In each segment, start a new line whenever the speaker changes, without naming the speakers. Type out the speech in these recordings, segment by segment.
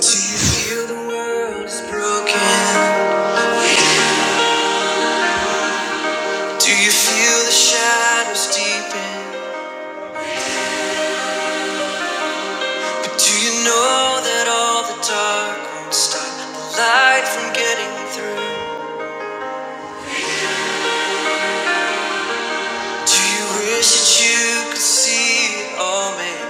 Do you feel the world is broken? Do you feel the shadows deepen? But do you know that all the dark won't stop the light from getting through? Do you wish that you could see it all made?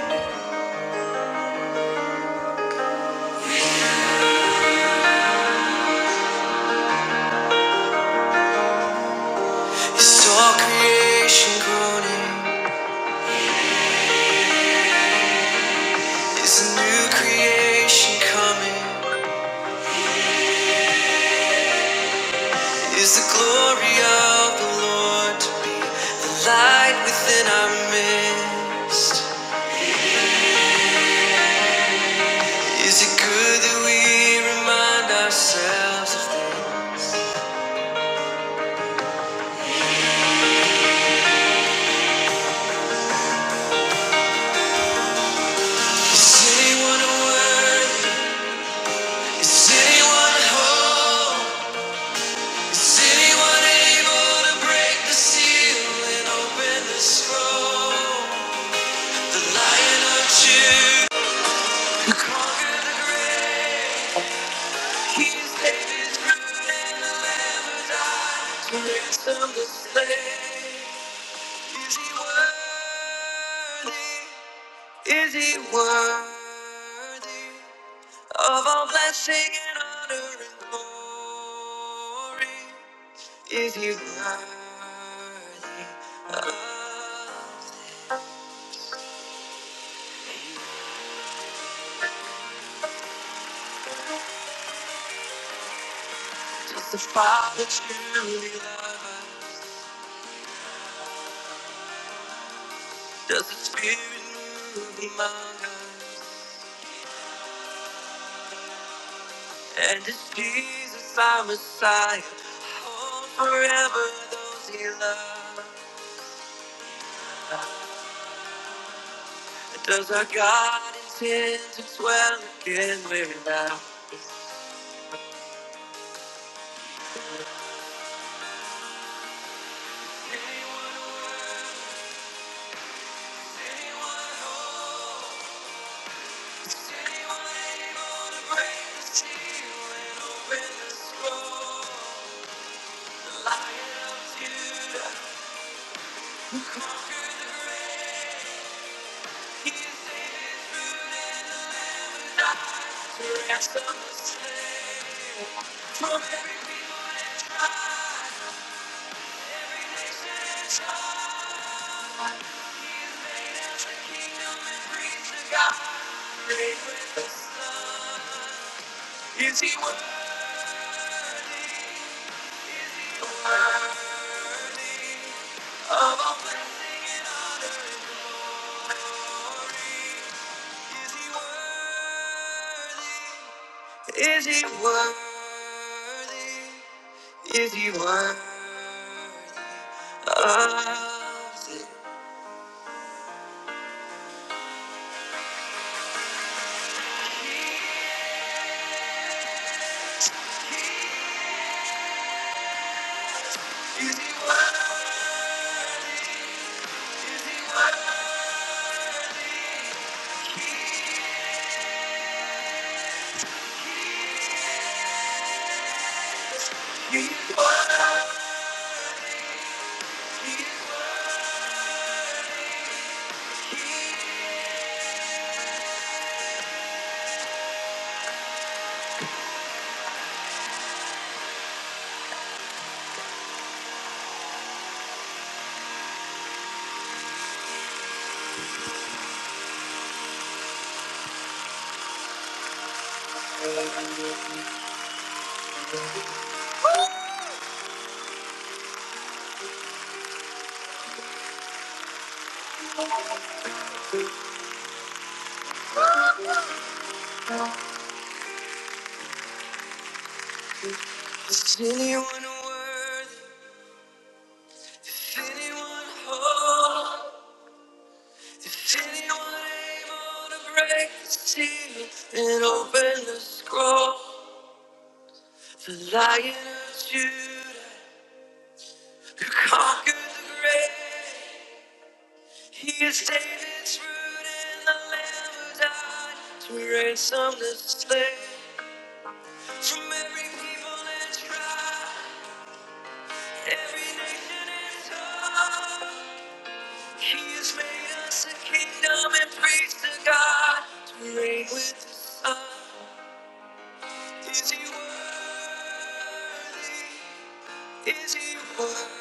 new? Is all creation groaning? Is a new creation coming? Is the glory of the Lord to be the light within our midst? Is it good that we remind ourselves of things? Is anyone worthy? Is anyone whole? Is anyone able to break the seal and open the scroll? The lion of Judah, who conquered the grave, he's David's root and the lamb who died to ransom the slave. Is he worthy? Is he worthy of all blessing and honor and glory? Is he worthy of us? Does the Father truly love us? Does the Spirit move among us? And is Jesus our Messiah? Hold forever those he loves. Does our God intend to dwell again where now? the and of people From every people high, kingdom and reach of God, great with the sun. Is he worthy of all blessing and honor? Is he worthy? Is he worthy of it? Is he worthy? Is anyone worthy? Is anyone whole? Is anyone able to break the seal and open the scroll? The Lion of Judah who conquered the grave. He is David's root and the Lamb who died to ransom the slave from every people and tribe, every nation and tongue. He has made us a kingdom and priest to God to reign with the Son. Is he worthy? Is he worthy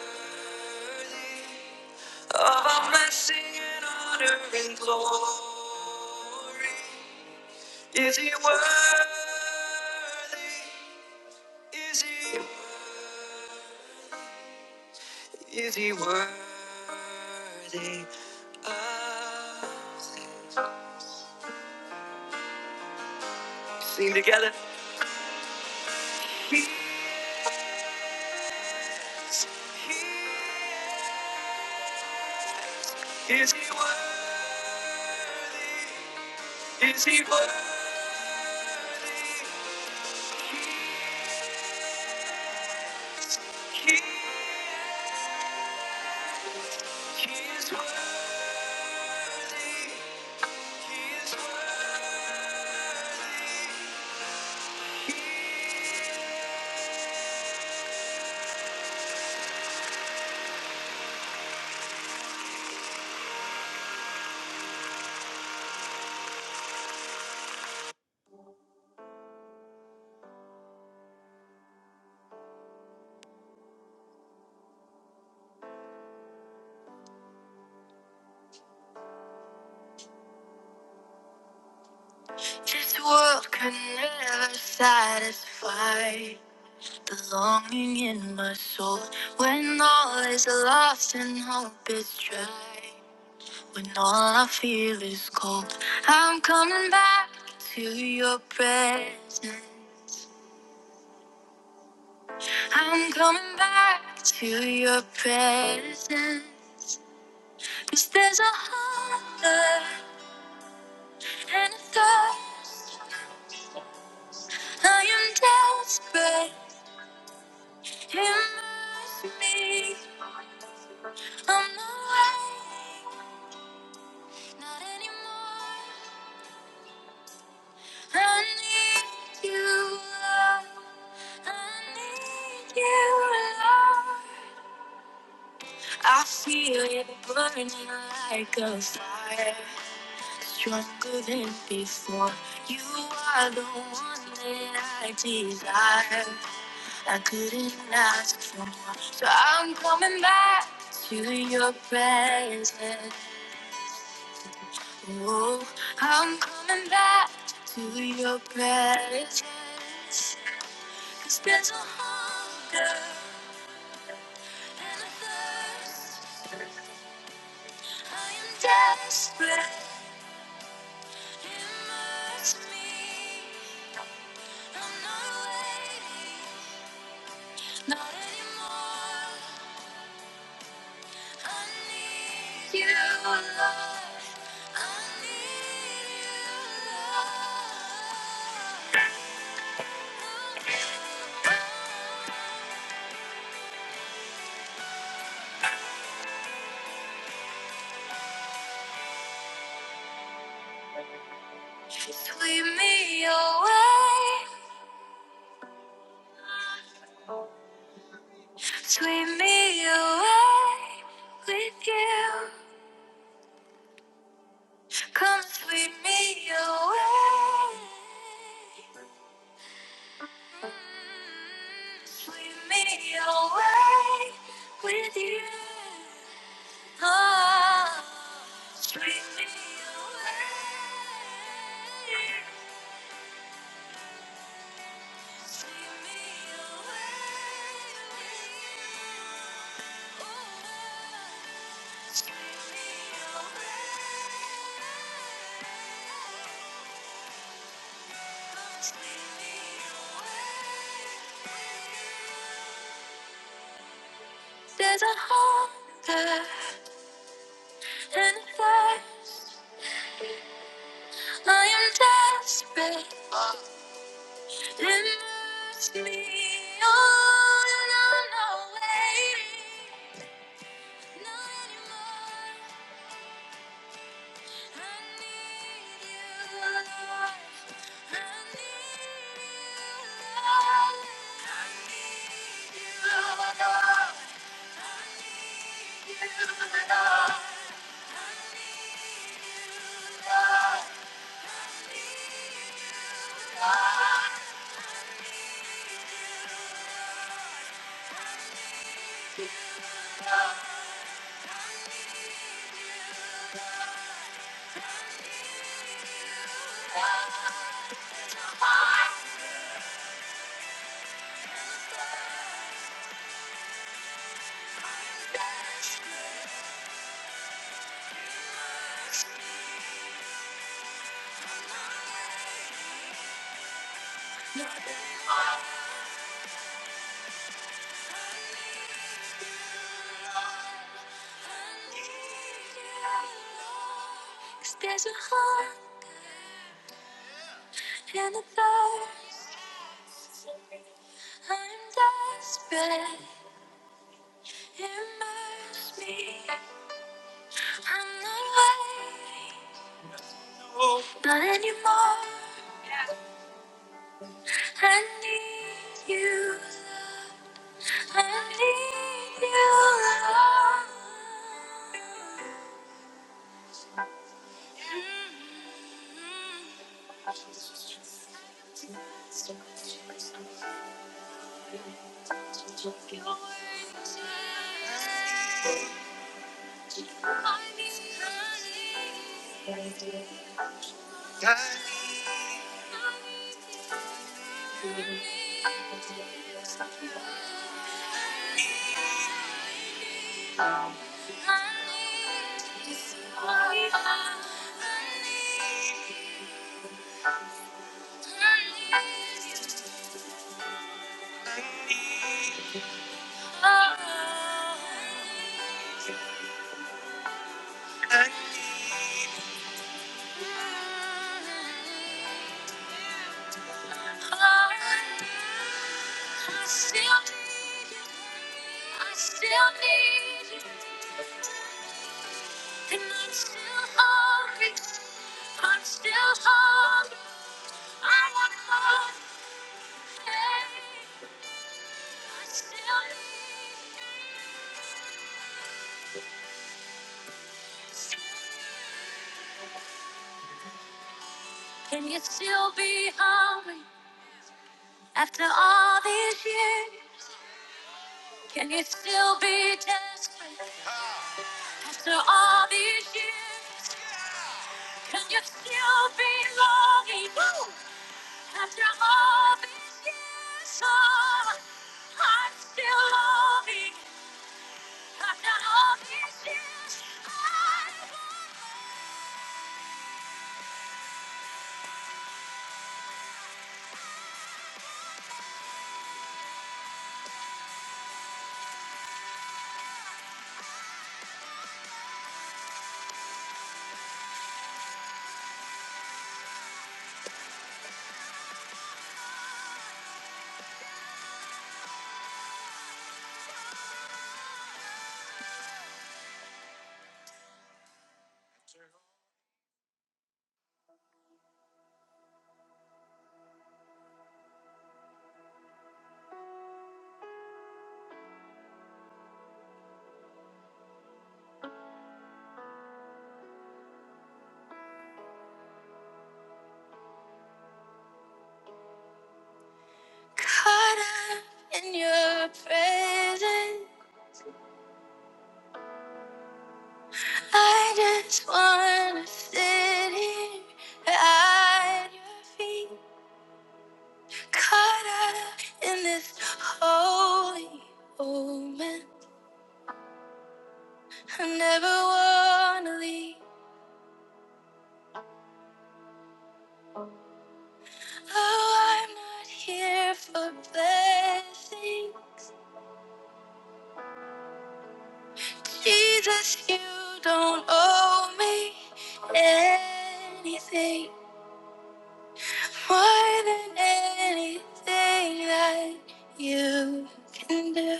of all blessing and honor and glory? Is he worthy? Is he worthy? Is he worthy? Of this? sing together. He, he, is he worthy? Is he worthy? He, he, he is worthy. He is worthy. This world could never satisfy the longing in my soul. When all is lost and hope is dry, when all I feel is cold, I'm coming back to your presence. I'm coming back to your presence. 'Cause there's a hunger and a thirst. I am desperate. Immerse me. I'm not awake, not anymore. I need you, Lord. I need you, Lord. I feel it burning like a fire, stronger than before. You are the one that I desire. I couldn't ask for more, so I'm coming back to your presence. Whoa, I'm coming back to your presence. 'Cause there's a hunger and a thirst. I am desperate. Immerse me. I'm not waiting, not anymore. I need you, Lord. I need you, Lord. Sweep me away, sweep me away with you. Come sweep me away. Sweep me away with you. Oh, sweep me away. There's a hunger and a thirst. I am desperate. It moves me on and on, no way. Not anymore. Thank you. There's a hunger and a thirst. I'm desperate. Immerse me. I'm not waiting, not anymore. I need you, love. I need you, love. Mm-hmm. I need I still need you. I still need you. And I'm still hungry. I'm still hungry. I want more. Hey, I still need you. Can you still be hungry after all these years? Can you still be desperate after all these years? Cause you still belonging. Woo! After all these years, oh, I'm still loving After all these years, I'm caught up in your presence. I just wanna sit here at your feet, caught up in this holy moment. I never wanna leave. Oh, I'm not here for blessings. Jesus, you don't owe me anything more than anything that you can do.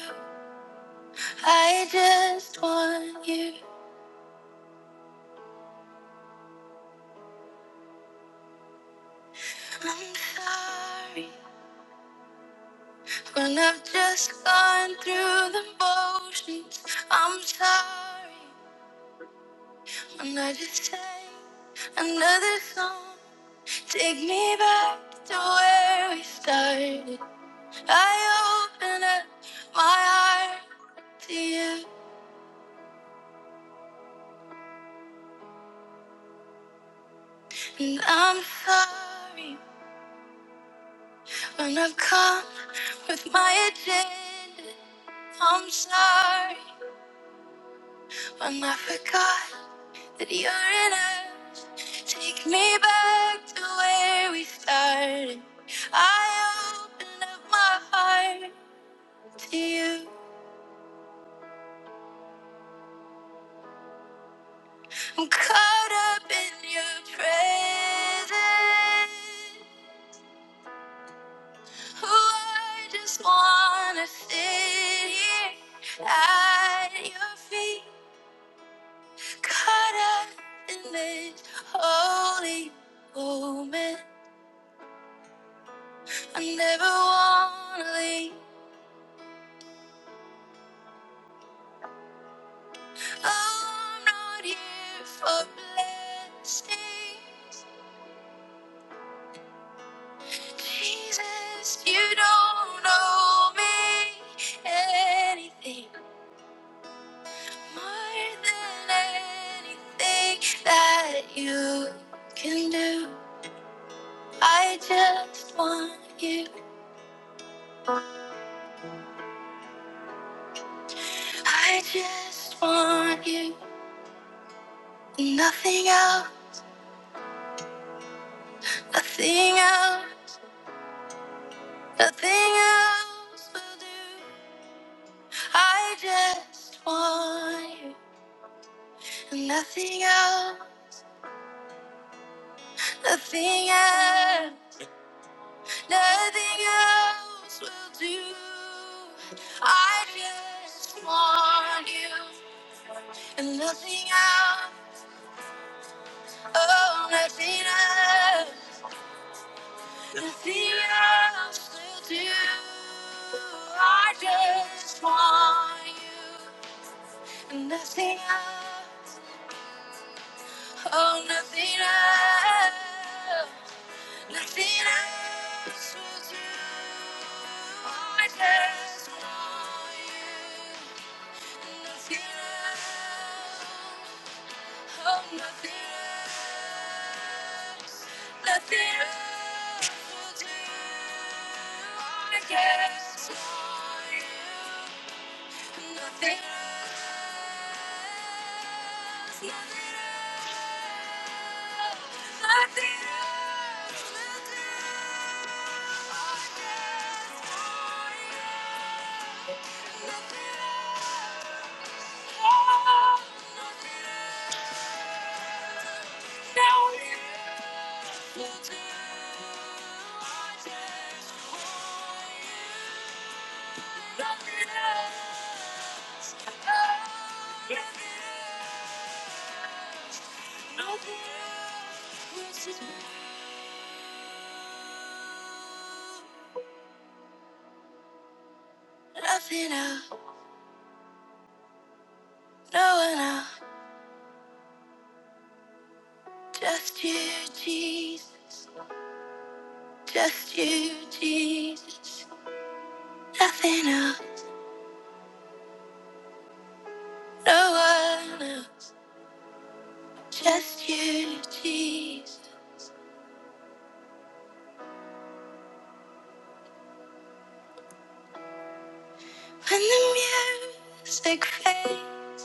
I just want you. I'm sorry when I've just gone through the motions. I'm sorry when I just sang another song. Take me back to where we started. I open up my heart to you. And I'm sorry when I've come with my agenda. I'm sorry when I forgot that you're in us. Take me back to where we started. I open up my heart to you. I'm caught up in your presence. Ooh, I just wanna sit here at your feet. Caught up in this holy moment. I never wanna leave. Oh, I'm not here for blessings. Jesus, you don't owe me anything. More than anything that you can do, I just want you. I just want you. Nothing else, nothing else, nothing else will do. I just want you. Nothing else, nothing else, nothing else will do. I just want you. And nothing else, oh, nothing else, nothing else will do. I just want you. And nothing else, oh, nothing else, nothing else will do. I just want you. Nothing else. Oh, nothing else, nothing else will do. I guess for you, nothing else, nothing else, nothing else will do. I guess for you, nothing else, oh, nothing else. Now you. Nothing else, no one else, just you, Jesus, just you, Jesus. Nothing else, no one else, just you, Jesus. When the music fades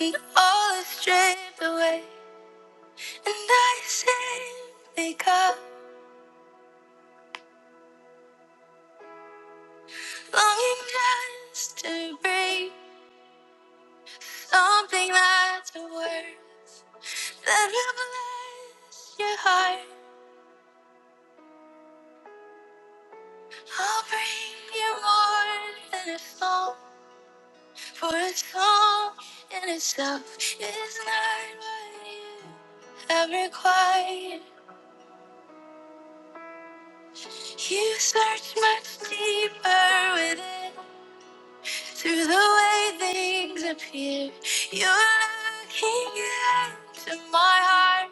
and all is stripped away, and I simply come longing just to breathe something that's a word that will bless your heart. I'll bring you more than a song, for a song in itself is not what you have required. You search much deeper within. Through the way things appear, you're looking into my heart,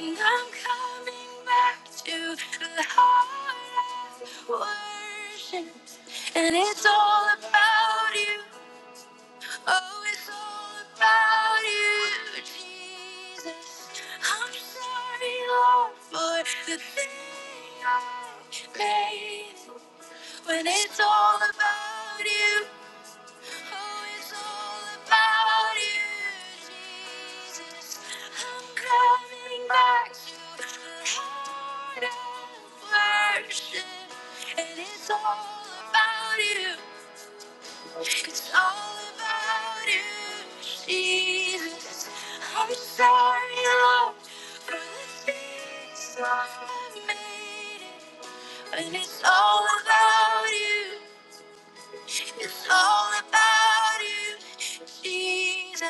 and I'm coming back to the heart of worship, and it's all about you. Oh, it's all about you, Jesus. I'm sorry, Lord, for the thing I made when it's all about you. Oh, it's all about you, Jesus. I'm coming back to the heart of worship. And it's all about you. It's all about you, Jesus. I'm sorry, Lord, for the things I've made. And it's all about you. It's all about you, Jesus,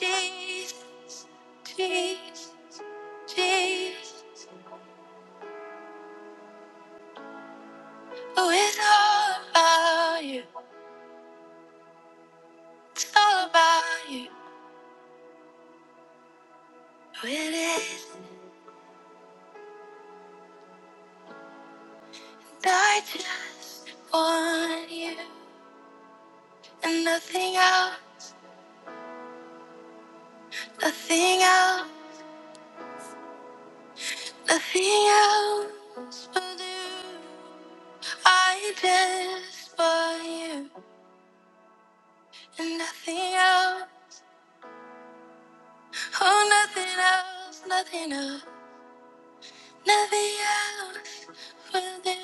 Jesus, Jesus, Jesus. Oh, it's all about you. It's all about you. Oh, it is. I just want you and nothing else, nothing else, nothing else will do. I just want you and nothing else. Oh, nothing else, nothing else. Nothing else will do.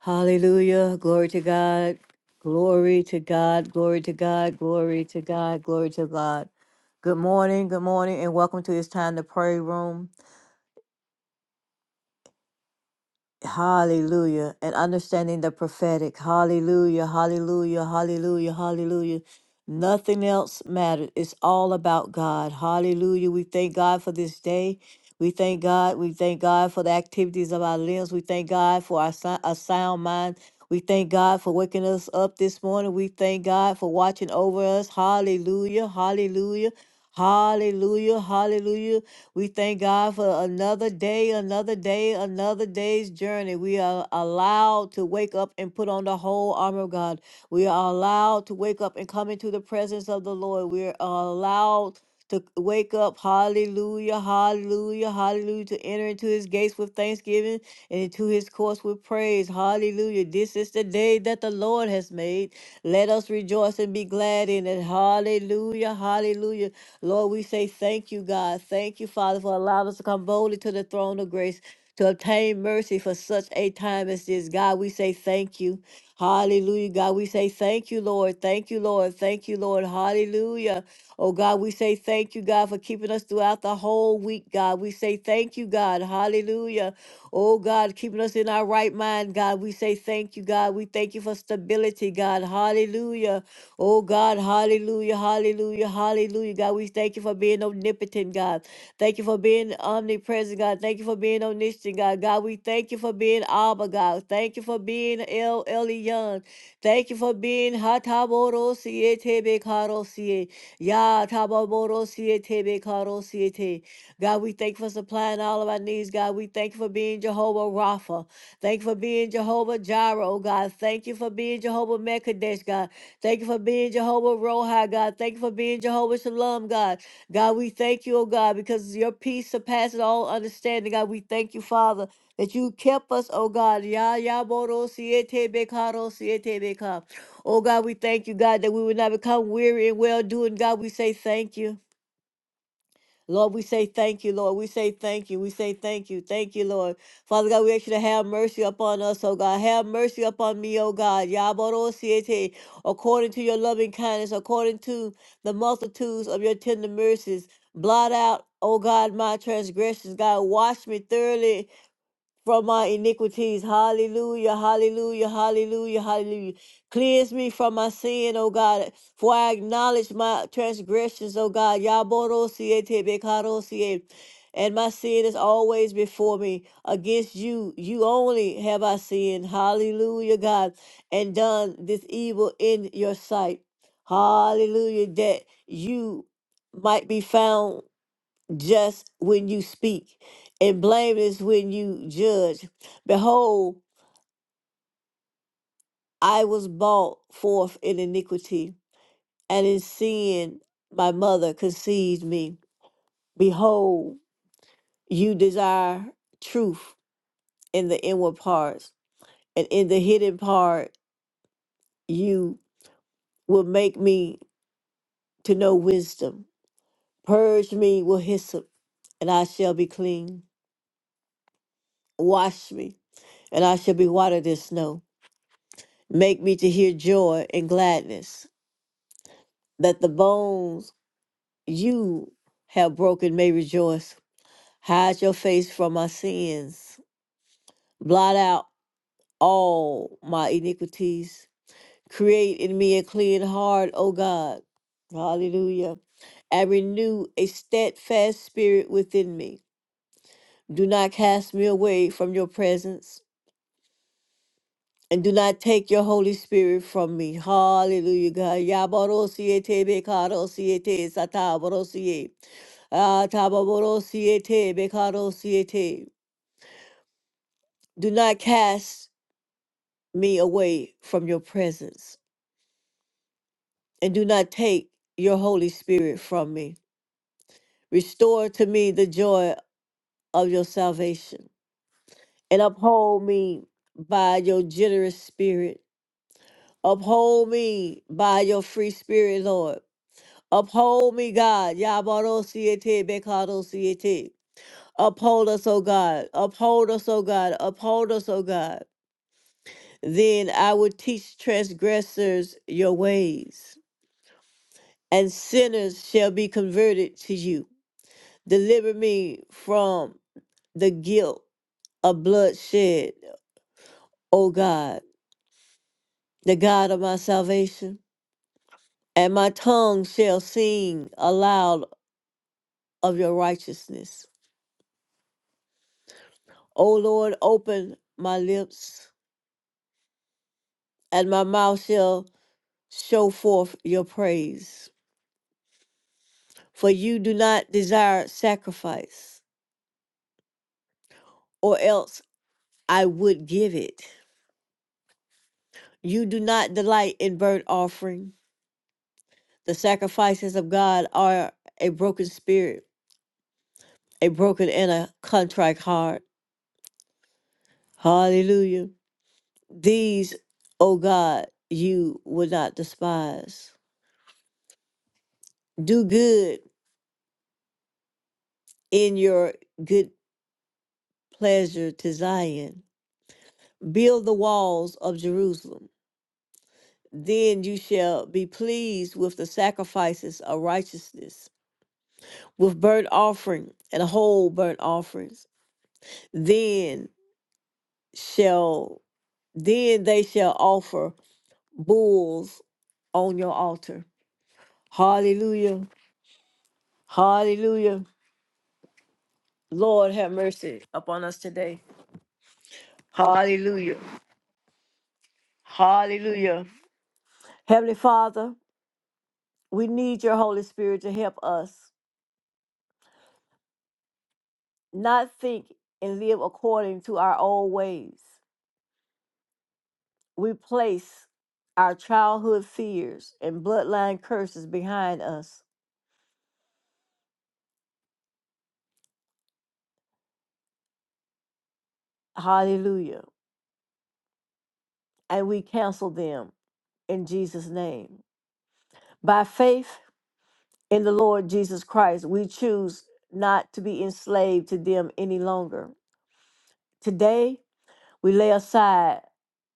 Hallelujah. Glory to God. Glory to God. Glory to God. Glory to God. Glory to God. Good morning. Good morning. And welcome to this time, the prayer room. Hallelujah. And understanding the prophetic. Hallelujah. Hallelujah. Hallelujah. Hallelujah. Nothing else matters. It's all about God. Hallelujah. We thank God for this day. We thank God. We thank God for the activities of our limbs. We thank God for our sou- a sound mind. We thank God for waking us up this morning. We thank God for watching over us. Hallelujah. Hallelujah. Hallelujah. Hallelujah. We thank God for another day, another day, another day's journey. We are allowed to wake up and put on the whole armor of God. We are allowed to wake up and come into the presence of the Lord. We are allowed to wake up. Hallelujah, hallelujah, hallelujah. To enter into his gates with thanksgiving and into his courts with praise. Hallelujah. This is the day that the Lord has made. Let us rejoice and be glad in it. Hallelujah, hallelujah. Lord, we say thank you, God. Thank you, Father, for allowing us to come boldly to the throne of grace. To obtain mercy for such a time as this. God, we say thank you. Hallelujah. God, we say thank you, Lord. Thank you, Lord. Thank you, Lord. Hallelujah. Oh God, we say thank you, God, for keeping us throughout the whole week, God. We say thank you, God. Hallelujah. Oh God, keeping us in our right mind, God. We say thank you, God. We thank you for stability, God. Hallelujah. Oh God, hallelujah, hallelujah, hallelujah. God, we thank you for being omnipotent, God. Thank you for being omnipresent, God. Thank you for being omniscient, God. God, we thank you for being Abba, God. Thank you for being El Elyon. Thank you for being Hataboro Siete Bekaro Sie. Ya tababoro siete bekaro siete. God, we thank you for supplying all of our needs. God, we thank you for being Jehovah Rapha. Thank you for being Jehovah Jireh, oh God. Thank you for being Jehovah Mekadesh, God. Thank you for being Jehovah Rohi, God. Thank you for being Jehovah Shalom, God. God, we thank you, oh God, because your peace surpasses all understanding. God, we thank you, Father, that you kept us, oh God. Ya ya boro siete bekaro siete beka. Oh God, we thank you, God, that we will not become weary in well doing. God, we say thank you. Lord, we say thank you, Lord. We say thank you. We say thank you. Thank you, Lord. Father God, we ask you to have mercy upon us, oh God. Have mercy upon me, oh God. Yabarosiete, according to your loving kindness, according to the multitudes of your tender mercies. Blot out, oh God, my transgressions. God, wash me thoroughly from my iniquities. Hallelujah, hallelujah, hallelujah, hallelujah. Cleanse me from my sin, O God, for I acknowledge my transgressions, O God. Yaborosie tebekarosie. And my sin is always before me. Against you, you only have I sinned. Hallelujah, God, and done this evil in your sight. Hallelujah, that you might be found just when you speak, and blameless when you judge. Behold, I was brought forth in iniquity, and in sin my mother conceived me. Behold, you desire truth in the inward parts, and in the hidden part you will make me to know wisdom. Purge me with hyssop, and I shall be clean. Wash me, and I shall be whiter than snow. Make me to hear joy and gladness, that the bones you have broken may rejoice. Hide your face from my sins, blot out all my iniquities. Create in me a clean heart, O God. Hallelujah. And renew a steadfast spirit within me. Do not cast me away from your presence And do not take your Holy Spirit from me. Hallelujah, God. Yabarosiete bekarosiete satabarosie. Atababarosiete bekarosiete. Do not cast me away from your presence. And do not take your Holy Spirit from me. Restore to me the joy of your salvation. And uphold me by your generous spirit. Uphold me by your free spirit, Lord. Uphold me, God. Yabarosiete, Bekarosiete. Uphold us, O God. Uphold us, O God. Uphold us, O God. Then I will teach transgressors your ways, and sinners shall be converted to you. Deliver me from the guilt of bloodshed, O God, the God of my salvation. And my tongue shall sing aloud of your righteousness. O Lord, open my lips and my mouth shall show forth your praise. For you do not desire sacrifice, or else I would give it. You do not delight in burnt offering. The sacrifices of God are a broken spirit, a broken and a contrite heart. Hallelujah. These, O God, you will not despise. Do good in your good pleasure to Zion. Build the walls of Jerusalem Then you shall be pleased with the sacrifices of righteousness, with burnt offering and whole burnt offerings. Then shall then they shall offer bulls on your altar. Hallelujah. Hallelujah. Lord have mercy upon us today. Hallelujah. Hallelujah. Heavenly Father, we need your Holy Spirit to help us not think and live according to our old ways. we place our childhood fears and bloodline curses behind us. Hallelujah. And we cancel them in Jesus' name. By faith in the Lord Jesus Christ, we choose not to be enslaved to them any longer. Today, we lay aside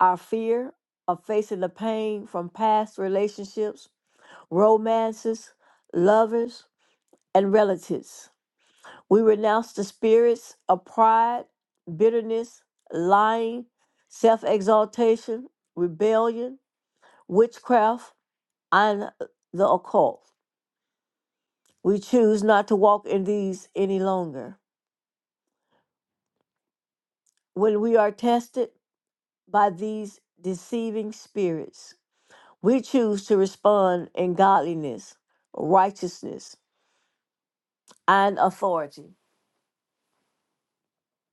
our fear of facing the pain from past relationships, romances, lovers, and relatives. We renounce the spirits of pride, bitterness, lying, self exaltation, rebellion, witchcraft, and the occult. We choose not to walk in these any longer. When we are tested by these deceiving spirits, we choose to respond in godliness, righteousness, and authority.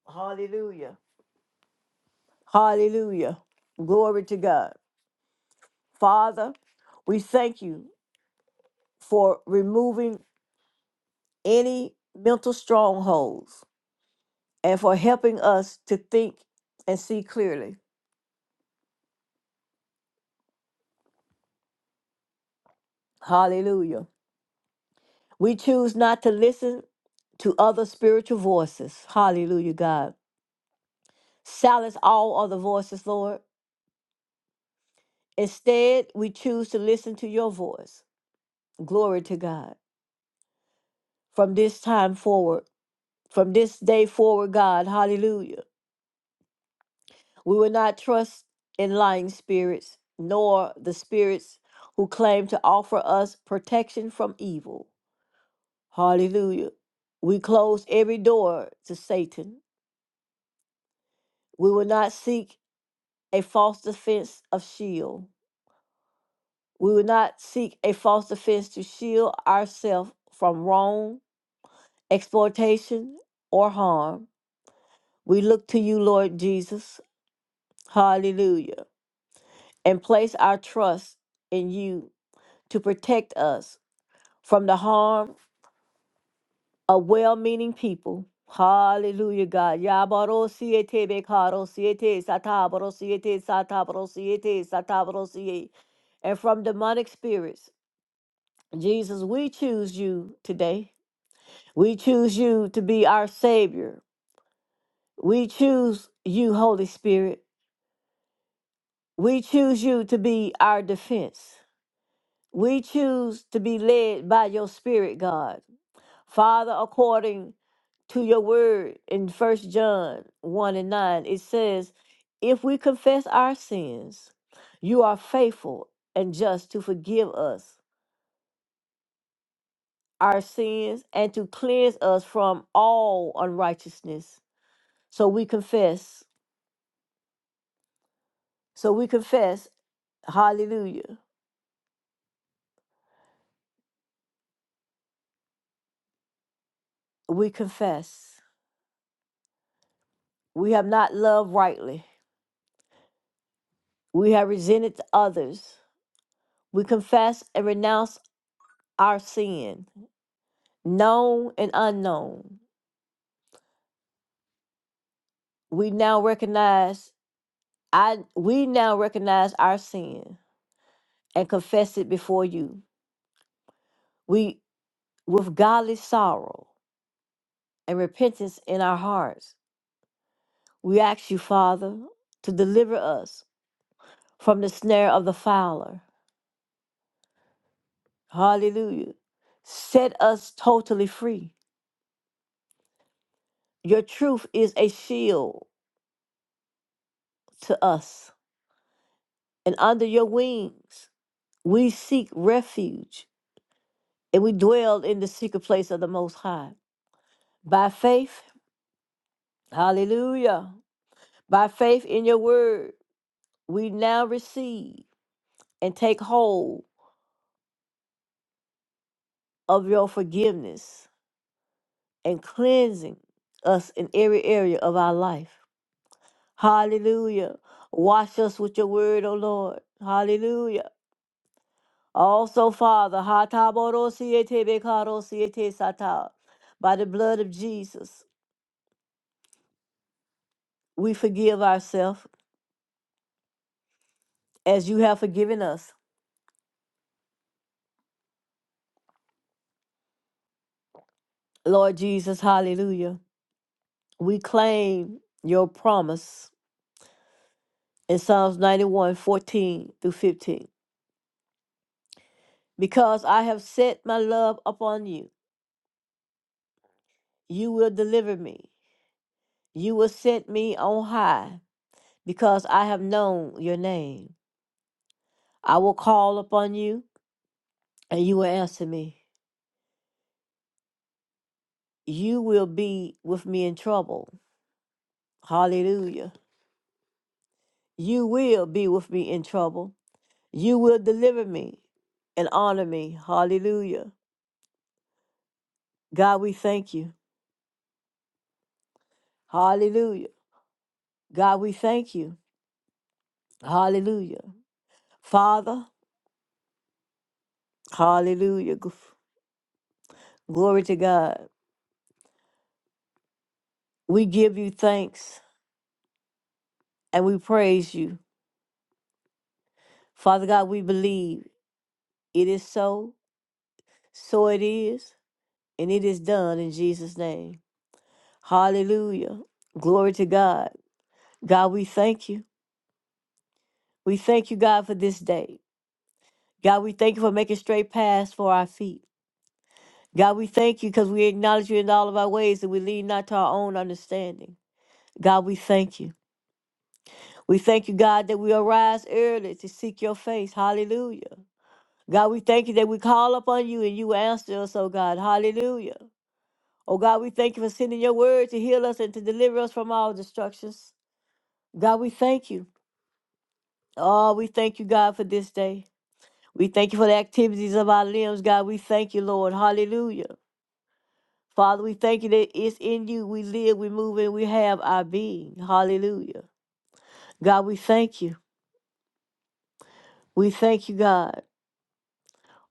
Hallelujah. Hallelujah. Glory to God. Father, we thank you for removing any mental strongholds and for helping us to think and see clearly. Hallelujah. We choose not to listen to other spiritual voices. Hallelujah, God. Silence all other voices, Lord. Instead, we choose to listen to your voice. Glory to God. From this time forward, from this day forward, God, hallelujah. We will not trust in lying spirits, nor the spirits who claim to offer us protection from evil. Hallelujah. We close every door to Satan. We will not seek a false defense of shield. We will not seek a false defense to shield ourselves from wrong, exploitation, or harm. We look to you, Lord Jesus. Hallelujah. And place our trust in you to protect us from the harm of well meaning people. Hallelujah, God. Yabaro siete bekaro siete satabaro siete satabaro siete satabaro siete. And from demonic spirits, Jesus, we choose you today. We choose you to be our Savior. We choose you, Holy Spirit. We choose you to be our defense. We choose to be led by your Spirit, God. Father, according to your word in First John 1 and 9, it says, If we confess our sins, you are faithful and just to forgive us our sins and to cleanse us from all unrighteousness. So we confess. So we confess. Hallelujah. We confess. We have not loved rightly. We have resented others. We confess and renounce our sin. known and unknown. We now recognize I we now recognize our sin and confess it before you. We with godly sorrow and repentance in our hearts. We ask you, Father, to deliver us from the snare of the fowler. Hallelujah. Set us totally free. Your truth is a shield to us, and under your wings we seek refuge and we dwelled in the secret place of the Most High. By faith, hallelujah, by faith in your word, we now receive and take hold of your forgiveness and cleansing us in every area of our life. Hallelujah. Wash us with your word, O Lord. Hallelujah. Also, Father, hataborosietebekarosie-sata, by the blood of Jesus, we forgive ourselves as you have forgiven us. Lord Jesus, hallelujah. We claim your promise in Psalms 91, 14 through 15. Because I have set my love upon you, you will deliver me. You will set me on high, because I have known your name. I will call upon you, and you will answer me. You will be with me in trouble. Hallelujah. You will be with me in trouble. You will deliver me and honor me. Hallelujah. God, we thank you. Hallelujah. God, we thank you. Hallelujah. Father, hallelujah. G- Glory to God. We give you thanks and we praise you. Father God, we believe it is so, so it is, and it is done in Jesus' name. Hallelujah. Glory to God. God, we thank you. We thank you, God, for this day. God, we thank you for making straight paths for our feet. God, we thank you because we acknowledge you in all of our ways and we lean not to our own understanding. God, we thank you. We thank you, God, that we arise early to seek your face. Hallelujah. God, we thank you that we call upon you and you answer us, oh God. Hallelujah. Oh God, we thank you for sending your word to heal us and to deliver us from all destructions. God, we thank you. Oh, we thank you, God, for this day. We thank you for the activities of our limbs, God. We thank you, Lord. Hallelujah. Father, we thank you that it's in you we live, we move, and we have our being. Hallelujah. God, we thank you. We thank you, God.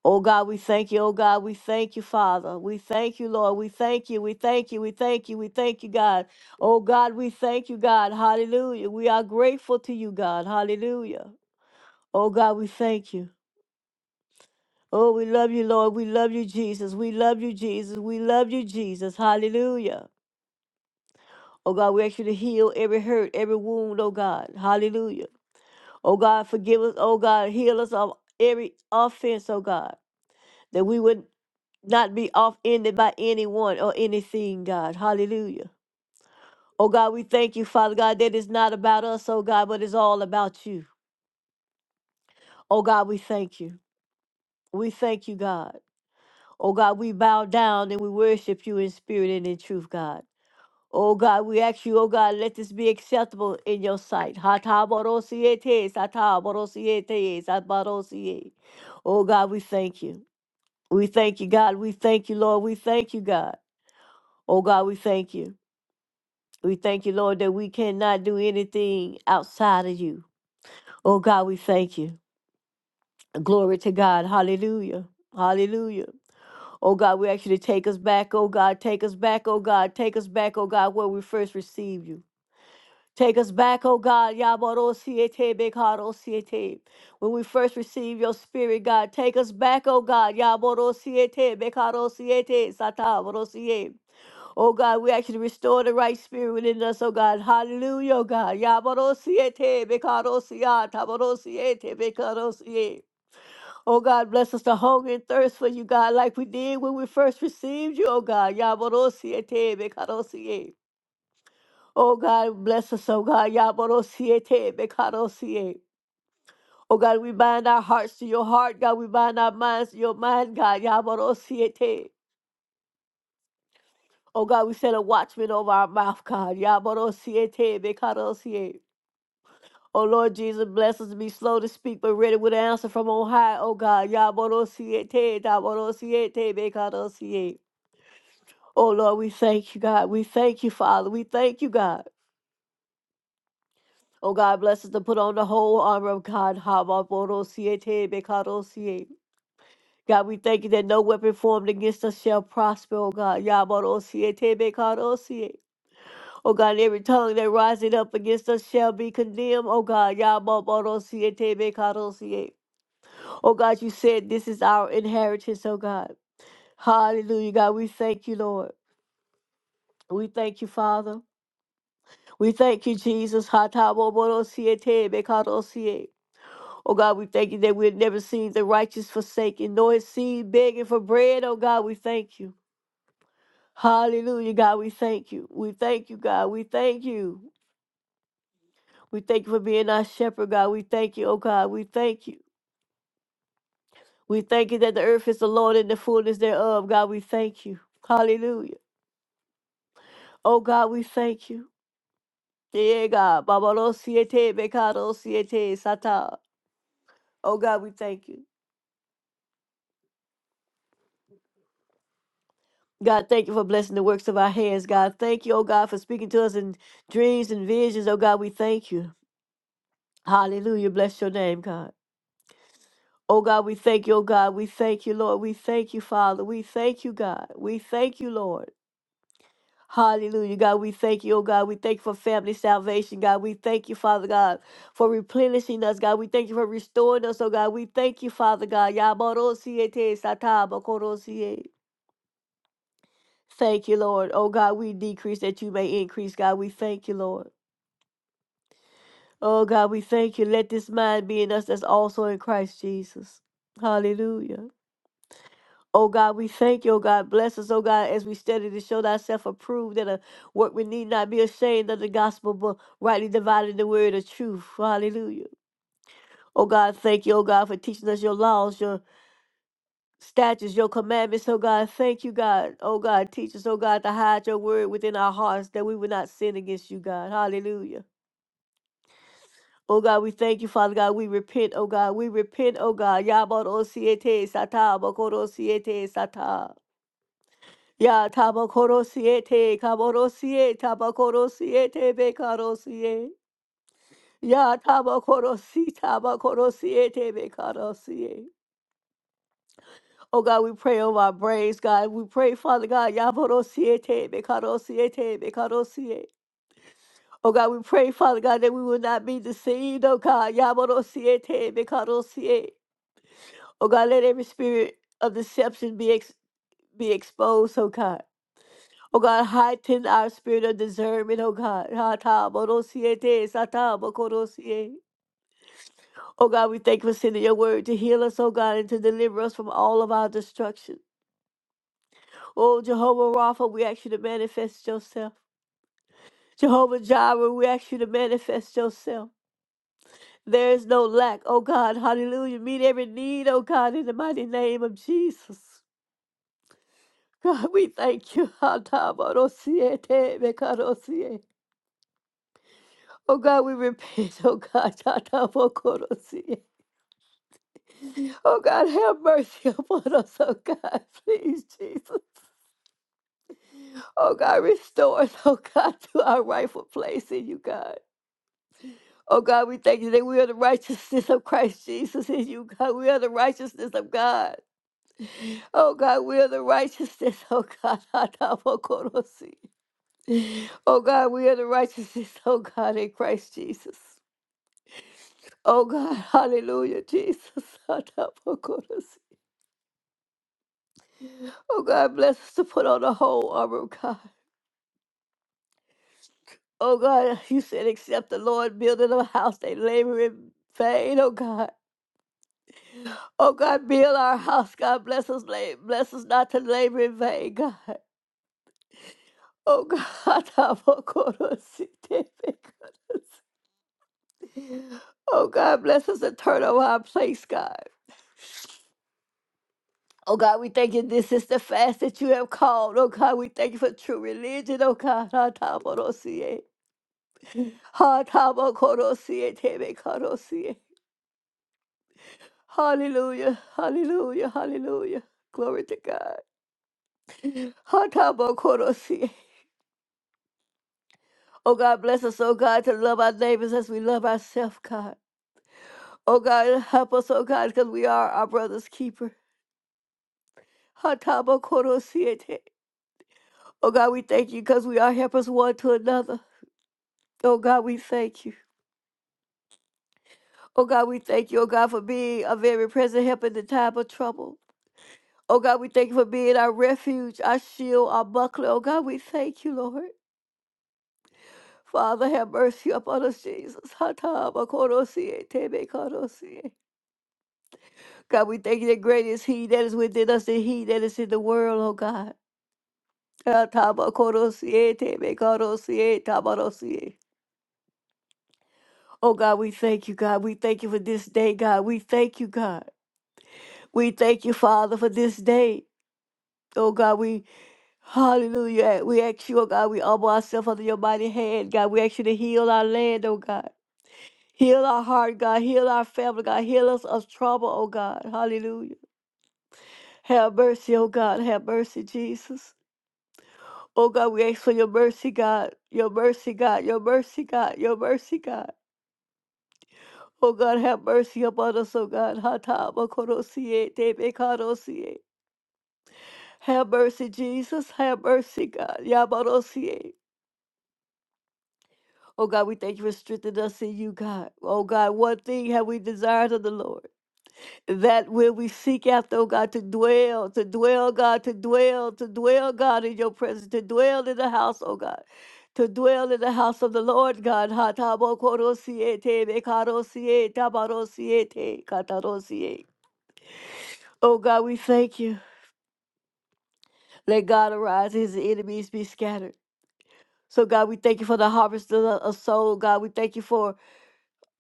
Oh God, we thank you. Oh God, we thank you, Father. We thank you, Lord. We thank you. We thank you. We thank you. We thank you, God. Oh God, we thank you, God. Hallelujah. We are grateful to you, God. Hallelujah. Oh God, we thank you. Oh, we love you, Lord. We love you, Jesus. We love you, Jesus. We love you, Jesus. Hallelujah. Oh God, we ask you to heal every hurt, every wound, oh God. Hallelujah. Oh God, forgive us, oh God. Heal us of every offense, oh God. That we would not be offended by anyone or anything, God. Hallelujah. Oh God, we thank you, Father God, that it's not about us, oh God, but it's all about you. Oh God, we thank you. We thank you, God. Oh God, we bow down and we worship you in spirit and in truth, God. Oh God, we ask you, oh God, let this be acceptable in your sight. Hatabarosiete, satabarosiete, sabarosie. Oh God, we thank you. We thank you, God. We thank you, Lord. We thank you, God. Oh God, we thank you. We thank you, Lord, that we cannot do anything outside of you. Oh God, we thank you. Glory to God. Hallelujah. Hallelujah. Oh God, we ask you to take us back, oh God, take us back, oh God, take us back, oh God, where we first received you. Take us back, oh God, Yabarosiete Bekarosiete. When we first received your spirit, God, take us back, oh God, Yabarosiete Bekarosiete Satabarosie. Oh God, we actually restore the right spirit within us, oh God. Hallelujah, oh God. Yabarosiete Bekarosia Tabarosiete Bekarosie. Oh God, bless us to hunger and thirst for you, God, like we did when we first received you, oh God. Yabarosiete Bekarosie. Oh God, bless us, oh God. Yaborosiete, Bekarosie. Oh God, we bind our hearts to your heart. God, we bind our minds to your mind, God. Yaborosiete. Oh God, we set a watchman over our mouth, God. Yaborosiete, Bekarosie. Oh Lord Jesus, bless us to be slow to speak, but ready with an answer from on high, oh God. Yaborosiete, Daborosiete, Bekarosie. Oh Lord, we thank you, God. We thank you, Father. We thank you, God. Oh God, bless us to put on the whole armor of God. Habakkuk-siete, God, we thank you that no weapon formed against us shall prosper, oh God. Yabarosie, bekaro Oh God, and every tongue that rising up against us shall be condemned, oh God. Yabarosie, bekaro Oh God, you said this is our inheritance, oh God. Hallelujah, God. We thank you, Lord. We thank you, Father. We thank you, Jesus. Hatabobodo-siete, Oh God, we thank you that we've never seen the righteous forsaken, nor his seed begging for bread. Oh God, we thank you. Hallelujah, God, we thank you. We thank you, God. We thank you. We thank you for being our shepherd, God. We thank you, oh God. We thank you. We thank you that the earth is the Lord and the fullness thereof. God, we thank you. Hallelujah. Oh God, we thank you. Yeah, God. babalo siete, bekado siete, sata. Oh God, we thank you. God, thank you for blessing the works of our hands. God, thank you, oh God, for speaking to us in dreams and visions. Oh God, we thank you. Hallelujah. Bless your name, God. Oh God, we thank you, oh God. We thank you, Lord. We thank you, Father. We thank you, God. We thank you, Lord. Hallelujah. God, we thank you, oh God. We thank you for family salvation, God. We thank you, Father God, for replenishing us, God. We thank you for restoring us, oh God. We thank you, Father God. Yabarosiete satabakorosiye. Thank you, Lord. Oh God, we decrease that you may increase. God, we thank you, Lord. Oh God, we thank you. Let this mind be in us that's also in Christ Jesus. Hallelujah. Oh God, we thank you, oh God. Bless us, oh God, as we study to show thyself approved that a work we need not be ashamed of the gospel, but rightly dividing the word of truth. Hallelujah. Oh God, thank you, oh God, for teaching us your laws, your statutes, your commandments, oh God. Thank you, God. Oh God, teach us, oh God, to hide your word within our hearts that we will not sin against you, God. Hallelujah. Oh God, we thank you, Father God. We repent, oh God. We repent, oh God. Yabot osiete sata, bokoro siete sata. Ya tabakoro siete, kaboro siete, tabakoro siete, bekaro siete. Ya tabakoro si, tabakoro siete, bekaro siete. Oh God, we pray over our brains, God. We pray, Father God, Yaborosiete, Bekarosiete, Bekarosie. Oh God, we pray, Father God, that we will not be deceived, oh God, Yaborosiete, Bekarosie. Oh God, let every spirit of deception be ex- be exposed, oh God. Oh God, heighten our spirit of discernment, oh God. Hata borosiete, sata bokorosie. Oh God, we thank you for sending your word to heal us, oh God, and to deliver us from all of our destruction. Oh, Jehovah Rapha, we ask you to manifest yourself. Jehovah Jireh, we ask you to manifest yourself. There is no lack, oh God, hallelujah. Meet every need, oh God, in the mighty name of Jesus. God, we thank you. Oh God, we repent, oh God. Oh God, have mercy upon us, oh God, please, Jesus. Oh God, restore us, oh God, to our rightful place in you, God. Oh God, we thank you that we are the righteousness of Christ Jesus in you, God. We are the righteousness of God. Oh God, we are the righteousness. Oh God, Atavokorosi. oh God, we are the righteousness. Oh God, in Christ Jesus. Oh God, hallelujah, Jesus. Atavokorosi. Oh God, bless us to put on the whole armor of God. Oh God, you said, except the Lord building a house, they labor in vain, oh God. Oh God, build our house. God bless us, la- bless us not to labor in vain, God. Oh God, oh God, bless us and turn over our place, God. Oh God, we thank you. This is the fast that you have called. Oh God, we thank you for true religion. Oh God, hallelujah, hallelujah, hallelujah. Glory to God. Oh God, bless us, oh God, to love our neighbors as we love ourselves, God. Oh God, help us, oh God, because we are our brother's keeper. Hatabo Oh God, we thank you because we are helpers one to another. Oh God, we thank you. Oh God, we thank you, oh God, for being a very present help in the time of trouble. Oh God, we thank you for being our refuge, our shield, our buckler. Oh God, we thank you, Lord. Father, have mercy upon us, Jesus. Hatabo koro siete, me koro siete. God, we thank you that great is He that is within us than He that is in the world, oh God. Ah, tabakorosie, tebekorosie, tabarosie. Oh God, we thank you, God. We thank you for this day, God. We thank you, God. We thank you, Father, for this day. Oh God, we hallelujah. We ask you, oh God, we humble ourselves under your mighty hand, God. We ask you to heal our land, oh God. Heal our heart, God. Heal our family, God. Heal us of trouble, oh God. Hallelujah. Have mercy, oh God. Have mercy, Jesus. Oh God, we ask for your mercy, God. Your mercy, God. Your mercy, God. Your mercy, God. Oh God, have mercy upon us, oh God. Hata korosie, tebe karosie. Have mercy, Jesus. Have mercy, God. Yabarosie. Oh God, we thank you for strengthening us in you, God. Oh God, one thing have we desired of the Lord. that where we seek after, oh God, to dwell, to dwell, God, to dwell, to dwell, God, in your presence, to dwell in the house, oh God, to dwell in the house of the Lord, God. Ha tabo koro siete, be Oh God, we thank you. Let God arise, his enemies be scattered. So God, we thank you for the harvest of, the, of soul, God. We thank you for,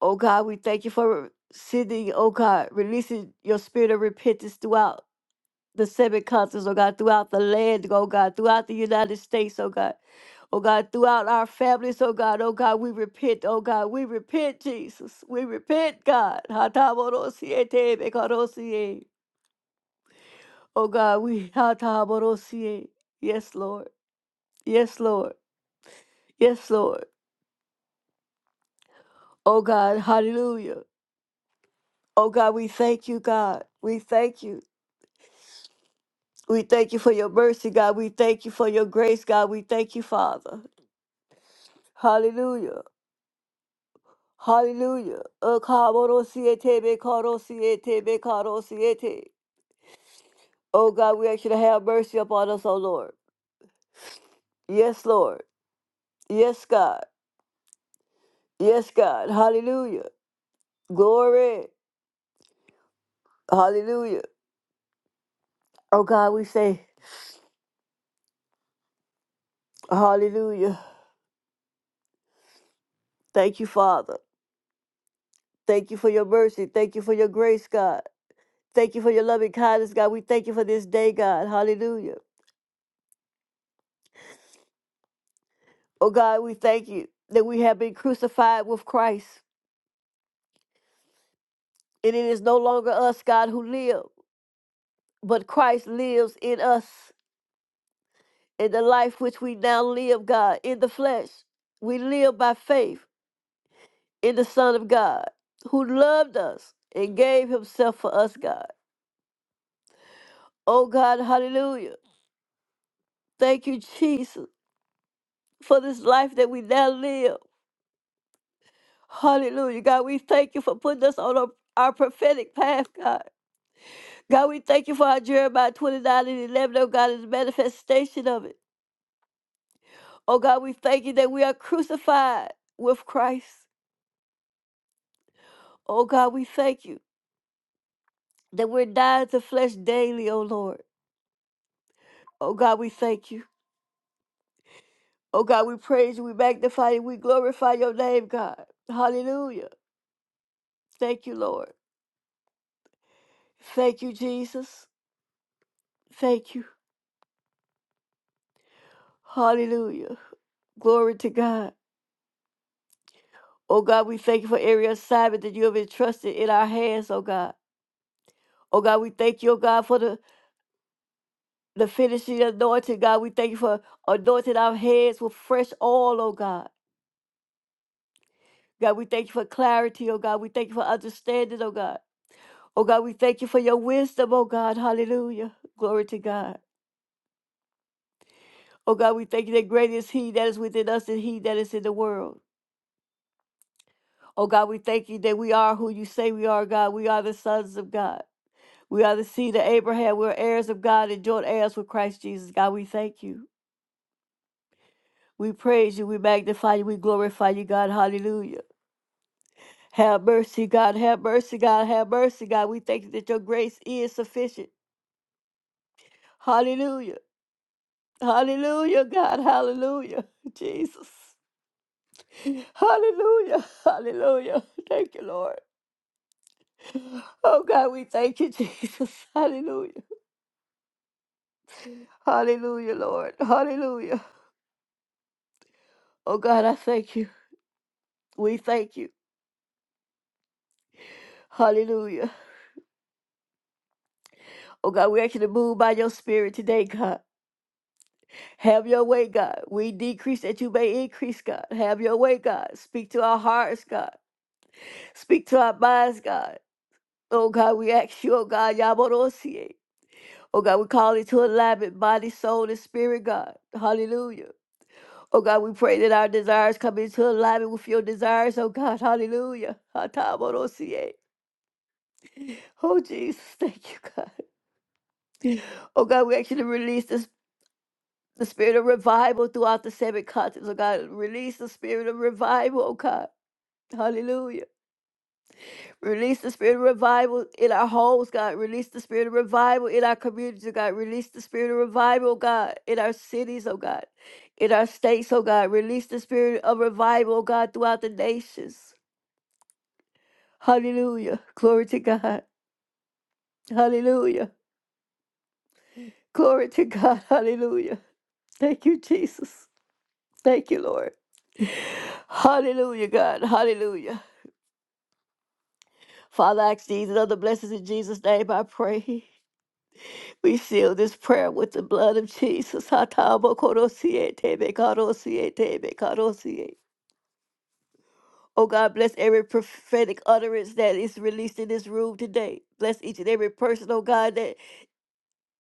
oh God, we thank you for sending, oh God, releasing your spirit of repentance throughout. the civic concerts, oh God, throughout the land, oh God, throughout the United States, oh God. Oh God, throughout our families, oh God, oh God, we repent, oh God, we repent, Jesus. We repent, God. Hatamodosie tebekadosie. Oh God, we hatamodosie. Yes, Lord. Yes, Lord. Yes, Lord. Oh God, hallelujah. Oh God, we thank you, God. We thank you. We thank you for your mercy, God. We thank you for your grace, God. We thank you, Father. Hallelujah. Hallelujah. Akabarosiete, bekarosiete, bekarosiete. Oh God, we actually have mercy upon us, oh Lord. Yes, Lord. Yes, God. Yes, God. Hallelujah. Glory. Hallelujah. Oh God, we say, Hallelujah. Thank you, Father. Thank you for your mercy. Thank you for your grace, God. Thank you for your loving kindness, God. We thank you for this day, God. Hallelujah. Oh God, we thank you that we have been crucified with Christ. And it is no longer us, God, who live. but Christ lives in us in the life which we now live, God, in the flesh. We live by faith in the Son of God who loved us and gave himself for us, God. Oh, God, hallelujah. Thank you, Jesus, for this life that we now live. Hallelujah. God, we thank you for putting us on our, our prophetic path, God. God, we thank you for our Jeremiah 29 and 11, oh God, is a manifestation of it. Oh God, we thank you that we are crucified with Christ. Oh God, we thank you that we're dying to flesh daily, oh Lord. Oh God, we thank you. Oh God, we praise you, we magnify you, we glorify your name, God. Hallelujah. Thank you, Lord. Thank you, Jesus. Thank you. Hallelujah. Glory to God. Oh God, we thank you for every assignment that you have entrusted in our hands, oh God. Oh God, we thank you, oh God, for the, the finishing anointing, God. We thank you for anointing our heads with fresh oil, oh God. God, we thank you for clarity, oh God. We thank you for understanding, oh God. Oh God, we thank you for your wisdom, oh God. Hallelujah. Glory to God. Oh God, we thank you that great is He that is within us than He that is in the world. Oh God, we thank you that we are who you say we are, God. We are the sons of God. We are the seed of Abraham. We're heirs of God and joint heirs with Christ Jesus. God, we thank you. We praise you. We magnify you. We glorify you, God. Hallelujah. Have mercy, God. Have mercy, God. Have mercy, God. We thank you that your grace is sufficient. Hallelujah. Hallelujah, God. Hallelujah. Jesus. Hallelujah. Hallelujah. Thank you, Lord. Oh, God, we thank you, Jesus. Hallelujah. Hallelujah, Lord. Hallelujah. Oh, God, I thank you. We thank you. Hallelujah. Oh, God, we ask you to move by your spirit today, God. Have your way, God. We decrease that you may increase, God. Have your way, God. Speak to our hearts, God. Speak to our minds, God. Oh, God, we ask you, oh, God, Yaborosie. Oh God, we call it to alignment, body, soul, and spirit, God. Hallelujah. Oh God, we pray that our desires come into alignment with your desires, oh God. Hallelujah. Atamonosie. Oh Jesus, thank you, God. Oh God, we actually release this the spirit of revival throughout the seven continents. Oh God, release the spirit of revival, oh God. Hallelujah. Release the spirit of revival in our homes, God. Release the spirit of revival in our communities, oh God. Release the spirit of revival, oh God, in our cities, oh God, in our states, oh God. Release the spirit of revival, oh God, throughout the nations. Hallelujah. Glory to God. Hallelujah. Glory to God. Hallelujah. Thank you, Jesus. Thank you, Lord. Hallelujah, God. Hallelujah. Father, I ask these and other blessings in Jesus' name, I pray. We seal this prayer with the blood of Jesus. Hatabakotosietebekarosie. Oh God, bless every prophetic utterance that is released in this room today. Bless each and every person, oh God, that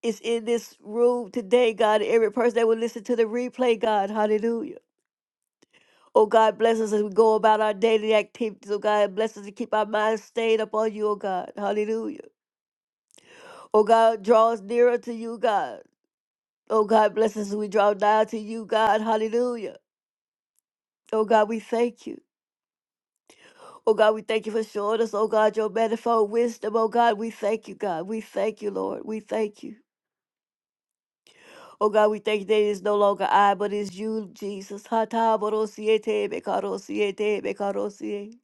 is in this room today, God. Every person that will listen to the replay, God. Hallelujah. Oh God, bless us as we go about our daily activities. Oh God, bless us to keep our minds stayed upon you, oh God. Hallelujah. Oh God, draw us nearer to you, God. Oh God, bless us as we draw nigh to you, God. Hallelujah. Oh God, we thank you. Oh God, we thank you for showing us, oh God, your manifold wisdom. Oh God, we thank you, God. We thank you, Lord. We thank you. Oh God, we thank you that it is no longer I, but it's you, Jesus. Hatabarosiete, bekarosiete, bekarosie.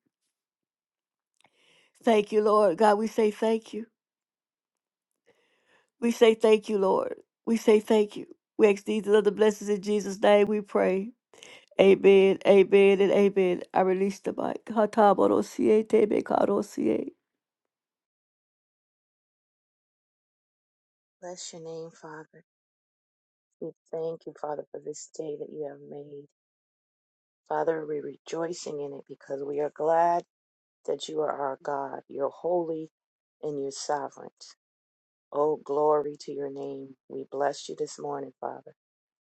Thank you, Lord. God, we say thank you. We say thank you, Lord. We say thank you. We ask these and other blessings in Jesus' name we pray. Amen, amen, and amen. I release the mic. Hatabodosie, tebekadosie.
Bless your name, Father. We thank you, Father, for this day that you have made. Father, we're rejoicing in it because we are glad that you are our God. You're holy and you're sovereign. Oh, glory to your name. We bless you this morning, Father.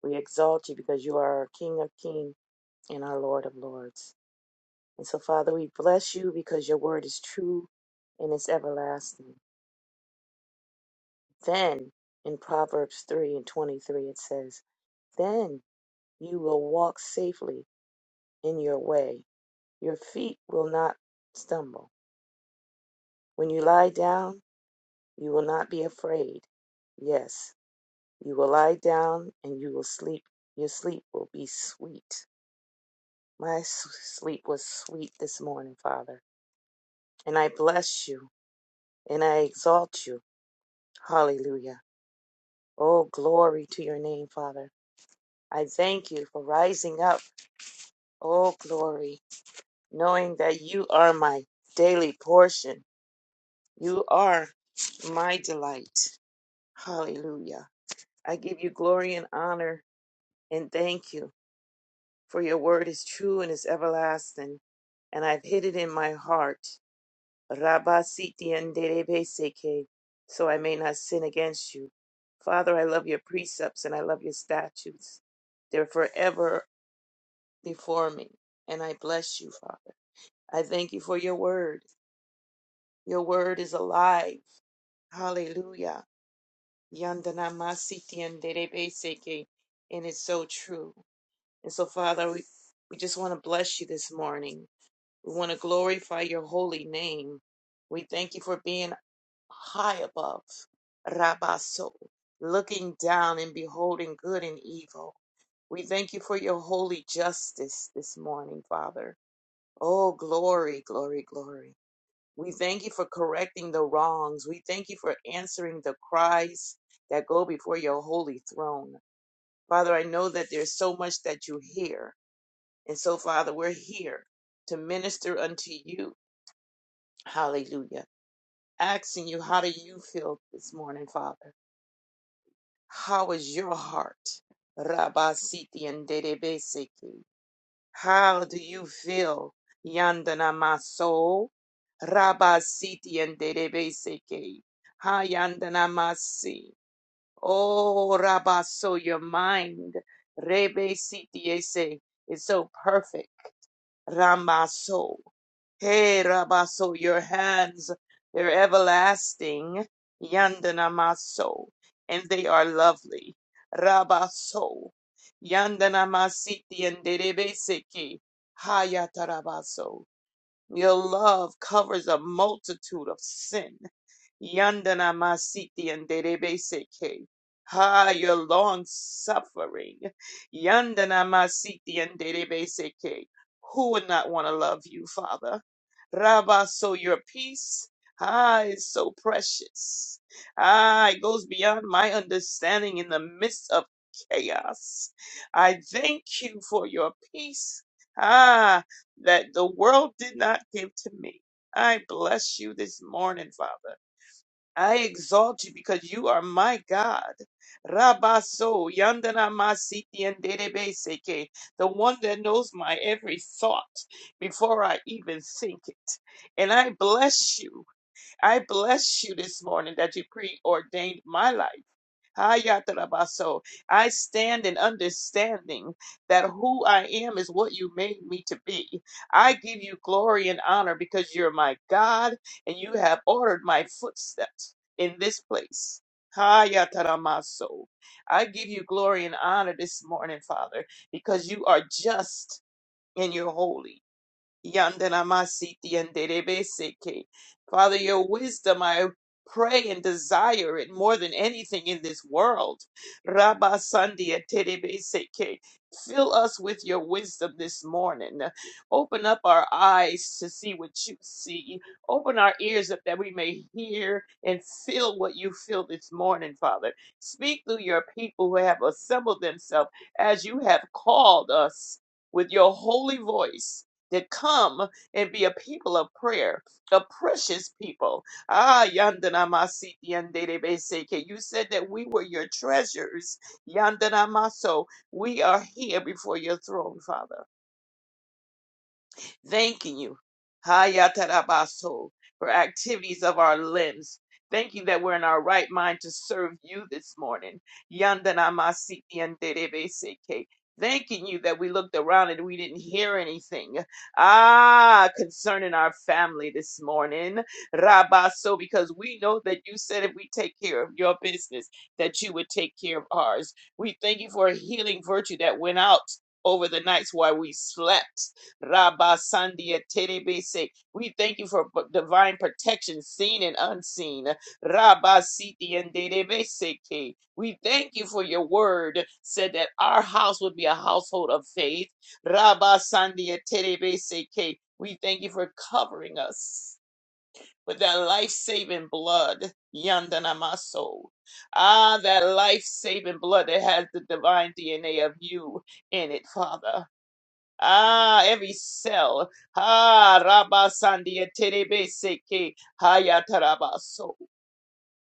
We exalt you because you are our King of kings and our Lord of lords. And so, Father, we bless you because your word is true and it's everlasting. Then, in Proverbs 3 and 23, it says, You will walk safely in your way. Your feet will not stumble. When you lie down, you will not be afraid. Yes, you will lie down and you will sleep. Your sleep will be sweet. My s- sleep was sweet this morning, Father. And I bless you and I exalt you. Hallelujah. Oh, glory to your name, Father. I thank you for rising up. Oh, glory, knowing that you are my daily portion. You are my delight. Hallelujah. I give you glory and honor and thank you, for your word is true and is everlasting, and I've hid it in my heart. Rabba siti anderebe seke, so I may not sin against you. Father, I love your precepts and I love your statutes. They're forever before me, and I bless you, Father. I thank you for your word. Your word is alive. Hallelujah. Yandana Masiti and Derebe Seke. And it's so true. And so, Father, we, we just want to bless you this morning. We want to glorify your holy name. We thank you for being high above, Rabaso, looking down and beholding good and evil. We thank you for your holy justice this morning, Father. Oh, glory, glory, glory. We thank you for correcting the wrongs. We thank you for answering the cries that go before your holy throne. Father, I know that there's so much that you hear. And so, Father, we're here to minister unto you. Hallelujah. Asking you, how do you feel this morning, Father? How is your heart? Rabasiti and Dedebeseki. How do you feel, Yandana Maso? Rabba Siti and Derebeseke. Ha Yandana Masi. Oh, Rabba, so your mind, Rebe Siti Ese, is so perfect. Ramaso. Hey, Rabaso, your hands, they're everlasting. Yandanamaso, and they are lovely. Rabaso, Yandanamasiti and Derebeseki, Hayatarabaso. Your love covers a multitude of sin. Yandana masiti and seke. Ha, your long suffering. Yandana masiti and seke. Who would not want to love you, Father? Rabba, so your peace, ah, is so precious. Ah, it goes beyond my understanding in the midst of chaos. I thank you for your peace, ah, that the world did not give to me. I bless you this morning, Father. I exalt you because you are my God. Rabaso, Yandana Masiti and Derebe Seke, the one that knows my every thought before I even think it. And I bless you. I bless you this morning that you preordained my life. Hayatarabaso. I stand in understanding that who I am is what you made me to be. I give you glory and honor because you're my God and you have ordered my footsteps in this place. Hayataramaso. I give you glory and honor this morning, Father, because you are just and you're holy. Yandanamasiti yanderebeseke. Father, your wisdom, I pray and desire it more than anything in this world. Rabba Sandia Terebeseke. Fill us with your wisdom this morning. Open up our eyes to see what you see. Open our ears up that we may hear and feel what you feel this morning, Father. Speak through your people who have assembled themselves as you have called us with your holy voice to come and be a people of prayer, a precious people. Ah, yandana masiti yandere beseke. You said that we were your treasures. Yandana maso. We are here before your throne, Father. Thanking you, Hayatarabaso, for activities of our limbs. Thank you that we're in our right mind to serve you this morning. Yandanamasiti and Derebeseke. Thanking you that we looked around and we didn't hear anything. Ah, concerning our family this morning. Rabaso, because we know that you said if we take care of your business, that you would take care of ours. We thank you for a healing virtue that went out over the nights while we slept. Rabba Sandia Terebese. We thank you for divine protection, seen and unseen. Rabba Siti and Terebese, We thank you for your word, said that our house would be a household of faith. Rabba Sandia Terebese, We thank you for covering us with that life saving blood. Yandanamaso. Ah, that life saving blood that has the divine DNA of you in it, Father. Ah, every cell. Ah, rabba sandia Rabasandia Terebeseke Hayatarabaso.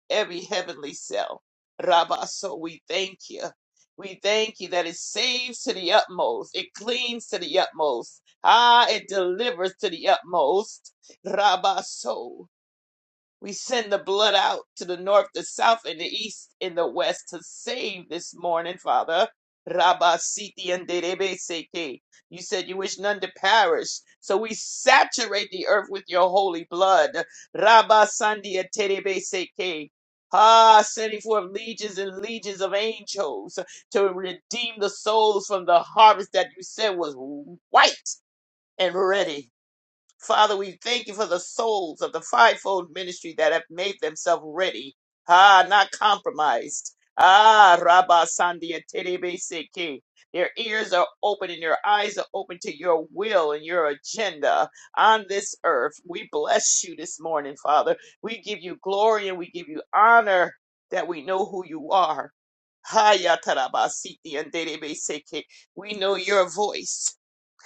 Every heavenly cell. rabba so, we thank you. We thank you that it saves to the utmost. It cleans to the utmost. Ah, it delivers to the utmost. rabba so. We send the blood out to the north, the south, and the east, and the west to save this morning, Father. Rabba Siti and Derebe Seke. You said you wish none to perish. So we saturate the earth with your holy blood. Rabba Sandia Terebe Seke. Ah, sending forth legions and legions of angels to redeem the souls from the harvest that you said was white and ready. Father, we thank you for the souls of the fivefold ministry that have made themselves ready. Ah, not compromised. Ah, Rabba Sandia Terebe Seke. Their ears are open and their eyes are open to your will and your agenda on this earth. We bless you this morning, Father. We give you glory and we give you honor that we know who you are. Haya Taraba Siti and Terebe Seke. We know your voice.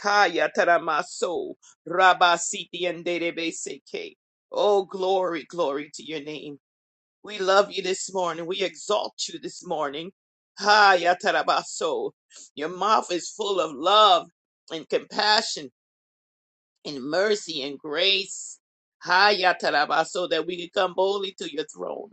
Haya Tarama So. Rabasiti and derebe Seke. Oh, glory, glory to your name. We love you this morning. We exalt you this morning. Ha Yatarabaso. Your mouth is full of love and compassion in mercy and grace. Ha, Yataraba, so that we could come boldly to your throne.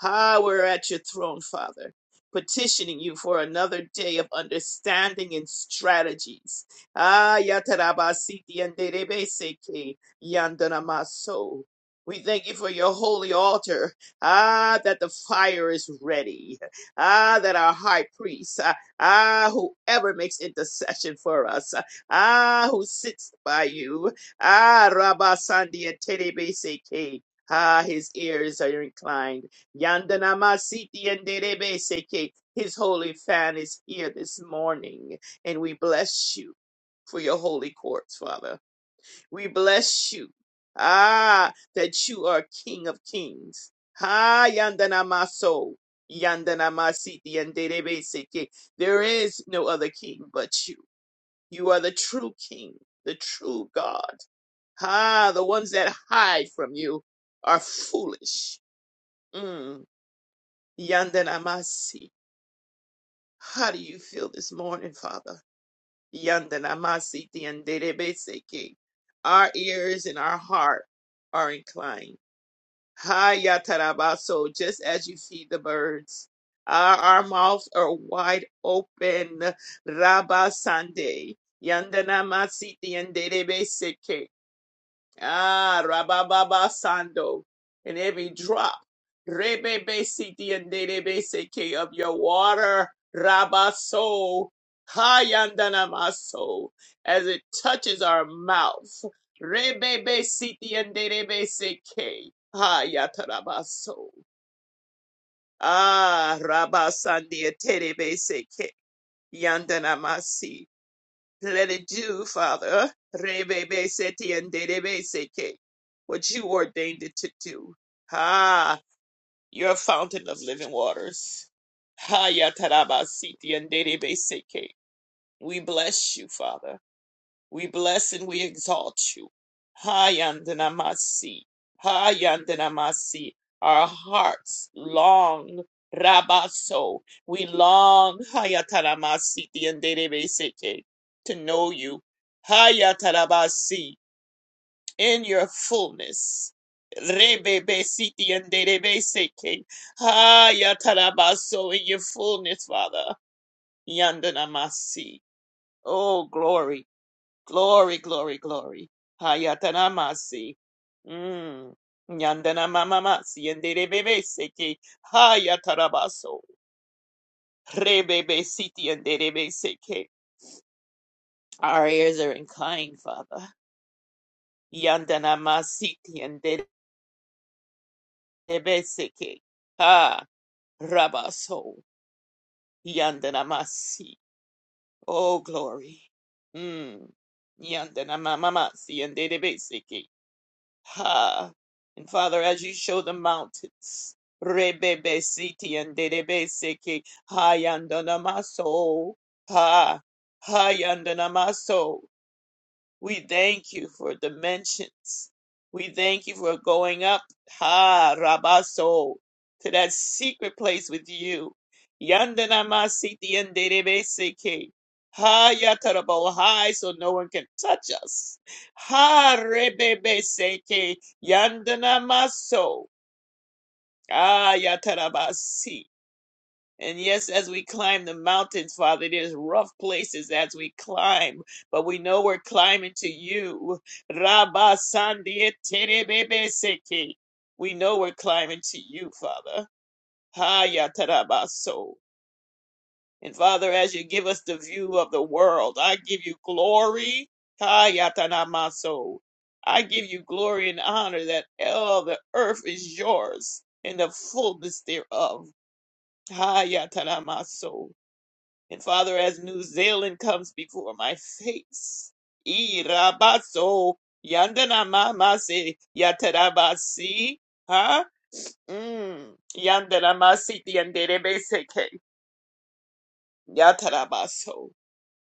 Ha, we're at your throne, Father, petitioning you for another day of understanding and strategies. Ah, Yataraba, Siti and Derebe Seke, Yandanamaso. We thank you for your holy altar. Ah, that the fire is ready. Ah, that our high priest, ah, ah, whoever makes intercession for us, Ah, who sits by you. Ah, Rabba Sandia Terebe Seke. Ah, his ears are inclined. Yandanama Siti and Derebe Seke. His holy fan is here this morning, and we bless you for your holy courts, Father. We bless you. Ah, that you are King of Kings. Ah, Yandanama So. Yandanama Siti and Derebe Seke. There is no other king but you. You are the true King, the true God. Ah, the ones that hide from you are foolish. Mm. Yandanamasi. How do you feel this morning, Father? Yandanamasi tianderebeseke. Our ears and our heart are inclined. Ha yatarabaso, just as you feed the birds. Our, our mouths are wide open. Rabasande. Yandanamasi tianderebeseke. Ah, Rabababa Sando, and every drop, Rebebe Siti and Derebe Seke of your water, Rabaso, Hayandanamaso, as it touches our mouth, Rebebe Siti and Derebe Seke, Hayatarabaso. Ah, Rabasandi Terebe Seke, Yandanamasi. Let it do, Father. Rebebe seti and dedebe seke. What you ordained it to do. Ah, your fountain of living waters. Haya taraba siti and dedebe seke. We bless you, Father. We bless and we exalt you. Hayandanamasi. Hayandanamasi. Our hearts long. Rabaso. We long Hayataramasi Tianderebeseke to know you. Hayatarabasi in your fullness. Rebebesi Tianderebeseke. Hayatarabaso in your fullness, Father. Yandanamasi. Oh glory. Glory, glory, glory. Hayatanamasi. Mm. Nyandana mamamasi enderebebe seke. Hayatarabaso. Rebebe siti enderebe seke. Our ears are inclined, Father. Yandana masiti enderebe seke. Ha. Rabaso. Yandana masi. Oh, glory. Mm. Yandana mamamasi enderebe seke. Ha! And Father, as you show the mountains, Rebebe Siti and Dedebe Seki, Hayandanamaso, Ha, Hayandanamaso. We thank you for dimensions. We thank you for going up, ha, Rabaso, to that secret place with you. Yandanamasiti yanderebeseke. Ha, yatarabo, high, so no one can touch us. Ha, rebebeseke, yandanamaso. Ah, yatarabasi. And yes, as we climb the mountains, Father, there's rough places as we climb, but we know we're climbing to you. Rabba Sandia Terebebeseke. We know we're climbing to you, Father. Haya Tarabaso. And Father, as you give us the view of the world, I give you glory. Haya Tanamaso. I give you glory and honor that all the earth is yours and the fullness thereof. Haya Tanamaso. And Father, as New Zealand comes before my face, Irabaso Yandana mama se Yatarabasi, huh? Mm. Yandana Masiti Yanderebeseke Yatarabaso.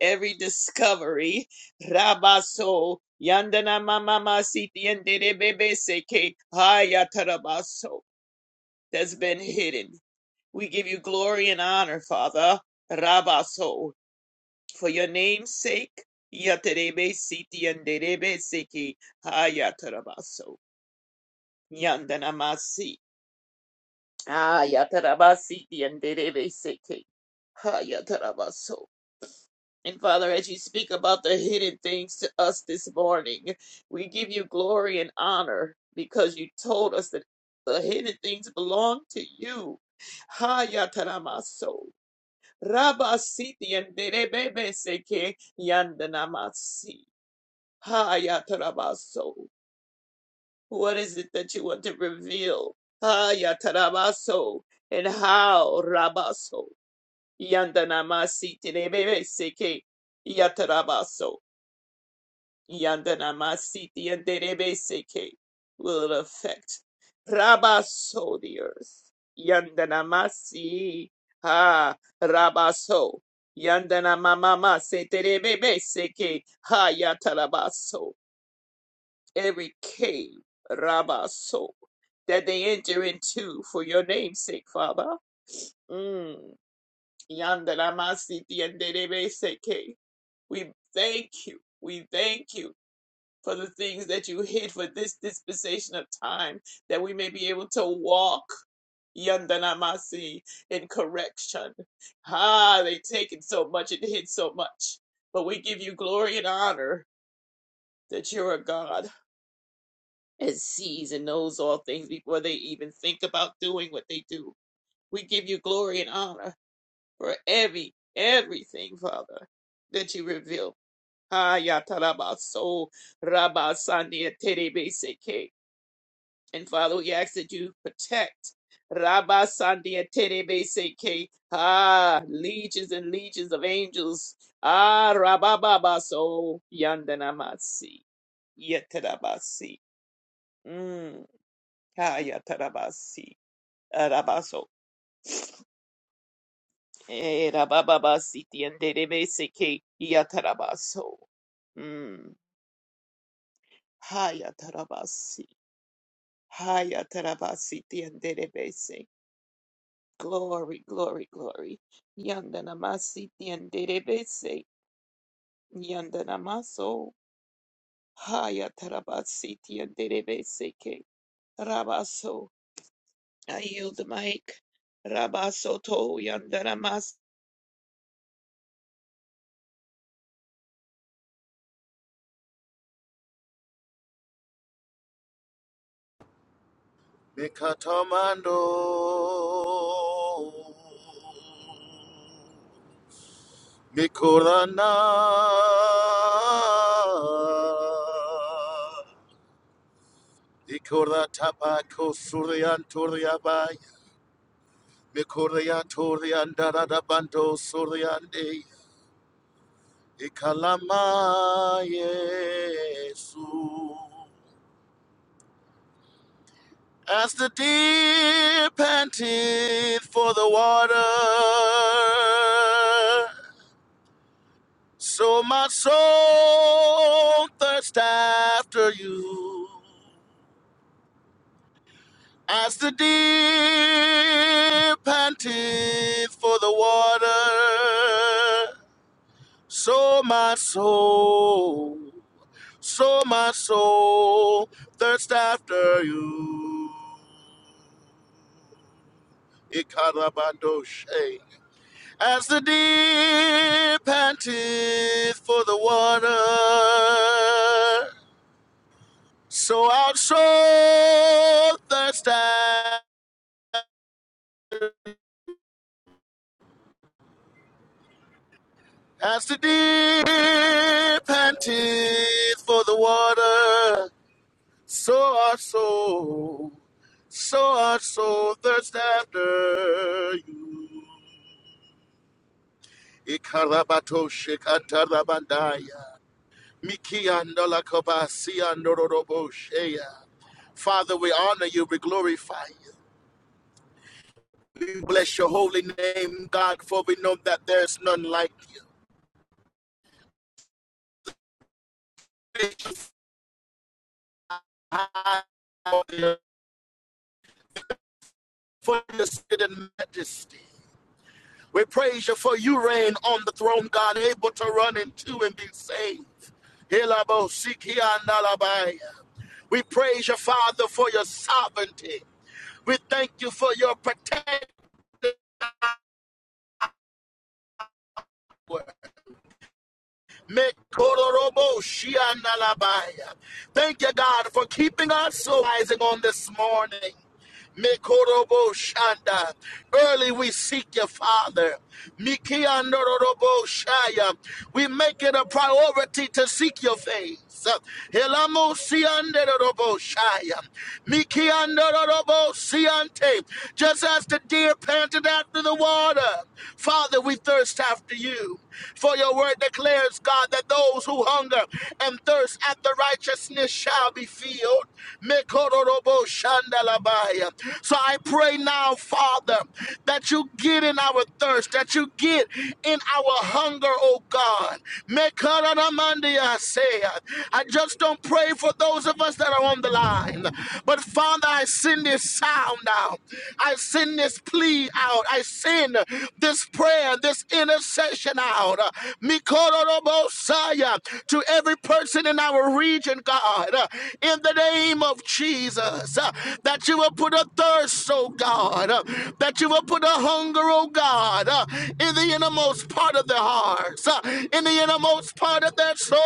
Every discovery, Rabaso Yandana Mama Masiti Yanderebeseke Hayatarabaso, that's been hidden. We give you glory and honor, Father. Rabaso. for your name's sake. Yaterebe siti yanderebe seki hayatarabaso. Yandanamasi. Ah, yatarabasi yanderebe seki hayatarabaso. And Father, as you speak about the hidden things to us this morning, we give you glory and honor because you told us that the hidden things belong to you. Hayataramaso. Rabasiti and yanderebebe seki yandanamasi. Hayatarabaso. What is it that you want to reveal? Hayatarabaso. And how, Rabaso? Yandanamasiti rebebeseke. Yatarabaso. Yandanamasiti and seke. Will it affect Rabaso the earth? Yandanamasi. Ha, Rabaso. Yandanamamama se terebebeseke. Hayatarabaso. every cave, Rabaso, that they enter into for your name's sake, Father. Mm. Yandaramasi tienderebeseke. We thank you. We thank you for the things that you hid for this dispensation of time, that we may be able to walk Yandanamasi in correction. Ah, they taken so much and hid so much. But we give you glory and honor that you're a God. and sees and knows all things before they even think about doing what they do. We give you glory and honor for every everything, Father, that you reveal. Ha yatarabaso rabasandia terebeseke. And Father, we ask that you protect rabasandia terebeseke. Ah, legions and legions of angels. Ah, rabababaso yandanamasi. Yetarabasi. Kaya tarabasi arabaso erabababasi tienderebeseke yatarabaso. Mm. Haya tarabasi haya tarabasi tienderebese. Glory, glory, glory. Yandanamasi tienderebese. Yandanamaso. Haya tarabasi tienderebeseke. Rabaso. I yield the mic. Rabaso to yandanamasi.
Mikatamando. Mikorana. Ikora tapako suryan turiabaya. Mikoria turian darada bando suryande. Ikalama Yesu. As the deer panteth for the water, So my soul thirsts after you, as the deer panteth for the water. So my soul, so my soul thirsts after you. Ikarabandoshe. As the deer panteth for the water, So our soul thirsts as the deep panteth for the water. So our soul, so our soul thirsts after you. Ikarabato shikatarabandaya. Mikiandola kabasiandororobo sheya. Father, we honor you, we glorify you. We bless your holy name, God, for we know that there's none like you. high for your sitting majesty. We praise you for you reign on the throne, God, able to run into and be saved. Elabo sikiandalabaya. We praise your Father, for your sovereignty. We thank you for your protection. Mekororobo shiandalabaya. Thank you, God, for keeping us so rising on this morning. Mekorobo Shanda. Early we seek your Father. Mikiandorobo Shaya. We make it a priority to seek your face. Helamo Siandorobo Shaya. Mikiandorobo Siante. Just as the deer panted after the water, Father, we thirst after you. For your word declares, God, that those who hunger and thirst after righteousness shall be filled. Mekorobo Shandalabaya today. So I pray now, Father, that you get in our thirst, that you get in our hunger, oh God. Mekaranamandi, I say. I just don't pray for those of us that are on the line. But Father, I send this sound out. I send this plea out. I send this prayer, this intercession out. Mikororobosaya, To every person in our region, God, in the name of Jesus, that you you will put a thirst, oh God, uh, that you will put a hunger, oh God, uh, in the innermost part of their hearts, uh, in the innermost part of their soul.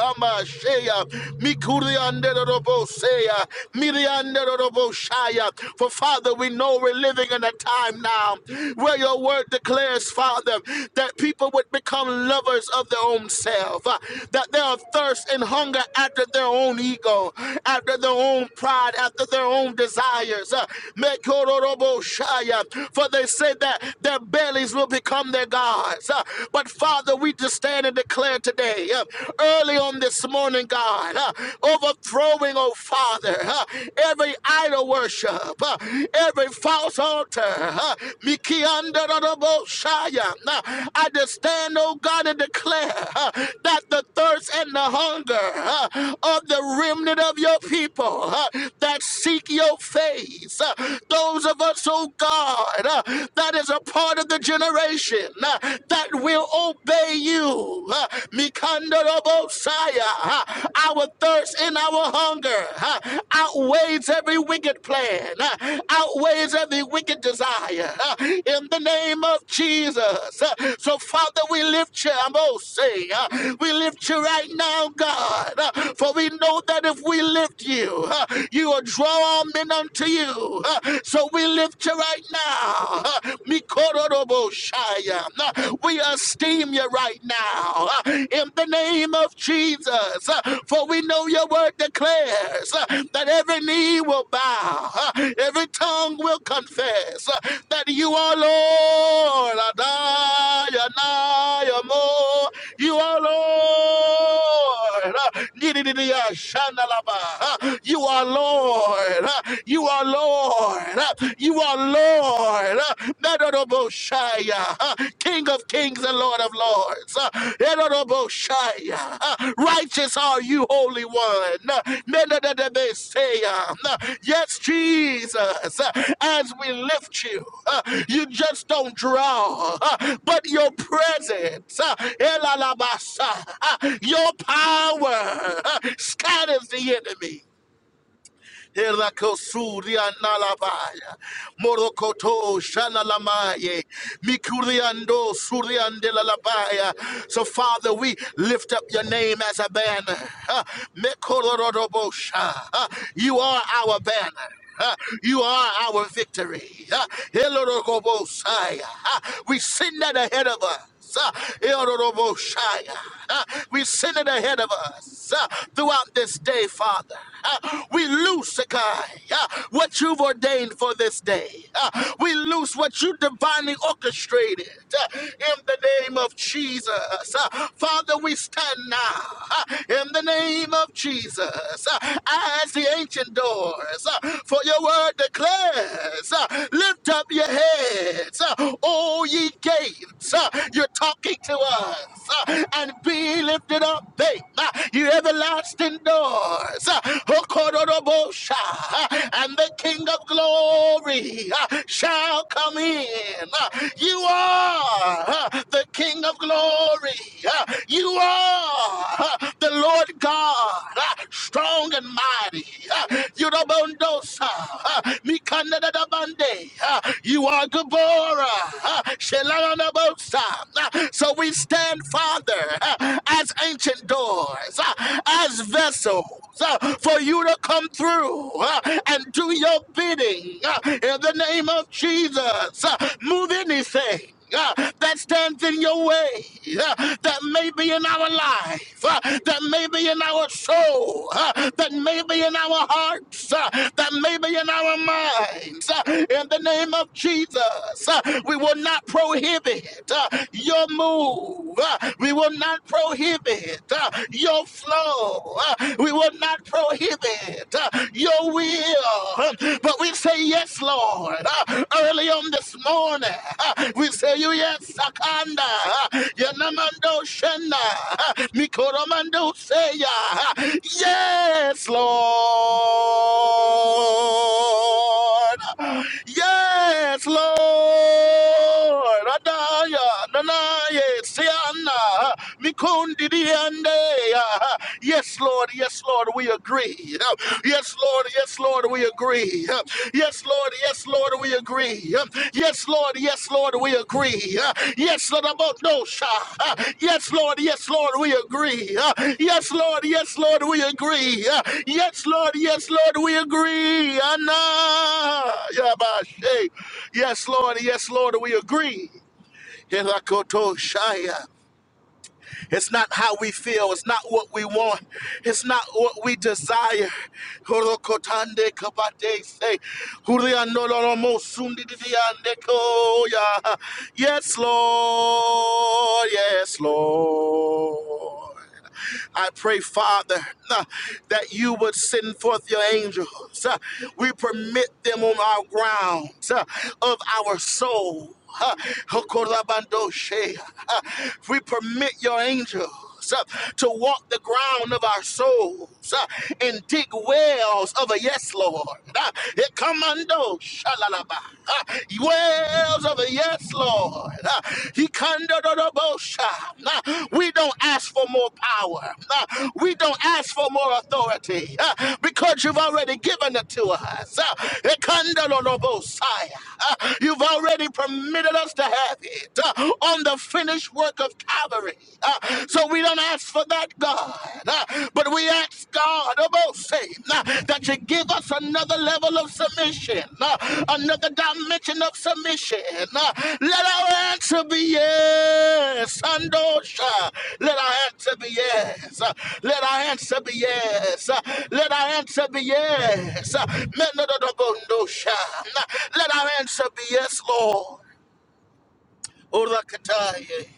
Amashia, Mikurianderobosea, Mirianderoboshaya. For Father, we know we're living in a time now where your word declares, Father, that people would become lovers of their own self, uh, that their thirst and hunger after their own ego, after their own pride God, after their own desires. Uh, Mekororoboshaya. For they say that their bellies will become their gods. Uh, But Father, we just stand and declare today, uh, early on this morning, God, uh, overthrowing, oh Father, uh, every idol worship, uh, every false altar. uh, Mikiandororoboshaya. Uh, I just stand, oh God, and declare uh, that the thirst and the hunger uh, of the remnant of your people. uh, that seek your face. Uh, Those of us, oh God, uh, that is a part of the generation uh, that will obey you. Uh, Mikandorobosaya, uh, Our thirst and our hunger uh, outweighs every wicked plan, uh, outweighs every wicked desire. uh, In the name of Jesus. Uh, So, Father, we lift you, I'm all saying, uh, we lift you right now, God, uh, for we know that if we lift you, uh, You are drawn men unto you. Uh, So we lift you right now. Uh, Mikororoboshaya. Uh, We esteem you right now uh, in the name of Jesus. Uh, For we know your word declares uh, that every knee will bow, uh, every tongue will confess uh, that you are Lord. Adonai, Amo. You are Lord. Uh, Nidididiyashanalaba. Uh, you are Lord. You are Lord. You are Lord. Medodoboshaya, King of kings and Lord of lords. Medodoboshaya, Righteous are you, Holy One. Medododobesaya. Yes, Jesus, as we lift you, you just don't draw, but your presence, elalabasa, your power scatters the enemy. Herakosuria nalabaya. Morokoto shanalamaye. Mikuriando suriande lalabaya. So, Father, we lift up your name as a banner. Ah, Mekorodobosha. Ah, You are our banner. Ah, You are our victory. Ah, Helorogobosaya. Ah, We send that ahead of us. Uh, Uh, We send it ahead of us uh, throughout this day, Father. Uh, We loose, uh, God, uh, what you've ordained for this day. Uh, We loose what you divinely orchestrated uh, in the name of Jesus. Uh, Father, we stand now uh, in the name of Jesus uh, as the ancient doors, uh, for your word declares, uh, lift up your heads, uh, all ye gates, uh, you're talking to us. uh, And be lifted up, babe. uh, You everlasting doors. uh, uh, And the King of glory uh, shall come in. uh, You are uh, the King of glory. uh, You are uh, the Lord God, uh, strong and mighty. uh, Yurobondosa, uh, Mikandadabande, uh, You are Gabora. Uh, Shelana Bosa. Uh, So we stand, Father, uh, as ancient doors, uh, as vessels uh, for you to come through uh, and do your bidding uh, in the name of Jesus. Uh, Move anything. uh, That stands in your way, uh, that may be in our life, uh, that may be in our soul, uh, that may be in our hearts, uh, that may be in our minds. uh, In the name of Jesus, uh, we will not prohibit prohibit uh, your move. uh, We will not prohibit uh, your flow. uh, We will not prohibit uh, your will. um, But we say yes, Lord. uh, Early on this morning, uh, we say you yes, Sakanda. uh, Yanamando Shenda. uh, Mikoromando Seya. uh, Yes, Lord. Yes. Yes, Lord. Adaya, Nanaye, Siana, Mikundi, Diande. Yes, Lord. Yes, Lord. We agree. Yes, Lord. Yes, Lord. We agree. Yes, Lord. Yes, Lord. We agree. Yes, Lord, yes, Lord, we agree. Uh, Yes, Lord, about no shot. Uh, Yes, Lord, yes, Lord, we agree. Uh, Yes, Lord, yes, Lord, we agree. Uh, Yes, Lord, yes, Lord, we agree. Anna, Yabashe. Yes, Lord, yes, Lord, we agree. Helakoto Shaya. It's not how we feel. It's not what we want. It's not what we desire. Horokotande kabate se. Hurianololomo sundidiande koya. Yes, Lord. Yes, Lord. I pray, Father, uh, that you would send forth your angels. uh, We permit them on our grounds uh, of our soul. uh, Hokorabandoshe, uh, We permit your angels uh, to walk the ground of our souls uh, and dig wells of a yes, Lord. Uh, it comes under, shalalaba. Uh, wells of the yes, Lord. Uh, He kandadadabosha. Uh, We don't ask for more power. Uh, We don't ask for more authority uh, because you've already given it to us. Uh, it kandadadabosaya. Uh, You've already permitted us to have it uh, on the finished work of Calvary. Uh, So we don't ask for that, God, uh, but we ask God about faith uh, that you give us another level of submission, uh, another dimension of submission. uh, Let our answer be yes. Andosha. Let our answer be yes. uh, Let our answer be yes. uh, Let our answer be yes. uh, Menododogondosha. Uh, Let our answer be yes, Lord. Orakataye.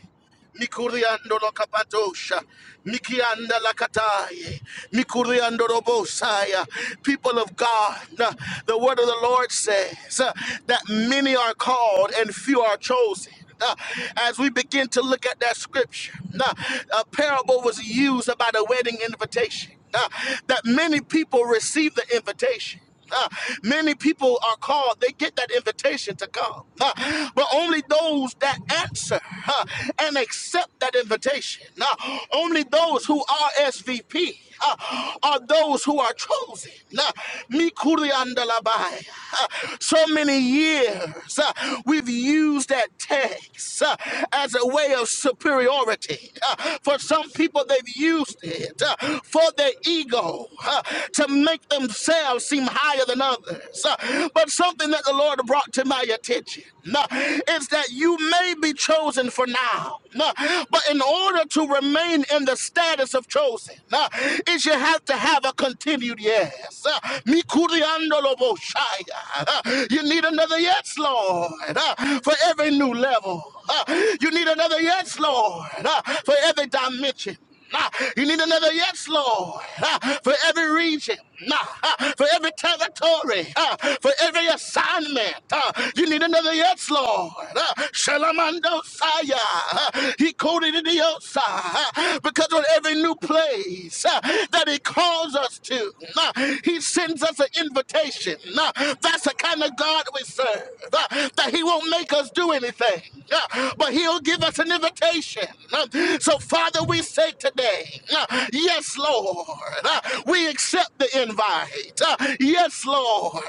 Mikuriando lo kapadosha, Mikianda la kataye, Mikuriando lo bosaya. People of God, uh, the word of the Lord says uh, that many are called and few are chosen. Uh, As we begin to look at that scripture, uh, a parable was used about a wedding invitation. uh, That many people received the invitation. Uh, many people are called, they get that invitation to come, Uh, but only those that answer uh, and accept that invitation, Uh, only those who are SVP. uh, are those who are chosen. Uh, Mikuri andalabai. Uh, so many years uh, we've used that text uh, as a way of superiority. Uh, for some people, they've used it uh, for their ego ego huh, to make themselves seem higher than others. Uh, But something that the Lord brought to my attention uh, is that you may be chosen for now, uh, but in order to remain in the status of chosen, uh, is you have to have a continued yes. Uh, Mikuriandoloboshaya. Uh, You need another yes, Lord, uh, for every new level. Uh, You need another yes, Lord, uh, for every dimension. Nah, you need another yes, Lord, Ah, for every region, Nah, ah, for every territory, Ah, for every assignment. Ah, You need another yes, Lord. Ah, Shalamando Saya, Ah, he coded it the outside, Ah, because on every new place ah, that he calls us to, nah, he sends us an invitation. Nah, That's the kind of God we serve, Ah, that he won't make us do anything, Ah, but he'll give us an invitation invitation. So, Father, we say today, yes, Lord, we accept the invite. Yes, Lord,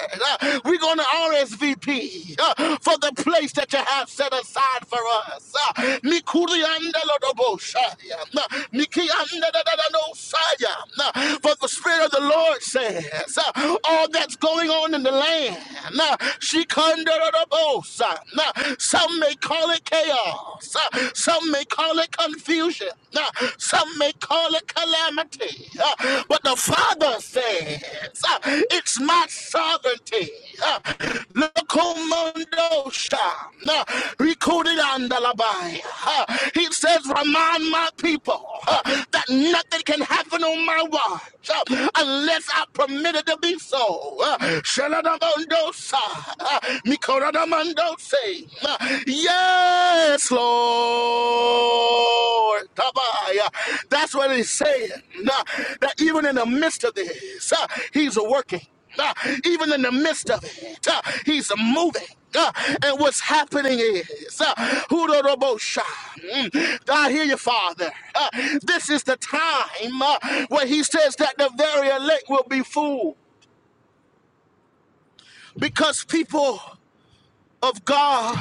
we're going to RSVP for the place that you have set aside for us. For the Spirit of the Lord says, all that's going on in the land, she some may call it chaos. Uh, Some may call it confusion. Uh, Some may call it calamity. Uh, But the Father says, uh, it's my sovereignty. Uh, Locomondo sha, uh, recorded under the Bible. Uh, He says, remind my people uh, that nothing can happen on my watch uh, unless I permit it to be so. Uh, Shaladabondo Mikoradamando say, Yes, Lord. Tabaya. That's what he's saying. Nah, That even in the midst of this, uh, he's working. Nah, Even in the midst of it, uh, he's moving. Uh, And what's happening is, uh, Hudorobosha. Mm. I hear you, Father. Uh, This is the time uh, where he says that the very elect will be fooled because people of God.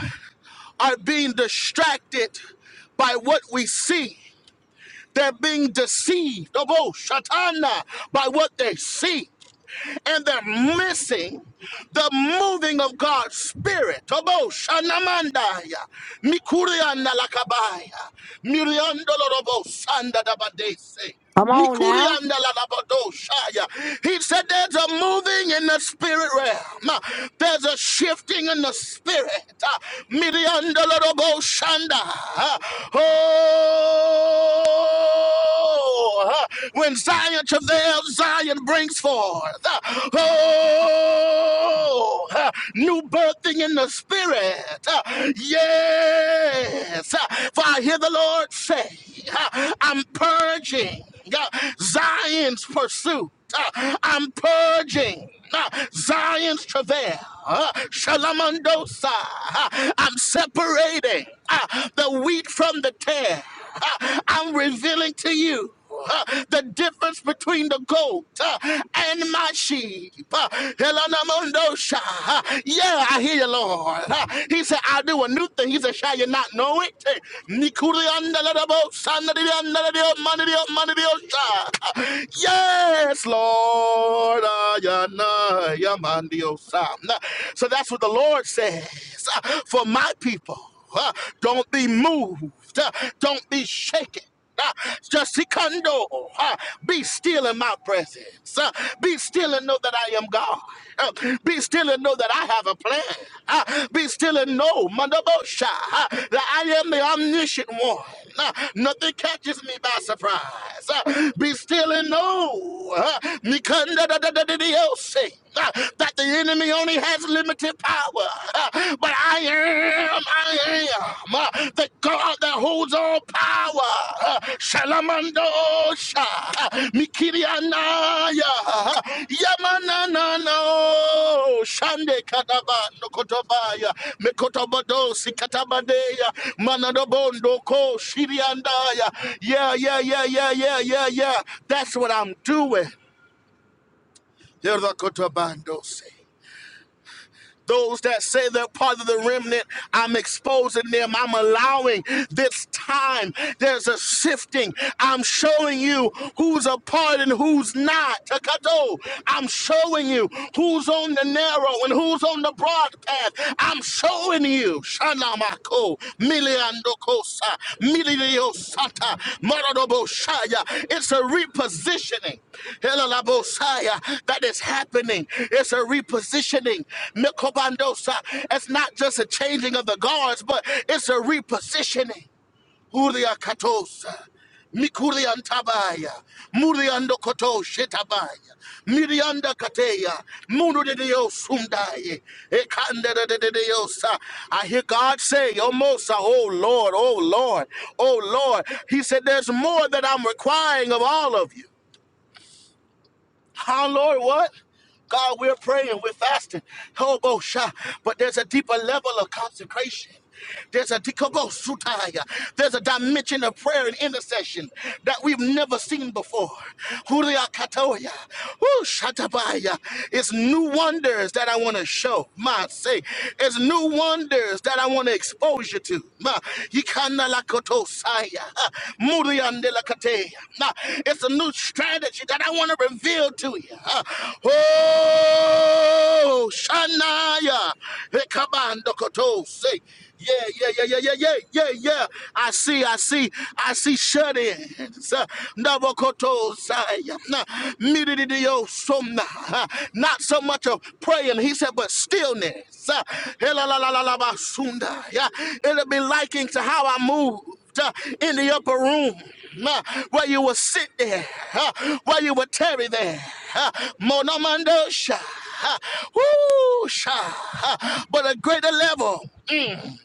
are being distracted by what we see. They're being deceived, oh, shatana, by what they see and they're missing the moving of God's Spirit. Tobo shanamandaya, mikurianda lakabaya, miriandolorobo sandadabadese.
Come on now.
Mikurianda lalabadoshaya. He said there's a moving in the spirit realm. There's a shifting in the spirit. Ah, Mirianda lalaboshanda. Ah, Oh, when Zion travails, Zion brings forth. Oh, new birthing in the spirit. Yes. For I hear the Lord say, I'm purging Zion's pursuit. I'm purging uh, Zion's travail, uh, Shalamandosa. uh, I'm separating uh, the wheat from the tare. I'm revealing to you uh, the difference between the goat uh, and my sheep. Uh, Elanamondosha. Uh, Yeah, I hear you, Lord. Uh, He said, I do a new thing. He said, Shall you not know it? Uh, Nikuriandaladabo, sanadidiandaladio, manadidiomandadiosha. Uh, Yes, Lord. Uh, yana, yamandiosa. Uh, So that's what the Lord says uh, for my people. Uh, Don't be moved. Uh, Don't be shaken. Uh, Just Ikando, uh, be still in my presence. Uh, Be still and know that I am God. Uh, Be still and know that I have a plan. Uh, Be still and know, Mandabosha, uh, that I am the omniscient one. Uh, Nothing catches me by surprise. Uh, Be still and know, uh, Mikanda da da da da da, that the enemy only has limited power, uh, but I am, I am uh, the God that holds all power. uh, Shalamandosha, uh, Mikirianaya, uh, Yamananano, Shande Kadaba, Nokotobaya, Mekotobodosi Katabadeya, Manadobondo Ko, Shiriandaya. Yeah, yeah, yeah, yeah, yeah, yeah, yeah. That's what I'm doing. Yerda Kotobandosi. Those that say they're part of the remnant, I'm exposing them. I'm allowing this time. There's a shifting. I'm showing you who's a part and who's not. Takato. I'm showing you who's on the narrow and who's on the broad path. I'm showing you. Shanamako, Miliandokosa, Milio Santa, Morodobo Shaya. It's a repositioning. Helalabosaya, That is happening. It's a repositioning. Mikobandosa. It's not just a changing of the guards, but it's a repositioning. Huria Katosa. Mikurian Tabaya, Muriando Koto Shetabaya, Mirianda Kateya, Munu de Dios Sundaye, Ekanda de Diosa. I hear God say, O Mosa, O Lord, O Lord, O Lord. He said, There's more that I'm requiring of all of you. Huh, Lord, what? God, we're praying, we're fasting. Hobo sha. But there's a deeper level of consecration. There's a dekobo sutaya. There's a dimension of prayer and intercession that we've never seen before. Huria katoya. Woo, shatabaya. It's new wonders that I want to show. My say, it's new wonders that I want to expose exposure to. Ma, Yikana lakotosaya, ah, Muriande lakateya. Nah, It's a new strategy that I want to reveal to you. ah. Oh, Shanaya. Hekabando kotose. Yeah, yeah, yeah, yeah, yeah, yeah, yeah, yeah. I see, I see, I see shut ins. Navakoto Midididiosomna. Uh, Not so much of praying, he said, but stillness. Uh, Elalalalabasunda. Yeah, It'll be likened to how I moved uh, in the upper room uh, where you will sit there, uh, where you will tarry there. uh, Monomandosha. uh, Woo! sha, uh, But a greater level.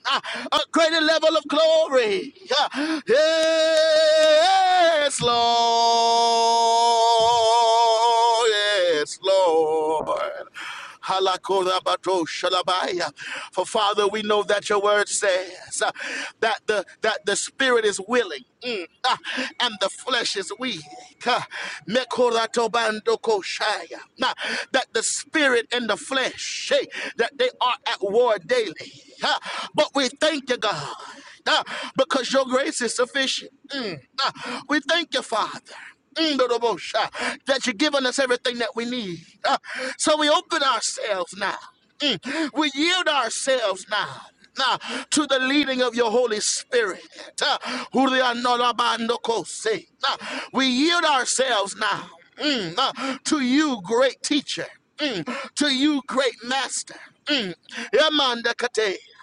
a greater level of glory. Yeah. Yes, Lord. Yes, Lord. Halakorabado shalabaya. For Father, we know that your word says uh, that the that the spirit is willing mm, ah, and the flesh is weak. Ah, Mekoratobandokoshaya. Nah, That the spirit and the flesh, eh, that they are at war daily. Ah, But we thank you, God, ah, because your grace is sufficient. Mm. We thank you, Father. mm, That you've given us everything that we need. Uh, So we open ourselves now. Mm, We yield ourselves now. Now, to the leading of your Holy Spirit. Uh, huri a We yield ourselves now mm, uh, to you, great teacher, Mm, to you, great master. Mm, Yamanda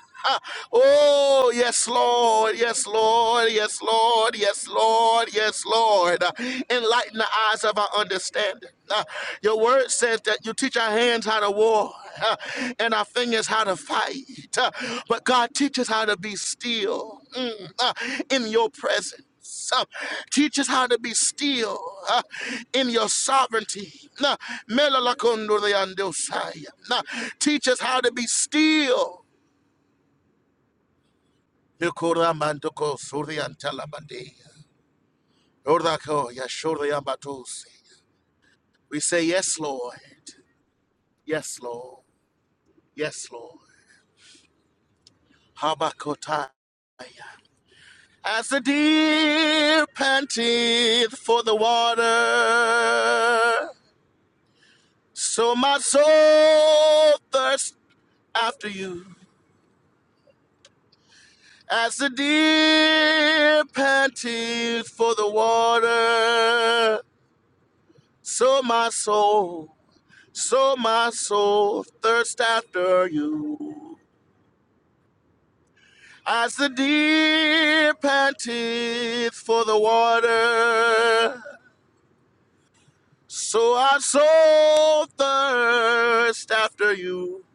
Ah, Oh, yes, Lord, yes, Lord, yes, Lord, yes, Lord, yes, Lord. Uh, Enlighten the eyes of our understanding. Uh, Your word says that you teach our hands how to war uh, and our fingers how to fight. Uh, But God teaches how to be still mm, uh, in your presence. Uh, teach us how to be still uh, in your sovereignty. Uh, Melalakondoreandosai. Uh, Teach us how to be still Nikura mandoko surian talabade. Ordako yashurian batose. We say yes, Lord. Yes, Lord. Yes, Lord. Habakotaya. As the deer panteth for the water, so my soul thirsts after you. As the deer panteth for the water, so my soul So my soul thirsts after you. As the deer panteth for the water, so our soul thirsts after you.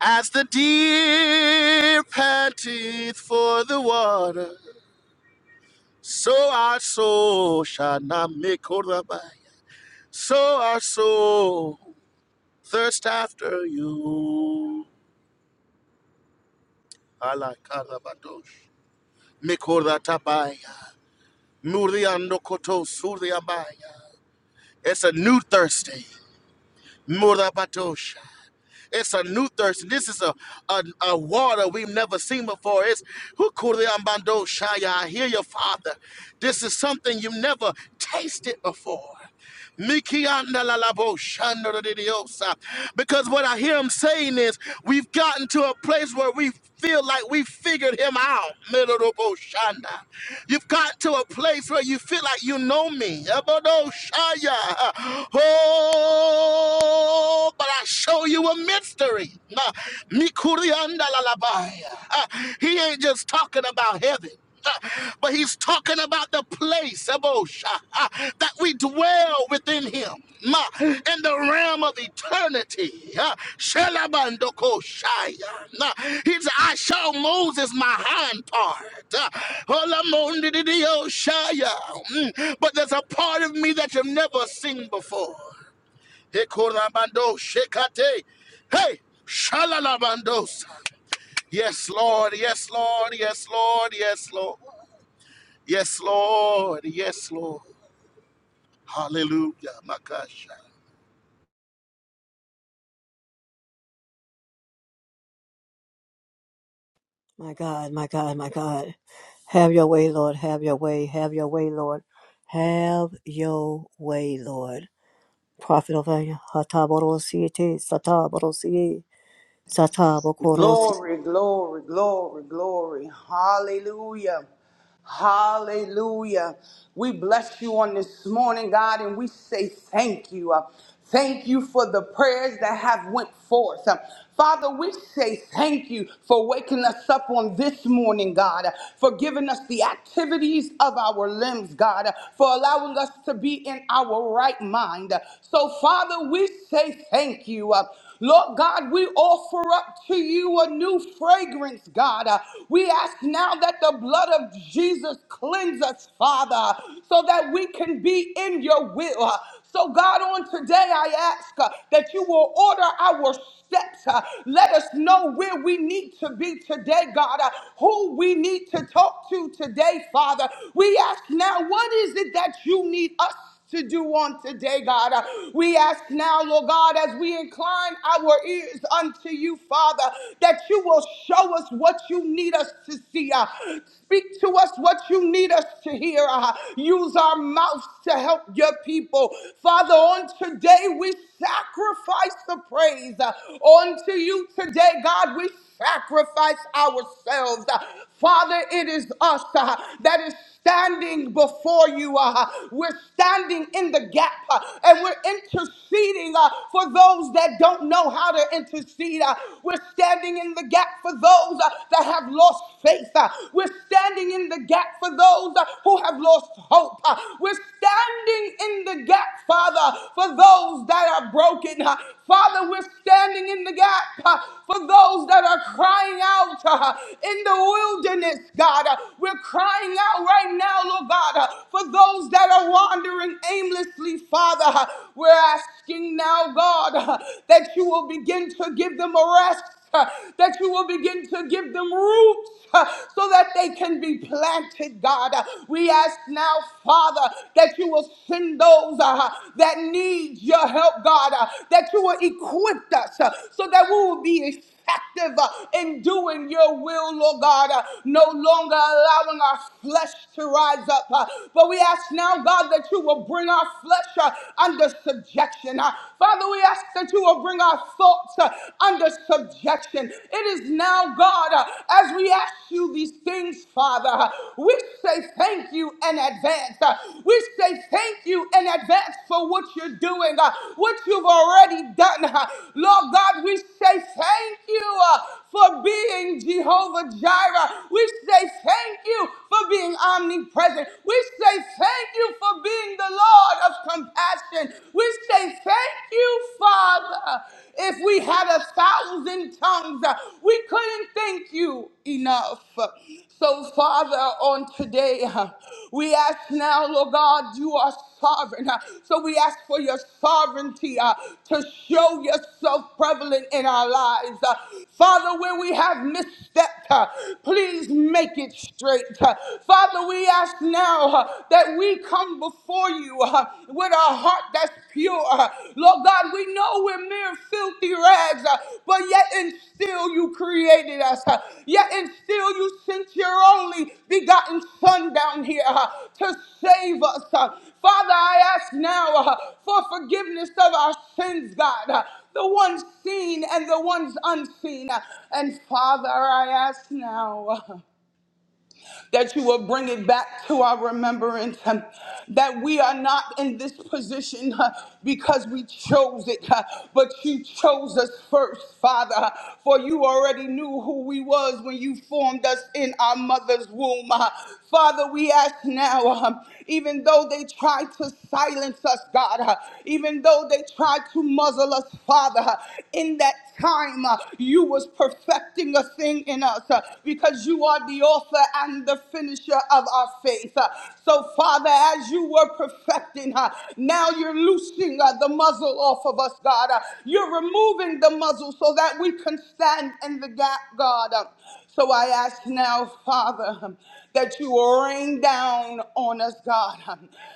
As the deer panteth for the water, so our soul shall not make by. So our soul thirsts after you. Allah Mikorda tapaya. Muriando koto suriabaya. It's a new Thursday. Murda batosha. It's a new thirst. This is a, a, a water we've never seen before. It's Hukuriambando Shaya. I hear your father. This is something you've never tasted before. Mikianalalabo Because what I hear him saying is, we've gotten to a place where we feel like we figured him out. Midodobo You've gotten to a place where you feel like you know me. Ebodo Oh, Oh, but I show you a mystery. Nah, Mikuriandalalabaya. Uh, He ain't just talking about heaven. uh, But he's talking about the place, Ebosha, uh, that we dwell within him, ma, in the realm of eternity. uh, Shelabandokoshaya. Nah, He said, I show Moses my hind part. uh, Olamondididiyoshaya. Mm, But there's a part of me that you've never seen before. Dekorabando shekate. Hey, shalalabandos. Yes, Lord. Yes, Lord. Yes, Lord. Yes, Lord. Yes, Lord. Yes, Lord. Hallelujah. Makasha.
My God, my God, my God. Have your way, Lord. Have your way. Have your way, Lord. Have your way, Lord. Prophet of Hatabodosiete, Satabodosie, Satabokorosi.
Glory, glory, glory, glory. Hallelujah. Hallelujah. We bless you on this morning, God, and we say thank you. Uh, Thank you for the prayers that have went forth. Uh, Father, we say thank you for waking us up on this morning, God, uh, for giving us the activities of our limbs, God, uh, for allowing us to be in our right mind. Uh, So, Father, we say thank you. Uh, Lord God, we offer up to you a new fragrance, God. Uh, We ask now that the blood of Jesus cleanse us, Father, so that we can be in your will. Uh, So, God, on today, I ask uh, that you will order our steps. Uh, Let us know where we need to be today, God, uh, who we need to talk to today, Father. We ask now, what is it that you need us? to do on today, God. Uh, We ask now, Lord God, as we incline our ears unto you, Father, that you will show us what you need us to see. uh, Speak to us what you need us to hear. uh, Use our mouths to help your people. Father, on today, we sacrifice the praise. uh, Unto you today, God, we sacrifice ourselves. Uh, Father, it is us uh, that is standing before you. uh, we're standing in the gap uh, and we're interceding uh, for those that don't know how to intercede. uh, we're standing in the gap for those uh, that have lost faith. uh, we're standing in the gap for those uh, who have lost hope. uh, we're standing in the gap, Father, for those that are broken. uh, Father, we're standing in the gap uh, for those that are crying out uh, in the wilderness, God. Uh, We're crying crying out right now, Lord God, uh, for those that are wandering aimlessly, Father. Uh, We're asking now, God, uh, that you will begin to give them a rest. uh, That you will begin to give them roots uh, so that they can be planted, God. Uh, We ask now, Father, that you will send those uh, that need your help, God, uh, that you will equip us uh, so that we will be effective uh, in doing your will, Lord God, uh, no longer allowing our flesh to rise up. uh, But we ask now, God, that you will bring our flesh uh, under subjection. uh. Father, we ask that you will bring our thoughts uh, under subjection. It is now, God, uh, as we ask you these things, Father, uh, we say thank you in advance. uh, We say thank thank you in advance for what you're doing, uh, what you've already done. uh. Lord God, we say thank you uh, for being Jehovah Jireh. We say thank you for being omnipresent. We say thank you for being the Lord of compassion. We say thank you, Father. If we had a thousand tongues, uh, we couldn't think thank you enough. So, Father, on today, uh, we ask now, Lord God, you are sovereign. uh, So, we ask for your sovereignty uh, to show yourself prevalent in our lives. Uh, Father, where we have misstepped, uh, please make it straight. Uh, Father, we ask now uh, that we come before you uh, with our heart that's pure. Uh, Lord God, we know we're mere filthy rags, uh, but yet and still you created us. uh, Yet and still you sent your only begotten Son down here uh, to save us. uh. Father, I ask now uh, for forgiveness of our sins, God. uh, the ones seen and the ones unseen. Uh, And Father, I ask now. that you will bring it back to our remembrance, um, that we are not in this position uh, because we chose it, uh, but you chose us first, Father, uh, for you already knew who we was when you formed us in our mother's womb. uh. Father, we ask now, um, even though they tried to silence us, God, uh, even though they tried to muzzle us, Father, uh, in that time uh, you was perfecting a thing in us. huh? uh, because you are the author and the finisher of our faith. uh. So, Father, as you were perfecting her, now you're loosing uh, the muzzle off of us, God. uh. You're removing the muzzle so that we can stand in the gap, God. uh. So I ask now, Father, um, that you are rain down on us, God,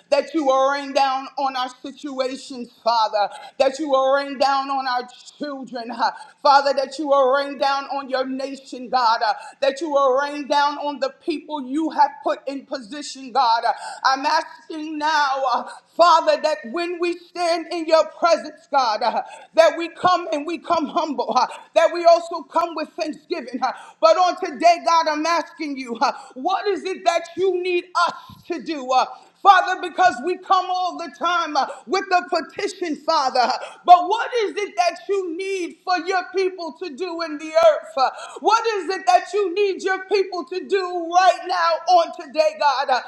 that you are rain down on our situations, Father, that you are rain down on our children, huh, Father, that you are rain down on your nation, God, uh, that you are rain down on the people you have put in position, God. Uh, I'm asking now, uh, Father, that when we stand in your presence, God, uh, that we come and we come humble, uh, that we also come with thanksgiving. uh, But on today, God, I'm asking you, uh, what is it that you need us to do? Uh, Father, because we come all the time uh, with a petition, Father. But what is it that you need for your people to do in the earth? Uh, What is it that you need your people to do right now on today, God? Uh,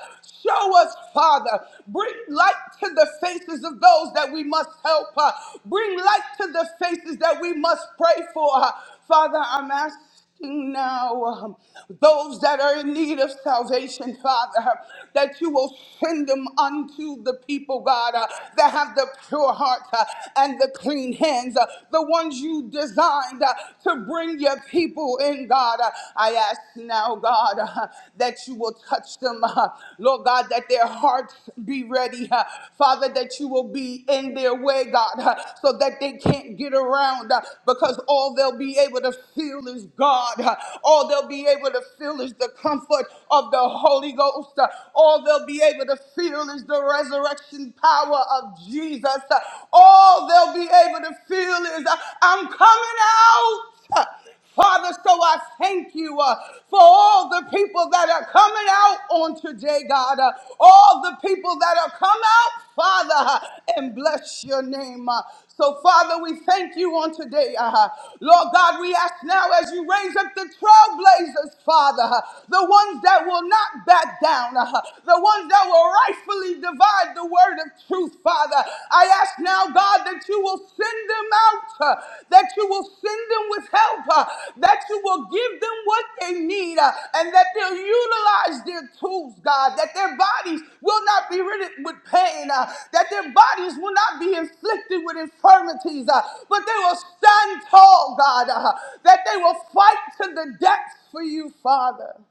Show us, Father. Bring light to the faces of those that we must help. Uh, Bring light to the faces that we must pray for. Uh, Father, I'm asking asking now um, those that are in need of salvation, Father, that you will send them unto the people, God, uh, that have the pure heart uh, and the clean hands, uh, the ones you designed uh, to bring your people in, God. Uh, I ask now, God, uh, that you will touch them, uh, Lord God, that their hearts be ready, uh, Father, that that you will be in their way, God, uh, so that they can't get around uh, because all they'll be able to feel is God. uh, All they'll be able to feel is the comfort of the Holy Ghost. uh, All they'll be able to feel is the resurrection power of Jesus. uh, All they'll be able to feel is, uh, I'm coming out. huh. Father, so I thank you uh, for all the people that are coming out on today, God. uh, all the people that are come out, Father, uh, and bless your name. uh. so, Father, we thank you on today. uh, Lord God, we ask now as you raise up the trailblazers, Father, uh, the ones that will not back down, uh, the ones that will rightfully divide the word of truth, Father. Father. I ask now, God, that you will send them out, uh, that you will send them with help, uh, that you will give them what they need, uh, and that they'll utilize their tools, God, that their bodies will not be ridden with pain, uh, that their bodies will not be inflicted with infirmities, uh, but they will stand tall, God, uh, that they will fight to the death for you, Father.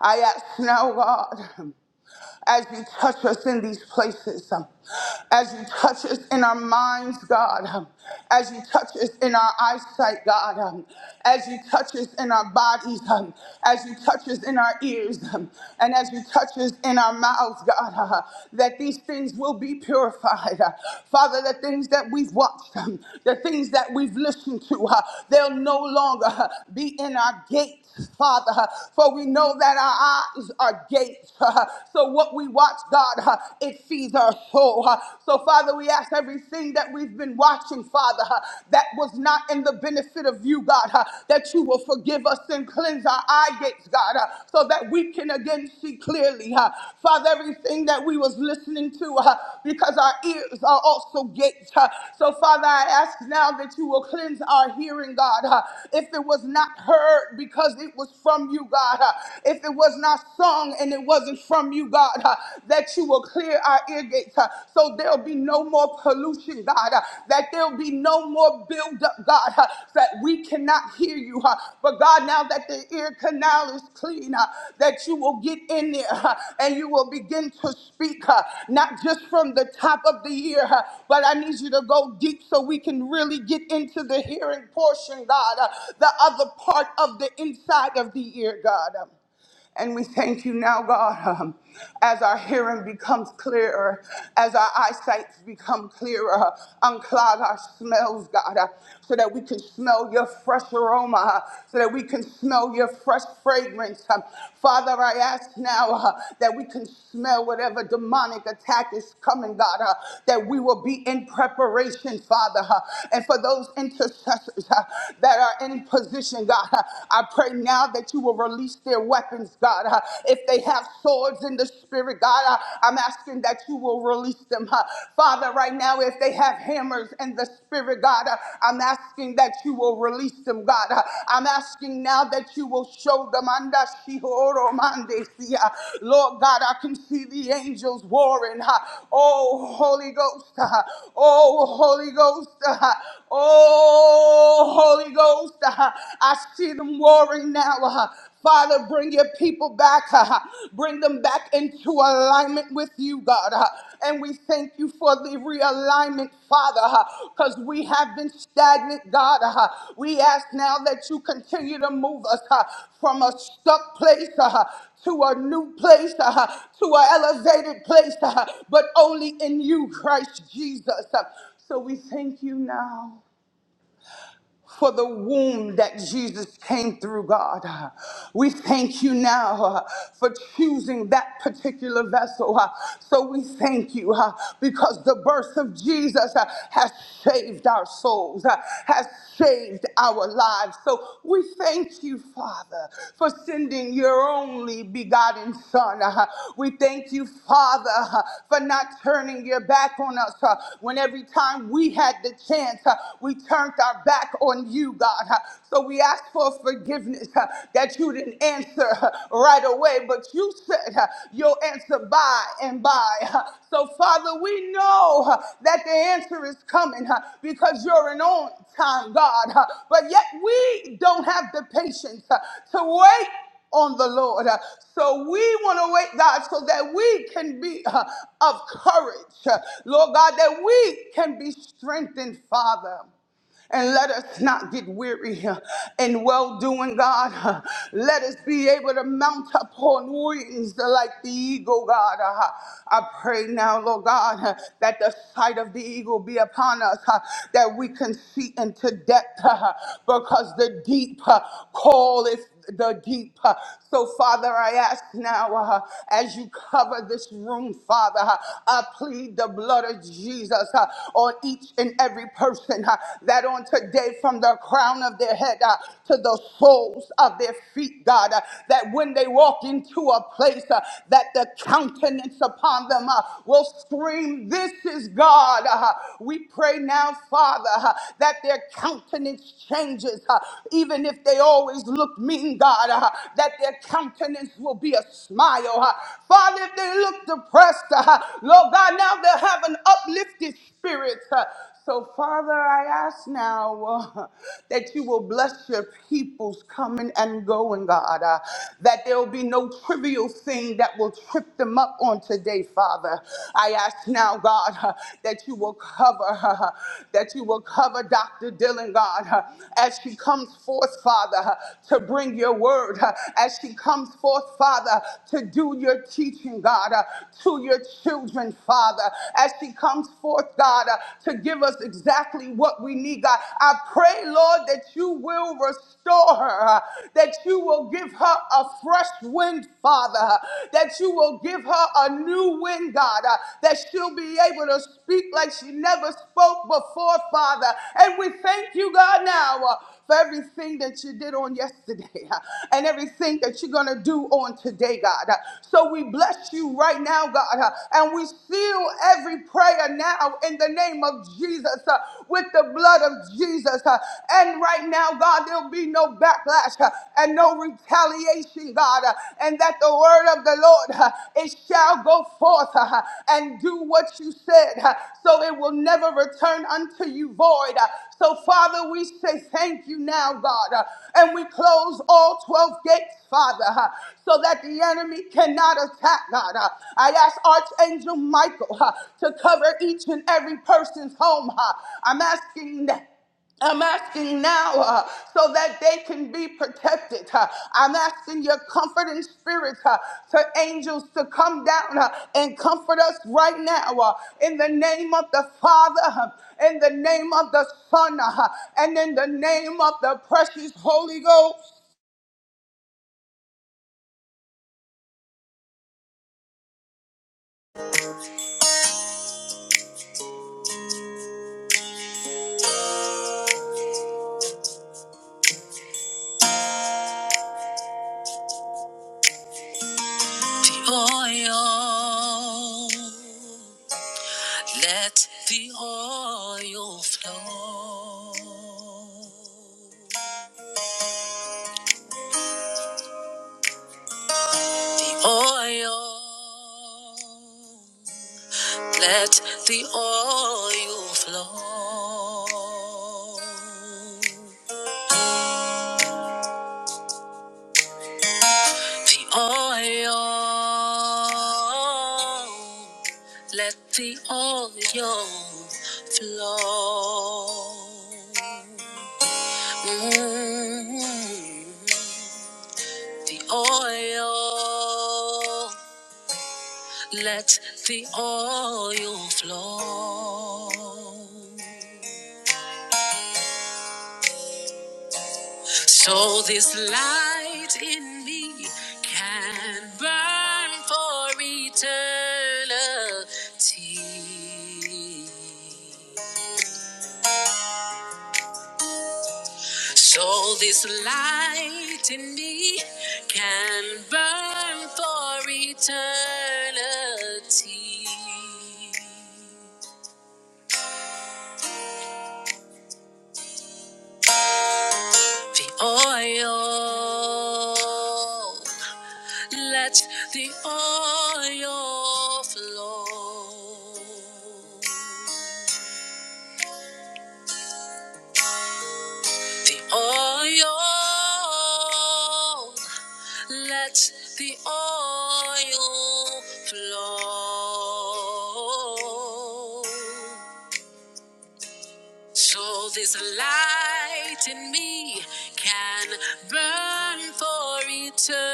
I ask now, God, as you touch us in these places, um, as you touch us in our minds, God, um, as you touch us in our eyesight, God, um, as you touch us in our bodies, um, as you touch us in our ears, um, and as you touch us in our mouths, God, uh, that these things will be purified. uh, Father, the things that we've watched, um, the things that we've listened to, uh, they'll no longer uh, be in our gates, Father, uh, for we know that our eyes are gates. So what we watch, God, it feeds our soul. So, Father, we ask everything that we've been watching, Father, that was not in the benefit of you, God, that you will forgive us and cleanse our eye gates, God, so that we can again see clearly. Father, everything that we was listening to, because our ears are also gates. So, Father, I ask now that you will cleanse our hearing, God. If it was not heard because because it was from you, God. Uh, If it was not sung and it wasn't from you, God, uh, that you will clear our ear gates uh, so there'll be no more pollution, God, uh, that there'll be no more buildup, God, uh, that we cannot hear you. uh, But God, now that the ear canal is clean, uh, that you will get in there uh, and you will begin to speak, uh, not just from the top of the ear, uh, but I need you to go deep so we can really get into the hearing portion, God, uh, the other part of the inside of the ear, God. Um, and we thank you now, God, um, as our hearing becomes clearer, as our eyesight become clearer, unclog our smells, God, uh, so that we can smell your fresh aroma, uh, so that we can smell your fresh fragrance. Um, Father, I ask now uh, that we can smell whatever demonic attack is coming, God, uh, that we will be in preparation, Father. uh, and for those intercessors uh, that are in position, God, I pray now that you will release their weapons, God. If they have swords in the spirit, God, I'm asking that you will release them. Father, right now, if they have hammers in the spirit, God, I'm asking that you will release them, God. I'm asking now that you will show them. Anda shihoro mande sia. Lord God, I can see the angels warring. Oh, Holy Ghost. Oh, Holy Ghost. Oh, Oh, Holy Ghost, uh, I see them warring now. uh, Father, bring your people back. uh, Bring them back into alignment with you, God. uh, And we thank you for the realignment, Father, because we have been stagnant, God. uh, We ask now that you continue to move us uh, from a stuck place uh, to a new place, uh, to an elevated place, uh, but only in you, Christ Jesus. Uh, So we thank you now for the womb that Jesus came through, God. We thank you now uh, for choosing that particular vessel. uh, So we thank you uh, because the birth of Jesus uh, has saved our souls, uh, has saved our lives. So we thank you, Father, for sending your only begotten Son. uh, We thank you, Father, uh, for not turning your back on us uh, when every time we had the chance, uh, we turned our back on on you, God. So we ask for forgiveness uh, that you didn't answer uh, right away, but you said uh, you'll answer by and by. Uh, So, Father, we know uh, that the answer is coming uh, because you're an on time God, uh, but yet we don't have the patience uh, to wait on the Lord. Uh, So we want to wait, God, so that we can be uh, of courage, uh, Lord God, that we can be strengthened, Father. And let us not get weary uh, in well doing, God. Uh, Let us be able to mount up on wings like the eagle, God. Uh, I pray now, Lord God, uh, that the sight of the eagle be upon us, uh, that we can see into depth, uh, because the deep uh, calleth the deep. Uh, So, Father, I ask now uh, as you cover this room, Father, uh, I plead the blood of Jesus uh, on each and every person uh, that on today, from the crown of their head uh, to the soles of their feet, God, uh, that when they walk into a place, uh, that the countenance upon them uh, will scream, This is God. Uh, We pray now, Father, uh, that their their countenance changes, uh, even if they always look mean, God, uh, that their countenance will be a smile. uh. Father, if they look depressed, uh, Lord God, now they'll have an uplifted spirit. uh. so, Father, I ask now uh, that you will bless your people's coming and going, God, uh, that there will be no trivial thing that will trip them up on today, Father. I ask now, God. God, uh, that you will cover her, uh, that you will cover Dr. Dylan, God, uh, as she comes forth, Father, uh, to bring your word, uh, as she comes forth, Father, to do your teaching, God, uh, to your children, Father, as she comes forth, God, uh, to give us exactly what we need, God. I pray, Lord, that you will restore her, uh, that you will give her a fresh wind, Father, uh, that that you will give her a new wind, God, uh, that she'll be able to speak like she never spoke before, Father. And we thank you, God, now. uh, for everything that you did on yesterday uh, and everything that you're going to do on today, God. Uh, So we bless you right now, God, uh, and we seal every prayer now in the name of Jesus uh, with the blood of Jesus. uh, And right now, God, there'll be no backlash. uh, and no retaliation, God, uh, and that the word of the Lord, uh, it shall go forth uh, and do what you said, uh, so it will never return unto you void. Uh, So, Father, we say thank you now, God, uh, and we close all 12 gates, Father, uh, so that the enemy cannot attack, God. Uh, I ask Archangel Michael uh, to cover each and every person's home. uh, I'm asking I'm asking now uh, so that they can be protected. uh. I'm asking your comforting spirits, uh, to angels to come down uh, and comfort us right now uh, in the name of the Father, uh, in the name of the Son, uh, and in the name of the precious Holy Ghost.
The oil, let the oil flow. The oil. Let the oil flow. The oil. Let the oil flow. Mm. The oil. Let the oil flow. So this light in me can burn for eternity. So this light in me can burn for eternity. the oil. Let the oil flow. The oil. Let the oil flow. So this light in me can burn for eternity.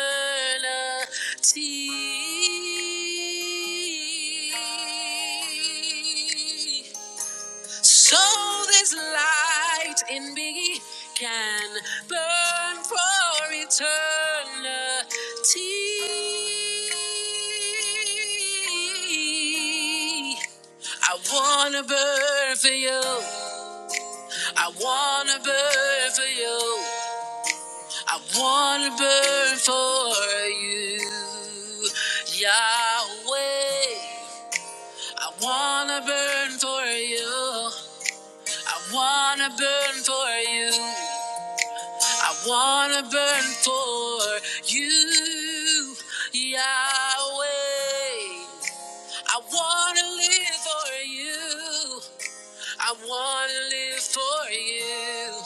So this light in me can burn for eternity. I wanna burn for you. I wanna burn for you. I wanna burn for you, Yahweh. I wanna burn for you. I wanna burn for you. I wanna burn for you, Yahweh. I wanna live for you. I wanna live for you.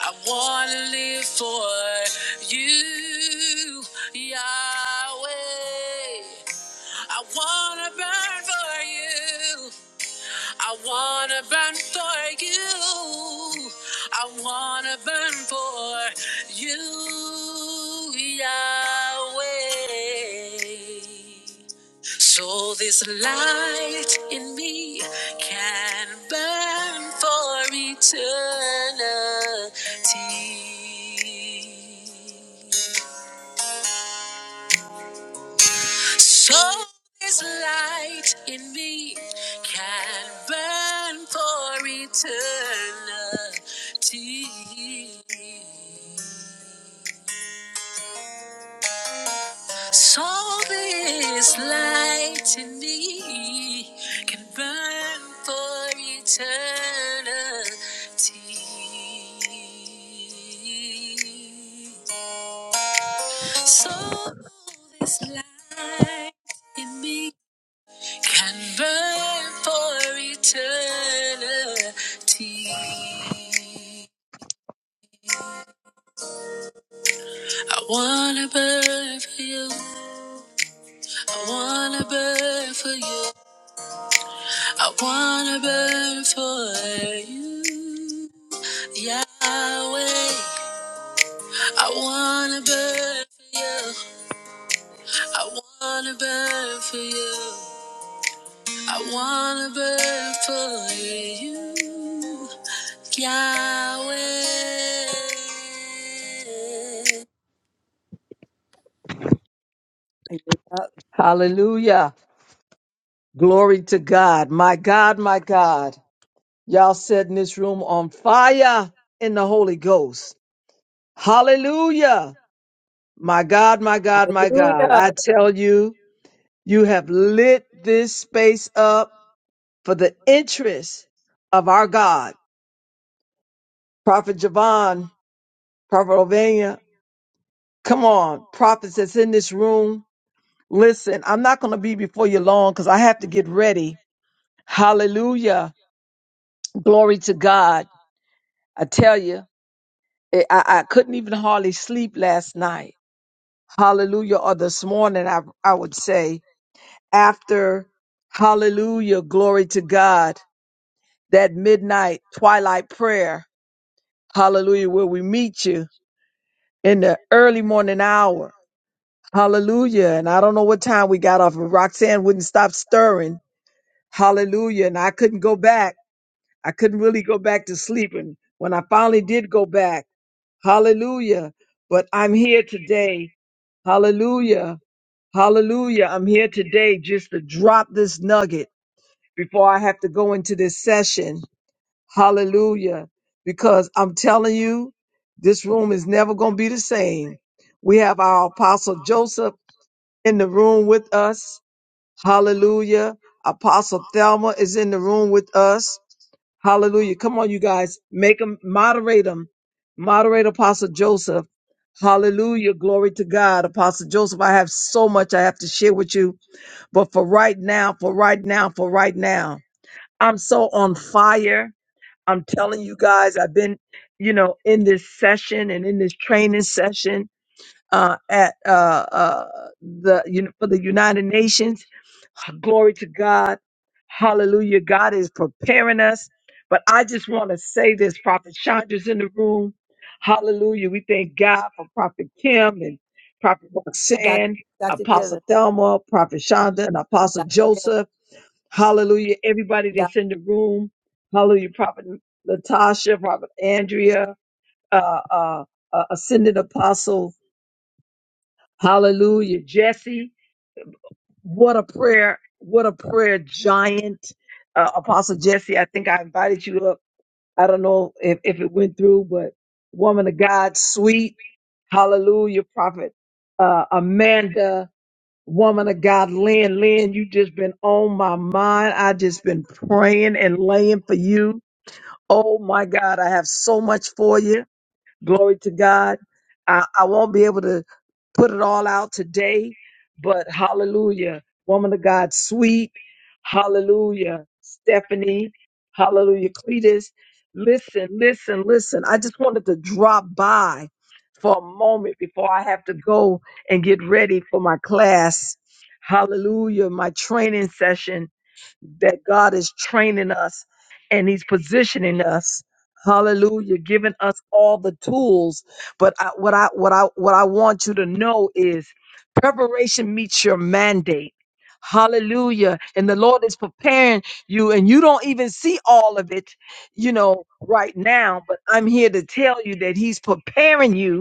I want to live for you, Yahweh. I want to burn for you. I want to burn for you. I want to burn for you, Yahweh. So this light in me can burn for eternity. So this light in me can burn for eternity. So this light in me can burn for eternity. So this light in me can burn for eternity. I wanna burn for you. I wanna burn for you. I wanna burn for you, Yahweh. I wanna burn for you. I wanna burn for you. I wanna burn for you, Yahweh. Thank you, God.
Hallelujah. Glory to God. My God, my God. Y'all setting this room on fire in the Holy Ghost. Hallelujah. My God, my God, my God. I
Hallelujah.
tell you, you have lit this space up for the interest of our God. Prophet Javon, Prophet Ovania, come on, prophets that's in this room. Listen, I'm not going to be before you long because I have to get ready. Hallelujah. Glory to God I tell you, it, I, I couldn't even hardly sleep last night. Hallelujah. Or this morning, I, I would say, after hallelujah, glory to God, that midnight twilight prayer, hallelujah, where we meet you in the early morning hour. Hallelujah. And I don't know what time we got off, but Roxanne wouldn't stop stirring. Hallelujah. And I couldn't go back. I couldn't really go back to sleep. And when I finally did go back, Hallelujah. But I'm here today. Hallelujah. Hallelujah. I'm here today just to drop this nugget before I have to go into this session. Hallelujah. Because I'm telling you, this room is never going to be the same. We have our apostle Joseph in the room with us. Hallelujah. Apostle Thelma is in the room with us. Hallelujah. Come on, you guys. Make them moderate them. Moderate Apostle Joseph. Hallelujah. Glory to God. Apostle Joseph, I have so much I have to share with you. But for right now, for right now, for right now, I'm so on fire. I'm telling you guys, I've been, you know, in this session and in this training session uh, at uh, uh, the un- for the United Nations. Glory to God. Hallelujah. God is preparing us. But I just want to say this, Prophet Chandra's in the room. Hallelujah. We thank God for Prophet Kim and Prophet
Doc,
Roxanne,
Dr. Dillon,
Apostle Thelma, Prophet Chandra, and Apostle
Dr. Dillon,
Joseph. Hallelujah. Everybody
Doc.
that's in the room. Hallelujah. Prophet Latasha, Prophet Andrea, uh, uh, uh, Ascended Apostle Hallelujah. Jesse, what a prayer. What a prayer giant. Uh, Apostle Jesse, I think I invited you up. I don't know if, if it went through, but woman of God, sweet. Hallelujah. Prophet uh, Amanda, woman of God, Lynn. Lynn, you just been on my mind. I just been praying and laying for you. Oh my God, I have so much for you. Glory to God. I, I won't be able to put it all out today, but hallelujah. Woman of God, sweet. Hallelujah. Stephanie. Hallelujah. Cletus. Listen, listen, listen. I just wanted to drop by for a moment before I have to go and get ready for my class. Hallelujah. My training session that God is training us and He's positioning us. Hallelujah, giving us all the tools. But I, what I what I what I want you to know is preparation meets your mandate. Hallelujah. And the Lord is preparing you, and you don't even see all of it, you know, right now. But I'm here to tell you that He's preparing you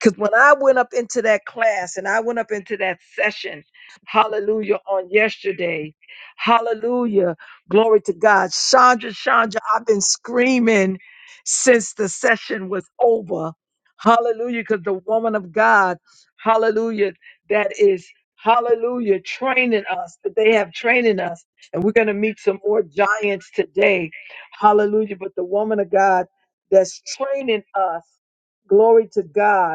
because when I went up into that class and I went up into that session, hallelujah, on yesterday, hallelujah, glory to God. Chandra, Chandra, I've been screaming since the session was over. Hallelujah, because the woman of God, hallelujah, that is, hallelujah, training us, that they have training us. And we're going to meet some more giants today. Hallelujah. But the woman of God that's training us, glory to God.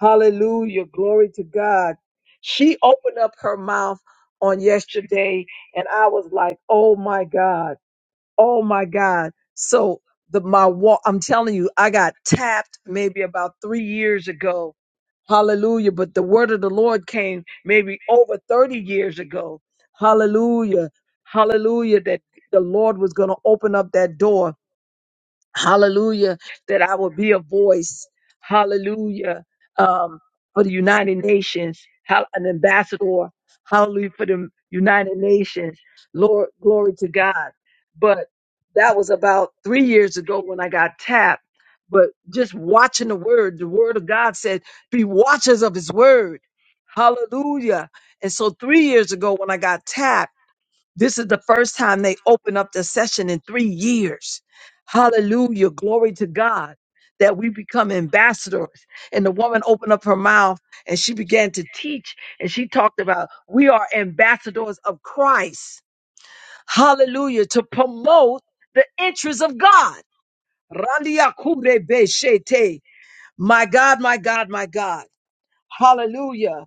Hallelujah. Glory to God. She opened up her mouth on yesterday and I was like, "Oh my God. Oh my God." So the my walk, I'm telling you, I got tapped maybe about 3 years ago. Hallelujah, but the word of the Lord came maybe over 30 years ago. Hallelujah. Hallelujah that the Lord was going to open up that door hallelujah, that I will be a voice, hallelujah, um, for the United Nations, hal- an ambassador, hallelujah, for the United Nations. Lord, glory to God. But that was about three years ago when I got tapped. But just watching the word, the word of God said, be watchers of his word. Hallelujah. And so three years ago when I got tapped, this is the first time they open up the session in three years. Hallelujah. Glory to God that we become ambassadors. And the woman opened up her mouth and she began to teach. And she talked about we are ambassadors of Christ. Hallelujah. To promote the interests of God. Randiakurebeshete. My God, my God, my God. Hallelujah.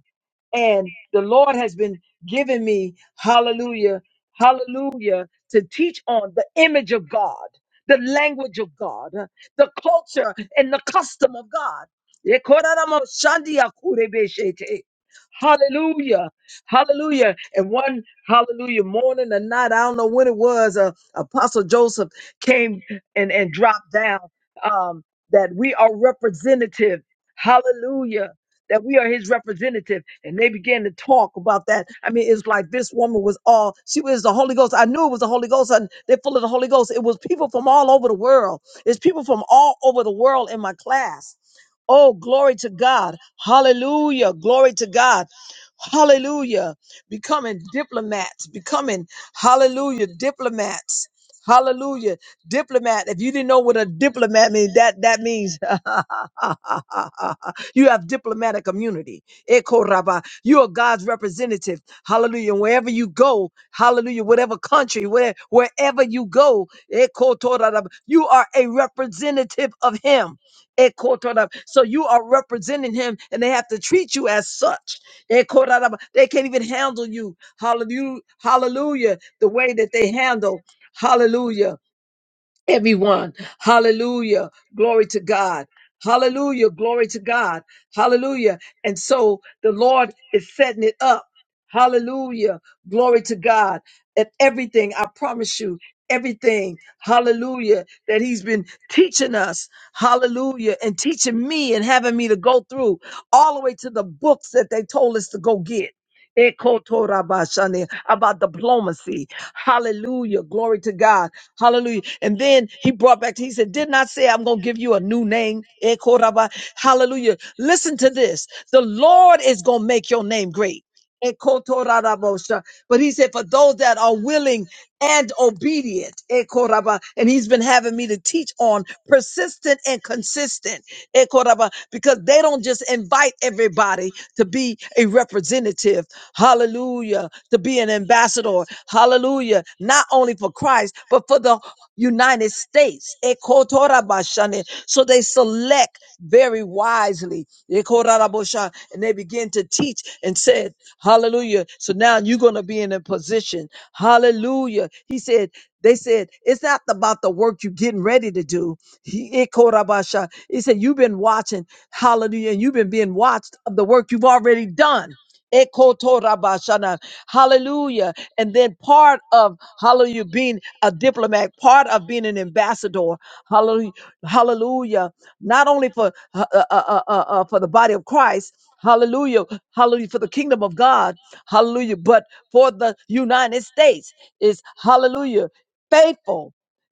And the Lord has been giving me, hallelujah, hallelujah, to teach on the image of God, the language of God, the culture and the custom of God. Hallelujah. Hallelujah. And one hallelujah morning or night, I don't know when it was, uh, Apostle Joseph came and, and dropped down um, that we are representative. Hallelujah that we are his representative. And they began to talk about that. I mean, it's like this woman was all, she was the Holy Ghost. I knew it was the Holy Ghost, and they're full of the Holy Ghost. It was people from all over the world. It's people from all over the world in my class. Oh, glory to God. Hallelujah. Glory to God. Hallelujah. Becoming diplomats, becoming, hallelujah, diplomats. Hallelujah. Diplomat. If you didn't know what a diplomat means, that, that means you have diplomatic immunity. Eko raba. You are God's representative. Hallelujah. Wherever you go, hallelujah, whatever country, where, wherever you go, eko tora raba, you are a representative of Him. Eko tora raba. So you are representing Him and they have to treat you as such. Eko tora raba. They can't even handle you. Hallelujah. Hallelujah. The way that they handle. Hallelujah. Everyone. Hallelujah. Glory to God. Hallelujah. Glory to God. Hallelujah. And so the Lord is setting it up. Hallelujah. Glory to God. And everything, I promise you, everything, hallelujah, that He's been teaching us, hallelujah, and teaching me and having me to go through all the way to the books that they told us to go get. Ekotorabashane, about diplomacy. Hallelujah. Glory to God. Hallelujah. And then he brought back, he said, Did not say I'm going to give you a new name. Ekoraba. Hallelujah. Listen to this. The Lord is going to make your name great. Ekotorarabosha. But he said, for those that are willing and obedient, Ekoraba, and he's been having me to teach on persistent and consistent, Ekoraba, because they don't just invite everybody to be a representative, hallelujah, to be an ambassador, hallelujah, not only for Christ, but for the United States. Ekotorabashane. So they select very wisely. Ekorabosha. And they begin to teach and said, Hallelujah. So now you're going to be in a position. Hallelujah. He said, they said, it's not about the work you're getting ready to do. He Ekorabasha. He said, you've been watching. Hallelujah. And you've been being watched of the work you've already done. Ekotorabashana. Hallelujah. And then part of hallelujah being a diplomat, part of being an ambassador. Hallelujah. Hallelujah. Not only for uh, uh, uh, uh, uh, uh, for the body of Christ. Hallelujah. Hallelujah for the kingdom of God. Hallelujah. But for the United States is hallelujah faithful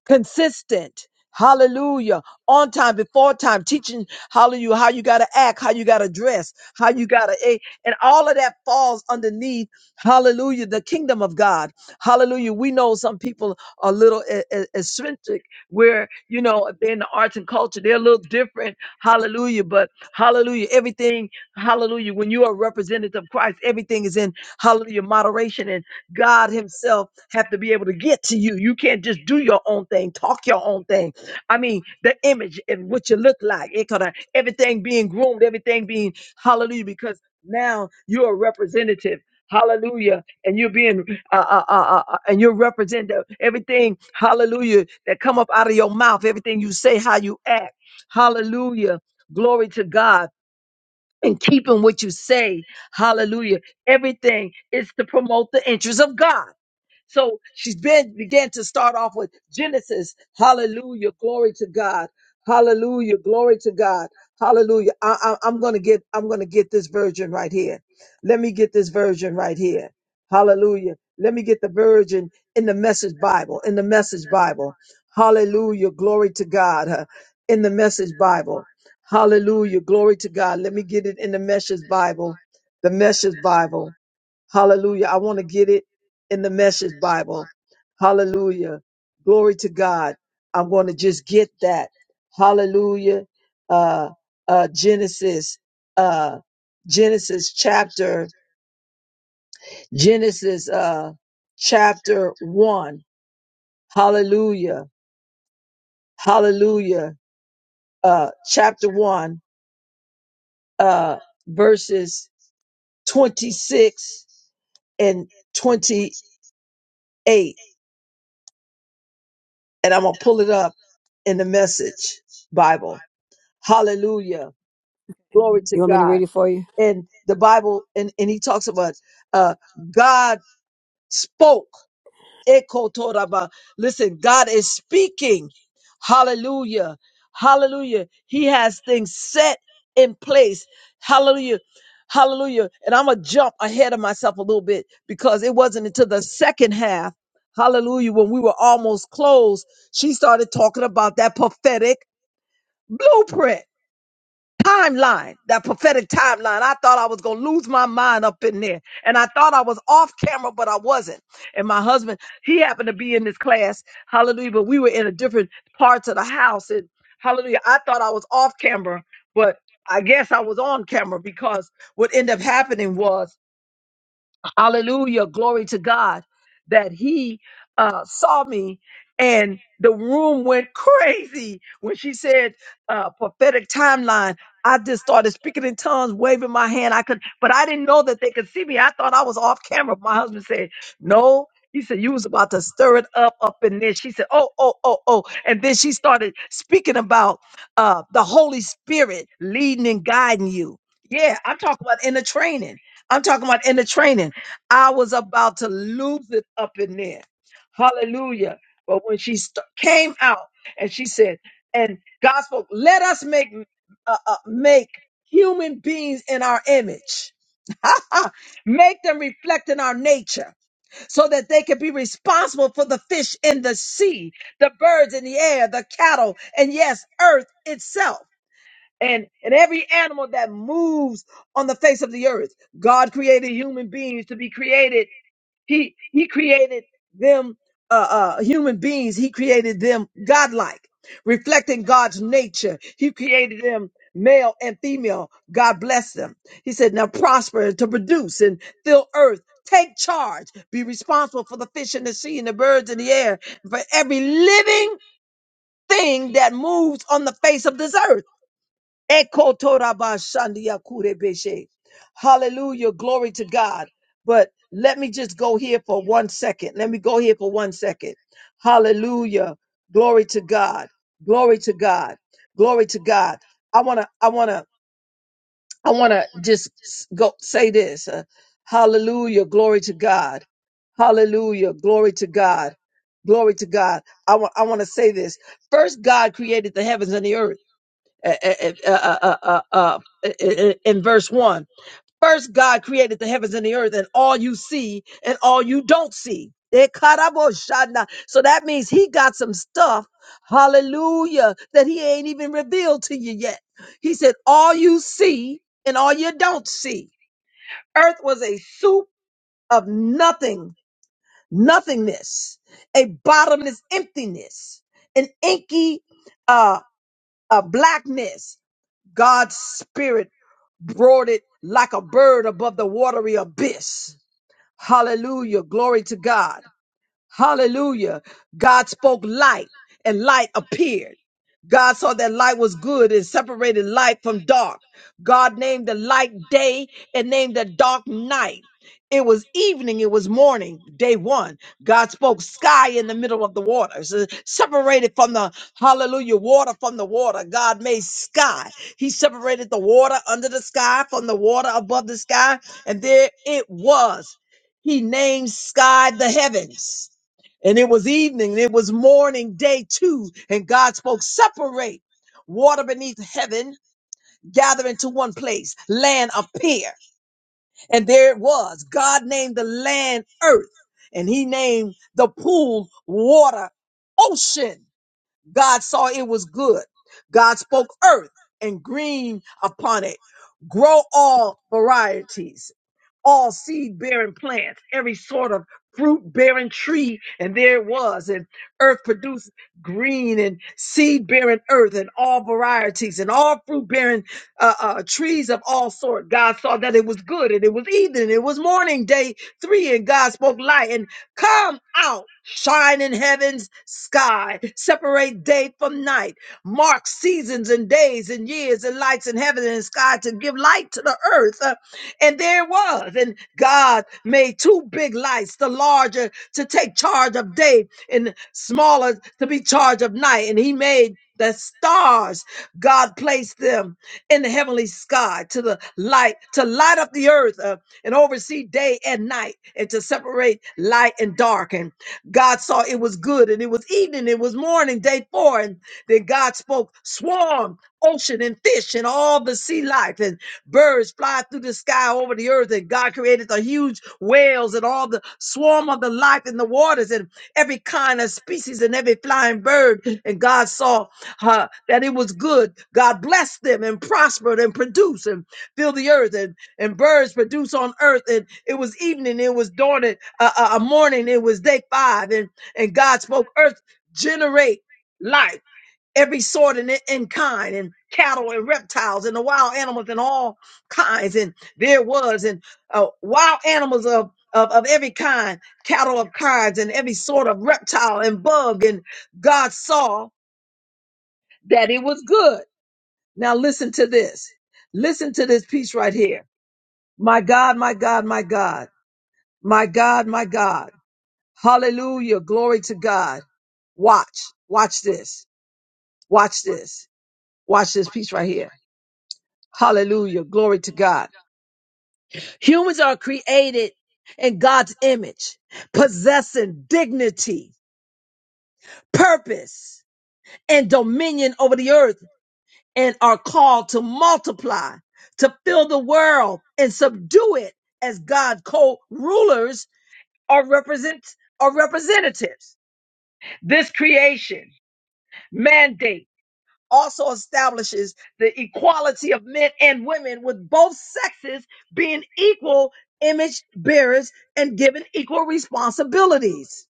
consistent. Hallelujah. On time, before time, teaching hallelujah how you gotta act, how you gotta dress, how you gotta eh, and all of that falls underneath hallelujah, the kingdom of God. Hallelujah. We know some people are a little e- e- eccentric where you know they're in the arts and culture, they're a little different. Hallelujah. But hallelujah, everything, hallelujah, when you are representative of Christ, everything is in hallelujah moderation God Himself have to be able to get to you. You can't just do your own thing, talk your own thing. I mean, the image and what you look like, it could everything being groomed, everything being hallelujah, because now you're a representative. Hallelujah, and you're being, uh, uh, uh, uh, uh, and you're representing everything. Hallelujah, that come up out of your mouth, everything you say, how you act. Hallelujah, glory to God, and keeping what you say. Hallelujah, everything is to promote the interests of God. So she's been began to start off with Genesis. Hallelujah. Glory to God. Hallelujah. Glory to God. Hallelujah. I, I, I'm gonna get I'm gonna get this version right here. Let me get this version right here. Hallelujah. Let me get the version in the message Bible. In the message Bible. Hallelujah. Glory to God. huh, In the message Bible. Hallelujah. Glory to God. Let me get it in the message Bible. The message Bible. Hallelujah. I want to get it in the message Bible. Hallelujah. Glory to God. I'm going to just get that. Hallelujah. Uh, uh, Genesis, uh, Genesis chapter, Genesis, uh, chapter one. Hallelujah. Hallelujah. Uh, chapter one, uh, verses 26 and 28. and I'm going to pull it up in the message Bible. Hallelujah. Glory to
You want me to
God.
read it for you?
And the Bible, and, and he talks about uh, God spoke. Ekotoraba. Listen, God is speaking. Hallelujah. Hallelujah. He has things set in place. Hallelujah. Hallelujah. And I'm going to jump ahead of myself a little bit because it wasn't until the second half, hallelujah, when we were almost closed, she started talking about that prophetic blueprint timeline, that prophetic timeline. I thought I was going to lose my mind up in there. And I thought I was off camera, but I wasn't. And my husband, he happened to be in this class. Hallelujah. But we were in a different parts of the house. And hallelujah, I thought I was off camera, but I guess I was on camera because what ended up happening was Hallelujah. Glory to God that he uh, saw me and the room went crazy when she said uh, prophetic timeline. I just started speaking in tongues, waving my hand. I could, but I didn't know that they could see me. I thought I was off camera. My husband said, no. He said, you was about to stir it up up in this. She said, oh, oh, oh, oh. And then she started speaking about uh, the Holy Spirit leading and guiding you. Yeah, I'm talking about inner training. I'm talking about inner training. I was about to lose it up in there. Hallelujah. But when she st- came out and she said, and God spoke, let us make, uh, uh, make human beings in our image. make them reflect in our nature so that they can be responsible for the fish in the sea, the birds in the air, the cattle, and yes, earth itself. And, and every animal that moves on the face of the earth. God created human beings to be created he he created them uh, uh, human beings. He created them godlike, reflecting God's nature. He created them male and female. God bless them. He said, "Now prosper to produce and fill earth." Take charge, be responsible for the fish in the sea and the birds in the air, for every living thing that moves on the face of this earth. Ekotorabashandiakurebeshe. Hallelujah. Glory to God. But let me just go here for one second. Let me go here for one second. Hallelujah. Glory to God. Glory to God. Glory to God. I want to, I want to, I want to just s- go say this. uh, hallelujah. Glory to God. Hallelujah. Glory to God. Glory to God. I want, I want to say this. First, God created the heavens and the earth uh, uh, uh, uh, uh, uh, eh, eh, eh, in verse 1. First, God created the heavens and the earth, and all you see and all you don't see. Eh, karaboshana. So that means he got some stuff, hallelujah, that he ain't even revealed to you yet. He said, All you see and all you don't see. Earth was a soup of nothing, nothingness, a bottomless emptiness, an inky uh, uh, blackness. God's spirit brought it like a bird above the watery abyss. Hallelujah. Glory to God. Hallelujah. God spoke light and light appeared. God saw that light was good and separated light from dark. God named the light day and named the dark night. It was evening, it was morning, day one. God spoke sky in the middle of the waters, uh, separated from the hallelujah water from the water. God made sky. He separated the water under the sky from the water above the sky, and there it was. He named sky the heavens. And it was evening, and it was morning, day two, and God spoke, separate water beneath heaven, gather into one place, land appear. And there it was. God named the land earth, and he named the pool water ocean. God saw it was good. God spoke earth and green upon it. Grow all varieties all seed bearing plants, every sort of fruit bearing tree. And there it was. And earth produced green and seed bearing earth and all varieties and all fruit bearing uh, uh, trees of all sort. God saw that it was good and it was evening. It was morning, day three. And God spoke light and come out, shine in heaven's sky, separate day from night, mark seasons and days and years and lights in heaven and sky to give light to the earth. Uh, and there it was. And God made two big lights, the larger to take charge of day and smaller to be charge of night. And he made the stars, God placed them in the heavenly sky to the light, to light up the earth uh, and oversee day and night and to separate light and dark. And God saw it was good and it was evening, it was morning, day four. And then God spoke, swarm, ocean, and fish and all the sea life. and. Birds fly through the sky over the earth, and God created the huge whales and all the swarm of the life in the waters and every kind of species and every flying bird. And God saw uh, that it was good. God blessed them and prospered and produced and filled the earth and, and birds produce on earth. And it was evening, it was dawn, and uh, uh, morning, it was day five. And, and God spoke, Earth, generate life every sort and, and kind, and cattle and reptiles and the wild animals and all kinds. And there was and uh, wild animals of, of of every kind, cattle of kinds, and every sort of reptile and bug. And God saw that it was good. Now listen to this. Listen to this piece right here. My God, my God, my God, my God, my God. Hallelujah. Glory to God. Watch. Watch this. Watch this. Watch this piece right here. Hallelujah. Glory to God. Humans are created in God's image, possessing dignity, purpose, and dominion over the earth, and are called to multiply, to fill the world and subdue it as God co-rulers or represent or representatives. This creation mandate also establishes the equality of men and women with both sexes being equal image bearers and given equal responsibilities.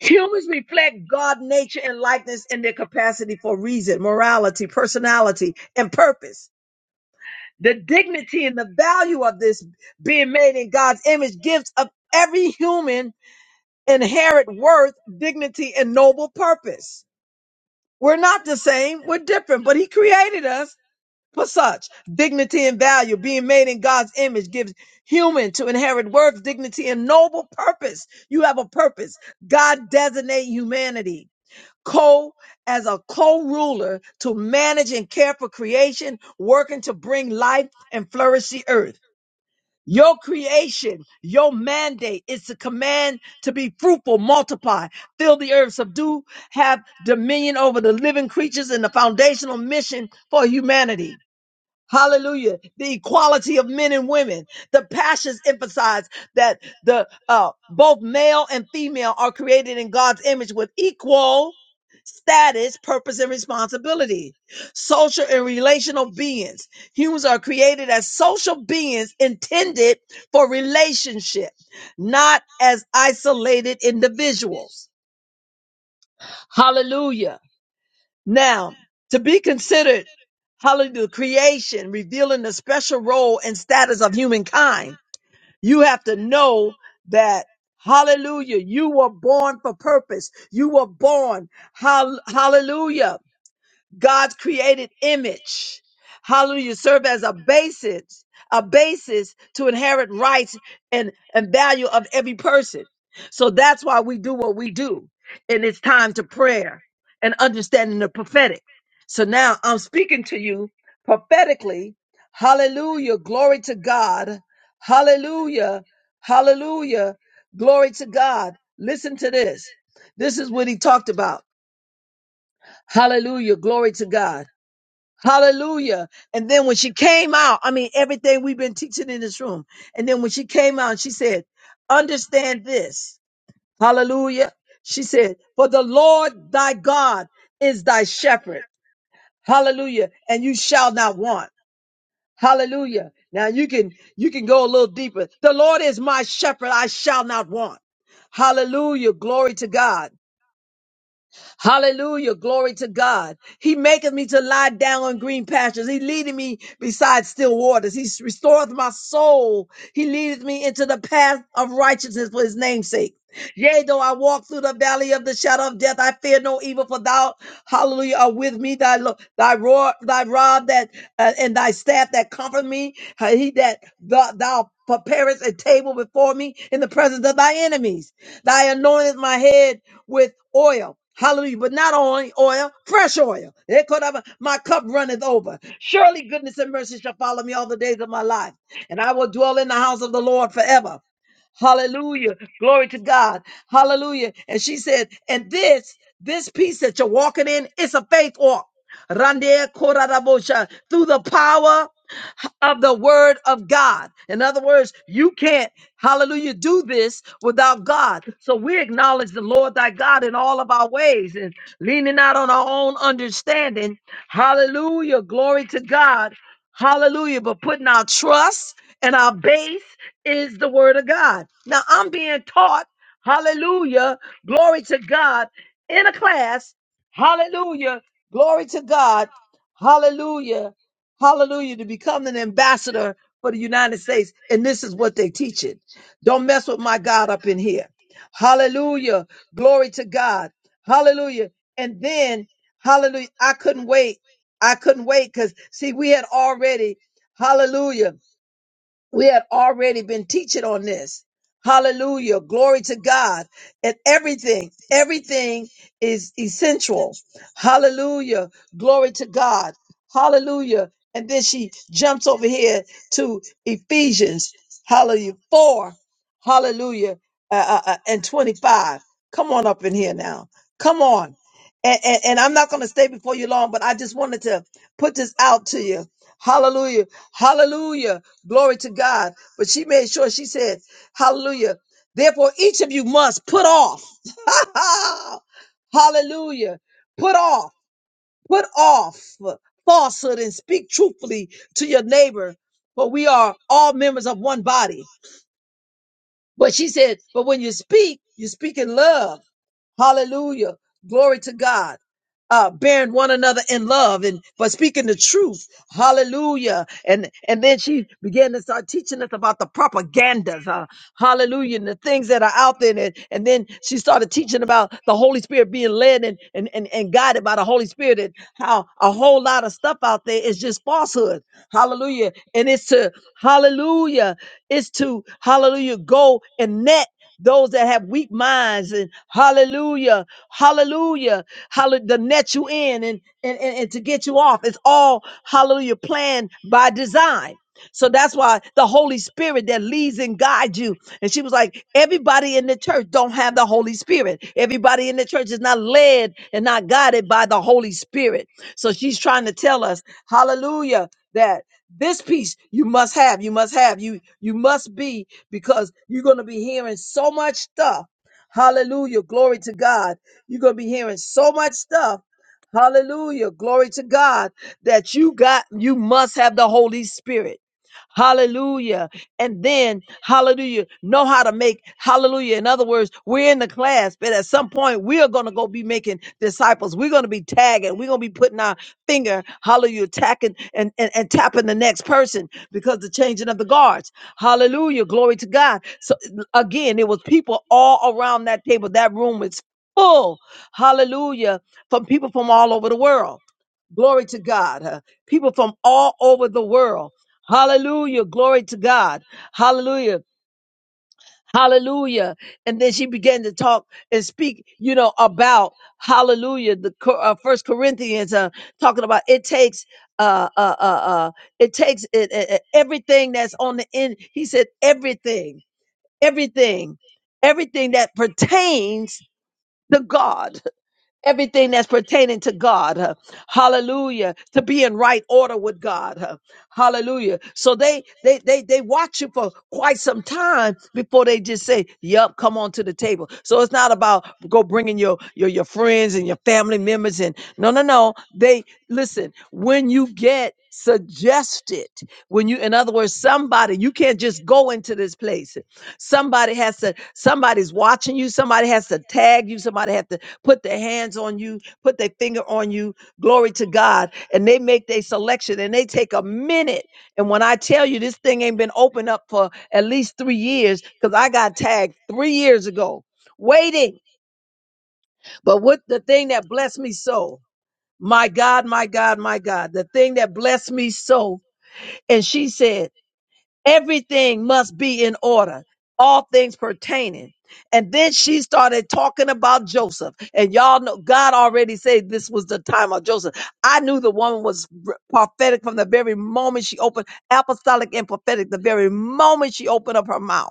Humans reflect God nature and likeness in their capacity for reason, morality, personality, and purpose. The dignity and the value of this being made in God's image gives of every human inherent worth, dignity, and noble purpose. We're not the same, we're different, but He created us for such dignity and value. Being made in God's image gives human to inherit worth, dignity, and noble purpose. You have a purpose. God designate humanity co as a co-ruler to manage and care for creation, working to bring life and flourish the earth. Your creation, your mandate is to command to be fruitful, multiply, fill the earth, subdue, have dominion over the living creatures and the foundational mission for humanity. Hallelujah. The equality of men and women. The passions emphasize that the uh, both male and female are created in God's image with equal status, purpose, and responsibility. Social and relational beings. Humans are created as social beings intended for relationship, not as isolated individuals. Hallelujah. Now, to be considered, hallelujah, creation, revealing the special role and status of humankind, you have to know that, hallelujah, you were born for purpose. You were born, hall- hallelujah. God's created image. Hallelujah. Serve as a basis, a basis to inherit rights and, and value of every person. So that's why we do what we do. And it's time to prayer and understanding the prophetic. So now I'm speaking to you prophetically. Hallelujah. Glory to God. Hallelujah. Hallelujah. Glory to God. Listen to this. This is what he talked about. Hallelujah. Glory to God. Hallelujah. And then when she came out, I mean, everything we've been teaching in this room. And then when she came out, she said, Understand this. Hallelujah. She said, For the Lord thy God is thy shepherd. Hallelujah. And you shall not want. Hallelujah. Now you can, you can go a little deeper. The Lord is my shepherd. I shall not want. Hallelujah. Glory to God. Hallelujah. Glory to God. He maketh me to lie down on green pastures. He leadeth me beside still waters. He restoreth my soul. He leadeth me into the path of righteousness for his name's sake. Yea, though I walk through the valley of the shadow of death, I fear no evil, for thou, hallelujah, are with me. Thy lo- thy roar, thy rod that uh, and thy staff that comfort me. Uh, He that thou, thou preparest a table before me in the presence of thy enemies. Thy anointeth my head with oil. Hallelujah. But not only oil, fresh oil. Eh, kodama, My cup runneth over. Surely goodness and mercy shall follow me all the days of my life. And I will dwell in the house of the Lord forever. Hallelujah. Glory to God. Hallelujah. And she said, and this, this peace that you're walking in, it's a faith walk. Rande korarabosha. Through the power of the word of God. In other words, you can't, hallelujah, do this without God. So we acknowledge the Lord thy God in all of our ways and leaning not on our own understanding. Hallelujah. Glory to God. Hallelujah. But putting our trust and our base is the word of God. Now I'm being taught, hallelujah, glory to God, in a class, hallelujah, glory to God, hallelujah, hallelujah, to become an ambassador for the United States. And this is what they teach it. Don't mess with my God up in here. Hallelujah, glory to God, hallelujah. And then, hallelujah, I couldn't wait. I couldn't wait because, see, we had already, hallelujah. We have already been teaching on this. Hallelujah. Glory to God. And everything, everything is essential. Hallelujah. Glory to God. Hallelujah. And then she jumps over here to Ephesians, hallelujah, 4, hallelujah, uh, uh, uh, and 25. Come on up in here now. Come on. And, and, and I'm not going to stay before you long, but I just wanted to put this out to you. Hallelujah. Hallelujah. Glory to God. But she made sure she said, Hallelujah. Therefore, each of you must put off. Hallelujah. Put off, put off falsehood and speak truthfully to your neighbor, for we are all members of one body. But she said, But when you speak, you speak in love Hallelujah. Glory to God. Uh, bearing one another in love and but speaking the truth. Hallelujah. And and then she began to start teaching us about the propagandas hallelujah, and the things that are out there. And, and then she started teaching about the Holy Spirit being led and, and, and, and guided by the Holy Spirit and how a whole lot of stuff out there is just falsehood. Hallelujah. And it's to, hallelujah, it's to, hallelujah, go and net those that have weak minds and hallelujah hallelujah hallelujah to net you in and, and and and to get you off it's all hallelujah planned by design so that's why the Holy Spirit that leads and guides you. And she was like, everybody in the church don't have the Holy Spirit. Everybody in the church is not led and not guided by the Holy Spirit. So she's trying to tell us, hallelujah, that this piece you must have, you must have, you you must be because you're going to be hearing so much stuff. Hallelujah, glory to God. You're going to be hearing so much stuff. Hallelujah, glory to God that you got you must have the Holy Spirit. Hallelujah. And then, hallelujah, know how to make, hallelujah. In other words, we're in the class, but at some point, we are going to go be making disciples. We're going to be tagging. We're going to be putting our finger, hallelujah, tacking and, and, and tapping the next person because the changing of the guards. Hallelujah. Glory to God. So again, it was people all around that table. That room was full. Hallelujah. From people from all over the world. Glory to God. huh? people from all over the world. Hallelujah. Glory to God. Hallelujah. Hallelujah. And then she began to talk and speak, you know, about hallelujah. The Cor- uh, first Corinthians, uh, talking about it takes, uh, uh, uh, uh it takes it, it- it- everything that's on the end. He said, everything, everything, everything that pertains to God everything that's pertaining to God. huh. Hallelujah. To be in right order with God. huh. Hallelujah. So they they they they watch you for quite some time before they just say, "Yup, come on to the table." So it's not about go bringing your your your friends and your family members and no no no. They listen when you get suggested when you in other words somebody you can't just go into this place somebody has to somebody's watching you somebody has to tag you somebody has to put their hands on you, put their finger on you. Glory to God. And they make their selection and they take a minute. And when I tell you this thing ain't been opened up for at least three years, because I got tagged three years ago waiting. But what the thing that blessed me so, my God, my God, my God, the thing that blessed me so. And she said, Everything must be in order, all things pertaining. And then she started talking about Joseph. And y'all know God already said this was the time of Joseph. I knew the woman was r- prophetic from the very moment she opened, apostolic and prophetic, the very moment she opened up her mouth.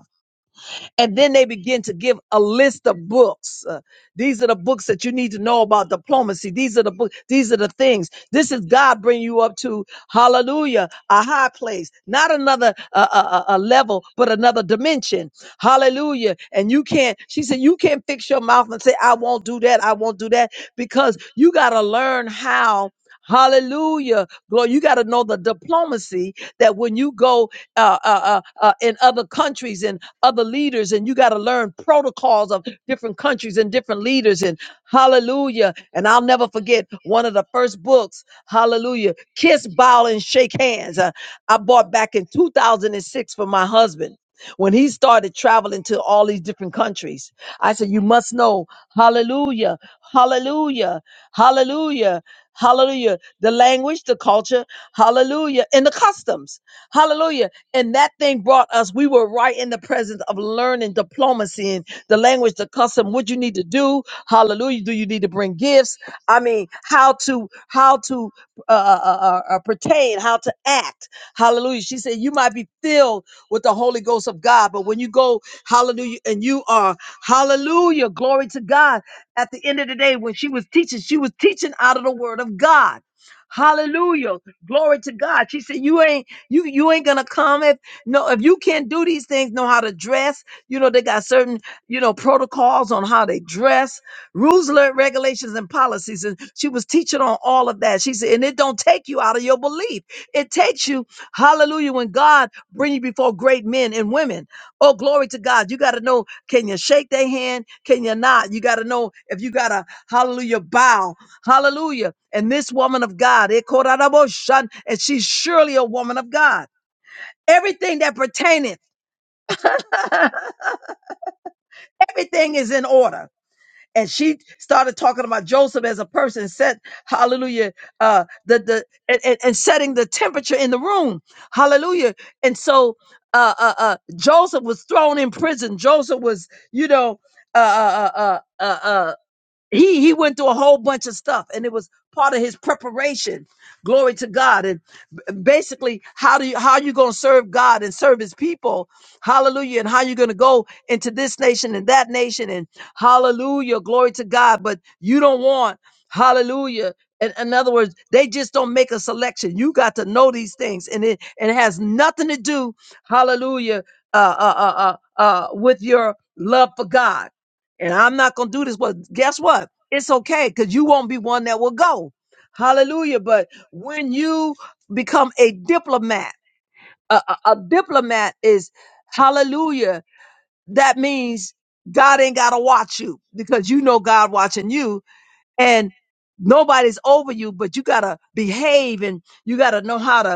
And then they begin to give a list of books. Uh, these are the books that you need to know about diplomacy. These are the books. These are the things. This is God bringing you up to hallelujah, a high place, not another uh, uh, uh, level, but another dimension. Hallelujah. And you can't, she said, you can't fix your mouth and say, I won't do that. I won't do that because you got to learn how. Hallelujah. Glory. You got to know the diplomacy that when you go uh, uh, uh, uh, in other countries and other leaders and you got to learn protocols of different countries and different leaders and hallelujah and i'll never forget one of the first books hallelujah kiss bow and shake hands uh, i bought back in 2006 for my husband when he started traveling to all these different countries i said you must know hallelujah hallelujah hallelujah hallelujah the language the culture hallelujah and the customs hallelujah and that thing brought us, we were right in the presence of learning diplomacy and the language, the custom, what you need to do. Hallelujah. Do you need to bring gifts? I mean, how to, how to uh, uh, uh, uh, uh, pertain, how to act. Hallelujah. She said, you might be filled with the Holy Ghost of God, but when you go, hallelujah, and you are, hallelujah, glory to God. At the end of the day, when she was teaching, she was teaching out of the word of God. Hallelujah. Glory to God. She said, You ain't you you ain't gonna come if no if you can't do these things, know how to dress. You know, they got certain, you know, protocols on how they dress, rules, le- regulations, and policies. And she was teaching on all of that. She said, and it don't take you out of your belief. It takes you, hallelujah, when God bring you before great men and women. Oh, glory to God. You gotta know, can you shake their hand? Can you not? You gotta know if you gotta hallelujah bow. Hallelujah. And this woman of God, eh, Koraraboshan, and she's surely a woman of God. Everything that pertaineth, everything is in order. And she started talking about Joseph as a person, set, hallelujah, uh, the, the, and, and and setting the temperature in the room. Hallelujah. And so, uh, uh, uh, Joseph was thrown in prison. Joseph was, you know, uh, uh, uh, uh, uh, uh, he he went through a whole bunch of stuff and it was part of his preparation glory to god and b- basically how do you how you going to serve god and serve his people hallelujah and how you going to go into this nation and that nation and hallelujah glory to god but you don't want hallelujah in, in other words they just don't make a selection you got to know these things and it and it has nothing to do hallelujah uh uh uh uh, uh with your love for god and I'm not going to do this. But guess what? It's okay because you won't be one that will go. Hallelujah. But when you become a diplomat, a, a, a diplomat is hallelujah. That means God ain't got to watch you because you know God watching you and nobody's over you, but you got to behave and you got to know how to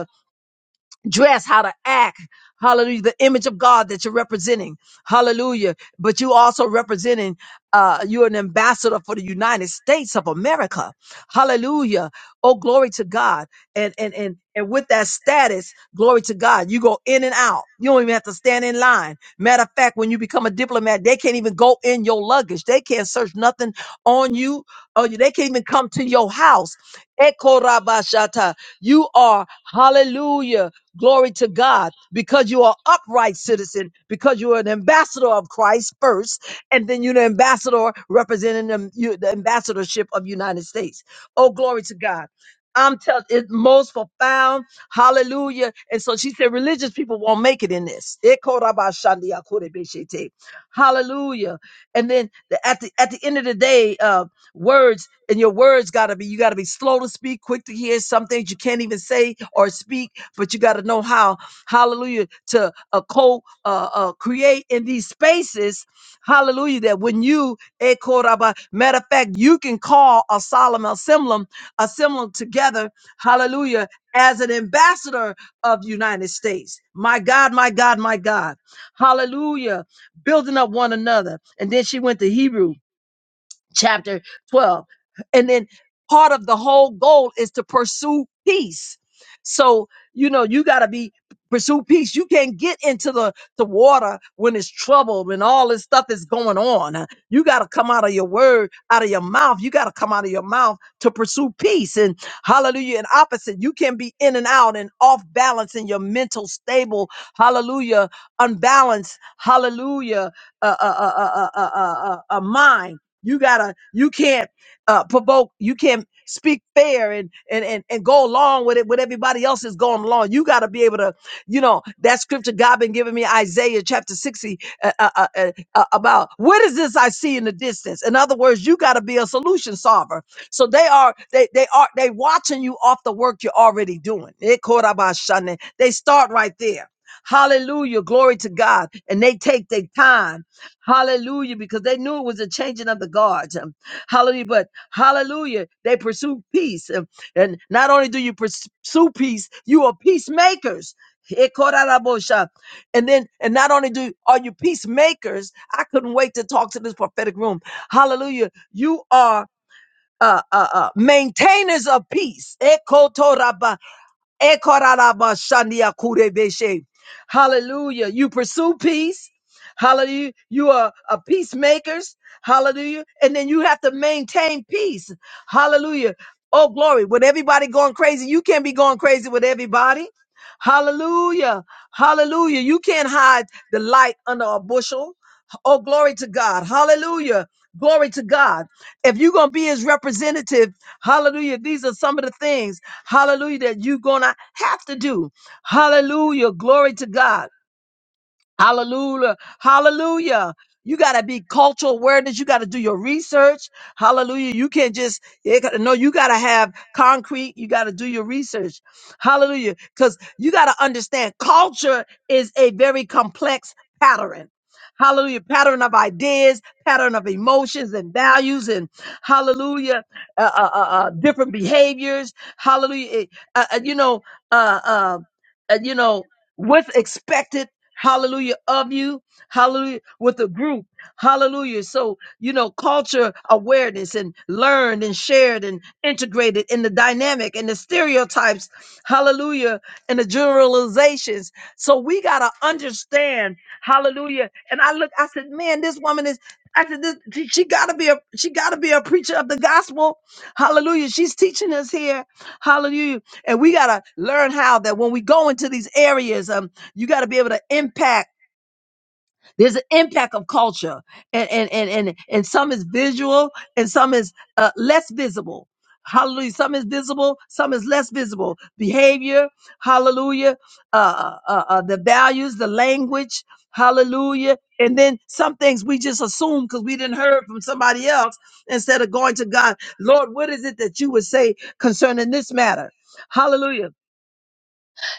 dress, how to act. Hallelujah. The image of God that you're representing. Hallelujah. But you also representing, uh, you're an ambassador for the United States of America. Hallelujah. Oh, glory to God. And, and, and, and with that status, glory to God, you go in and out. You don't even have to stand in line. Matter of fact, when you become a diplomat, they can't even go in your luggage. They can't search nothing on you. Or you- they can't even come to your house. Ekorabashata. You are, hallelujah. Glory to God. Because you are upright citizen, because you are an ambassador of Christ first, and then you're the ambassador representing the, you, the ambassadorship of United States. Oh, glory to God. I'm telling it most profound. Hallelujah. And so she said, religious people won't make it in this. Ekorabashandiakurebeshete. Hallelujah. And then the, at the at the end of the day, uh, words. And your words gotta be, you gotta be slow to speak, quick to hear. Some things you can't even say or speak, but you gotta know how, hallelujah, to uh, co uh, uh, create in these spaces, hallelujah, that when you, eh, koraba- matter of fact, you can call a solemn assembly, assemblum together, hallelujah, as an ambassador of the United States. My God, my God, my God. Hallelujah. Building up one another. And then she went to Hebrew chapter 12. And then part of the whole goal is to pursue peace. So, you know, you got to be pursue peace. You can't get into the, the water when it's troubled, when all this stuff is going on. Uh, You got to come out of your word, out of your mouth. You got to come out of your mouth to pursue peace. And hallelujah, and opposite. You can be in and out and off balance in your mental stable. Hallelujah, unbalanced. Hallelujah, a, a, a, a, a, a, a mind. You gotta, you can't uh, provoke, you can't speak fair and, and and and go along with it with everybody else is going along. You gotta be able to, you know, that scripture God been giving me, Isaiah chapter 60, uh, uh, uh, uh, uh, about what is this I see in the distance? In other words, you gotta be a solution solver. So they are, they they are, they watching you off the work you're already doing. Eh, korabashane. They start right there. Hallelujah, glory to God, and they take their time Hallelujah, because they knew it was a changing of the guards. Um, Hallelujah, but hallelujah, they pursue peace. Um, And not only do you pursue peace, you are peacemakers. Ekorarabosha. And then, and not only do are you peacemakers, I couldn't wait to talk to this prophetic room. Hallelujah, you are uh, uh, uh, maintainers of peace. Ekotoraba. Ekorarabashandia kurebeshe. Hallelujah. You pursue peace. Hallelujah. You are a peacemakers. Hallelujah. And then you have to maintain peace. Hallelujah. Oh, glory. With everybody going crazy, you can't be going crazy with everybody. Hallelujah. Hallelujah. You can't hide the light under a bushel. Oh, glory to God. Hallelujah. Glory to God. If you're going to be his representative, hallelujah, these are some of the things. Hallelujah, that you're going to have to do. Hallelujah. Glory to God. Hallelujah. Hallelujah. You got to be cultural awareness. You got to do your research. Hallelujah. You can't just, it got no, you got to have concrete. You got to do your research. Hallelujah. Because you got to understand culture is a very complex pattern. Hallelujah. Pattern of ideas, pattern of emotions and values, and hallelujah. Uh, uh, uh, uh, different behaviors. Hallelujah. It- Uh, uh, you know, uh, uh, uh, you know, what's expected hallelujah, of you, hallelujah, with a group, hallelujah. So, you know, culture awareness and learned and shared and integrated in the dynamic and the stereotypes, hallelujah, and the generalizations. So we got to understand, hallelujah. And I look, I said, man, this woman is. I said, this, she she gotta be a she gotta be a preacher of the gospel, hallelujah. She's teaching us here, hallelujah. And we gotta learn how that when we go into these areas, um. You got to be able to impact. There's an impact of culture, and and and and, and some is visual, and some is uh, less visible. Hallelujah. Some is visible, some is less visible. Behavior, hallelujah. Uh, uh, uh, uh, the values, the language, hallelujah. And then some things we just assume because we didn't heard from somebody else instead of going to God. Lord, what is it that you would say concerning this matter? Hallelujah.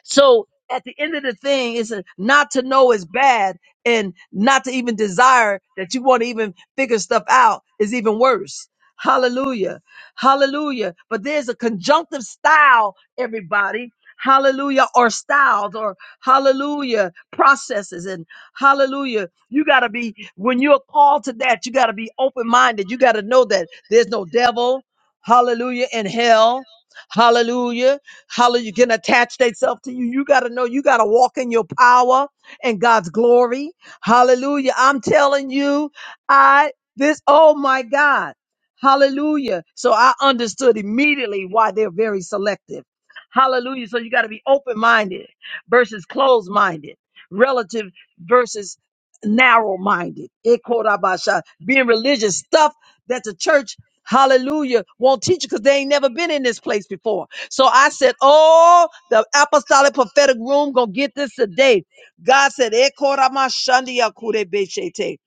So at the end of the thing, it's a, not to know is bad, and not to even desire that you want to even figure stuff out is even worse. Hallelujah. Hallelujah. But there's a conjunctive style, everybody. Hallelujah, or styles, or hallelujah, processes, and hallelujah. You got to be, when you're called to that, you got to be open minded. You got to know that there's no devil, hallelujah, in hell, hallelujah. Hallelujah. Can attach themselves to you. You got to know you got to walk in your power and God's glory. Hallelujah. I'm telling you, I, this, oh my God. Hallelujah. So I understood immediately why they're very selective. Hallelujah. So you got to be open minded versus closed minded, relative versus narrow minded. Being religious stuff that the church, hallelujah, won't teach you because they ain't never been in this place before. So I said, Oh, the apostolic prophetic room gonna get this today. God said, "Eh, koramashandia kurebeshete."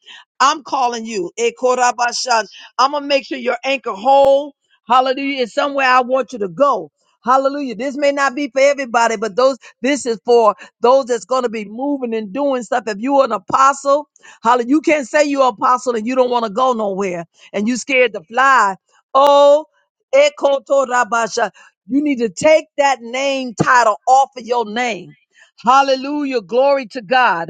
I'm calling you. Eh, korabashan. I'm gonna make sure your anchor whole. Hallelujah. It's somewhere I want you to go. Hallelujah. This may not be for everybody, but those this is for those that's gonna be moving and doing stuff. If you're an apostle, hallelujah, you can't say you're an apostle and you don't want to go nowhere and you scared to fly. Oh, Ekotorabasha. You need to take that name title off of your name. Hallelujah. Glory to God.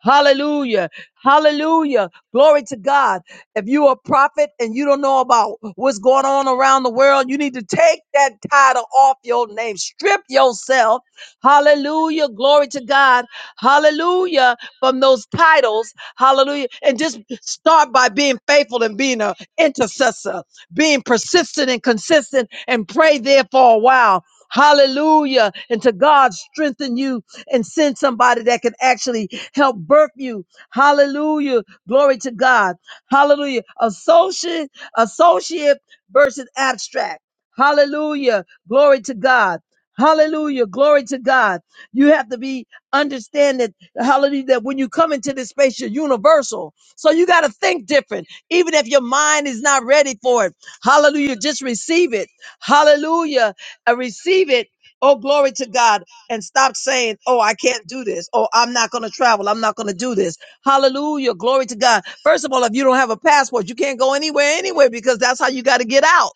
Hallelujah. Hallelujah. Glory to God. If you're a prophet and you don't know about what's going on around the world, you need to take that title off your name. Strip yourself. Hallelujah. Glory to God. Hallelujah. From those titles. Hallelujah. And just start by being faithful and being an intercessor being persistent and consistent and pray there for a while. Hallelujah. And to God strengthen you and send somebody that can actually help birth you. Hallelujah. Glory to God. Hallelujah. Associate, associate versus abstract. Hallelujah. Glory to God. Hallelujah. Glory to God. You have to be understand that hallelujah that when you come into this space, you're universal. So you got to think different, even if your mind is not ready for it Hallelujah. Just receive it. Hallelujah. And receive it. Oh, glory to God. And stop saying, oh, I can't do this. Oh, I'm not going to travel. I'm not going to do this. Hallelujah. Glory to God. First of all, if you don't have a passport, you can't go anywhere anyway because that's how you got to get out.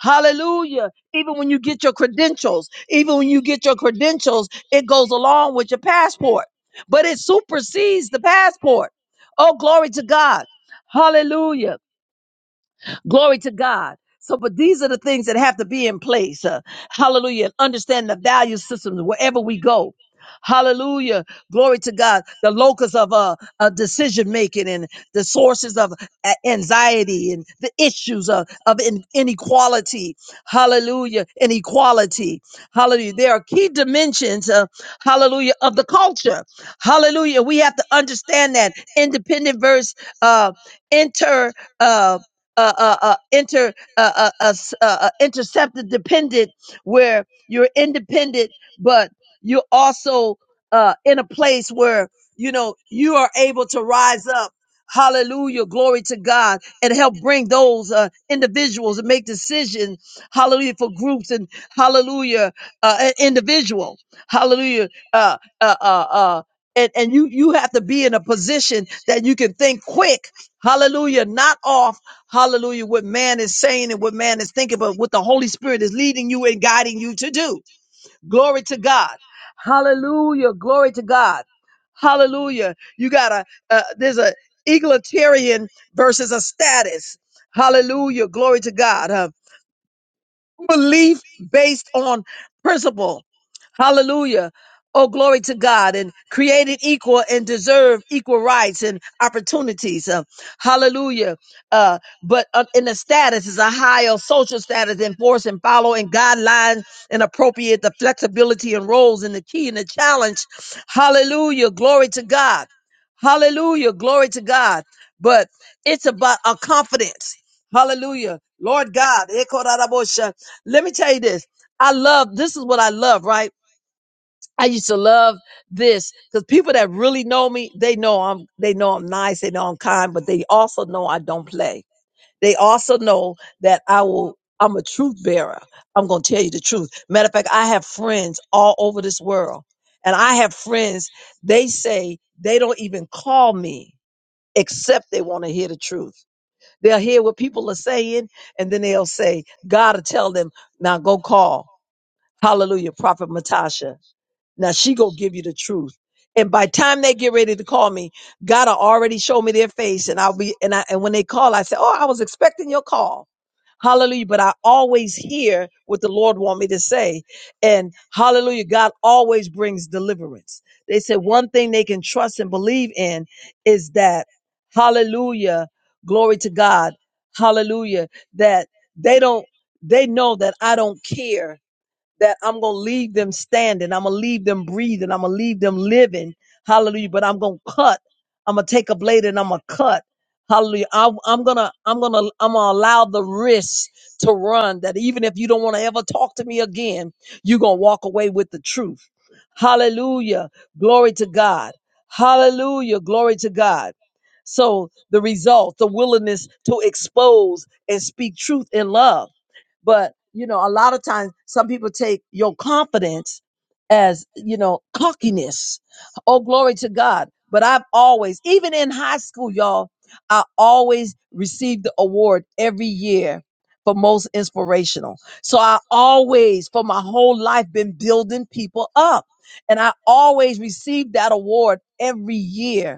Hallelujah. Even when you get your credentials, even when you get your credentials, it goes along with your passport, but it supersedes the passport. Oh, glory to God. Hallelujah. Glory to God. So, but these are the things that have to be in place. Uh, hallelujah. Understand the value systems wherever we go. Hallelujah. Glory to God. The locus of uh, uh, decision making and the sources of a- anxiety and the issues of, of in- inequality. Hallelujah. Inequality. Hallelujah. There are key dimensions, uh, hallelujah, of the culture. Hallelujah. We have to understand that independent versus uh, inter. uh, uh, uh, uh, inter uh, uh, uh, s- uh, uh, interceptor dependent, where you're independent, but you're also uh, in a place where you know you are able to rise up. Hallelujah, glory to God, and help bring those uh, individuals and make decisions. Hallelujah for groups and hallelujah uh, an individual. Hallelujah, uh, uh, uh, uh, and and you you have to be in a position that you can think quick. Hallelujah, not off Hallelujah. What man is saying and what man is thinking, but what the Holy Spirit is leading you and guiding you to do. Glory to God. Hallelujah. Glory to God. Hallelujah. You got a, uh, there's a egalitarian versus a status. Hallelujah. Glory to God. Uh, belief based on principle. Hallelujah. Oh, glory to God and created equal and deserve equal rights and opportunities. Uh, hallelujah. Uh, but uh, in the status is a higher social status enforce and following guidelines and appropriate the flexibility and roles and the key and the challenge. Hallelujah. Glory to God. Hallelujah. Glory to God. But it's about our confidence. Hallelujah. Lord God. Let me tell you this. I love this is what I love, right? I used to love this because people that really know me, they know I'm they know I'm nice, they know I'm kind, but they also know I don't play. They also know that I will I'm a truth bearer. I'm gonna tell you the truth. Matter of fact, I have friends all over this world. And I have friends, they say they don't even call me except they want to hear the truth. They'll hear what people are saying, and then they'll say, God will tell them, now go call. Hallelujah, Prophet Matasha. Now she gonna give you the truth. And by time they get ready to call me, God will already show me their face, and I'll be and I and when they call, I say, "Oh, I was expecting your call." Hallelujah. But I always hear what the Lord want me to say, and Hallelujah, God always brings deliverance. They said one thing they can trust and believe in is that Hallelujah, glory to God, Hallelujah, that they don't they know that I don't care that I'm going to leave them standing. I'm going to leave them breathing. I'm going to leave them living. Hallelujah. But I'm going to cut. I'm going to take a blade and I'm going to cut. Hallelujah. I, I'm going to, I'm going to, I'm going to allow the risk to run that even if you don't want to ever talk to me again, you're going to walk away with the truth. Hallelujah. Glory to God. Hallelujah. Glory to God. So the result, the willingness to expose and speak truth in love but, you know, a lot of times some people take your confidence as, you know, cockiness. Oh, glory to God. But I've always, even in high school, y'all, I always received the award every year for most inspirational. So I always, for my whole life, been building people up. And I always received that award every year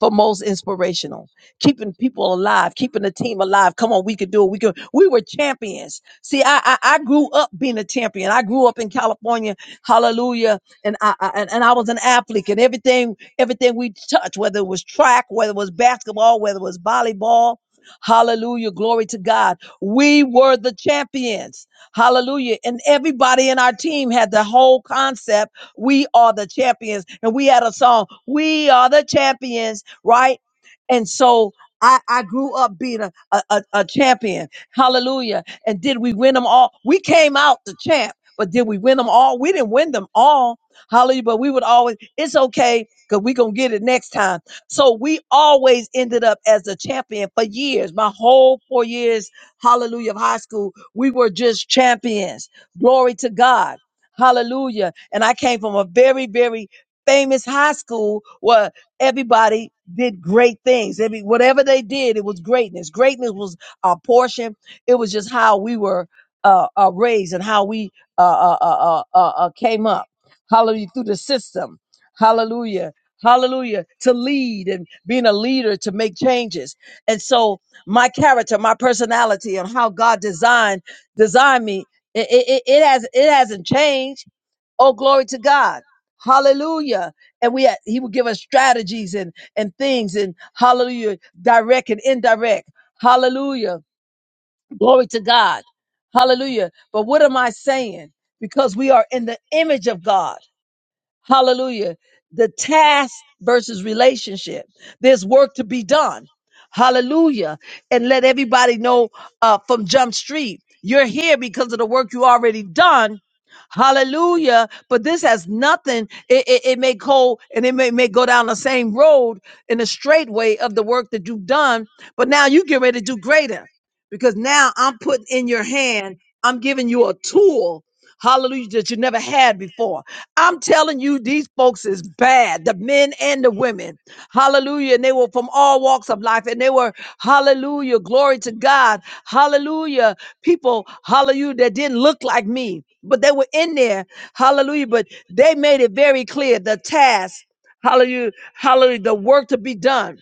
for most inspirational, keeping people alive, keeping the team alive. Come on, we could do it. We could. We were champions. See, I I, I grew up being a champion. I grew up in California, Hallelujah, and I, I and, and I was an athlete, and everything everything we touched, whether it was track, whether it was basketball, whether it was volleyball. Hallelujah. Glory to God. We were the champions. Hallelujah. And everybody in our team had the whole concept we are the champions. And we had a song, We Are the Champions right? And so I, I grew up being a, a, a a champion. Hallelujah. And did we win them all? We came out the champ, but did we win them all? We didn't win them all. Hallelujah. But we would always, it's okay because we going to get it next time. So we always ended up as a champion for years. My whole four years, hallelujah, of high school, we were just champions. Glory to God. Hallelujah. And I came from a very, very famous high school where everybody did great things. I mean, whatever they did, it was greatness. Greatness was our portion. It was just how we were uh, uh, raised and how we uh, uh, uh, uh, uh, uh, came up. Hallelujah through the system. Hallelujah. Hallelujah to lead and being a leader to make changes. And so my character, my personality, and how God designed designed me, it, it, it it has it hasn't changed Oh, glory to God. Hallelujah. And we had, he will give us strategies and, and things and hallelujah, direct and indirect. Hallelujah. Glory to God. Hallelujah. But what am I saying? Because we are in the image of God. Hallelujah. The task versus relationship. There's work to be done. Hallelujah. And let everybody know uh, from Jump Street, you're here because of the work you already done. Hallelujah. But this has nothing, it, it, it may go and it may, may go down the same road in the straight way of the work that you've done. But now you get ready to do greater because now I'm putting in your hand, I'm giving you a tool. Hallelujah, that you never had before. I'm telling you, these folks is bad, the men and the women. Hallelujah. And they were from all walks of life. And they were, hallelujah, glory to God. Hallelujah. People, hallelujah, that didn't look like me, but they were in there. Hallelujah. But they made it very clear the task, hallelujah, hallelujah, the work to be done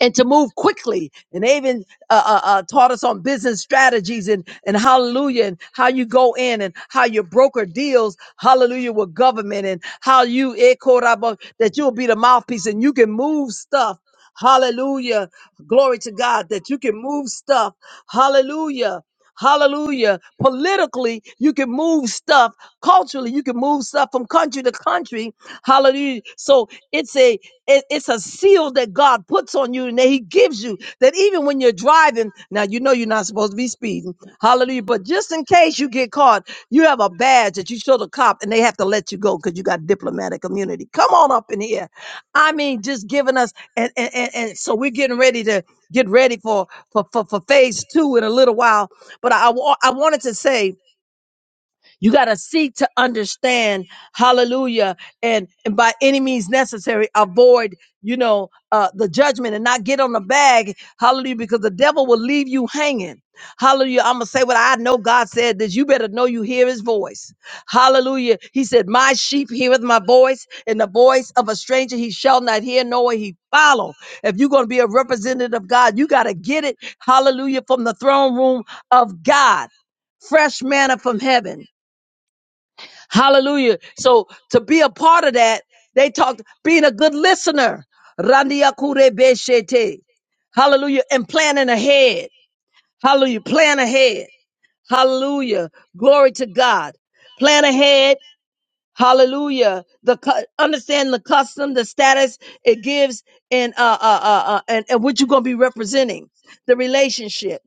and to move quickly. And they even uh, uh, uh, taught us on business strategies and, and hallelujah, and how you go in and how you broker deals, hallelujah, with government and how you, eh, koraba, that you'll be the mouthpiece and you can move stuff. Hallelujah. Glory to God that you can move stuff. Hallelujah. Hallelujah. Politically, you can move stuff. Culturally, you can move stuff from country to country. Hallelujah. So it's a it- it's a seal that God puts on you and that He gives you that even when you're driving, now you know you're not supposed to be speeding. Hallelujah. But just in case you get caught, you have a badge that you show the cop and they have to let you go because you got diplomatic immunity. Come on up in here. I mean, just giving us and and, and, and so we're getting ready to get ready for, for for for phase two in a little while. But I wa- I wanted to say you got to seek to understand, hallelujah, and, and by any means necessary, avoid, you know, uh, the judgment and not get on the bag, hallelujah, because the devil will leave you hanging. Hallelujah. I'm going to say what I know God said this. You better know you hear his voice. Hallelujah. He said, My sheep heareth my voice, and the voice of a stranger he shall not hear, nor he follow. If you're going to be a representative of God, you got to get it, hallelujah, from the throne room of God fresh manna from heaven. Hallelujah. So to be a part of that, they talked being a good listener. Randiakure beshete. Hallelujah. And planning ahead. Hallelujah. Plan ahead. Hallelujah. Glory to God. Plan ahead. Hallelujah. The cu- understand the custom, the status it gives, and uh, uh, uh, uh and, and what you're gonna be representing, the relationship.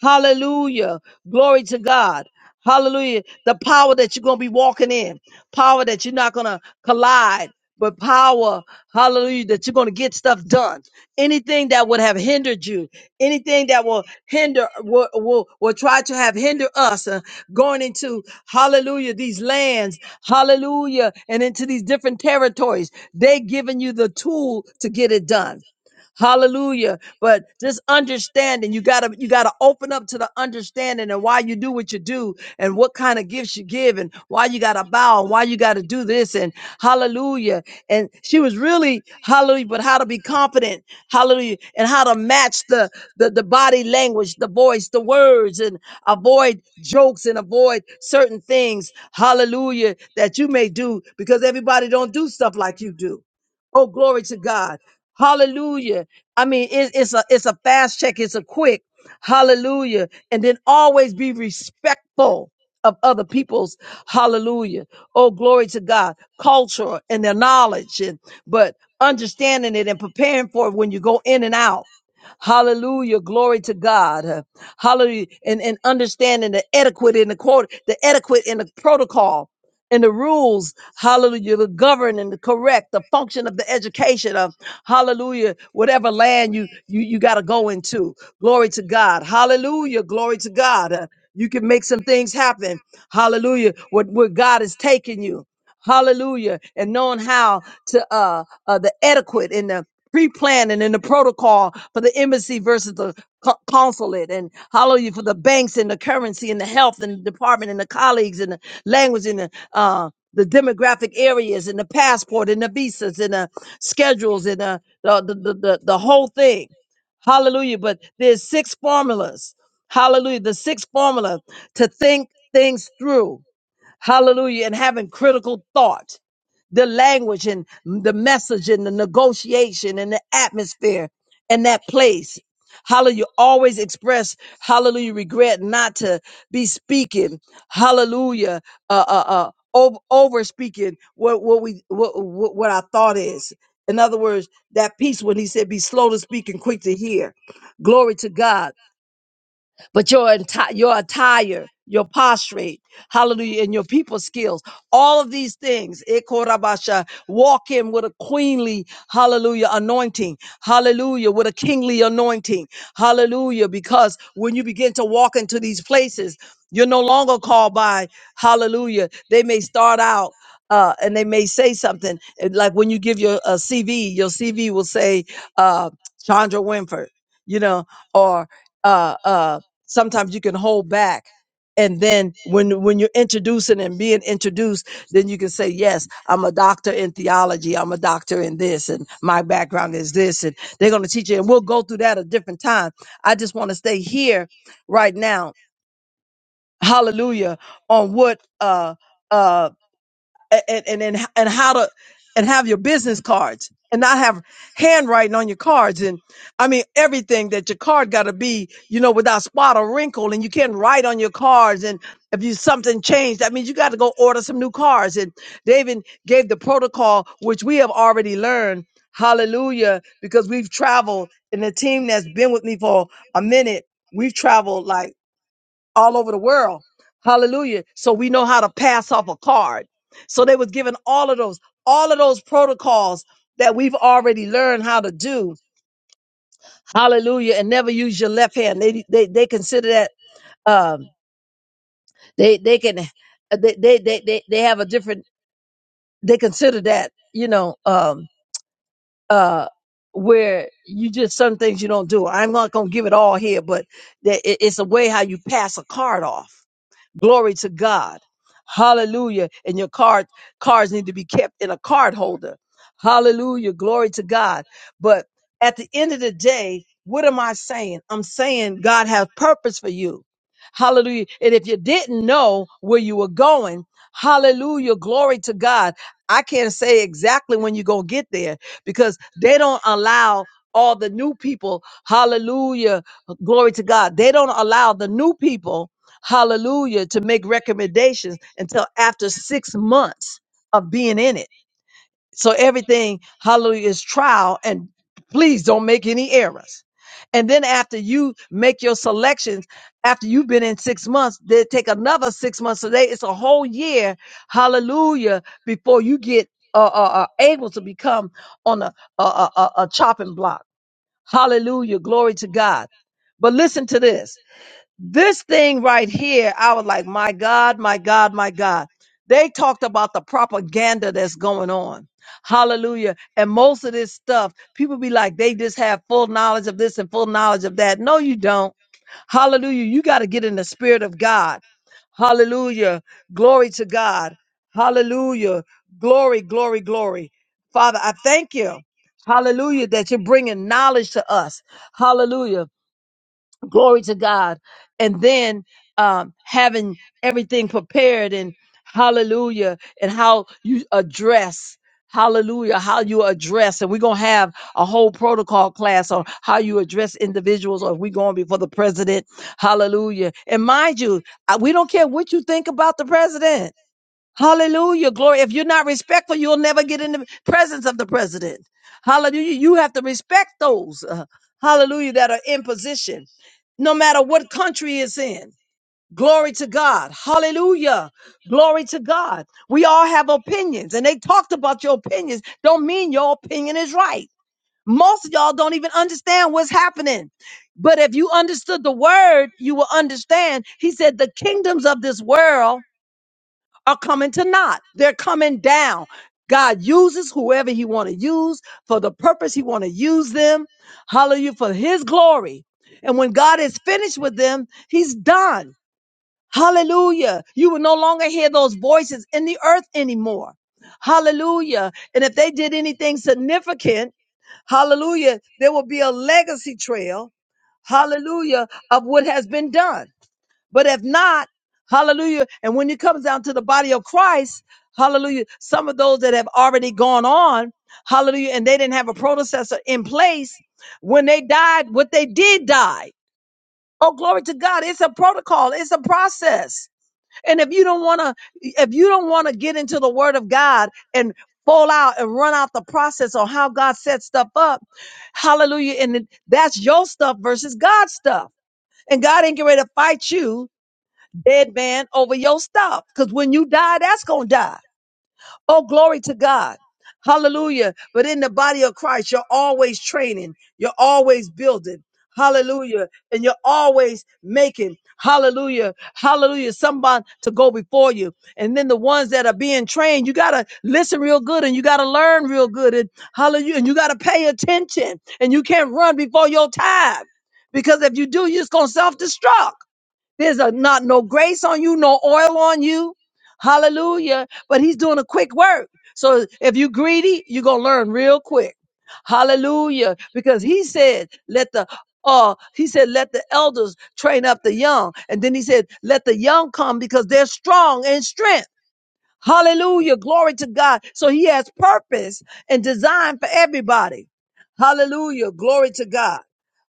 Hallelujah. Glory to God. Hallelujah. The power that you're going to be walking in, power that you're not going to collide, but power, hallelujah, that you're going to get stuff done. Anything that would have hindered you, anything that will hinder, will, will, will try to have hinder us uh, going into, hallelujah, these lands, hallelujah, and into these different territories, they giving you the tool to get it done. Hallelujah. But just understanding, you gotta you gotta open up to the understanding and why you do what you do and what kind of gifts you give and why you gotta bow and why you gotta do this and hallelujah. And she was really hallelujah, but how to be confident, hallelujah, and how to match the the, the body language, the voice, the words, and avoid jokes and avoid certain things, hallelujah, that you may do because everybody don't do stuff like you do. Oh, glory to God. Hallelujah. I mean, it, it's a it's a fast check. It's a quick hallelujah, and then always be respectful of other people's hallelujah. Oh, glory to God, culture and their knowledge, and but understanding it and preparing for it when you go in and out. Hallelujah. Glory to God. Uh, Hallelujah. And, and understanding the etiquette in the quote, the etiquette in the protocol and the rules. Hallelujah. The govern and the correct, the function of the education of hallelujah, whatever land you you you gotta go into. Glory to God. Hallelujah. Glory to God. Uh, you can make some things happen. Hallelujah. What where God is taking you. Hallelujah. And knowing how to uh, uh the etiquette and the pre-planning and the protocol for the embassy versus the co- consulate and hallelujah for the banks and the currency and the health and the department and the colleagues and the language and the uh the demographic areas and the passport and the visas and the schedules and the the the, the, the, the whole thing hallelujah but there's six formulas hallelujah the six formula to think things through hallelujah and having critical thought the language and the message and the negotiation and the atmosphere and that place. Hallelujah. Always express, hallelujah, regret not to be speaking, hallelujah, uh, uh, uh, over, over speaking what, what we, what, what what our thought is. In other words, that piece when he said, be slow to speak and quick to hear. Glory to God but your entire your attire your posture hallelujah and your people skills all of these things Ekorabasha, walk in with a queenly hallelujah anointing hallelujah with a kingly anointing hallelujah because when you begin to walk into these places you're no longer called by hallelujah they may start out uh, and they may say something and like when you give your uh, cv your cv will say uh, chandra winford you know or uh, uh, sometimes you can hold back and then when when you're introducing and being introduced then you can say yes i'm a doctor in theology i'm a doctor in this and my background is this and they're going to teach you and we'll go through that a different time i just want to stay here right now hallelujah on what uh uh and and and, and how to and have your business cards and not have handwriting on your cards and I mean everything that your card got to be you know without spot or wrinkle and you can't write on your cards and if you something changed that means you got to go order some new cards and they even gave the protocol which we have already learned hallelujah because we've traveled and the team that's been with me for a minute we've traveled like all over the world. Hallelujah. So we know how to pass off a card. So they was given all of those, all of those protocols that we've already learned how to do. Hallelujah. And never use your left hand. They they they consider that um they they can they they they they, they have a different they consider that, you know, um uh where you just some things you don't do. I'm not gonna give it all here, but that it- it's a way how you pass a card off. Glory to God. Hallelujah. And your card cards need to be kept in a card holder. Hallelujah. Glory to God. But at the end of the day, what am I saying? I'm saying God has purpose for you. Hallelujah. And if you didn't know where you were going, hallelujah. Glory to God. I can't say exactly when you're going to get there because they don't allow all the new people. Hallelujah. Glory to God. They don't allow the new people hallelujah, to make recommendations until after six months of being in it. So everything, hallelujah, is trial and please don't make any errors. And then after you make your selections, after you've been in six months, they take another six months. So they, it's a whole year, hallelujah, before you get uh, uh, uh, able to become on a, a, a, a a chopping block. Hallelujah. Glory to God. But listen to this this thing right here, I was like, my God, my God, my God. They talked about the propaganda that's going on. Hallelujah. And most of this stuff, people be like, they just have full knowledge of this and full knowledge of that. No, you don't. Hallelujah. You got to get in the spirit of God. Hallelujah. Glory to God. Hallelujah. Glory, glory, glory. Father, I thank you. Hallelujah. That you're bringing knowledge to us. Hallelujah glory to God. And then um, having everything prepared and hallelujah, and how you address. Hallelujah, how you address, and we're gonna have a whole protocol class on how you address individuals, or if we're going before the president. Hallelujah. And mind you, I- we don't care what you think about the president. Hallelujah. Glory. If you're not respectful, you'll never get in the presence of the president. Hallelujah. You have to respect those, uh, hallelujah, that are in position, no matter what country it's in. Glory to God. Hallelujah. Glory to God. We all have opinions, and they talked about your opinions. Don't mean your opinion is right. Most of y'all don't even understand what's happening. But if you understood the word, you will understand. He said, The kingdoms of this world are coming to naught. They're coming down. God uses whoever he want to use for the purpose he want to use them. Hallelujah for his glory. And when God is finished with them, he's done. Hallelujah. You will no longer hear those voices in the earth anymore. Hallelujah. And if they did anything significant, hallelujah, there will be a legacy trail, hallelujah, of what has been done. But if not, hallelujah. And when it comes down to the body of Christ, hallelujah, some of those that have already gone on, hallelujah, and they didn't have a predecessor in place, when they died, what they did die. Oh, glory to God. It's a protocol, it's a process. And if you don't want to, if you don't want to get into the word of God and fall out and run out the process on how God set stuff up, hallelujah. And that's your stuff versus God's stuff. And God ain't getting ready to fight you deadband over your stuff. Because when you die, that's going to die. Oh, glory to God. Hallelujah. But in the body of Christ, you're always training, you're always building. Hallelujah. And you're always making. Hallelujah. Hallelujah. Somebody to go before you. And then the ones that are being trained, you got to listen real good and you got to learn real good. And hallelujah. And you got to pay attention. And you can't run before your time. Because if you do, you're just going to self destruct. There's a, not no grace on you, no oil on you. Hallelujah. But he's doing a quick work. So if you're greedy, you're going to learn real quick. Hallelujah. Because he said, let the uh, he said, let the elders train up the young. And then he said, let the young come because they're strong in strength. Hallelujah. Glory to God. So he has purpose and design for everybody. Hallelujah. Glory to God.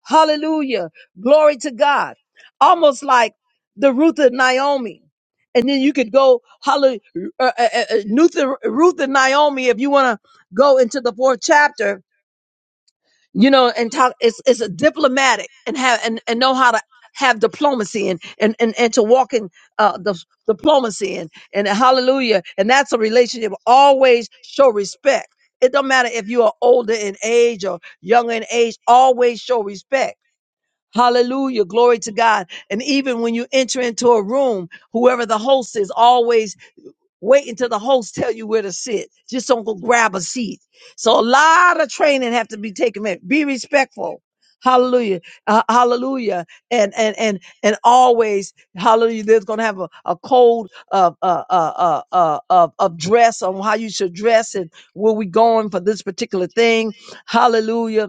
Hallelujah. Glory to God. Almost like the Ruth and Naomi. And then you could go, hallelujah, uh, uh, uh, Ruth, and Ruth and Naomi, if you want to go into the fourth chapter you know, and talk. It's it's a diplomatic and have and, and know how to have diplomacy and and and, and to walk in uh, the diplomacy and and hallelujah. And that's a relationship. Always show respect. It don't matter if you are older in age or younger in age. Always show respect. Hallelujah, glory to God. And even when you enter into a room, whoever the host is, always Wait until the host tell you where to sit. Just don't go grab a seat. So a lot of training have to be taken. Man, be respectful. Hallelujah. Uh, hallelujah. And and and and always hallelujah. There's gonna have a, a code of uh, uh, uh, uh, of of dress on how you should dress and where we going for this particular thing. Hallelujah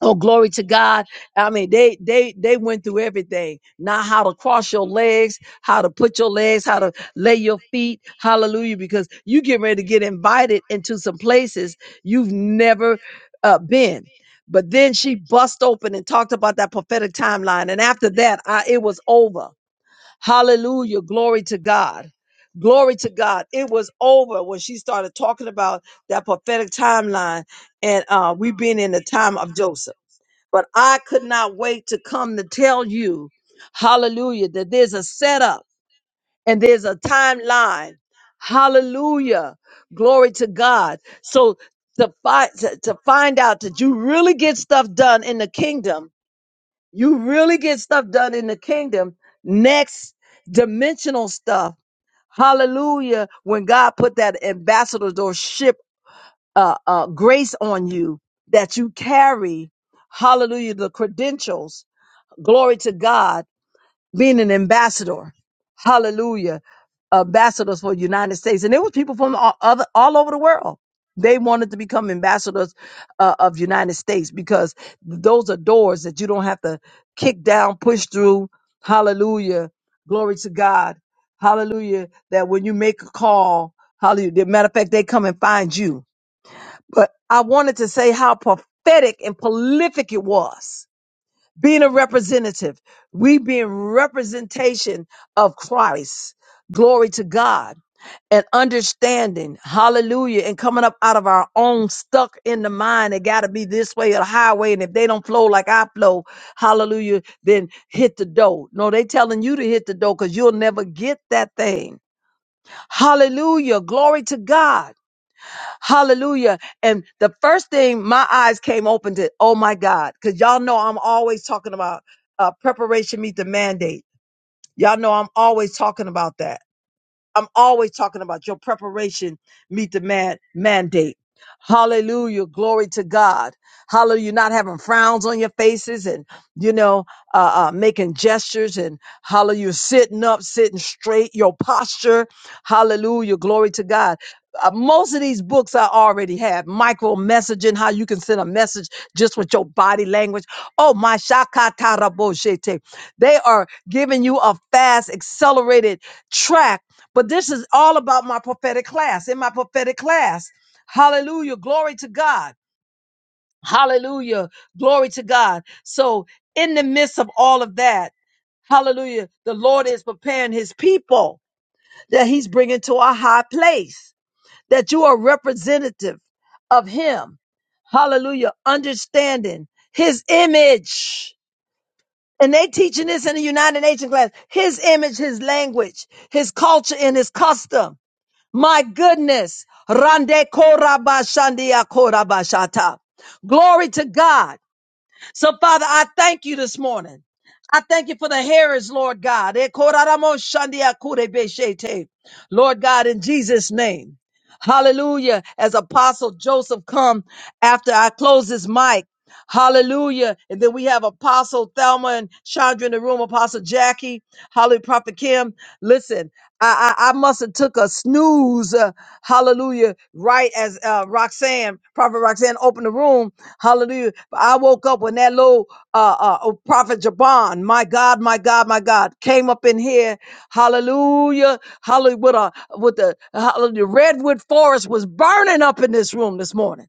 Oh, glory to God. I mean, they they they went through everything. Not how to cross your legs, how to put your legs, how to lay your feet. Hallelujah. Because you get ready to get invited into some places you've never uh, been. But then she bust open and talked about that prophetic timeline. And after that, I, it was over. Hallelujah. Glory to God. Glory to God. It was over when she started talking about that prophetic timeline and uh, we being in the time of Joseph. But I could not wait to come to tell you, hallelujah, that there's a setup and there's a timeline. Hallelujah. Glory to God. So to find to, to find out that you really get stuff done in the kingdom, you really get stuff done in the kingdom, next dimensional stuff. Hallelujah. When God put that ambassadorship uh, uh, grace on you that you carry, hallelujah, the credentials Glory to God, being an ambassador. Hallelujah. Ambassadors for the United States. And there was people from all, other, all over the world. They wanted to become ambassadors uh, of the United States because those are doors that you don't have to kick down, push through. Hallelujah. Glory to God. Hallelujah. That when you make a call, hallelujah. Matter of fact, they come and find you. But I wanted to say how prophetic and prolific it was being a representative, we being representation of Christ. Glory to God and understanding, hallelujah, and coming up out of our own stuck in the mind. It got to be this way or the highway. And if they don't flow like I flow, hallelujah, then hit the dough. No, they telling you to hit the dough because you'll never get that thing. Hallelujah. Glory to God. Hallelujah. And the first thing my eyes came open to, oh my God, because y'all know I'm always talking about uh, preparation meet the mandate. Y'all know I'm always talking about that. I'm always talking about your preparation meet the man mandate. Hallelujah. Glory to God. Hallelujah. You're not having frowns on your faces and, you know, uh, uh, making gestures and hallelujah. You're sitting up, sitting straight, your posture. Hallelujah. Glory to God. Uh, most of these books I already have micro messaging, how you can send a message just with your body language. Oh, my shakatarabo shete. They are giving you a fast, accelerated track but this is all about my prophetic class. In my prophetic class, hallelujah, glory to God. Hallelujah, glory to God. So, in the midst of all of that, hallelujah, the Lord is preparing his people that he's bringing to a high place, that you are representative of him. Hallelujah, understanding his image. And they teaching this in the United Nations class. His image, his language, his culture, and his custom. My goodness. Rande korabashandia korabashata. Glory to God. So, Father, I thank you this morning. I thank you for the hearers, Lord God. Eh, korarabashandia kurebeshete. Lord God, in Jesus' name. Hallelujah. As Apostle Joseph come after I close this mic. Hallelujah. And then we have Apostle Thelma and Chandra in the room, Apostle Jackie, Hallelujah, Prophet Kim. Listen, I, I, I must have took a snooze. Uh, hallelujah. Right as uh, Roxanne, Prophet Roxanne opened the room. Hallelujah. But I woke up when that little uh, uh, oh, Prophet Jabon, my God, my God, my God, came up in here. Hallelujah. Hallelujah. With, a, with the hallelujah. Redwood Forest was burning up in this room this morning.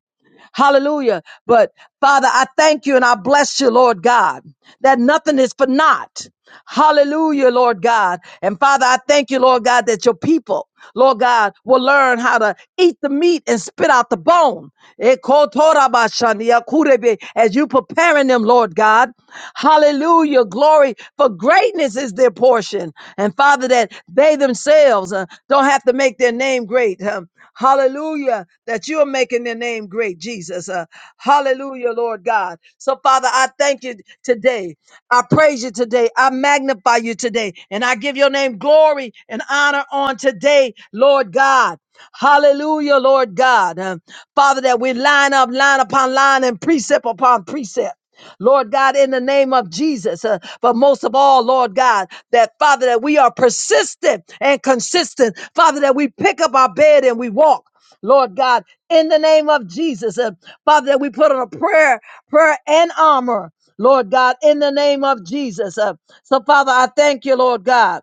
Hallelujah. But Father, I thank you and I bless you, Lord God, that nothing is for naught. Hallelujah, Lord God. And Father, I thank you, Lord God, that your people, Lord God, will learn how to eat the meat and spit out the bone. Ekotorabashani akurebe, As you preparing them, Lord God. Hallelujah, glory for greatness is their portion. And Father, that they themselves uh, don't have to make their name great. Um, hallelujah, that you are making their name great, Jesus. Uh, hallelujah, Lord God. So, Father, I thank you today. I praise you today. I magnify you today. And I give your name glory and honor on today, Lord God. Hallelujah, Lord God. Uh, Father, that we line up, line upon line, and precept upon precept. Lord God, in the name of Jesus, uh, but most of all, Lord God, that Father, that we are persistent and consistent. Father, that we pick up our bed and we walk. Lord God, in the name of Jesus, uh, Father, that we put on a prayer, prayer and armor. Lord God, in the name of Jesus. Uh, so, Father, I thank you, Lord God,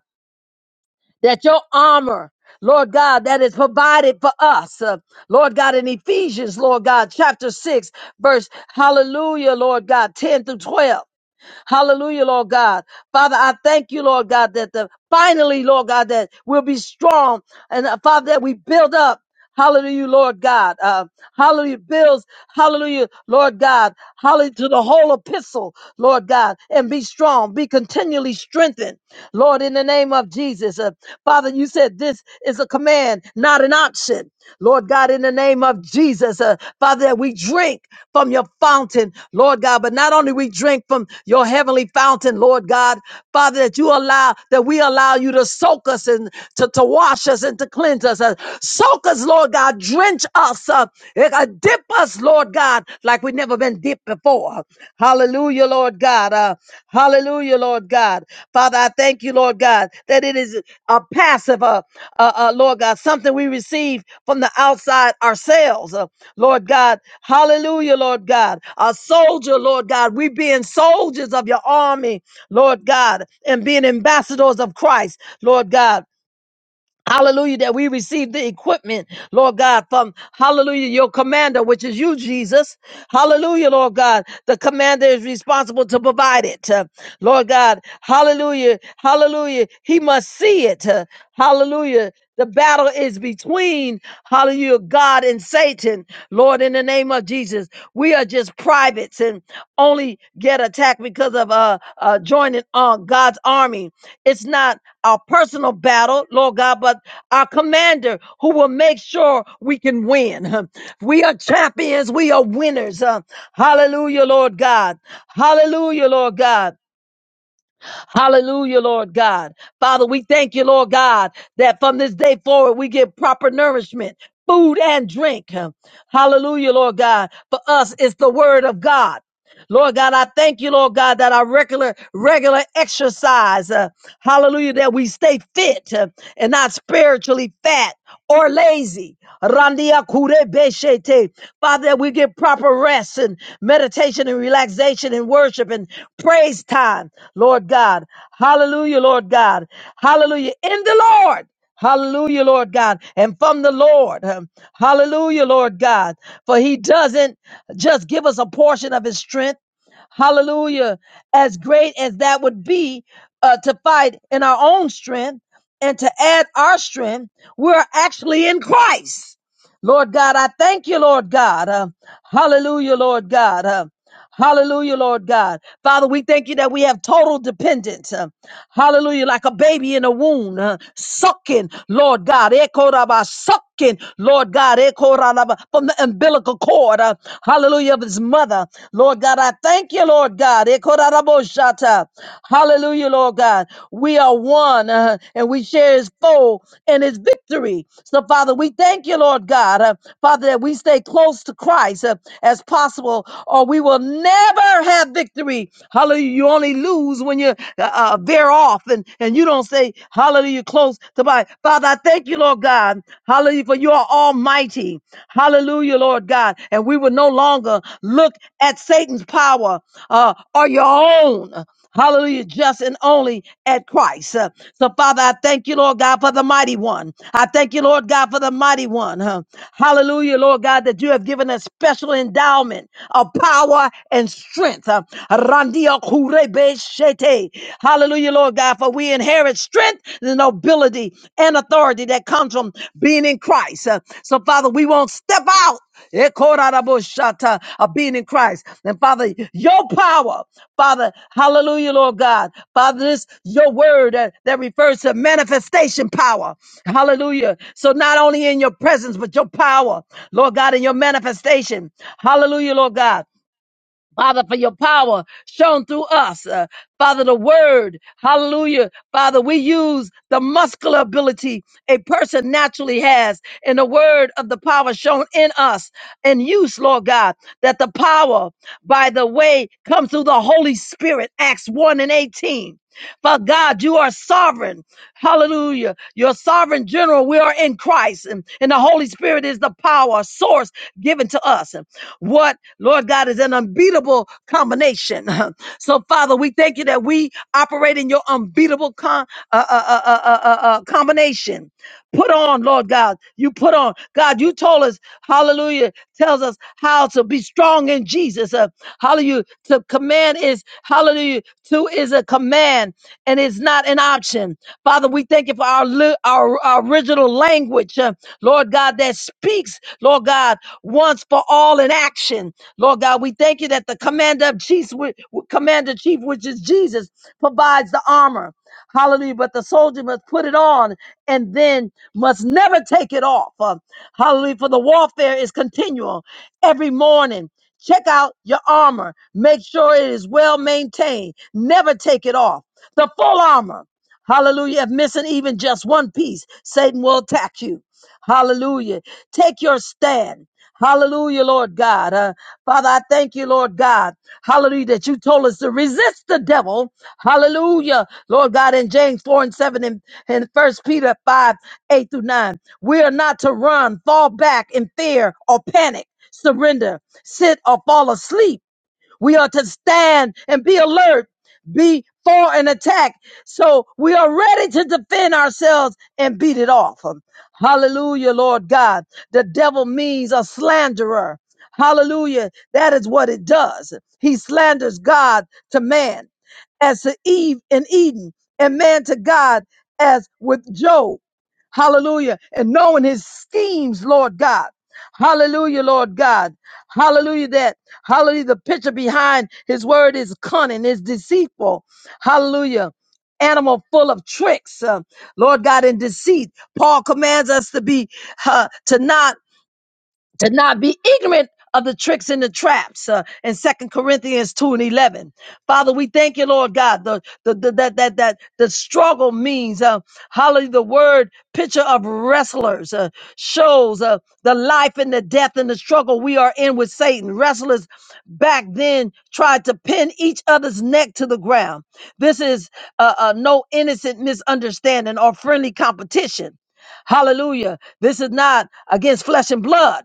that your armor, Lord God, that is provided for us, uh, Lord God, in Ephesians, Lord God, chapter 6, verse, hallelujah, Lord God, 10 through 12. Hallelujah, Lord God. Father, I thank you, Lord God, that the finally, Lord God, that we'll be strong and uh, Father, that we build up. Hallelujah, Lord God. Uh, hallelujah, bills. Hallelujah, Lord God. Hallelujah to the whole epistle, Lord God. And be strong, be continually strengthened, Lord, in the name of Jesus. Uh, Father, you said this is a command, not an option. Lord God, in the name of Jesus, uh, Father, that we drink from your fountain, Lord God, but not only we drink from your heavenly fountain, Lord God, Father, that you allow, that we allow you to soak us and to, to wash us and to cleanse us. Uh, soak us, Lord God. Drench us. Uh, eh, uh, dip us, Lord God, like we've never been dipped before. Hallelujah, Lord God. Uh, hallelujah, Lord God. Father, I thank you, Lord God, that it is a passive, uh, uh, uh, Lord God, something we receive from the outside ourselves, uh, Lord God. Hallelujah, Lord God. A soldier, Lord God. We being soldiers of your army, Lord God, and being ambassadors of Christ, Lord God. Hallelujah, that we receive the equipment, Lord God, from hallelujah, your commander, which is you, Jesus. Hallelujah, Lord God. The commander is responsible to provide it. uh, Lord God, hallelujah, hallelujah. He must see it. uh, Hallelujah. The battle is between, hallelujah, God and Satan heaven. Lord, in the name of Jesus, we are just privates and only get attacked because of uh, uh joining on God's army. It's not our personal battle, Lord God, but our commander who will make sure we can win. We are champions. We are winners. Uh, hallelujah, Lord God. Hallelujah, Lord God. Hallelujah, Lord God. Father, we thank you, Lord God, that from this day forward we get proper nourishment. Food and drink. Hallelujah, Lord God. For us, it's the word of God. Lord God, I thank you, Lord God, that our regular, regular exercise. uh, Hallelujah, that we stay fit uh, and not spiritually fat or lazy. Randia kure beshete. Father, that we get proper rest and meditation and relaxation and worship and praise time, Lord God. Hallelujah, Lord God. Hallelujah. In the Lord. Hallelujah, Lord God. And from the Lord. Um, Hallelujah, Lord God. For he doesn't just give us a portion of his strength. Hallelujah. As great as that would be, uh, to fight in our own strength and to add our strength, we're actually in Christ. Lord God, I thank you, Lord God. Uh, hallelujah, Lord God. Uh, Hallelujah, Lord God. Father, we thank you that we have total dependence. uh, Hallelujah, like a baby in a womb, uh, sucking, Lord God. Ekoraba, Sucking, Lord God, ekoraba, from the umbilical cord. uh, Hallelujah, of his mother. Lord God, I thank you, Lord God. Ekoraraboshata. Hallelujah, Lord God. We are one uh, and we share his foe and his victory. So, Father, we thank you, Lord God, uh, Father, that we stay close to Christ uh, as possible, or we will never have victory. Hallelujah. You only lose when you uh, uh, veer off and, and you don't say, Hallelujah, close to my Father. I thank you, Lord God. Hallelujah, for you are almighty. Hallelujah, Lord God. And we will no longer look at Satan's power uh, or your own. Hallelujah, just and only at Christ. Uh, So, Father, I thank you, Lord God, for the mighty one. I thank you, Lord God, for the mighty one. huh. Hallelujah, Lord God, that you have given us special endowment of power and strength. Uh, Randia kurebe shete. Hallelujah, Lord God, for we inherit strength, the nobility, and authority that comes from being in Christ. Uh, So, Father, we won't step out. Ekoraraboshata, of being in Christ. And Father, your power, Father, hallelujah, Lord God. Father, this your word that, that refers to manifestation power. Hallelujah. So not only in your presence, but your power, Lord God, in your manifestation. Hallelujah, Lord God. Father, for your power shown through us. Uh, Father, the word, hallelujah. Father, we use the muscular ability a person naturally has in the word of the power shown in us and use, Lord God, that the power by the way comes through the Holy Spirit, Acts 1 and 18. For God, you are sovereign. Hallelujah. You're sovereign general. We are in Christ, and, and the Holy Spirit is the power source given to us. What, Lord God, is an unbeatable combination. So, Father, we thank you that we operate in your unbeatable con- uh, uh, uh, uh, uh, uh, uh, combination. Put on, Lord God, you put on. God, you told us, hallelujah, tells us how to be strong in Jesus. Uh, hallelujah. To command is, hallelujah, to is a command and it's not an option. Father, we thank you for our, li- our, our original language, uh, Lord God, that speaks, Lord God once for all in action. Lord God, we thank you that the commander of chiefs, commander chief, which is Jesus, provides the armor. Hallelujah. But the soldier must put it on and then must never take it off. Uh, hallelujah. For the warfare is continual every morning. Check out your armor. Make sure it is well maintained. Never take it off. The full armor. Hallelujah. If missing even just one piece, Satan will attack you. Hallelujah. Take your stand. Hallelujah, Lord God. Uh, Father, I thank you, Lord God. Hallelujah, that you told us to resist the devil. Hallelujah, Lord God, in James 4 and 7 and, and First Peter 5, 8 through 9. We are not to run, fall back in fear or panic, surrender, sit or fall asleep we are to stand and be alert before an attack. So we are ready to defend ourselves and beat it off. Hallelujah, Lord God. The devil means a slanderer. Hallelujah. That is what it does. He slanders God to man as to Eve in Eden, and man to God as with Job. Hallelujah. And knowing his schemes, Lord God. Hallelujah, Lord God. Hallelujah. that. Hallelujah. The picture behind his word is cunning, is deceitful. Hallelujah. Animal full of tricks, uh, Lord God, and deceit. Paul commands us to be, uh, to not to not be ignorant of the tricks and the traps uh, in second corinthians 2 and 11 father we thank you lord god the, the, the that that that the struggle means uh hallelujah the word picture of wrestlers uh, shows uh, the life and the death and the struggle we are in with satan wrestlers back then tried to pin each other's neck to the ground this is uh, uh, no innocent misunderstanding or friendly competition hallelujah this is not against flesh and blood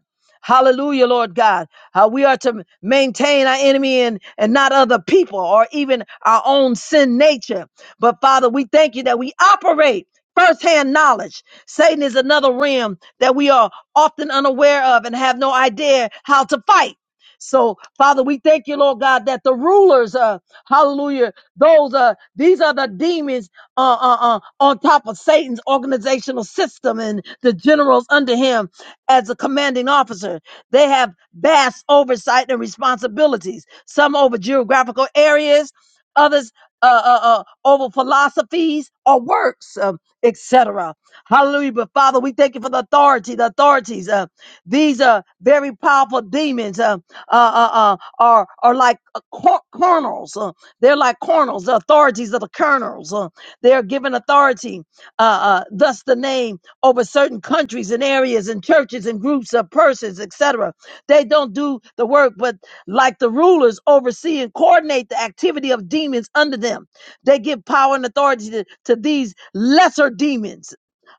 Hallelujah, Lord God. How we are to maintain our enemy and, and not other people or even our own sin nature. But Father, we thank you that we operate firsthand knowledge. Satan is another realm that we are often unaware of and have no idea how to fight. So, Father, we thank you, Lord God, that the rulers, uh, hallelujah, those are these are the demons uh, uh, uh, on top of Satan's organizational system and the generals under him as a commanding officer. They have vast oversight and responsibilities, some over geographical areas, others uh, uh, uh, over philosophies or works, um, etc. Hallelujah. But Father, we thank you for the authority, the authorities. Uh, these are very powerful demons, uh, uh, uh, uh, are, are like uh, cor- cornels. Uh, they're like cornels, the authorities of the colonels. Uh, they are given authority, uh, uh, thus the name over certain countries and areas and churches and groups of persons, et cetera, They don't do the work, but like the rulers oversee and coordinate the activity of demons under them. They give power and authority to, to these lesser demons.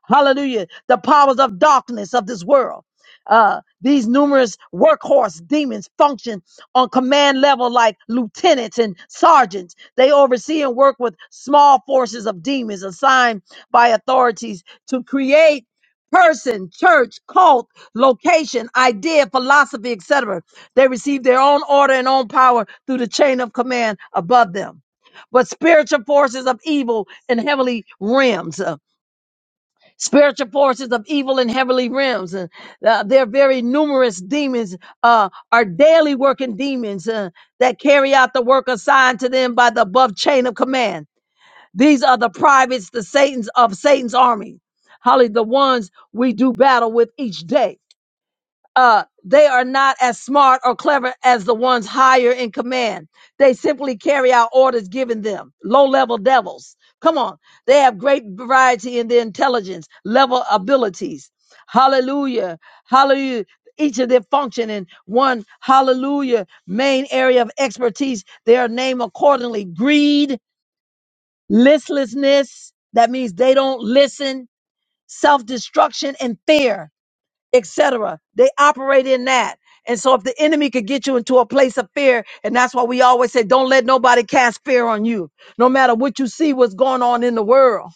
Hallelujah. The powers of darkness of this world. Uh, these numerous workhorse demons function on command level like lieutenants and sergeants. They oversee and work with small forces of demons assigned by authorities to create person, church, cult, location, idea, philosophy, etc. They receive their own order and own power through the chain of command above them. But spiritual forces of evil in heavenly realms, uh, spiritual forces of evil in heavenly realms, uh, uh, they're very numerous demons, uh, are daily working demons uh, that carry out the work assigned to them by the above chain of command. These are the privates, the Satan's of Satan's army. Holly, the ones we do battle with each day. Uh, they are not as smart or clever as the ones higher in command. They simply carry out orders given them. Low level devils. Come on. They have great variety in their intelligence, level abilities. Hallelujah. Hallelujah. Each of their function in one, hallelujah, main area of expertise, they are named accordingly. Greed, listlessness that means they don't listen self-destruction and fear etc they operate in that and so if the enemy could get you into a place of fear and that's why we always say don't let nobody cast fear on you no matter what you see what's going on in the world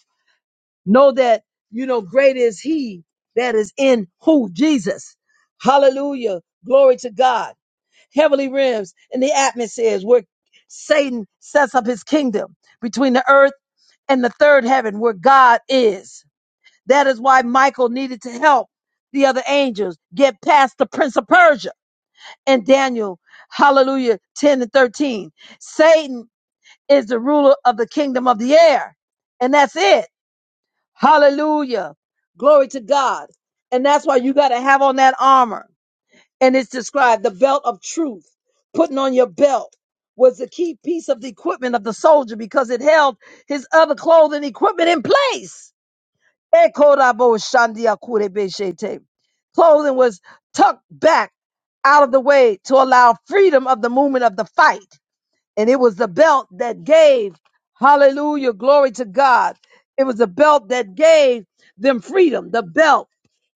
know that you know great is he that is in who jesus hallelujah glory to god heavenly realms in the atmospheres where Satan sets up his kingdom between the earth and the third heaven where God is. That is why Michael needed to help the other angels get past the prince of Persia and Daniel, hallelujah, 10 and 13. Satan is the ruler of the kingdom of the air. And that's it. Hallelujah. Glory to God. And that's why you got to have on that armor and it's described the belt of truth. Putting on your belt was the key piece of the equipment of the soldier because it held his other clothing equipment in place. Ekorabo shandia kurebeshete. Clothing was tucked back out of the way to allow freedom of the movement of the fight. And it was the belt that gave, hallelujah, glory to God. It was the belt that gave them freedom. The belt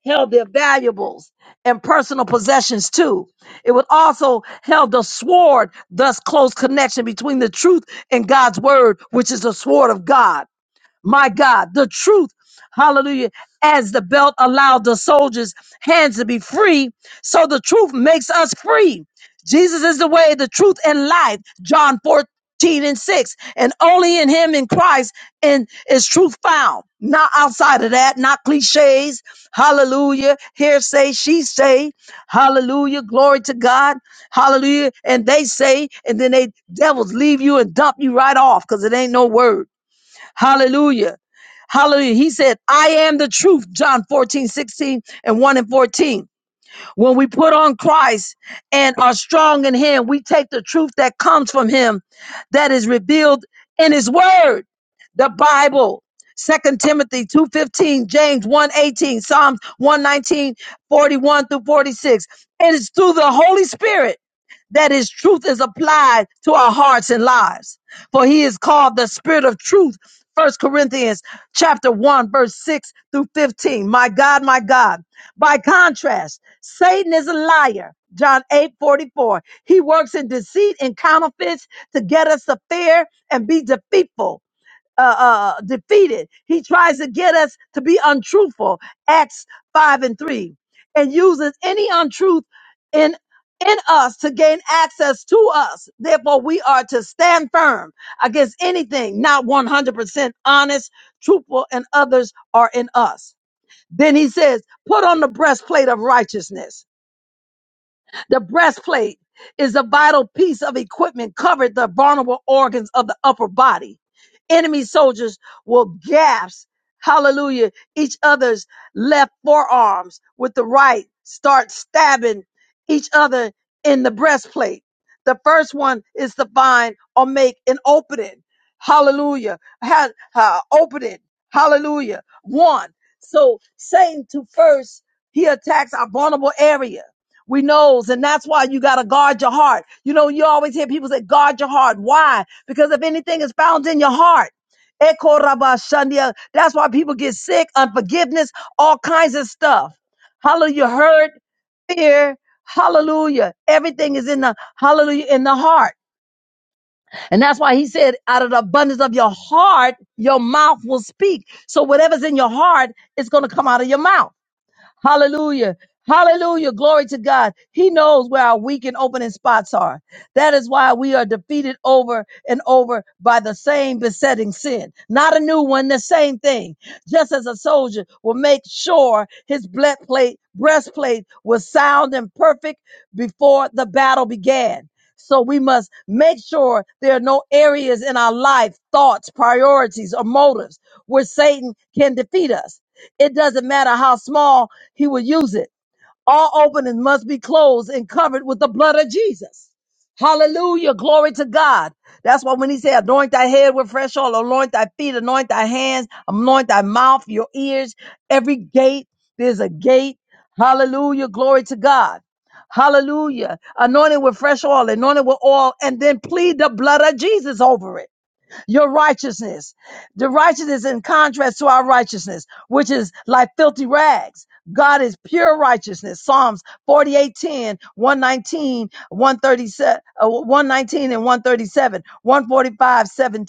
held their valuables and personal possessions too. It would also held the sword, thus close connection between the truth and God's word, which is the sword of God my God, the truth. Hallelujah. As the belt allowed the soldiers' hands to be free, so the truth makes us free. Jesus is the way, the truth, and life. John 14 and 6. And only in him, in Christ, and is truth found. Not outside of that, not cliches. Hallelujah. Here say, she say. Hallelujah. Glory to God. Hallelujah. And they say, and then they devils leave you and dump you right off because it ain't no word. Hallelujah. Hallelujah. He said, I am the truth, John 14 16 and 1 and 14. When we put on Christ and are strong in him, we take the truth that comes from him that is revealed in his word, the Bible. Second Timothy 2:15, James one eighteen, Psalms one nineteen forty one through 46. It is through the Holy Spirit that his truth is applied to our hearts and lives. For he is called the spirit of truth. First Corinthians chapter 1 verse 6 through 15. My God, my God. By contrast, Satan is a liar. John 8 44. He works in deceit and counterfeits to get us to fear and be defeatful uh, uh, uh, defeated. He tries to get us to be untruthful. Acts 5 and 3. And uses any untruth in in us to gain access to us. Therefore, we are to stand firm against anything not 100% honest, truthful, and others are in us. Then he says, put on the breastplate of righteousness the breastplate is a vital piece of equipment covered the vulnerable organs of the upper body. Enemy soldiers will gasp, hallelujah, each other's left forearms with the right, start stabbing each other in the breastplate. The first one is to find or make an opening. Hallelujah. Ha, ha, opening. Hallelujah. One. So Satan to first, he attacks our vulnerable area we knows, and that's why you gotta guard your heart. You know, you always hear people say, guard your heart. Why? Because if anything is found in your heart, Eko raba shandia. that's why people get sick, unforgiveness, all kinds of stuff. Hallelujah, hurt, fear, hallelujah. Everything is in the hallelujah in the heart. And that's why he said, out of the abundance of your heart, your mouth will speak. So whatever's in your heart, it's gonna come out of your mouth. Hallelujah. Hallelujah. Glory to God. He knows where our weak and opening spots are. That is why we are defeated over and over by the same besetting sin. Not a new one, the same thing. Just as a soldier will make sure his ble- plate- breastplate was sound and perfect before the battle began. So we must make sure there are no areas in our life, thoughts, priorities, or motives where Satan can defeat us. It doesn't matter how small he will use it. All openings must be closed and covered with the blood of Jesus. Hallelujah. Glory to God. That's why when he said, anoint thy head with fresh oil, anoint thy feet, anoint thy hands, anoint thy mouth, your ears, every gate, there's a gate. Hallelujah. Glory to God. Hallelujah. Anointed with fresh oil, anointed with oil, and then plead the blood of Jesus over it your righteousness. The righteousness in contrast to our righteousness, which is like filthy rags. God is pure righteousness. Psalms 48:10, uh, 119 and 137, one forty-five, seventeen.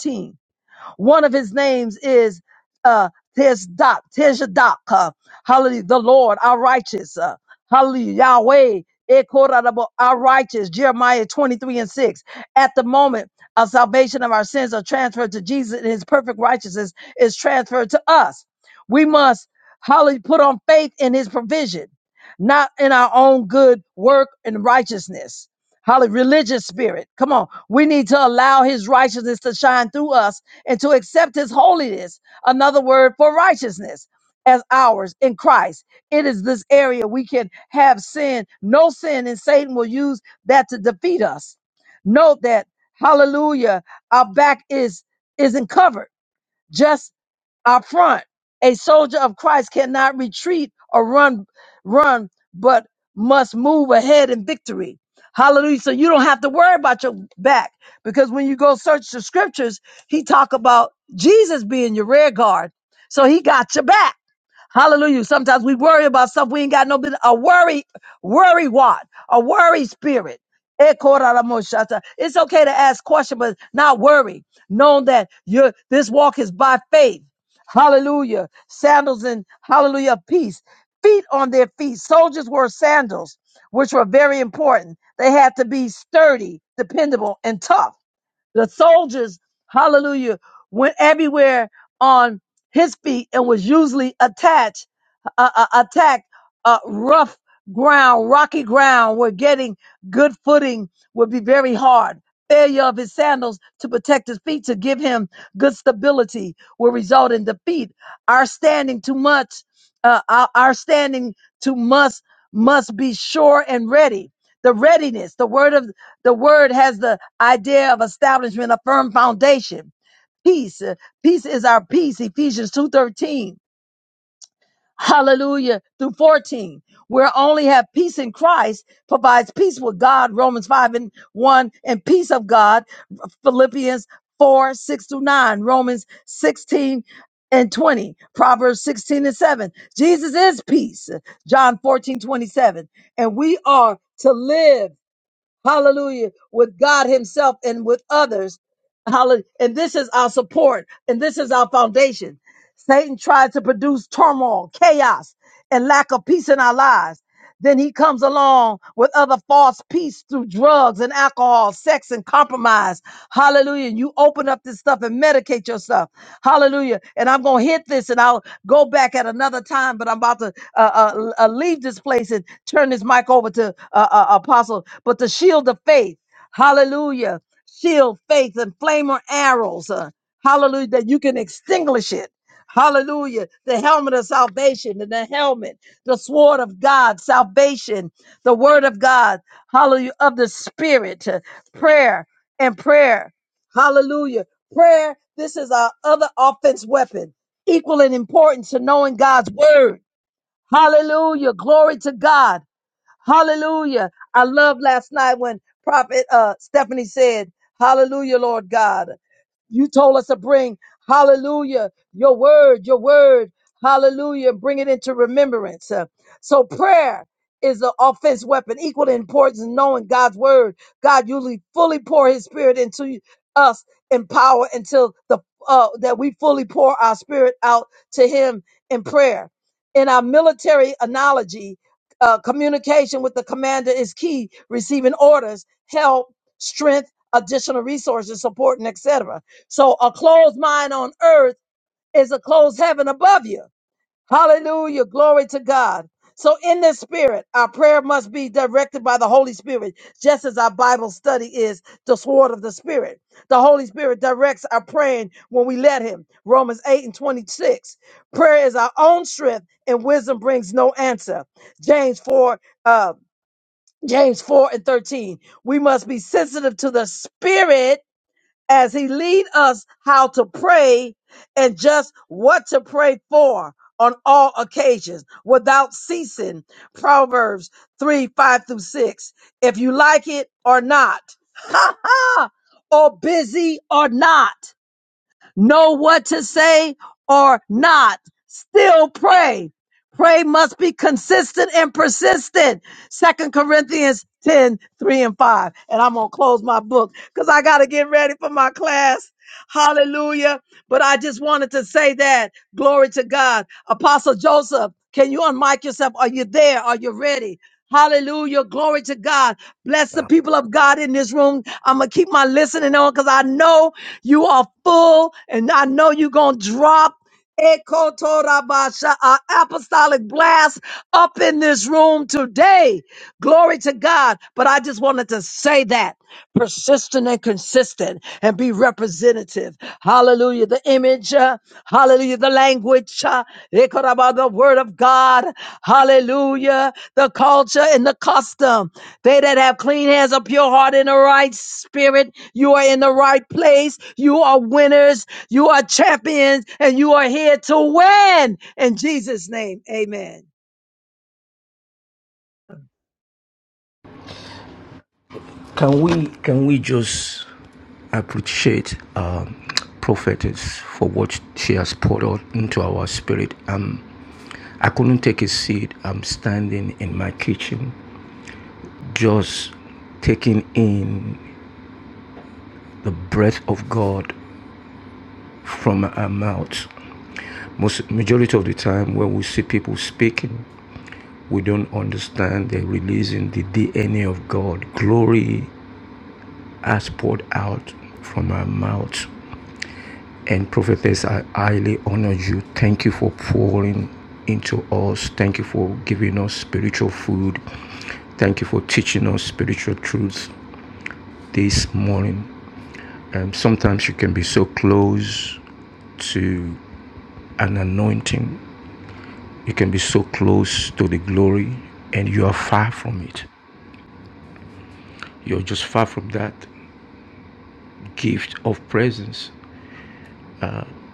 One of his names is uh Tezdak, Tezdak, uh, hallelujah, the Lord, our righteous, uh, hallelujah, Yahweh, Ekorarabo, our righteous, Jeremiah 23 and 6. At the moment of salvation of our sins are transferred to Jesus and his perfect righteousness is transferred to us. We must, hallelujah, put on faith in his provision, not in our own good work and righteousness. Hallelujah, religious spirit. Come on. We need to allow his righteousness to shine through us and to accept his holiness, another word for righteousness, as ours in Christ. It is this area we can have sin, no sin, and Satan will use that to defeat us. Note that, hallelujah, our back is isn't covered. Just up front. A soldier of Christ cannot retreat or run, run, but must move ahead in victory. Hallelujah. So you don't have to worry about your back because when you go search the scriptures, he talk about Jesus being your rear guard. So he got your back. Hallelujah. Sometimes we worry about stuff we ain't got no business. A worry, worry what? A worry spirit. Ekoraramoshata. It's okay to ask questions, but not worry. Knowing that your this walk is by faith. Hallelujah. Sandals and hallelujah peace. Feet on their feet. Soldiers wore sandals, which were very important. They had to be sturdy, dependable, and tough. The soldiers, hallelujah, went everywhere on his feet and was usually attached uh, uh, attack uh, rough ground, rocky ground, where getting good footing would be very hard. Failure of his sandals to protect his feet to give him good stability will result in defeat. Our standing too much, uh, our, our standing too must must be sure and ready. The readiness, the word of the word has the idea of establishment, a firm foundation. Peace, uh, peace is our peace. Ephesians two thirteen Hallelujah. Through 14, where only have peace in Christ provides peace with God, Romans 5 and 1, and peace of God, Philippians 4, 6 through 9, Romans 16 and 20, Proverbs 16 and 7. Jesus is peace, John 14 27, And we are to live hallelujah, with God Himself and with others. Hallelujah. And this is our support and this is our foundation. Satan tries to produce turmoil, chaos, and lack of peace in our lives. Then he comes along with other false peace through drugs and alcohol, sex and compromise. Hallelujah. You open up this stuff and medicate yourself. Hallelujah. And I'm going to hit this and I'll go back at another time, but I'm about to uh, uh, uh, leave this place and turn this mic over to uh, uh, Apostle. But the shield of faith, hallelujah, shield, faith, and flamer arrows, uh, hallelujah, that you can extinguish it. Hallelujah. The helmet of salvation and the helmet, the sword of God, salvation, the word of God, hallelujah, of the spirit, uh, prayer and prayer. Hallelujah Prayer, this is our other offense weapon, equal in importance to knowing God's word. Hallelujah. Glory to God. Hallelujah. I love last night when Prophet uh, Stephanie said, Hallelujah, Lord God you told us to bring. Hallelujah. Your word, your word. Hallelujah. Bring it into remembrance. Uh, So prayer is an offense weapon, equal in importance in knowing God's word. God usually fully pour his spirit into us in power until the uh, that we fully pour our spirit out to him in prayer. In our military analogy, uh, communication with the commander is key, receiving orders, help, strength, additional resources, support, and etc. So a closed mind on earth is a closed heaven above you. Hallelujah. Glory to God. So in this spirit, our prayer must be directed by the Holy Spirit, just as our Bible study is the sword of the Spirit. The Holy Spirit directs our praying when we let Him. Romans 8 and 26. Prayer is our own strength and wisdom brings no answer. James 4, uh, James 4 and 13. We must be sensitive to the spirit as he lead us how to pray and just what to pray for on all occasions without ceasing. Proverbs 3, 5 through 6. If you like it or not, or busy or not know what to say or not, still pray. Pray must be consistent and persistent. Second Corinthians 10 3 and 5. And I'm going to close my book because I got to get ready for my class. Hallelujah. But I just wanted to say that. Glory to God. Apostle Joseph, can you unmic yourself? Are you there? Are you ready? Hallelujah. Glory to God. Bless the people of God in this room. I'm going to keep my listening on because I know you are full, and I know you're going to drop Eko Torabasha, an apostolic blast up in this room today. Glory to God. But I just wanted to say that persistent and consistent and be representative. Hallelujah. The image, uh, hallelujah. The language, uh, Eko the word of God, hallelujah. The culture and the custom. They that have clean hands, a pure heart, and a right spirit you are in the right place. You are winners. You are champions and you are here to win. In Jesus' name, amen.
Can we can we just appreciate um, prophetess for what she has poured out into our spirit? Um, I couldn't take a seat. I'm standing in my kitchen, just taking in the breath of God from our mouth. Most majority of the time, when we see people speaking, we don't understand they're releasing the DNA of God. Glory has poured out from our mouth. And prophetess, I highly honor you. Thank you for pouring into us. Thank you for giving us spiritual food. Thank you for teaching us spiritual truths this morning. And sometimes you can be so close to an anointing, you can be so close to the glory, and you are far from it. You're just far from that gift of presence.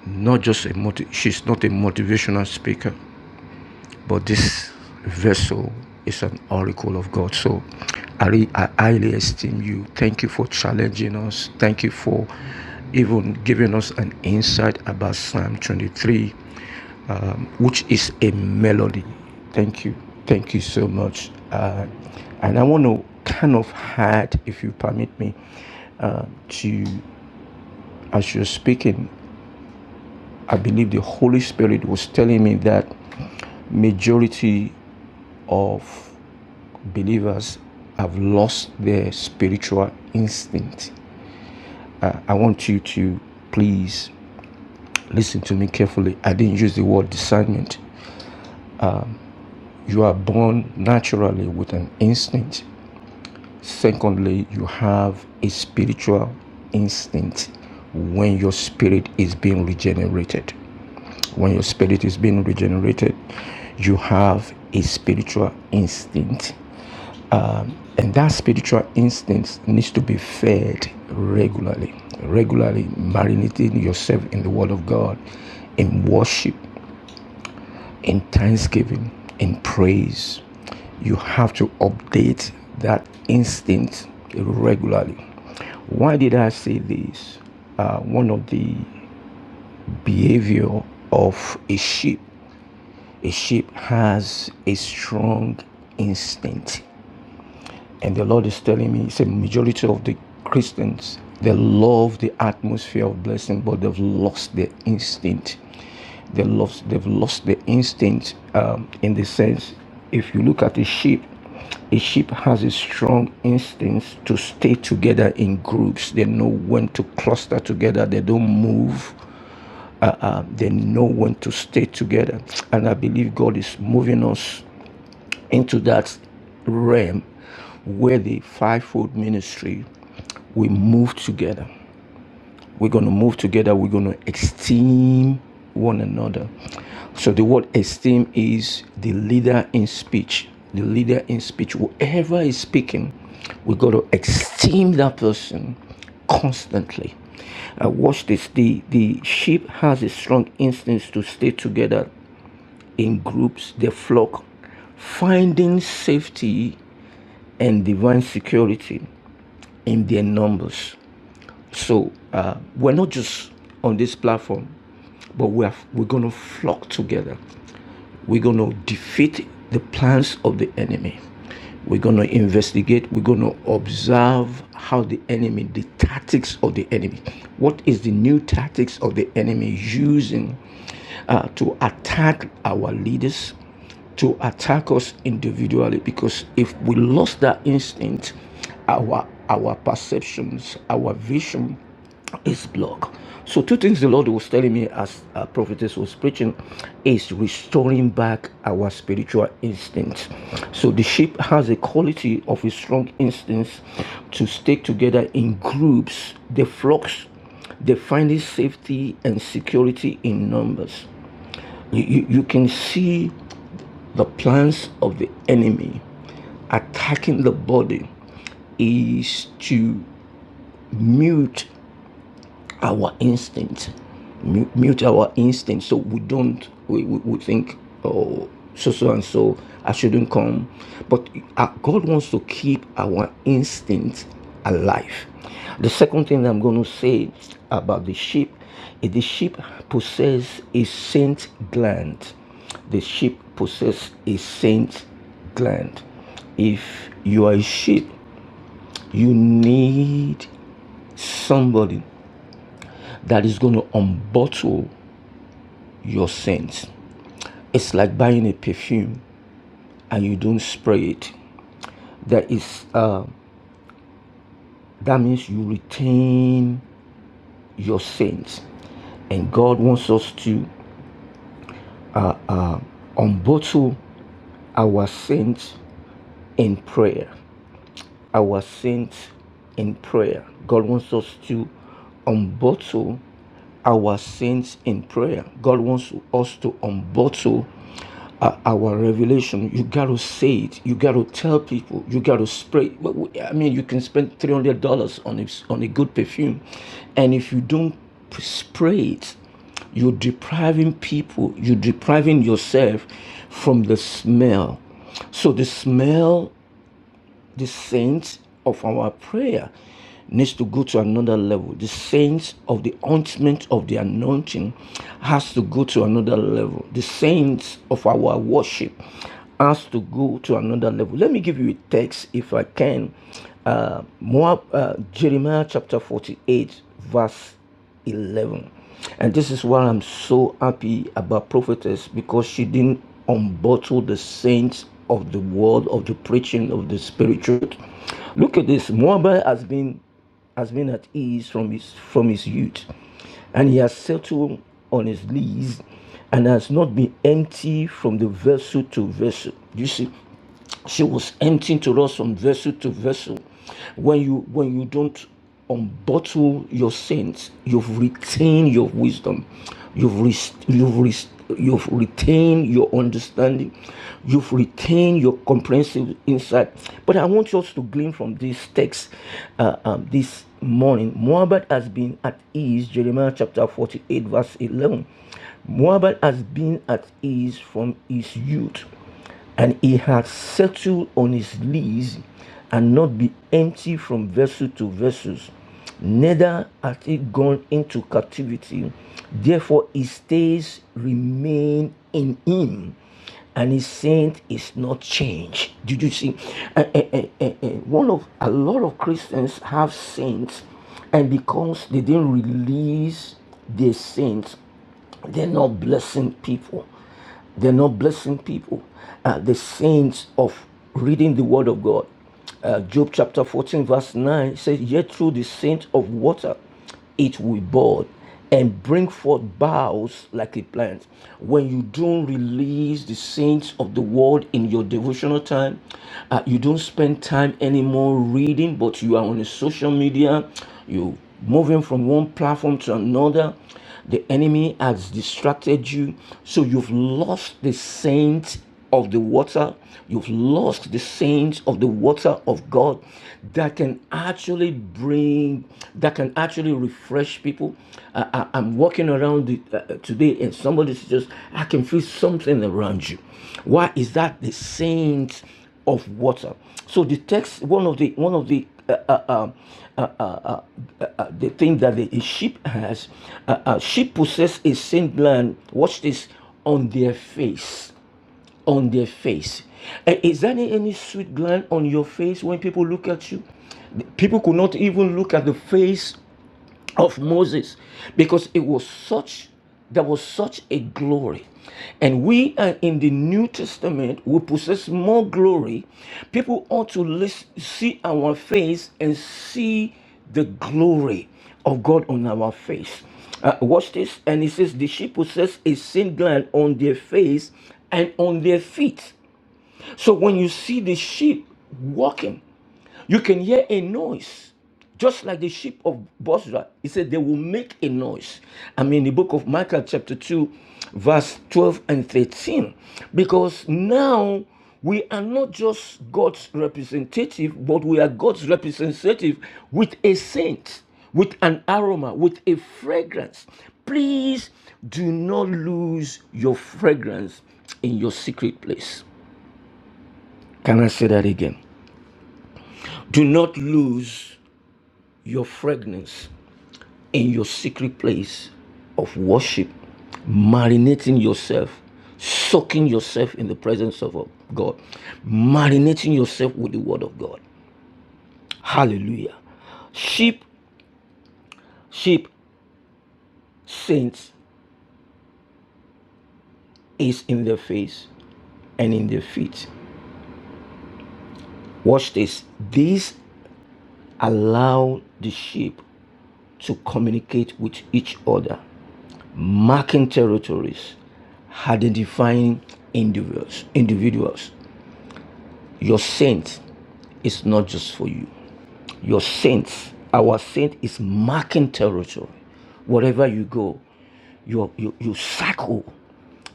Not just a motiv- she's not a motivational speaker. But this vessel is an oracle of God. So I, re- I highly esteem you. Thank you for challenging us. Thank you for even giving us an insight about Psalm 23, um, which is a melody. Thank you. Thank you so much. Uh, and I want to kind of add, if you permit me, uh, to as you're speaking. I believe the Holy Spirit was telling me that majority of believers have lost their spiritual instinct. I I want you to please listen to me carefully. I didn't use the word discernment. You are born naturally with an instinct. Secondly, you have a spiritual instinct when your spirit is being regenerated. When your spirit is being regenerated, you have a spiritual instinct. Um, and that spiritual instinct needs to be fed regularly, regularly marinating yourself in the Word of God, in worship, in thanksgiving, in praise. You have to update that instinct regularly. Why did I say this? Uh, one of the behavior of a sheep. A sheep has a strong instinct. And the Lord is telling me, it's a majority of the Christians, they love the atmosphere of blessing, but they've lost their instinct. They lost, they've lost the instinct um, in the sense, if you look at a sheep, a sheep has a strong instinct to stay together in groups. They know when to cluster together. They don't move uh, uh, they know when to stay together. And I believe God is moving us into that realm where the fivefold ministry we move together. We're going to move together. We're going to esteem one another. So the word esteem is the leader in speech. The leader in speech, whoever is speaking, we got to esteem that person constantly. Uh, watch this. The the sheep has a strong instinct to stay together in groups, the flock, finding safety and divine security in their numbers. So uh, we're not just on this platform, but we're we're gonna flock together. We're going to defeat the plans of the enemy. We're going to investigate. We're going to observe how the enemy, the tactics of the enemy, what is the new tactics of the enemy using uh, to attack our leaders, to attack us individually because if we lost that instinct, our our perceptions, our vision is blocked. So two things the Lord was telling me as a prophetess was preaching is restoring back our spiritual instincts. So the sheep has a quality of a strong instinct to stay together in groups, the flocks, they find safety and security in numbers. You, you, you can see the plans of the enemy attacking the body is to mute our instinct, mute our instinct, so we don't we, we, we think oh so so and so I shouldn't come, but uh, God wants to keep our instinct alive. The second thing that I'm going to say about the sheep is the sheep possess a scent gland. The sheep possess a scent gland. If you are a sheep, you need somebody that is going to unbottle your sins. It's like buying a perfume and you don't spray it. That is uh, that means you retain your sins, and God wants us to unbottle our sins in prayer. our sins in prayer. God wants us to unbottle our sins in prayer. God wants us to unbottle uh, our revelation. You got to say it. You got to tell people. You got to spray. But I mean, you can spend three hundred dollars on a, on a good perfume, and if you don't spray it, you're depriving people. You're depriving yourself from the smell. So the smell the saints of our prayer needs to go to another level. The saints of the ointment of the anointing has to go to another level. The saints of our worship has to go to another level. Let me give you a text if I can. Uh, Moab, uh, Jeremiah chapter 48, verse 11 and this is why i'm so happy about prophetess because she didn't unbottle the saints of the world of the preaching of the spirit truth look at this moabite has been has been at ease from his from his youth and he has settled on his lees and has not been empty from the vessel to vessel you see she was emptying to us from vessel to vessel when you when you don't unbottle your sins you've retained your wisdom you've res- you've res- you've retained your understanding you've retained your comprehensive insight but i want us to glean from this text uh, um, this morning Moabed has been at ease jeremiah chapter 48 verse 11 Moabed has been at ease from his youth and he had settled on his lease and not be empty from vessel to vessels neither hath he gone into captivity therefore his days remain in him and his saint is not changed did you see Eh, eh, eh, eh, eh, one of a lot of christians have saints and because they didn't release their saints they're not blessing people they're not blessing people. Uh, the saints of reading the word of God. Uh, Job chapter 14, verse 9 says, Yet through the saint of water it will bud and bring forth boughs like a plant. When you don't release the saints of the word in your devotional time, uh, you don't spend time anymore reading, but you are on a social media, you moving from one platform to another the enemy has distracted you, so you've lost the scent of the water. You've lost the scent of the water of God that can actually bring, that can actually refresh people. I, I- I'm walking around the, uh, uh, today and somebody's just, I can feel something around you. Why is that the scent? of water. So the text, one of the one of the uh, uh, uh, uh, uh, uh, uh, uh, the thing that the, a sheep has, uh, uh, sheep possess a saint land. Watch this on their face, on their face. Uh, is there any, any sweet gland on your face when people look at you? People could not even look at the face of Moses because it was such there was such a glory. And we are in the New Testament, we possess more glory. People ought to lis- see our face and see the glory of God on our face. Uh, watch this, and it says, The sheep possess a sin gland on their face and on their feet. So when you see the sheep walking, you can hear a noise, just like the sheep of Bosra. He said they will make a noise. I mean, the book of Micah, chapter 2, verse 12 and 13. Because now we are not just God's representative, but we are God's representative with a scent, with an aroma, with a fragrance. Please do not lose your fragrance in your secret place. Can I say that again? Do not lose your fragrance in your secret place of worship, marinating yourself, soaking yourself in the presence of God, marinating yourself with the Word of God. Hallelujah. Sheep, sheep, saints is in their face and in their feet. Watch this. These allow the sheep to communicate with each other, marking territories, identifying individuals, individuals, your saint is not just for you. Your saint, our saint is marking territory. Wherever you go, you, you, you cycle.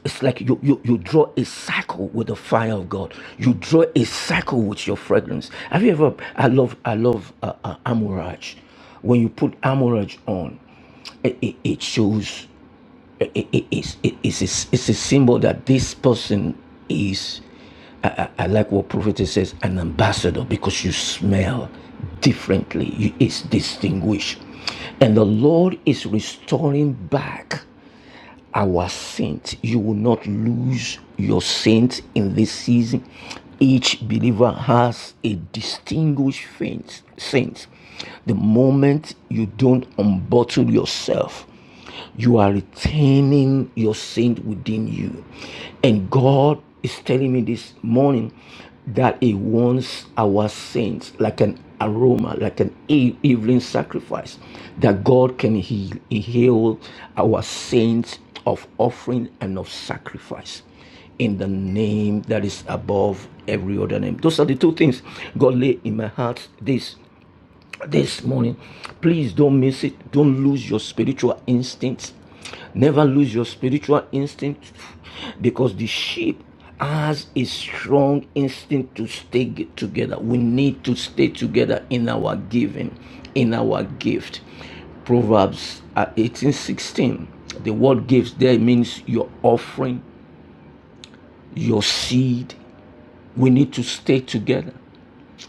It's like you, you, you draw a circle with the fire of God. You draw a circle with your fragrance. Have you ever? I love I love uh, uh, amorage. When you put amorage on, it, it, it shows it, it, it's, it, it's, a, it's a symbol that this person is, I, I, I like what prophet says, an ambassador because you smell differently. You, it's distinguished. And the Lord is restoring back our saint. You will not lose your saint in this season. Each believer has a distinguished saint. The moment you don't unbottle yourself, you are retaining your saint within you. And God is telling me this morning that He wants our saints like an aroma, like an e- evening sacrifice, that God can heal, heal our saints of offering and of sacrifice in the name that is above every other name. Those are the two things God laid in my heart this this morning. Please don't miss it. Don't lose your spiritual instincts. Never lose your spiritual instinct because the sheep has a strong instinct to stay together. We need to stay together in our giving, in our gift. Proverbs uh, 18 16: The word gives there means your offering, your seed. We need to stay together.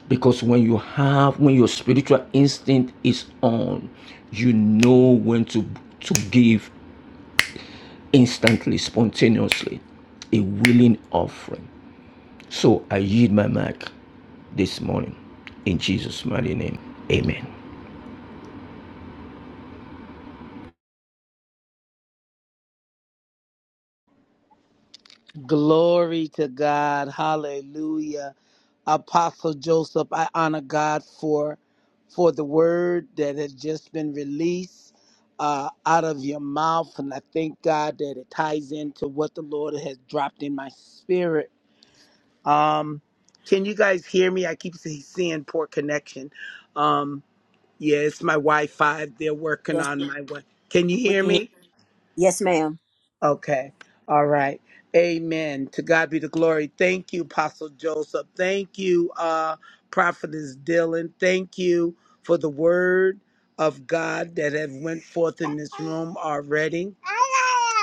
Because when you have, when your spiritual instinct is on, you know when to, to give instantly, spontaneously, a willing offering. So I yield my mic this morning. In Jesus' mighty name, amen.
Glory to God. Hallelujah. Apostle Joseph, I honor God for for the word that has just been released uh, out of your mouth, and I thank God that it ties into what the Lord has dropped in my spirit. Um, can you guys hear me? I keep see- seeing poor connection. Um, yeah, it's my Wi-Fi. They're working
Yes,
on
ma'am.
my one. Can you
We
hear
can hear.
me?
you. Yes, ma'am.
Okay. All right. Amen. To God be the glory. Thank you, Apostle Joseph. Thank you, uh, Prophetess Dylan. Thank you for the word of God that have went forth in this room already.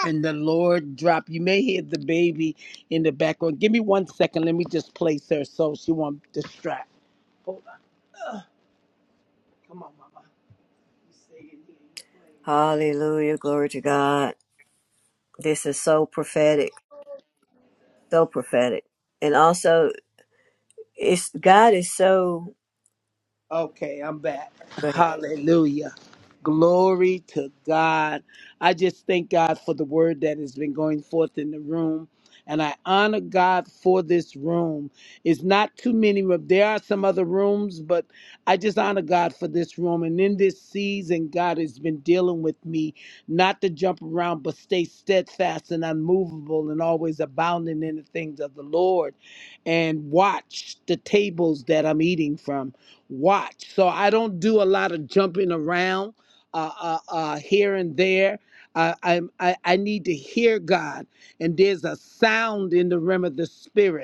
And the Lord drop. You may hear the baby in the background. Give me one second. Let me just place her so she won't distract. Hold on. Come on, Mama.
Hallelujah. Glory to God. This is so prophetic, so prophetic. And also, it's God is so.
Okay, I'm back.
Go ahead.
Hallelujah. Glory to God. I just thank God for the word that has been going forth in the room. And I honor God for this room. It's not too many rooms. There are some other rooms, but I just honor God for this room. And in this season, God has been dealing with me not to jump around, but stay steadfast and unmovable and always abounding in the things of the Lord and watch the tables that I'm eating from watch. So I don't do a lot of jumping around uh, uh, uh, here and there. Uh, I, I I need to hear God, and there's a sound in the realm of the spirit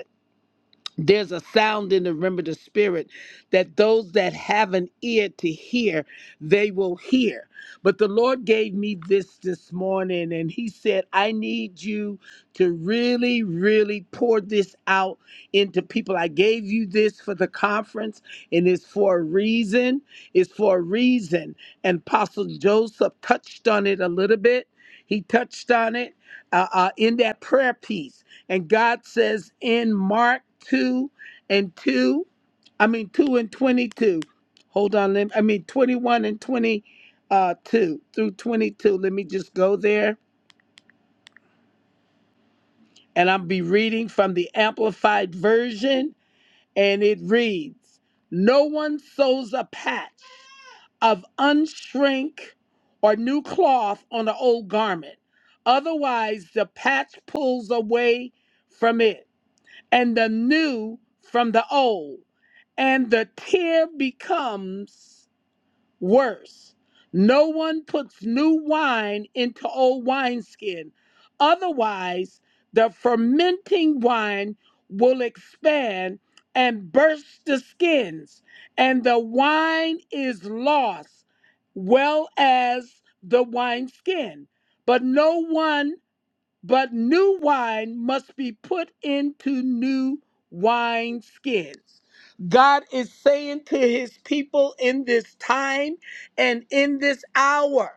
there's a sound in the realm of the spirit that those that have an ear to hear they will hear but the lord gave me this this morning and he said i need you to really really pour this out into people i gave you this for the conference and it's for a reason it's for a reason and apostle joseph touched on it a little bit he touched on it uh, uh, in that prayer piece and God says in Mark 2 and 2, I mean 2 and 22. Hold on, let me, I mean 21 and 22 uh, 2 through 22. Let me just go there. And I'll be reading from the Amplified Version. And it reads No one sews a patch of unshrink or new cloth on an old garment. Otherwise, the patch pulls away from it and the new from the old, and the tear becomes worse. No one puts new wine into old wineskin, otherwise, the fermenting wine will expand and burst the skins, and the wine is lost, well as the wineskin. But no one but new wine must be put into new wine skins. God is saying to his people in this time and in this hour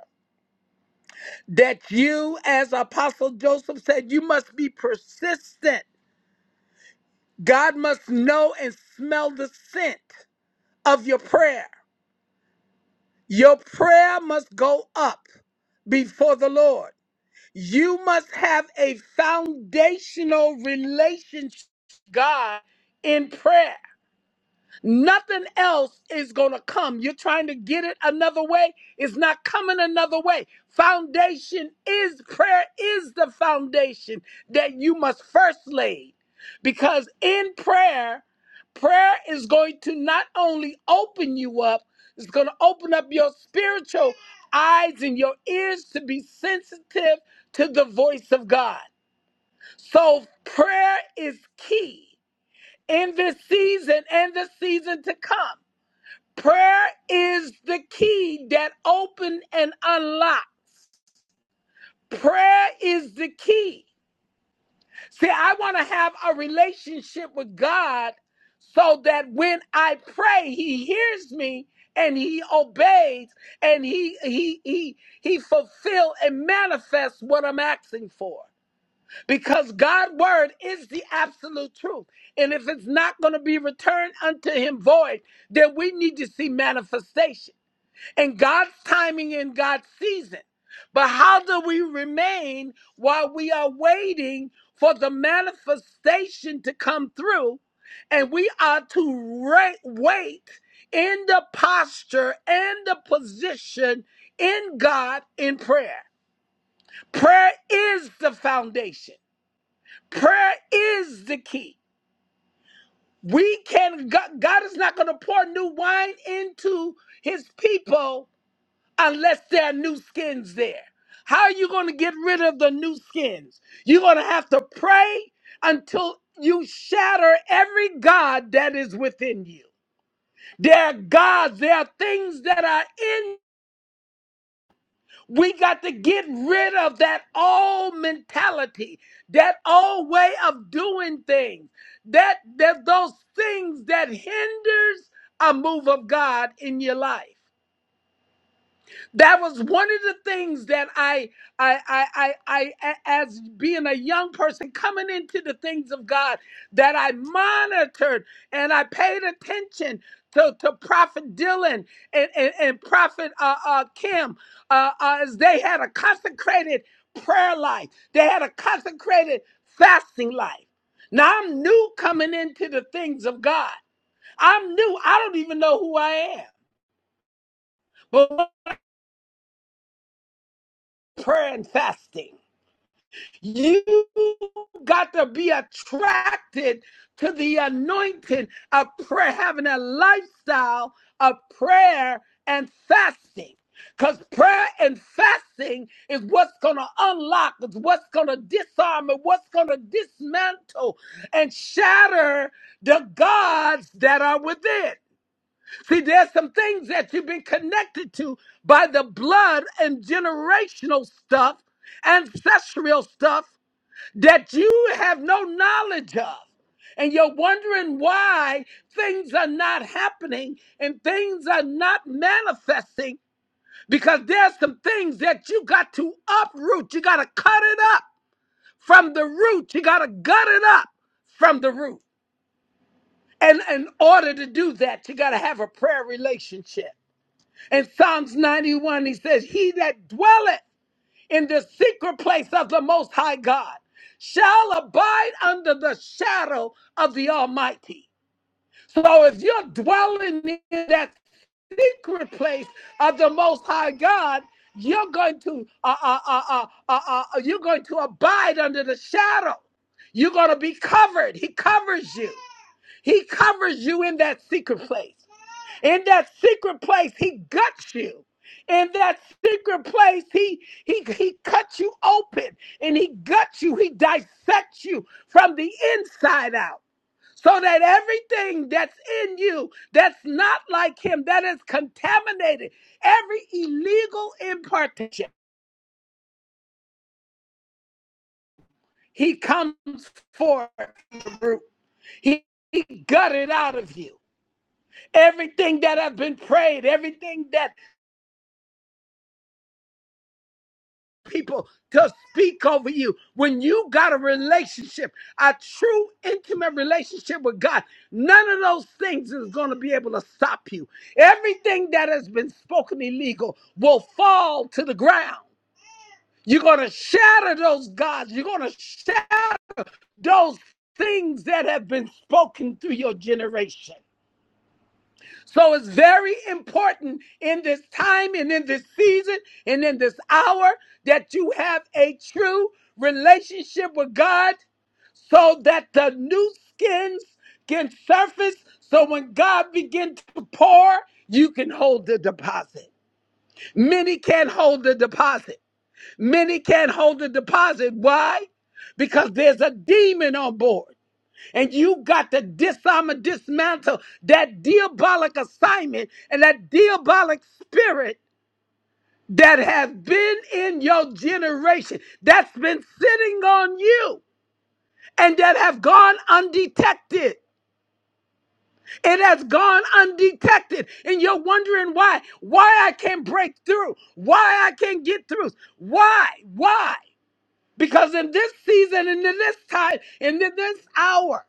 that you, as Apostle Joseph said, you must be persistent. God must know and smell the scent of your prayer. Your prayer must go up before the Lord. You must have a foundational relationship with God in prayer. Nothing else is going to come. You're trying to get it another way. It's not coming another way. Foundation is prayer is the foundation that you must first lay. Because in prayer, prayer is going to not only open you up, it's going to open up your spiritual eyes and your ears to be sensitive to the voice of God. So prayer is key in this season and the season to come. Prayer is the key that open and unlock. Prayer is the key. See, I want to have a relationship with God so that when I pray, he hears me and he obeys and he he he he fulfill and manifests what I'm asking for. Because God's word is the absolute truth. And if it's not going to be returned unto him void, then we need to see manifestation. and God's timing and God's season. But how do we remain while we are waiting for the manifestation to come through? And we are to ra- wait in the posture and the position in God in prayer. Prayer is the foundation, prayer is the key. We can, God God is not going to pour new wine into his people unless there are new skins there. How are you going to get rid of the new skins? You're going to have to pray until you shatter every God that is within you. There are gods, there are things that are in. We got to get rid of that old mentality, that old way of doing things, that, that those things that hinders a move of God in your life. that was one of the things that I, I, I, I, I, a- as being a young person coming into the things of God, that I monitored and I paid attention to, to Prophet Dylan and, and, and Prophet uh, uh, Kim, uh, uh, as they had a consecrated prayer life, they had a consecrated fasting life. Now I'm new coming into the things of God. I'm new. I don't even know who I am, but prayer and fasting. You got to be attracted to the anointing of prayer, having a lifestyle of prayer and fasting. Because prayer and fasting is what's going to unlock, is what's going to disarm, and what's going to dismantle and shatter the gods that are within. See, there's some things that you've been connected to by the blood and generational stuff ancestral stuff that you have no knowledge of. And you're wondering why things are not happening and things are not manifesting because there's some things that you got to uproot. You got to cut it up from the root. You got to gut it up from the root. And in order to do that, you got to have a prayer relationship. In Psalms 91, he says, He that dwelleth in the secret place of the Most High God shall abide under the shadow of the Almighty. So if you're dwelling in that secret place of the Most High God, you're going to uh, uh, uh, uh, uh, uh, you're going to abide under the shadow. You're going to be covered. He covers you. He covers you in that secret place. In that secret place, he guts you. In that secret place, he he he cuts you open and he guts you. He dissects you from the inside out. So that everything that's in you that's not like him, that is contaminated, every illegal impartation, he comes forth from the root. He, he gutted out of you. Everything that has been prayed, everything that people to speak over you. When you got a relationship, a true intimate relationship with God, none of those things is going to be able to stop you. Everything that has been spoken illegal will fall to the ground. You're going to shatter those gods. You're going to shatter those things that have been spoken through your generation. So it's very important in this time and in this season and in this hour that you have a true relationship with God so that the new skins can surface. So when God begins to pour, you can hold the deposit. Many can't hold the deposit. Many can't hold the deposit. Why? Because there's a demon on board. And you got to disarm and dismantle that diabolic assignment and that diabolic spirit that has been in your generation, that's been sitting on you, and that have gone undetected. It has gone undetected, and you're wondering why. Why I can't break through. Why I can't get through. Why? Why? Because in this season, and in this time, and in this hour,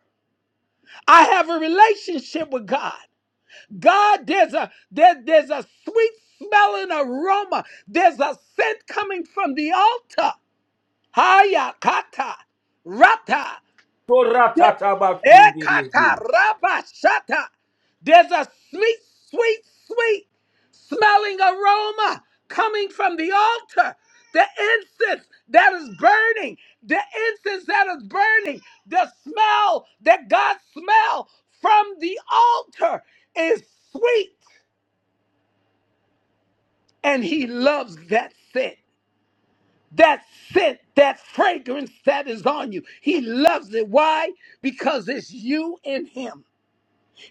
I have a relationship with God. God, there's a there, there's a sweet smelling aroma. There's a scent coming from the altar. Haya kata rata. There- ekata rabashata. There's a sweet, sweet, sweet smelling aroma coming from the altar. The incense that is burning, the incense that is burning, the smell that God smell from the altar is sweet. and he loves that scent. That scent, that fragrance that is on you. He loves it. Why? Because it's you and him.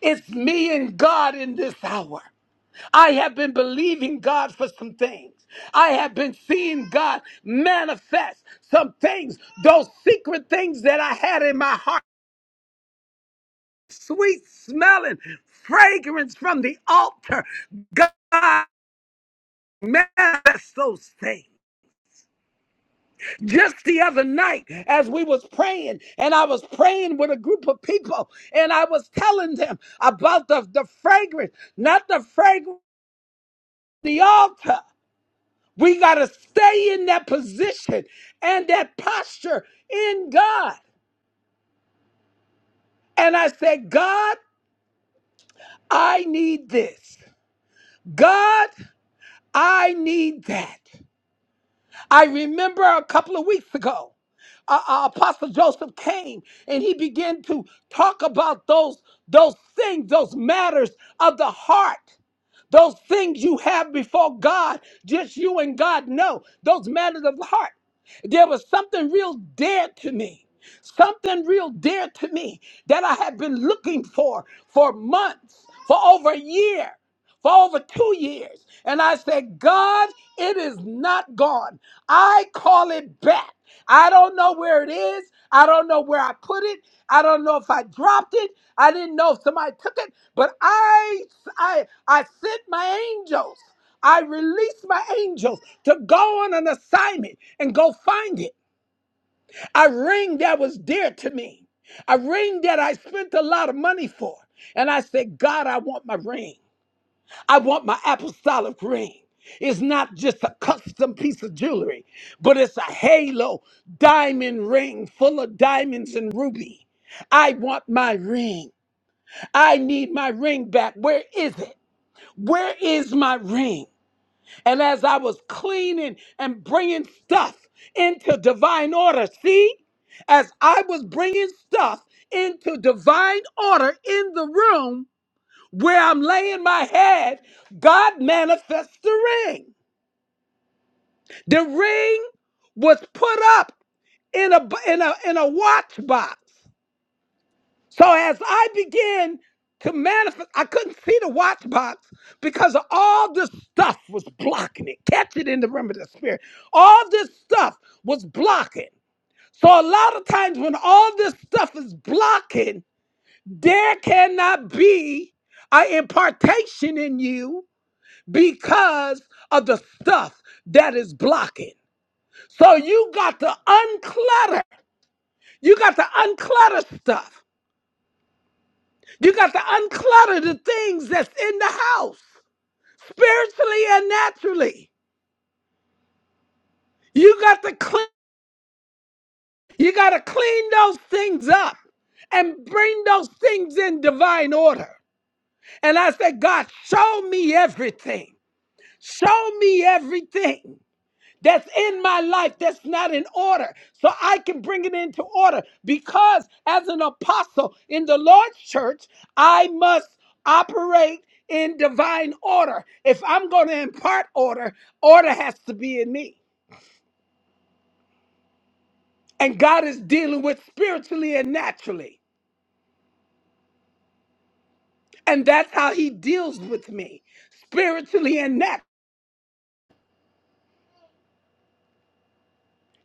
It's me and God in this hour. I have been believing God for some things. I have been seeing God manifest some things, those secret things that I had in my heart. Sweet smelling fragrance from the altar. God manifest those things. just the other night as we was praying and i was praying with a group of people and i was telling them about the, the fragrance not the fragrance the altar we got to stay in that position and that posture in god and i said god i need this god i need that I remember a couple of weeks ago, uh, uh, Apostle Joseph came and he began to talk about those those things, those matters of the heart. Those things you have before God, just you and God know, those matters of the heart. There was something real dear to me, something real dear to me that I had been looking for for months, for over a year for over two years. And I said, God, it is not gone. I call it back. I don't know where it is. I don't know where I put it. I don't know if I dropped it. I didn't know if somebody took it, but I I I sent my angels. I released my angels to go on an assignment and go find it. A ring that was dear to me. A ring that I spent a lot of money for. And I said, God, I want my ring. I want my apostolic ring. It's not just a custom piece of jewelry, but it's a halo diamond ring full of diamonds and ruby. I want my ring. I need my ring back. Where is it? Where is my ring? And as I was cleaning and bringing stuff into divine order, see, as I was bringing stuff into divine order in the room, where I'm laying my head, God manifests the ring. The ring was put up in a in a in a watch box. So as I began to manifest, I couldn't see the watch box because all this stuff was blocking it. Catch it in the realm of the spirit. All this stuff was blocking. So a lot of times when all this stuff is blocking, there cannot be an impartation in you because of the stuff that is blocking. So you got to unclutter. You got to unclutter stuff. You got to unclutter the things that's in the house, spiritually and naturally. You got to clean. You got to clean those things up and bring those things in divine order. And I said, God, show me everything. Show me everything. that's in my life that's not in order. So I can bring it into order because as an apostle in the Lord's church, I must operate in divine order. If I'm going to impart order, order has to be in me. And God is dealing with spiritually and naturally. And that's how he deals with me spiritually and naturally.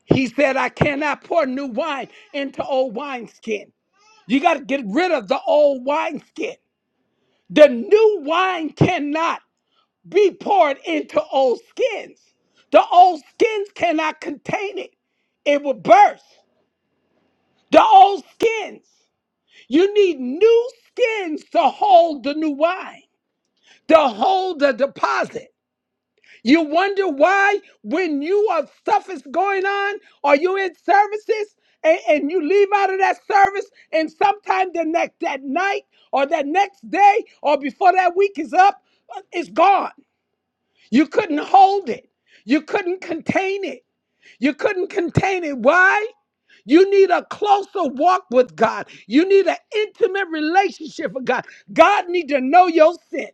He said, I cannot pour new wine into old wineskin. You got to get rid of the old wineskin. The new wine cannot be poured into old skins. The old skins cannot contain it, it will burst. The old skins. You need new skins to hold the new wine, to hold the deposit. You wonder why, when you have stuff is going on, or you in services and, and you leave out of that service, and sometime the next that night or that next day or before that week is up, uh, it's gone. You couldn't hold it. You couldn't contain it. You couldn't contain it. Why? You need a closer walk with God. You need an intimate relationship with God. God need to know your sin.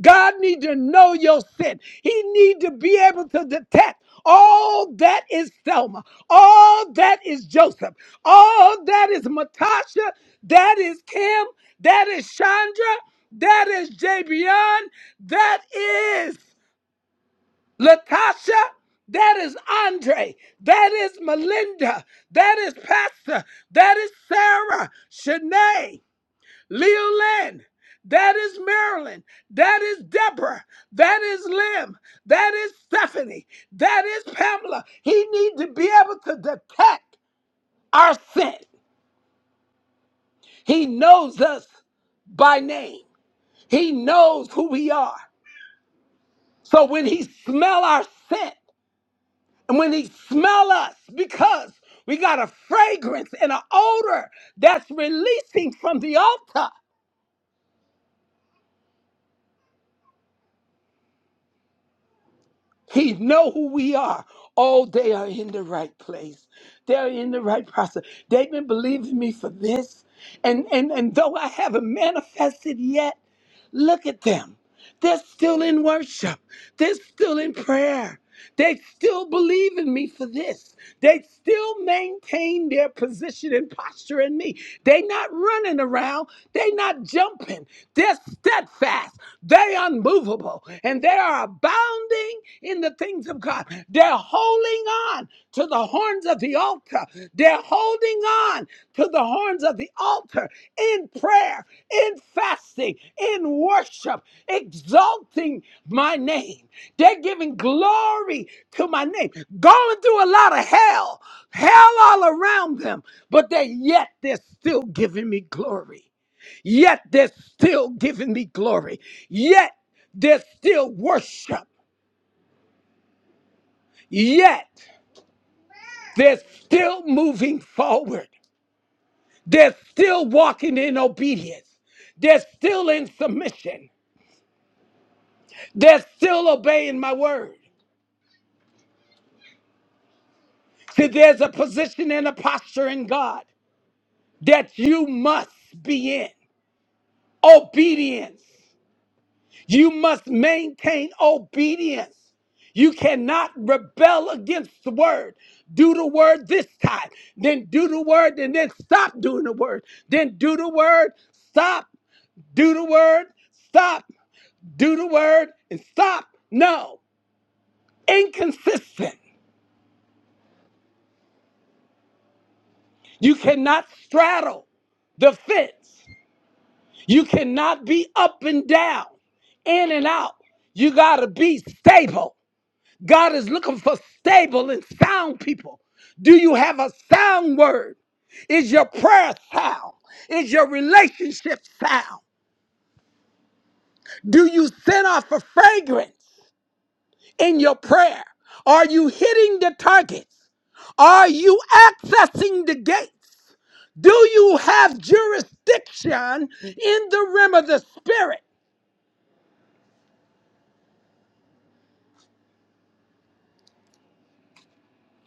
God need to know your sin. He need to be able to detect all that is Selma, all that is Joseph, all that is Matasha, that is Kim, that is Chandra, that is Jabion, that is Latasha, that is Andre, that is Melinda, that is Pastor, that is Sarah, Shanae, Leolyn, that is Marilyn, that is Deborah, that is Lim, that is Stephanie, that is Pamela. He needs to be able to detect our scent. He knows us by name. He knows who we are. So when he smell our scent, And when he smell us, because we got a fragrance and an odor that's releasing from the altar, he know who we are. Oh, they are in the right place. They're in the right process. They've been believing me for this. And and and though I haven't manifested yet. Look at them. They're still in worship. They're still in prayer. They still believe in me for this. They still maintain their position and posture in me. They not running around. They not jumping. They're steadfast. They unmovable. And they are abounding in the things of God. They're holding on to the horns of the altar. They're holding on to the horns of the altar in prayer, in fasting, in worship, exalting my name. They're giving glory to my name. Going through a lot of hell, hell all around them, but they yet they're still giving me glory. Yet they're still giving me glory. Yet they're still worship. Yet. They're still moving forward. They're still walking in obedience. They're still in submission. They're still obeying my word. See, there's a position and a posture in God that you must be in. Obedience. You must maintain obedience. You cannot rebel against the word. Do the word this time, then do the word, and then stop doing the word. Then do the word, stop. do the word, stop, do the word, and stop. No, inconsistent. You cannot straddle the fence. You cannot be up and down, in and out. You got to be stable. God is looking for stable and sound people. Do you have a sound word? Is your prayer sound? Is your relationship sound? Do you send off a fragrance in your prayer? Are you hitting the target? Are you accessing the gates? Do you have jurisdiction in the realm of the spirit?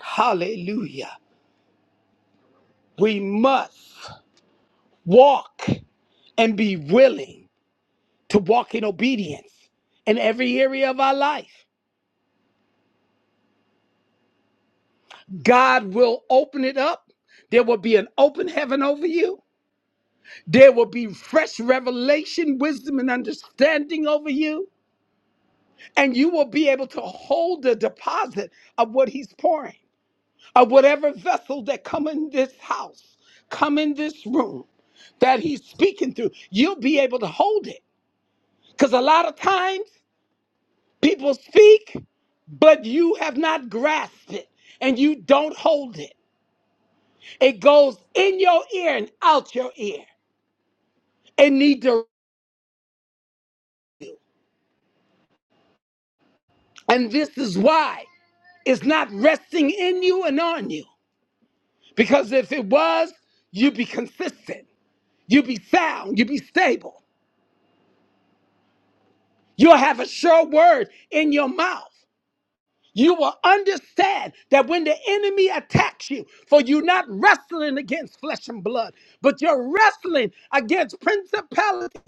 Hallelujah. We must walk and be willing to walk in obedience in every area of our life. God will open it up. There will be an open heaven over you. There will be fresh revelation, wisdom, and understanding over you. And you will be able to hold the deposit of what He's pouring. of whatever vessel that come in this house, come in this room that he's speaking through, you'll be able to hold it. Because a lot of times people speak, but you have not grasped it and you don't hold it. It goes in your ear and out your ear and need to And this is why it's not resting in you and on you. Because if it was, you'd be consistent, you'd be sound, you'd be stable. You'll have a sure word in your mouth. You will understand that when the enemy attacks you, for you're not wrestling against flesh and blood, but you're wrestling against principalities,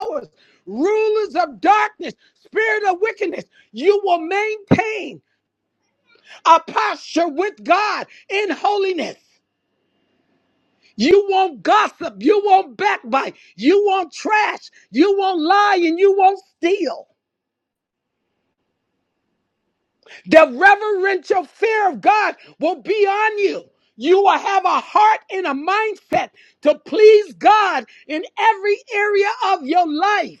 powers, rulers of darkness, spirit of wickedness, you will maintain a posture with God in holiness. You won't gossip. You won't backbite. You won't trash. You won't lie and you won't steal. The reverential fear of God will be on you. You will have a heart and a mindset to please God in every area of your life.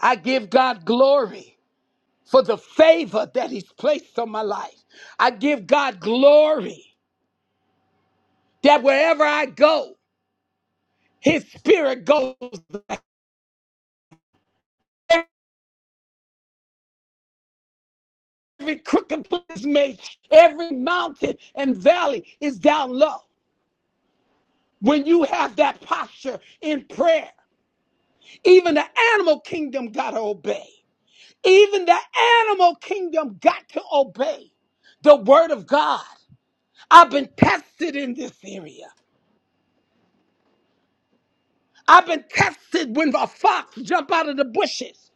I give God glory for the favor that He's placed on my life. I give God glory that wherever I go, His Spirit goes every crooked place is made, every mountain and valley is down low. When you have that posture in prayer, Even the animal kingdom got to obey. Even the animal kingdom got to obey the word of God. I've been tested in this area. I've been tested when a fox jumped out of the bushes.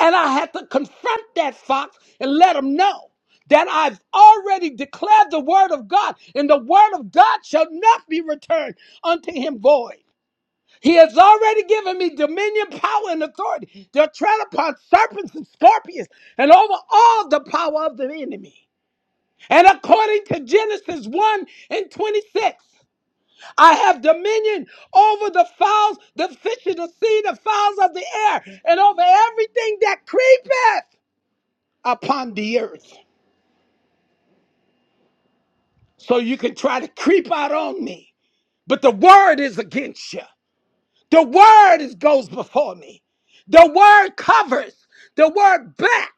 And I had to confront that fox and let him know that I've already declared the word of God, and the word of God shall not be returned unto him void. He has already given me dominion, power, and authority to tread upon serpents and scorpions and over all the power of the enemy. And according to Genesis 1 and 26, I have dominion over the fowls, the fish of the sea, the fowls of the air, and over everything that creepeth upon the earth. So you can try to creep out on me, but the word is against you. The word is, goes before me. The word covers. The word backs.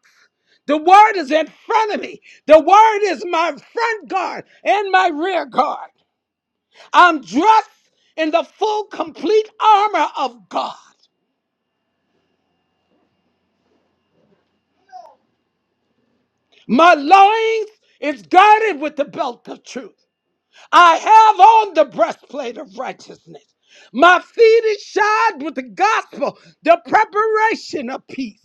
The word is in front of me. The word is my front guard and my rear guard. I'm dressed in the full, complete armor of God. My loins is girded with the belt of truth. I have on the breastplate of righteousness. My feet is shod with the gospel, the preparation of peace.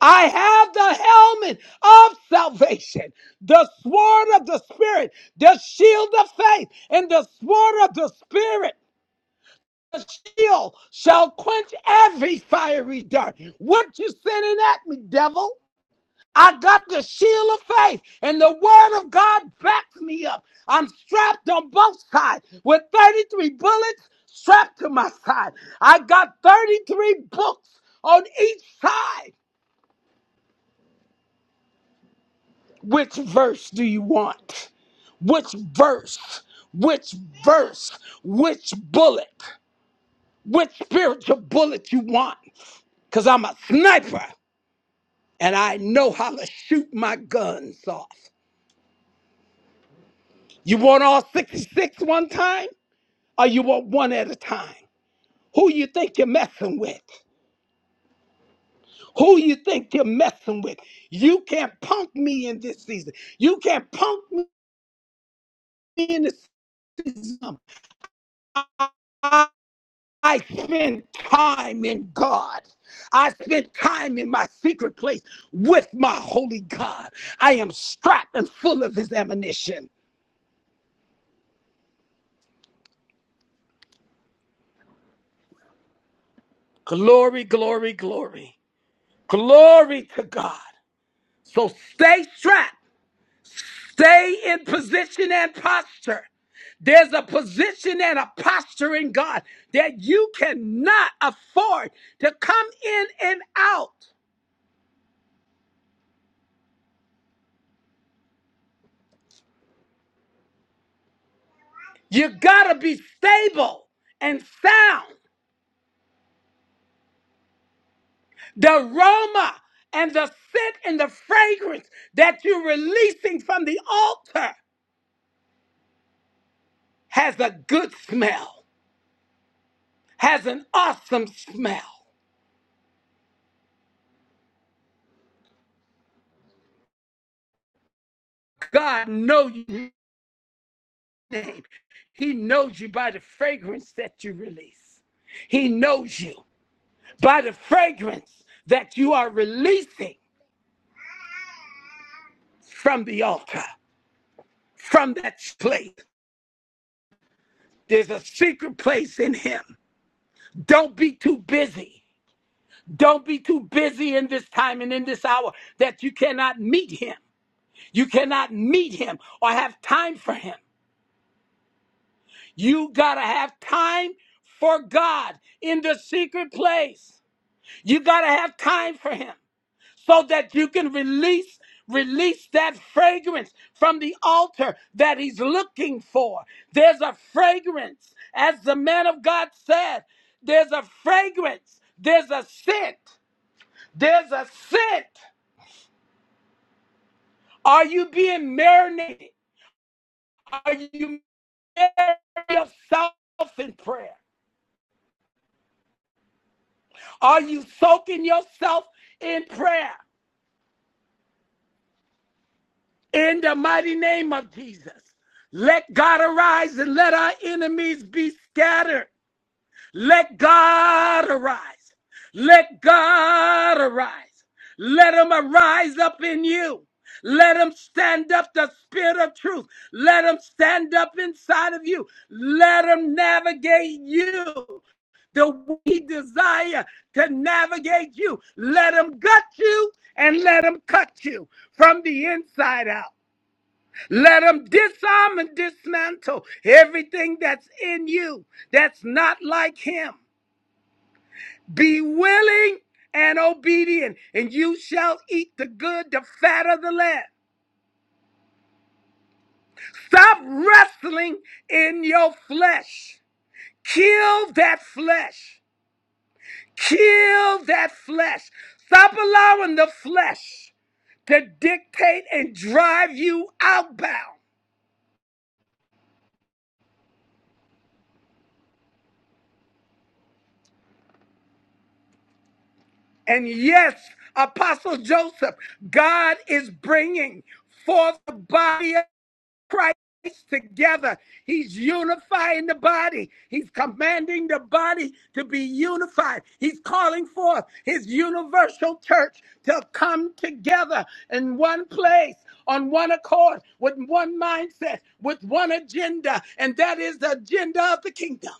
I have the helmet of salvation, the sword of the Spirit, the shield of faith, and the sword of the Spirit. The shield shall quench every fiery dart. What you sending at me, devil? I got the shield of faith, and the word of God backs me up. I'm strapped on both sides with 33 bullets strapped to my side. I got 33 books on each side. Which verse do you want? Which verse? Which verse? Which bullet? Which spiritual bullet you want? Because I'm a sniper and I know how to shoot my guns off. You want all 66 one time or you want one at a time? Who you think you're messing with? Who you think you're messing with? You can't punk me in this season. You can't punk me in this season. I spend time in God. I spend time in my secret place with my holy God. I am strapped and full of his ammunition. Glory, glory, glory. Glory to God. So stay strapped, stay in position and posture. There's a position and a posture in God that you cannot afford to come in and out. You gotta be stable and sound. the aroma and the scent and the fragrance that you're releasing from the altar has a good smell, has an awesome smell. God knows your name. He knows you by the fragrance that you release. He knows you by the fragrance that you are releasing from the altar, from that place. There's a secret place in him. Don't be too busy. Don't be too busy in this time and in this hour that you cannot meet him. You cannot meet him or have time for him. You got to have time for God in the secret place. You got to have time for him so that you can release release that fragrance from the altar that he's looking for. There's a fragrance as the man of God said, there's a fragrance, there's a scent, there's a scent Are you being marinated? Are you marinating yourself in prayer? Are you soaking yourself in prayer? In the mighty name of Jesus, let God arise and let our enemies be scattered. Let God arise. Let God arise. Let him arise up in you. Let him stand up the spirit of truth. Let him stand up inside of you. Let him navigate you the way he desire to navigate you. Let him gut you and let him cut you from the inside out. Let him disarm and dismantle everything that's in you that's not like him. Be willing and obedient, and you shall eat the good, the fat of the land. Stop wrestling in your flesh. Kill that flesh. Kill that flesh. Stop allowing the flesh to dictate and drive you outbound. And yes, Apostle Joseph, God is bringing forth the body. Christ together. He's unifying the body. He's commanding the body to be unified. He's calling forth his universal church to come together in one place, on one accord, with one mindset, with one agenda, and that is the agenda of the kingdom.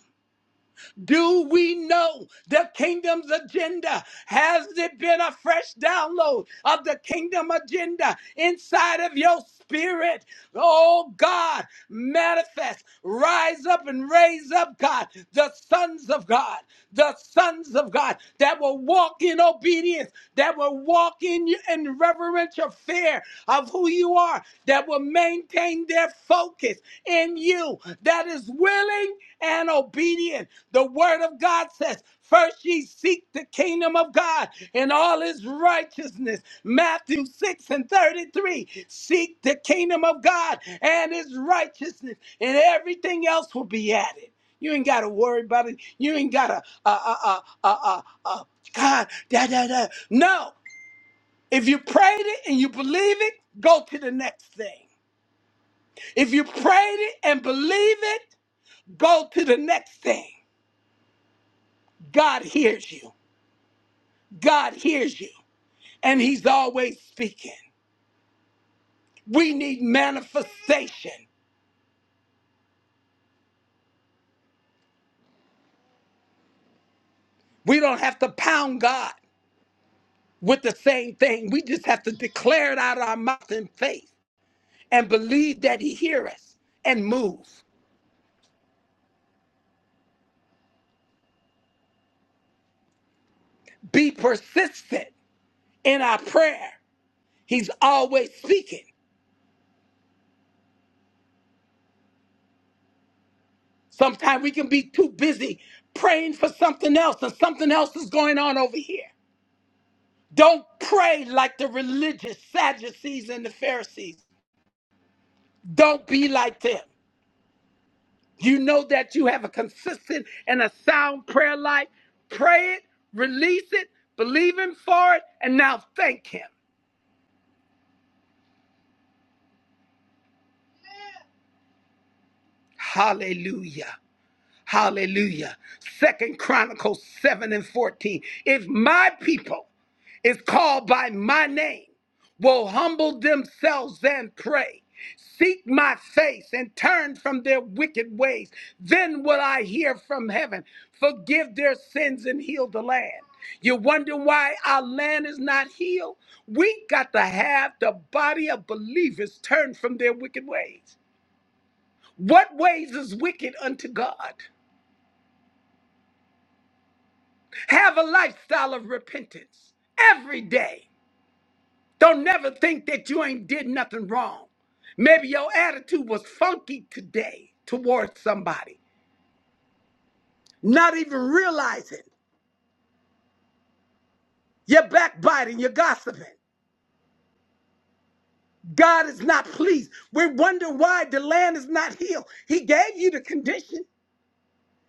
Do we know the kingdom's agenda? Has it been a fresh download of the kingdom agenda inside of your spirit? Oh God, manifest, rise up and raise up, God, the sons of God, the sons of God that will walk in obedience, that will walk in, in reverential fear of who you are, that will maintain their focus in you that is willing and obedient. The word of God says, First ye seek the kingdom of God and all his righteousness. Matthew 6 and 33. Seek the kingdom of God and his righteousness, and everything else will be added. You ain't got to worry about it. You ain't got to, uh, uh, uh, uh, uh, uh, God, da, da, da. No. If you prayed it and you believe it, go to the next thing. If you prayed it and believe it, go to the next thing. God hears you. God hears you. And He's always speaking. We need manifestation. We don't have to pound God with the same thing. We just have to declare it out of our mouth in faith and believe that He hears us and move. Be persistent in our prayer. He's always speaking. Sometimes we can be too busy praying for something else, and something else is going on over here. Don't pray like the religious Sadducees and the Pharisees. Don't be like them. You know that you have a consistent and a sound prayer life. Pray it, release it, believe Him for it, and now thank Him. Hallelujah. Hallelujah. Second Chronicles 7 and 14. If my people is called by my name, will humble themselves and pray, seek my face and turn from their wicked ways, then will I hear from heaven, forgive their sins and heal the land. You wonder why our land is not healed? We got to have the body of believers turn from their wicked ways. What ways is wicked unto God? Have a lifestyle of repentance every day. Don't never think that you ain't did nothing wrong. Maybe your attitude was funky today towards somebody, not even realizing you're backbiting, you're gossiping. God is not pleased. We wonder why the land is not healed. He gave you the condition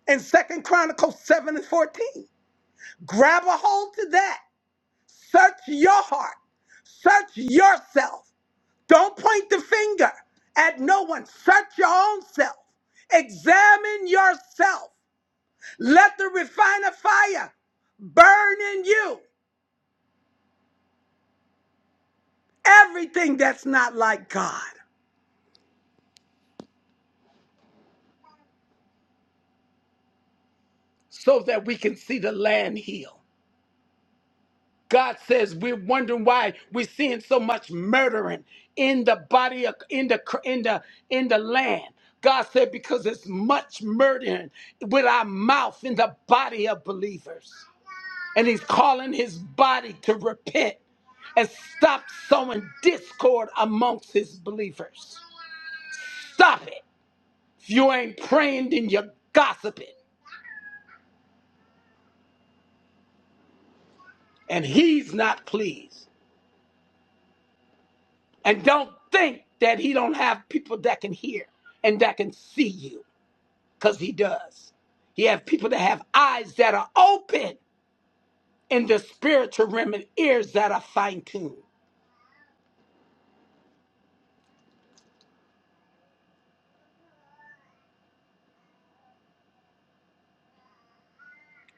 in Second Chronicles 7 and 14. Grab a hold to that. Search your heart. Search yourself. Don't point the finger at no one. Search your own self. Examine yourself. Let the refiner fire burn in you everything that's not like God so that we can see the land heal. God says we're wondering why we're seeing so much murdering in the body of in the in the in the land. God said because it's much murdering with our mouth in the body of believers. And he's calling his body to repent and stop sowing discord amongst his believers. Stop it. If you ain't praying, then you're gossiping. And he's not pleased. And don't think that he don't have people that can hear and that can see you. Because he does. He have people that have eyes that are open in the spiritual realm and ears that are fine-tuned.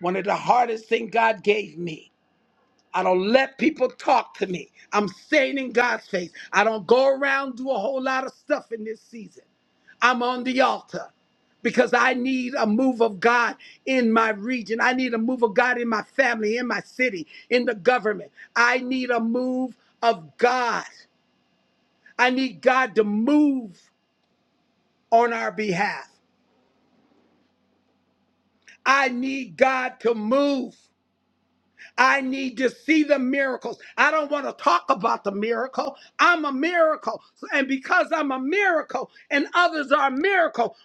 One of the hardest things God gave me I don't let people talk to me. I'm staying in God's face. I don't go around do a whole lot of stuff in this season. I'm on the altar because I need a move of God in my region. I need a move of God in my family, in my city, in the government. I need a move of God. I need God to move on our behalf. I need God to move. I need to see the miracles. I don't want to talk about the miracle. I'm a miracle. And because I'm a miracle and others are a miracle,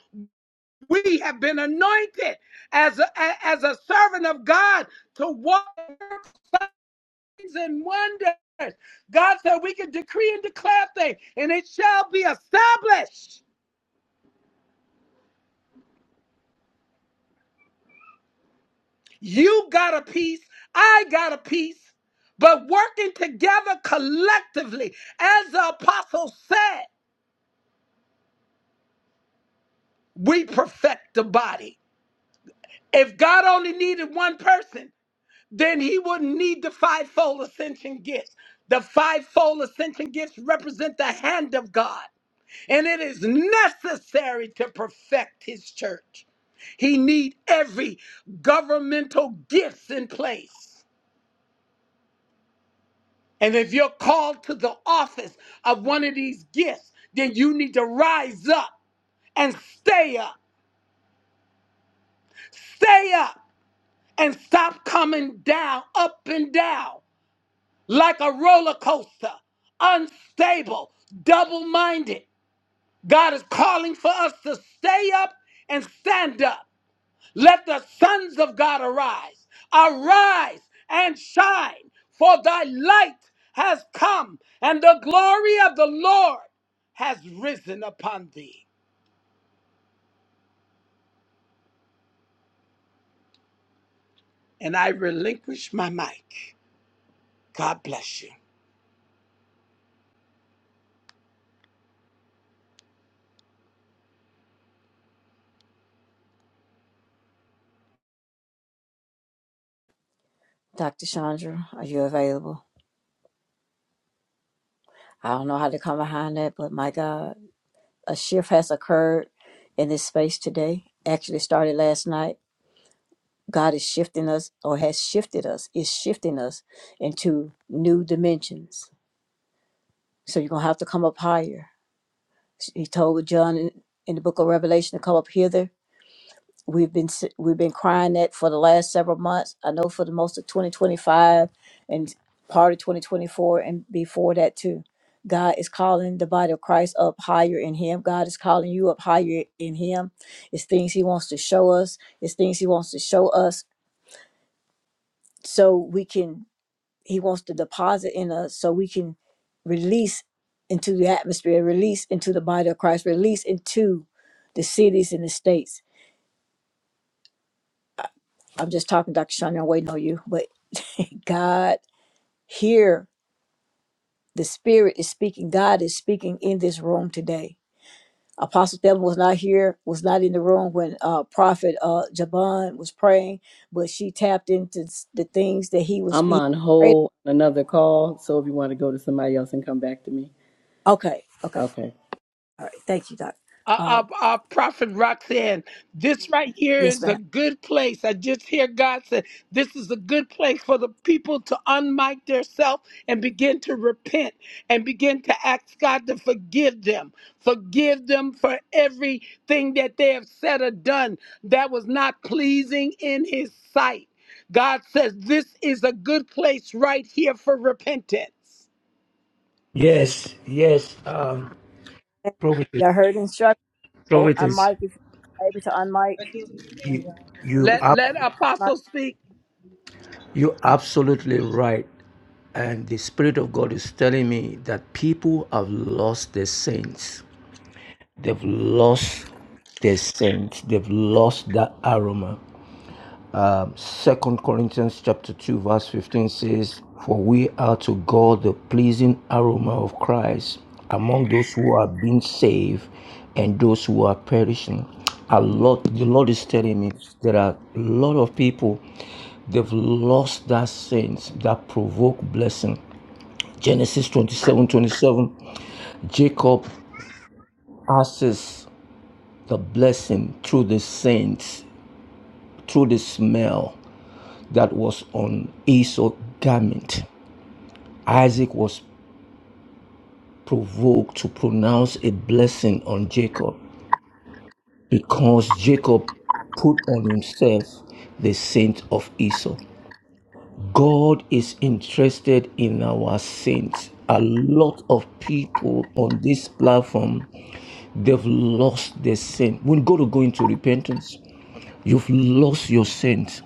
we have been anointed as a, a- as a servant of God to walk in signs and wonders. God said we can decree and declare things and it shall be established. You got a piece, I got a piece, but working together collectively, as the apostle said. we perfect the body. If God only needed one person, then he wouldn't need the fivefold ascension gifts. The fivefold ascension gifts represent the hand of God, and it is necessary to perfect his church. He need every governmental gifts in place. And if you're called to the office of one of these gifts, then you need to rise up and stay up. Stay up. and stop coming down, up and down, like a roller coaster, unstable, double minded. God is calling for us to stay up and stand up. Let the sons of God arise, arise and shine, for thy light has come, and the glory of the Lord has risen upon thee. And I relinquish my mic. God bless you.
Dr. Chandra, are you available? I don't know how to come behind that, but my God, a shift has occurred in this space today. Actually, started last night. God is shifting us, or has shifted us, is shifting us into new dimensions. So you're going to have to come up higher. He told John in, in the book of Revelation to come up hither We've been s- we've been crying that for the last several months. I know for the most of 2025 and part of 2024 and before that too. God is calling the body of Christ up higher in Him. God is calling you up higher in Him. It's things He wants to show us. It's things He wants to show us so we can. He wants to deposit in us so we can release into the atmosphere, release into the body of Christ, release into the cities and the states. I'm just talking, Dr. Shania, I'm waiting on you. But God, here the Spirit is speaking. God is speaking in this room today. Apostle Thelma was not here, was not in the room when uh, Prophet uh, Jabon was praying, but she tapped into s- the things that he was
I'm
he
on
prayed.
hold on another call, so if you want to go to somebody else and come back to me.
Okay, okay,
Okay.
all right. Thank you, Doc.
uh, uh,
Uh,
uh, Prophet Roxanne, this right here
yes,
is a
ma'am.
good place. I just hear God say, this is a good place for the people to unmic themselves and begin to repent and begin to ask God to forgive them. Forgive them for everything that they have said or done that was not pleasing in His sight. God says, this is a good place right here for repentance.
Yes, yes, um, prophetess,
Y'all heard the instruction. Oh,
prophetess,
unmic if you're able to unmic.
you, you
If you're
Let,
are
let
not,
Apostle speak.
You're absolutely right. And the Spirit of God is telling me that people have lost their sense. They've lost their sense. They've lost that aroma. Um, Second Corinthians chapter 2 verse 15 says, For we are to God the pleasing aroma of Christ among those who are being saved and those who are perishing. A lot the Lord is telling me there are a lot of people they've lost that sense that provoke blessing. Genesis 27 27, Jacob passes the blessing through the saints, through the smell. that was on Esau's garment. Isaac was provoked to pronounce a blessing on Jacob because Jacob put on himself the scent of Esau. God is interested in our saints. A lot of people on this platform, they've lost their saint. When God will go into repentance, you've lost your saint.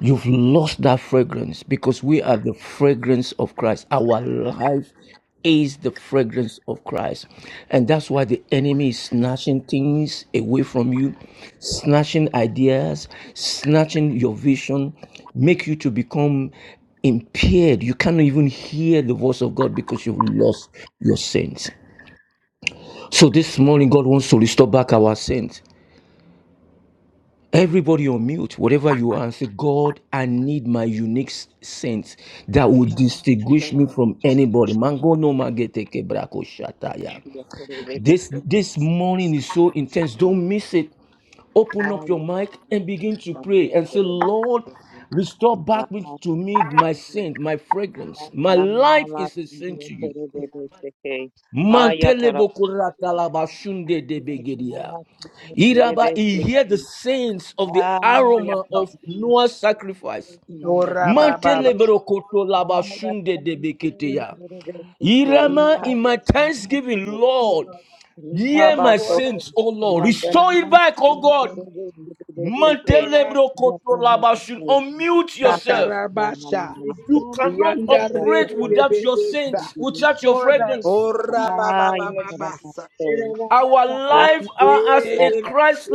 You've lost that fragrance because we are the fragrance of Christ. Our life is the fragrance of Christ. And that's why the enemy is snatching things away from you, snatching ideas, snatching your vision, make you to become impaired. You cannot even hear the voice of God because you've lost your sense. So this morning, God wants to restore back our sense. Everybody on mute, whatever you are, and say, God, I need my unique s- sense that will distinguish me from anybody. Mango no magete kebrako shataya. This this morning is so intense. Don't miss it. Open up your mic and begin to pray and say, Lord, restore back to me my scent, my fragrance. My life is a scent to you. Mantele Iraba, he hear the saints of the aroma of Noah's sacrifice. Mantele berokoto laba Irama, in my thanksgiving, Lord. Hear my
Restore back
sins,
the
O Lord.
community.
Restore it back,
In
O
the
God.
name of Jesus. Restore back the
Mantelebro kotolabashin.
community.
Unmute yourself.
Katarabasha.
You
Restore back
cannot
the
Yandare
operate
de
community.
without your
Bebesa.
saints, without your
Restore back
fragrance.
in the
Ora
mighty
Baba
name of
Baba Basa.
Jesus. Ira bara
Our
sakura
life
bara
are as a
sakura.
Eh,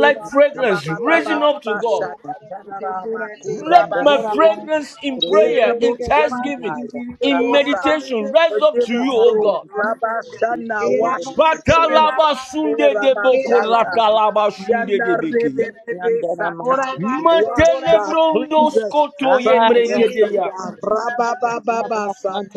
Ira bara
Baba
fragrance,
Baba
sakura
raising
bara
Baba
up to God.
sakura
Basha.
bara sakura bara.
Katarabakura
Let my
Ora
basi.
bara
fragrance in
sakura
prayer,
bara
in
sakura bara.
thanksgiving, in
Ora,
Eraboshandididididiobosa.
para se
meditation rise up
Forgive
to you,
us,
O
Lord.
God.
Rabashana,
para para para era
wash us,
para se
cleanse
ora
us.
Batalaba
para
sunde de
era
boko
para
Erabashata.
para
ratalaba
para
sunde
Yanda
debekia.
se para
rebebebesata.
ora para se
Wash,
ora
Matele
God,
para
brondo
cleanse us
skoto
from the
yembrenge
era
inside
deya.
out.
ora para se ora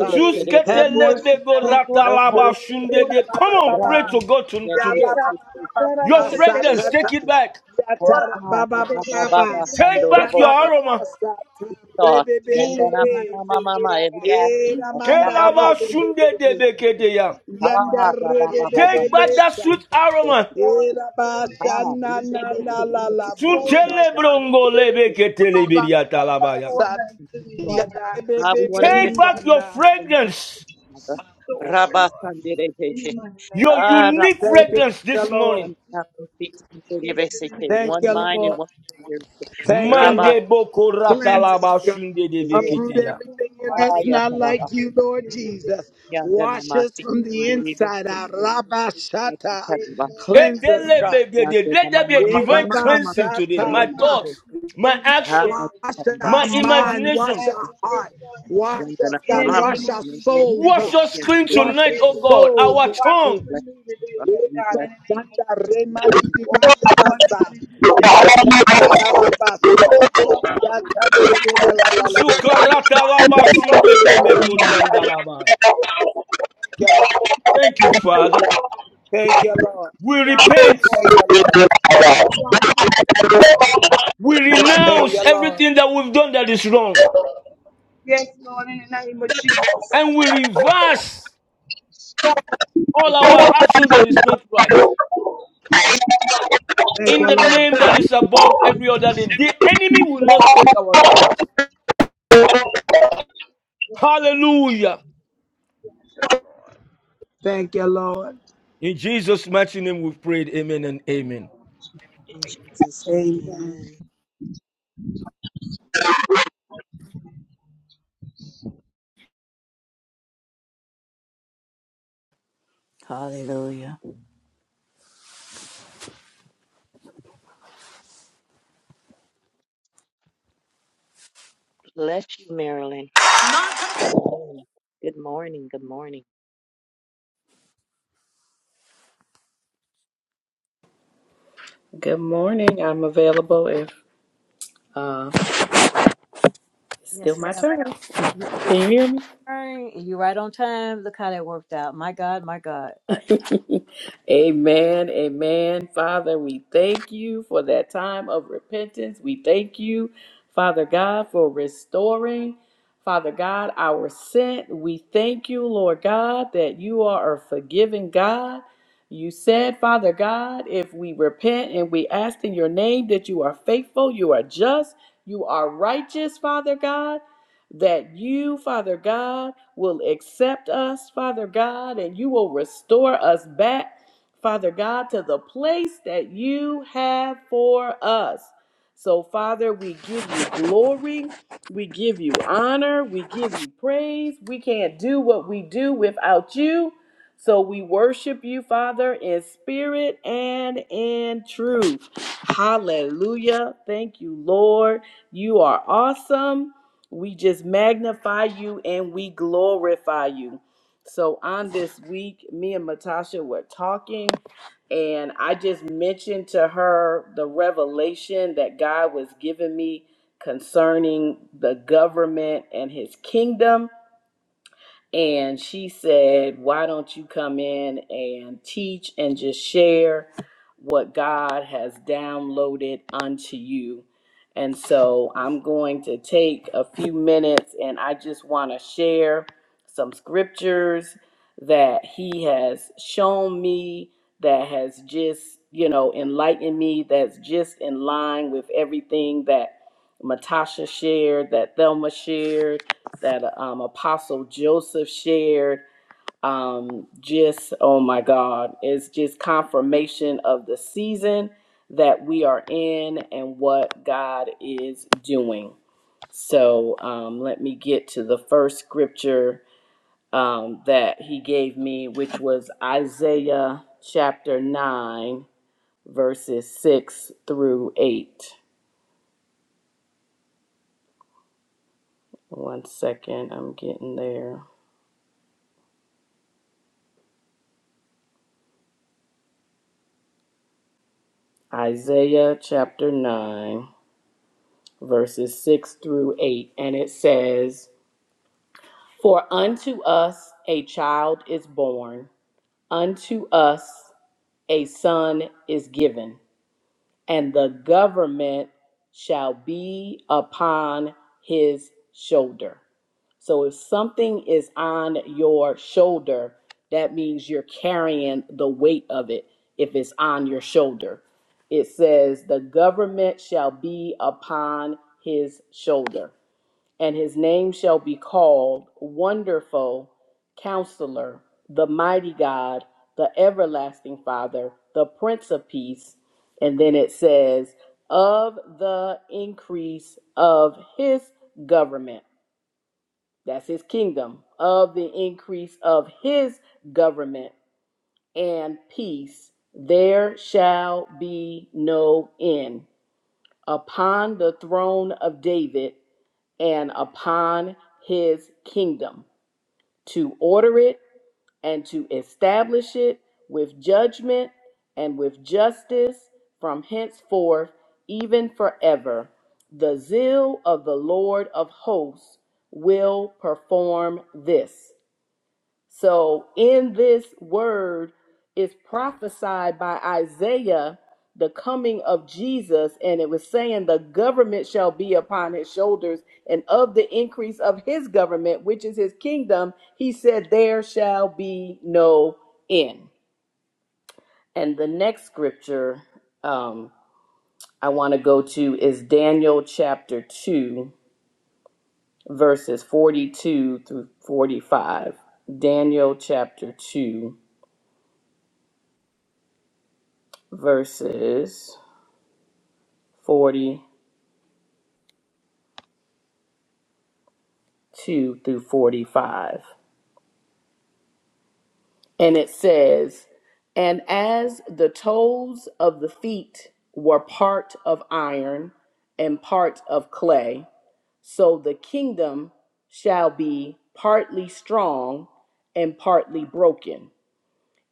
se querer
Have
ora
Tusketele
mercy,
bego
para se ora
ratalaba
para se
shunde
ora
de. Come on,
se
Jesus.
pray to God to-
Ya ba
today.
esa
ba ba ba ba ba
para
Your
ba
para
sa
se
fragrance,
ta
ora
ta.
take it back.
Ya ta
ora
ra ba ba ba
se
ba ba.
se se
Take
Ya
ora
back your
ba ba
para
ba
aroma.
sa ta re be be
and
be.
Father, to get up on
He ra
restore
manda
in
re
the
Kelaba
be
name
be
of
be
shunde de
Jesus.
sa nda.
beke deya.
Restore,
Yanda
Lord
re
God,
be
in the
be be
Take
name of
be
back that
sa
Jesus.
sweet
ta.
aroma.
He
Restore,
ra
Lord,
ba
in the name
sha na na
of
na
Jesus.
la la bo
Restore,
she.
Lord
Tutele
God, in
brongo
the
He
name of Jesus.
lebeke
ra ba ba
telebiria
ba ba ba
talabaya.
Restore
sa ta.
back to me,
Ya
Lord
be
God. In
be be be
the
Take
name
sa
back your
na.
of
fragrance,
Jesus. Restore, Lord. In the mighty name
your
of
unique
Thank
Jesus.
fragrance
you,
this
Lord.
morning.
Yes, in the name
Thank
of
you, Lord. Thank you, Lord.
Mande boko
Cleanse us,
ratalaba
God.
shunde de
Uproot
bekete ya.
everything in us not like you, Lord Jesus. Wash us
In
from
the
the
name
inside
of
out.
Jesus.
Rabashata.
Great
Cleanse us, God.
Let there be a divine cleansing today.
Irabashata.
My thoughts,
In
my action,
Wash our
my
My thoughts
mind.
imagination.
Wash our
yes,
heart. Wash us,
In
God.
the name
Wash
of
our soul,
Jesus.
Wash your
God.
screen
Wash
tonight,
Yes,
oh
our
God.
Lord.
soul,
Our
Lord
Watch us
Jesus.
tongue.
renew the day, Lord God, in the name of
Yerabashanda
Jesus. Watch us, Lord
remandiriyabasa.
God, in the name of Jesus.
Yatakarabasa.
Watch us, Lord God, in the name of Jesus.
Yatandiriyalalalabose.
Watch us, Lord God, in the
Thank you,
name of
Lord.
Jesus.
Thank you, Lord.
Thank you, Father.
Thank you, Lord.
We
Watch us,
repent.
Lord. Watch us, Lord.
We
Thank
renounce
you, Lord.
everything that we've done that is wrong.
Yes, Lord, in the name of Jesus.
And we reverse all
Thank you,
our
Lord.
action that is not right.
Thank you, Lord. Thank
In
you,
the
Right
Lord.
now,
name
Lord.
that is above every other name. The enemy will not take our sins. Hallelujah.
Watch us, Lord.
Thank you, Lord.
In Jesus' mighty name we've prayed. Amen and amen.
Amen.
Hallelujah.
Good morning. I'm available if uh it's still
yes,
my
ma'am.
turn.
You
Can you hear me?
turn and you right on time. Look how that worked out. My God, my God.
amen. Amen. Father, we thank you for that time of repentance. We thank you, Father God, for restoring, Father God, our sin. We thank you, Lord God, that you are a forgiving God. You said, Father God, if we repent and we ask in your name that you are faithful, you are just, you are righteous, Father God that you, Father God, will accept us, Father God, and you will restore us back, Father God, to the place that you have for us. So, Father, we give you glory, we give you honor, we give you praise. We can't do what we do without you. So, we worship you, Father, in spirit and in truth. Hallelujah. Thank you, Lord. You are awesome. We just magnify you and we glorify you. So on this week, me and Matasha were talking, and I just mentioned to her the revelation that God was giving me concerning the government and his kingdom. And she said, Why don't you come in and teach and just share what God has downloaded unto you? And so I'm going to take a few minutes and I just want to share some scriptures that He has shown me that has just, you know, enlightened me, that's just in line with everything that Matasha shared, that Thelma shared, that um, Apostle Joseph shared. Um, just, oh my God, it's just confirmation of the season that we are in and what God is doing. So um, let me get to the first scripture um, that he gave me, which was Isaiah chapter 9, verses 6 through 8. One second, I'm getting there. Isaiah chapter 9, verses 6 through 8, and it says, For unto us a child is born, unto us a son is given and the government shall be upon his shoulder. So if something is on your shoulder, that means you're carrying the weight of it if it's on your shoulder. It says, the government shall be upon his shoulder and his name shall be called Wonderful Counselor, the Mighty God, the Everlasting Father, the Prince of Peace. And then it says, of the increase of his government. That's his kingdom. Of the increase of his government and peace, there shall be no end. Upon the throne of David and upon his kingdom, to order it and to establish it with judgment and with justice from henceforth, even forever. The zeal of the Lord of hosts will perform this. So in this word is prophesied by Isaiah the coming of Jesus, and it was saying the government shall be upon his shoulders, and of the increase of his government, which is his kingdom, he said, There shall be no end. And the next scripture um, I want to go to is Daniel chapter 2, verses 42 through 45. Daniel chapter 2 verses 42 through 45. And it says, And as the toes of the feet were part of iron and part of clay, so the kingdom shall be partly strong and partly broken.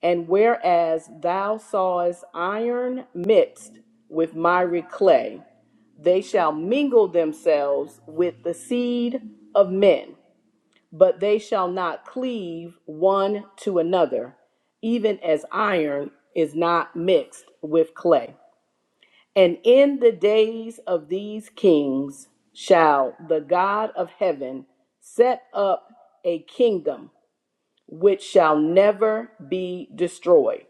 And whereas thou sawest iron mixed with miry clay, they shall mingle themselves with the seed of men but they shall not cleave one to another, even as iron is not mixed with clay. And in the days of these kings shall the God of heaven set up a kingdom which shall never be destroyed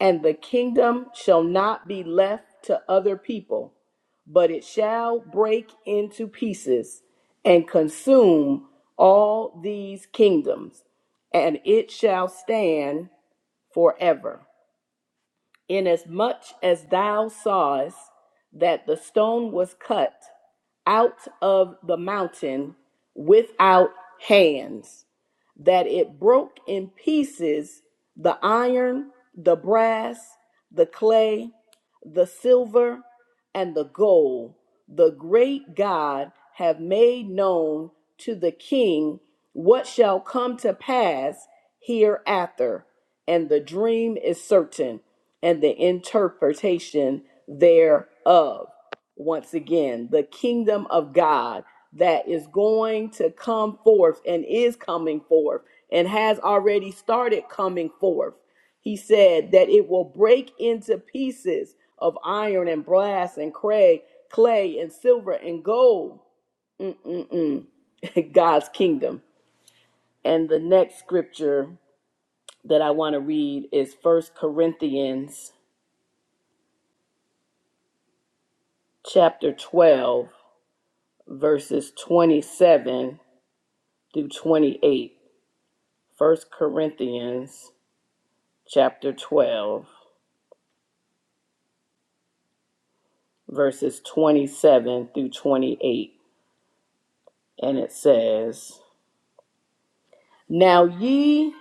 and the kingdom shall not be left to other people, but it shall break into pieces and consume all these kingdoms, and it shall stand forever. Inasmuch as thou sawest that the stone was cut out of the mountain without hands, that it broke in pieces the iron, the brass, the clay, the silver, and the goal the great God have made known to the king what shall come to pass hereafter. And the dream is certain, and the interpretation thereof. Once again, the kingdom of God that is going to come forth and is coming forth and has already started coming forth. He said that it will break into pieces of iron and brass and clay, clay and silver and gold. Mm-mm-mm. God's kingdom. And the next scripture that I want to read is First Corinthians chapter 12 verses 27 through 28. First Corinthians chapter 12 verses 27 through 28 and it says, "Now ye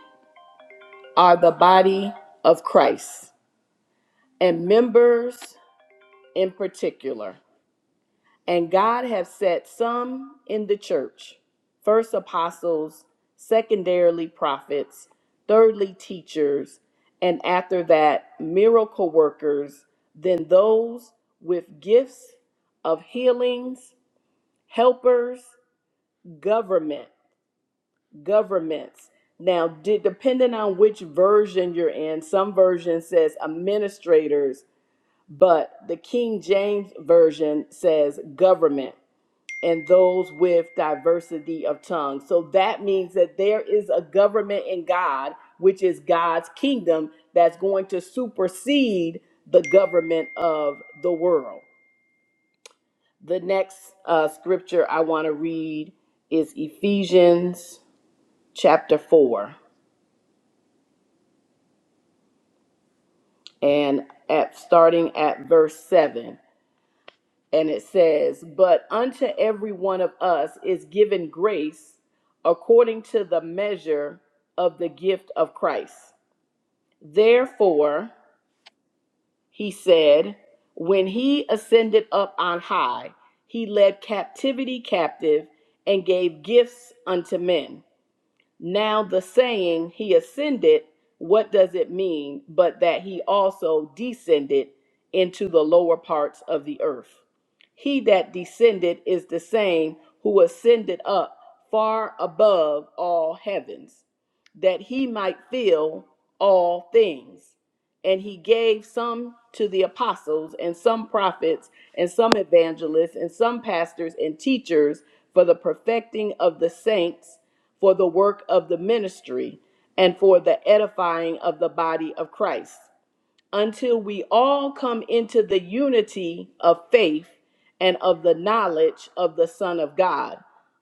are the body of Christ and members in particular. And God have set some in the church first apostles, secondarily prophets, thirdly teachers, and after that, miracle workers, then those with gifts of healings, helpers, government, governments. Now, de- depending on which version you're in, some version says administrators, but the King James Version says government and those with diversity of tongues. So that means that there is a government in God, which is God's kingdom, that's going to supersede the government of the world. The next uh, scripture I want to read is Ephesians chapter 4 and at starting at verse 7 and it says, But unto every one of us is given grace according to the measure of the gift of Christ. Therefore, he said, When he ascended up on high, he led captivity captive and gave gifts unto men. Now, the saying, He ascended, what does it mean but that He also descended into the lower parts of the earth? He that descended is the same who ascended up far above all heavens, that He might fill all things. And He gave some to the apostles, and some prophets, and some evangelists, and some pastors and teachers for the perfecting of the saints for the work of the ministry, and for the edifying of the body of Christ, until we all come into the unity of faith and of the knowledge of the Son of God,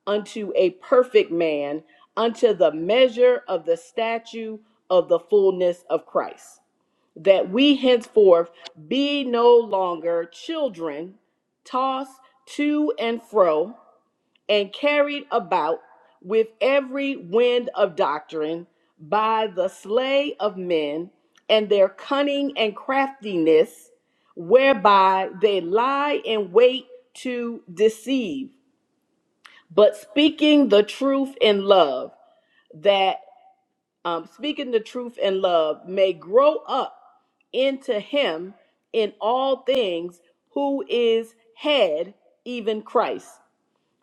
unto a perfect man, unto the measure of the stature of the fullness of Christ, that we henceforth be no longer children, tossed to and fro and carried about with every wind of doctrine by the slay of men and their cunning and craftiness, whereby they lie in wait to deceive, but speaking the truth in love, that um, speaking the truth in love may grow up into him in all things who is head, even Christ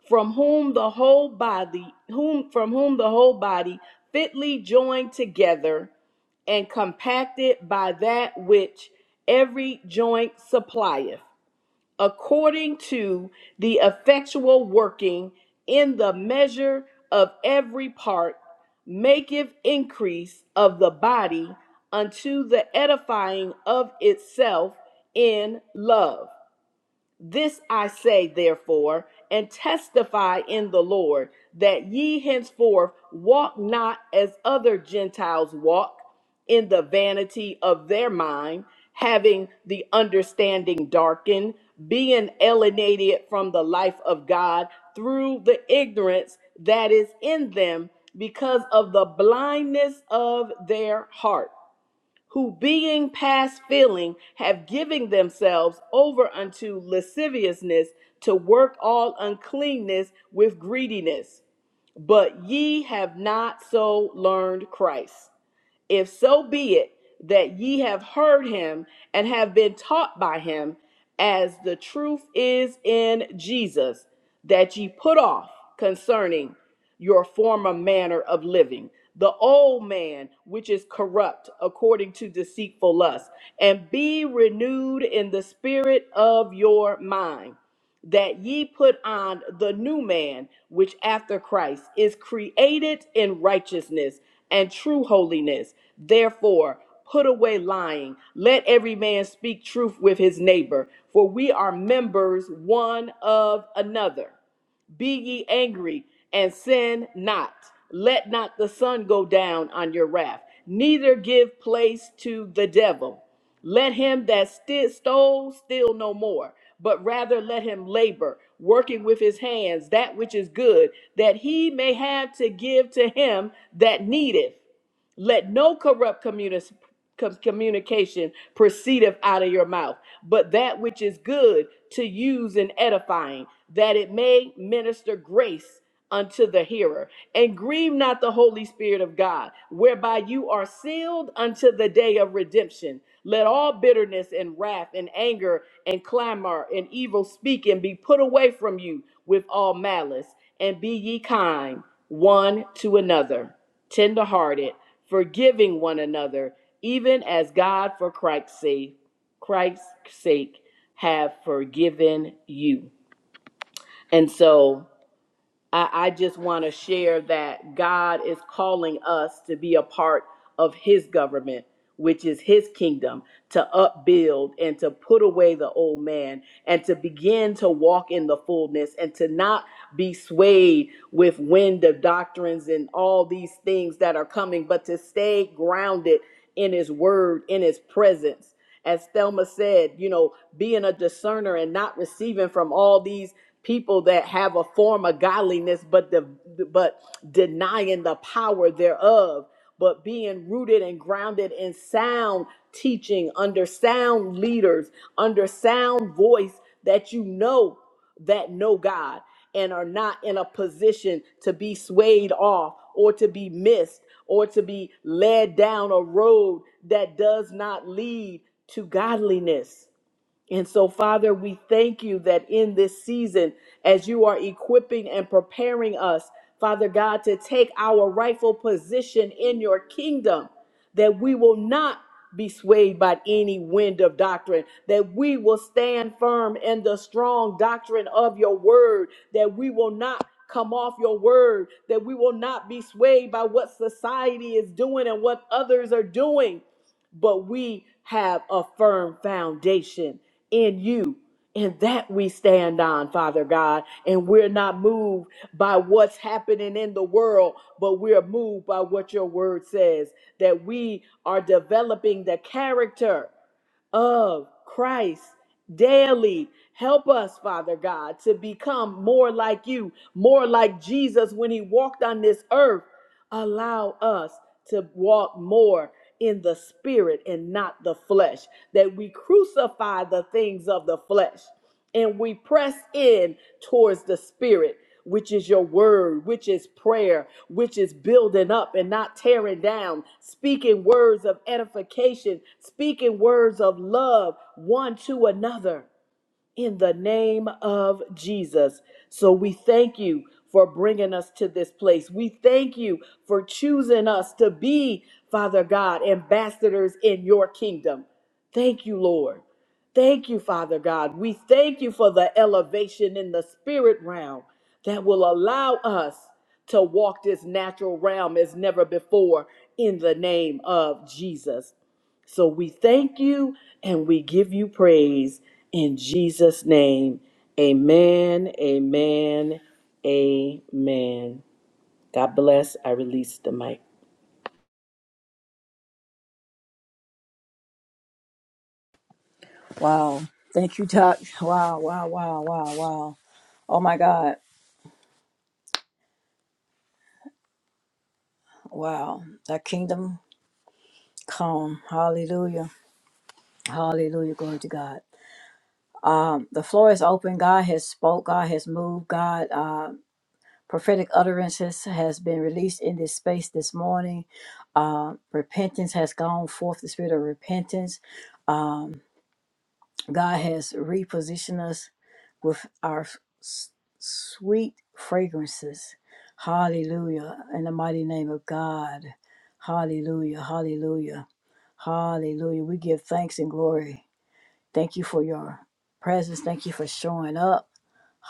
from whom the whole body whom from whom the whole body fitly joined together and compacted by that which every joint supplieth according to the effectual working in the measure of every part maketh increase of the body unto the edifying of itself in love this I say, therefore, and testify in the Lord, that ye henceforth walk not as other Gentiles walk, in the vanity of their mind, having the understanding darkened, being alienated from the life of God through the ignorance that is in them because of the blindness of their heart who being past feeling have given themselves over unto lasciviousness to work all uncleanness with greediness. But ye have not so learned Christ. If so be it that ye have heard him and have been taught by him, as the truth is in Jesus, that ye put off concerning your former manner of living, the old man which is corrupt according to deceitful lust, and be renewed in the spirit of your mind that ye put on the new man, which after Christ is created in righteousness and true holiness. Therefore, put away lying. Let every man speak truth with his neighbor, for we are members one of another. Be ye angry and sin not. Let not the sun go down on your wrath, neither give place to the devil. Let him that sti- stole steal no more, but rather let him labor, working with his hands that which is good, that he may have to give to him that needeth. Let no corrupt communis- com- communication proceedeth out of your mouth, but that which is good to use in edifying, that it may minister grace unto the hearer. And grieve not the Holy Spirit of God, whereby you are sealed unto the day of redemption. Let all bitterness and wrath and anger and clamor and evil speaking be put away from you with all malice, and be ye kind one to another tenderhearted, forgiving one another, even as God for Christ's sake, Christ's sake have forgiven you. And so I, I just want to share that God is calling us to be a part of His government, which is His kingdom, to upbuild and to put away the old man and to begin to walk in the fullness and to not be swayed with wind of doctrines and all these things that are coming, but to stay grounded in His word, in His presence. As Thelma said, you know, being a discerner and not receiving from all these people that have a form of godliness, but the but denying the power thereof, but being rooted and grounded in sound teaching under sound leaders, under sound voice that you know that know God and are not in a position to be swayed off or to be missed or to be led down a road that does not lead to godliness. And so, Father, we thank you that in this season, as you are equipping and preparing us, Father God, to take our rightful position in your kingdom, that we will not be swayed by any wind of doctrine, that we will stand firm in the strong doctrine of your word, that we will not come off your word, that we will not be swayed by what society is doing and what others are doing, but we have a firm foundation in you. And that we stand on, Father God. And we're not moved by what's happening in the world, but we're moved by what your word says that we are developing the character of Christ daily. Help us, Father God, to become more like you, more like Jesus when he walked on this earth. Allow us to walk more in the spirit and not the flesh, that we crucify the things of the flesh and we press in towards the spirit which is your word which is prayer which is building up and not tearing down speaking words of edification speaking words of love one to another in the name of Jesus. So we thank you for bringing us to this place. We thank you for choosing us to be, Father God, ambassadors in your kingdom. Thank you, Lord. Thank you, Father God. We thank you for the elevation in the spirit realm that will allow us to walk this natural realm as never before in the name of Jesus. So we thank you and we give you praise in Jesus' name. Amen, amen, amen. God bless. I release the mic.
Wow. Thank you, Doc. Wow, wow, wow, wow, wow. Oh my God. Wow. That kingdom come. Hallelujah. Hallelujah. Glory to God. Um, the floor is open. God has spoke. God has moved. God, uh, prophetic utterances has been released in this space this morning. Uh, repentance has gone forth. The spirit of repentance. Um, God has repositioned us with our s- sweet fragrances. Hallelujah. In the mighty name of God. Hallelujah. Hallelujah. Hallelujah. We give thanks and glory. Thank you for your presence. Thank you for showing up.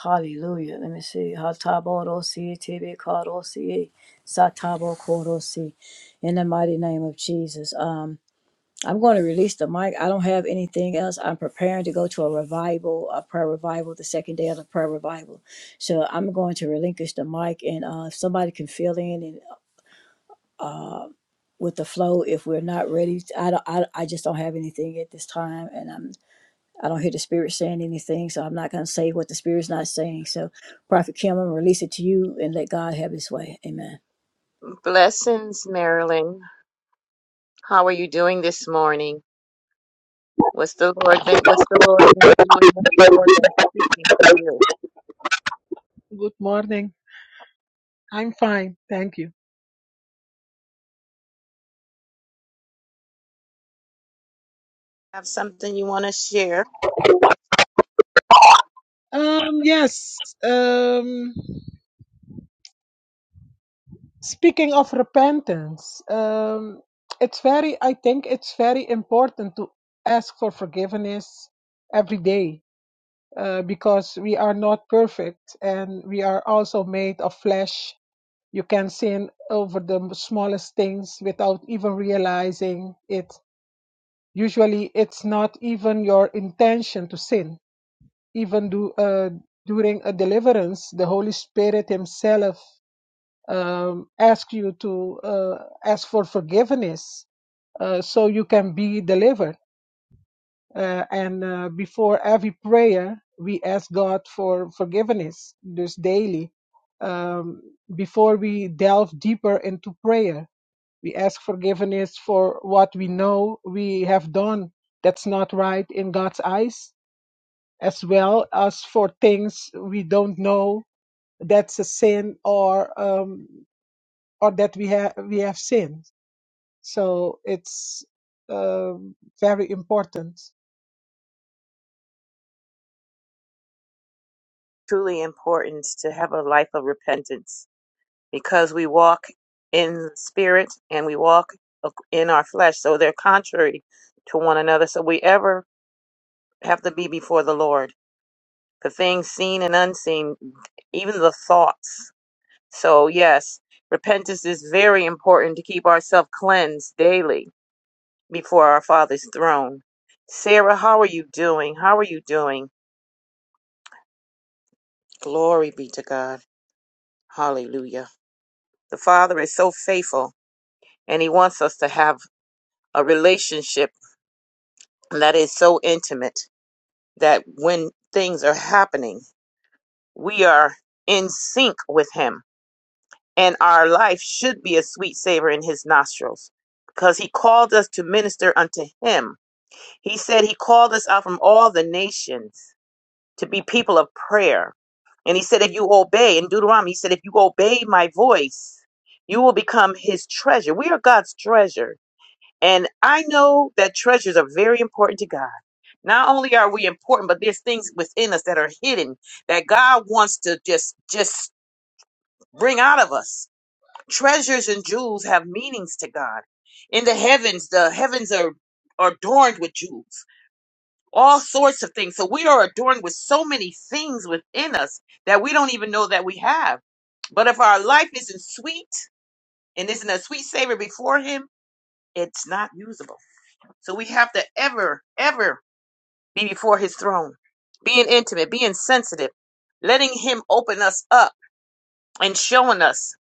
Hallelujah. Let me see. Hatabodosi, tibikodosi, satabokodosi. In the mighty name of Jesus. Um. I'm going to release the mic. I don't have anything else. I'm preparing to go to a revival, a prayer revival, the second day of the prayer revival. So I'm going to relinquish the mic, and uh, if somebody can fill in and uh, with the flow, if we're not ready, I don't. I, I just don't have anything at this time, and I'm. I don't hear the spirit saying anything, so I'm not going to say what the spirit's not saying. So, Prophet Kim, I'm gonna release it to you and let God have His way. Amen.
Blessings, Marilyn. How are you doing this morning? What's the Lord been what's the Lord been doing? What's the Lord been
Good morning. I'm fine. Thank you.
have something here?
Um, yes. Um, speaking of repentance, um, it's very, I think it's very important to ask for forgiveness every day uh, because we are not perfect and we are also made of flesh. You can sin over the smallest things without even realizing it. Usually, it's not even your intention to sin even do, uh, during a deliverance, the Holy Spirit Himself um, asks you to uh, ask for forgiveness uh, so you can be delivered. Uh, and uh, before every prayer, we ask God for forgiveness, just daily. Um, before we delve deeper into prayer, we ask forgiveness for what we know we have done that's not right in God's eyes as well as for things we don't know that's a sin or um, or that we have we have sinned. So it's um very important.
Truly important to have a life of repentance because we walk in the spirit and we walk ac- in our flesh. So they're contrary to one another. So we ever have to be before the Lord for things seen and unseen, even the thoughts. So yes, repentance is very important to keep ourselves cleansed daily before our Father's throne. Sarah, how are you doing? How are you doing? Glory be to God. Hallelujah. The Father is so faithful and He wants us to have a relationship that is so intimate that when things are happening, we are in sync with Him and our life should be a sweet savor in His nostrils because He called us to minister unto Him. He said He called us out from all the nations to be people of prayer. And he said, if you obey, in Deuteronomy, he said, if you obey my voice, you will become his treasure. We are God's treasure. And I know that treasures are very important to God. Not only are we important, but there's things within us that are hidden that God wants to just, just bring out of us. Treasures and jewels have meanings to God. In the heavens, the heavens are, are adorned with jewels all sorts of things. So we are adorned with so many things within us that we don't even know that we have. But if our life isn't sweet and isn't a sweet savor before Him, it's not usable. So we have to ever, ever be before His throne, being intimate, being sensitive, letting Him open us up and showing us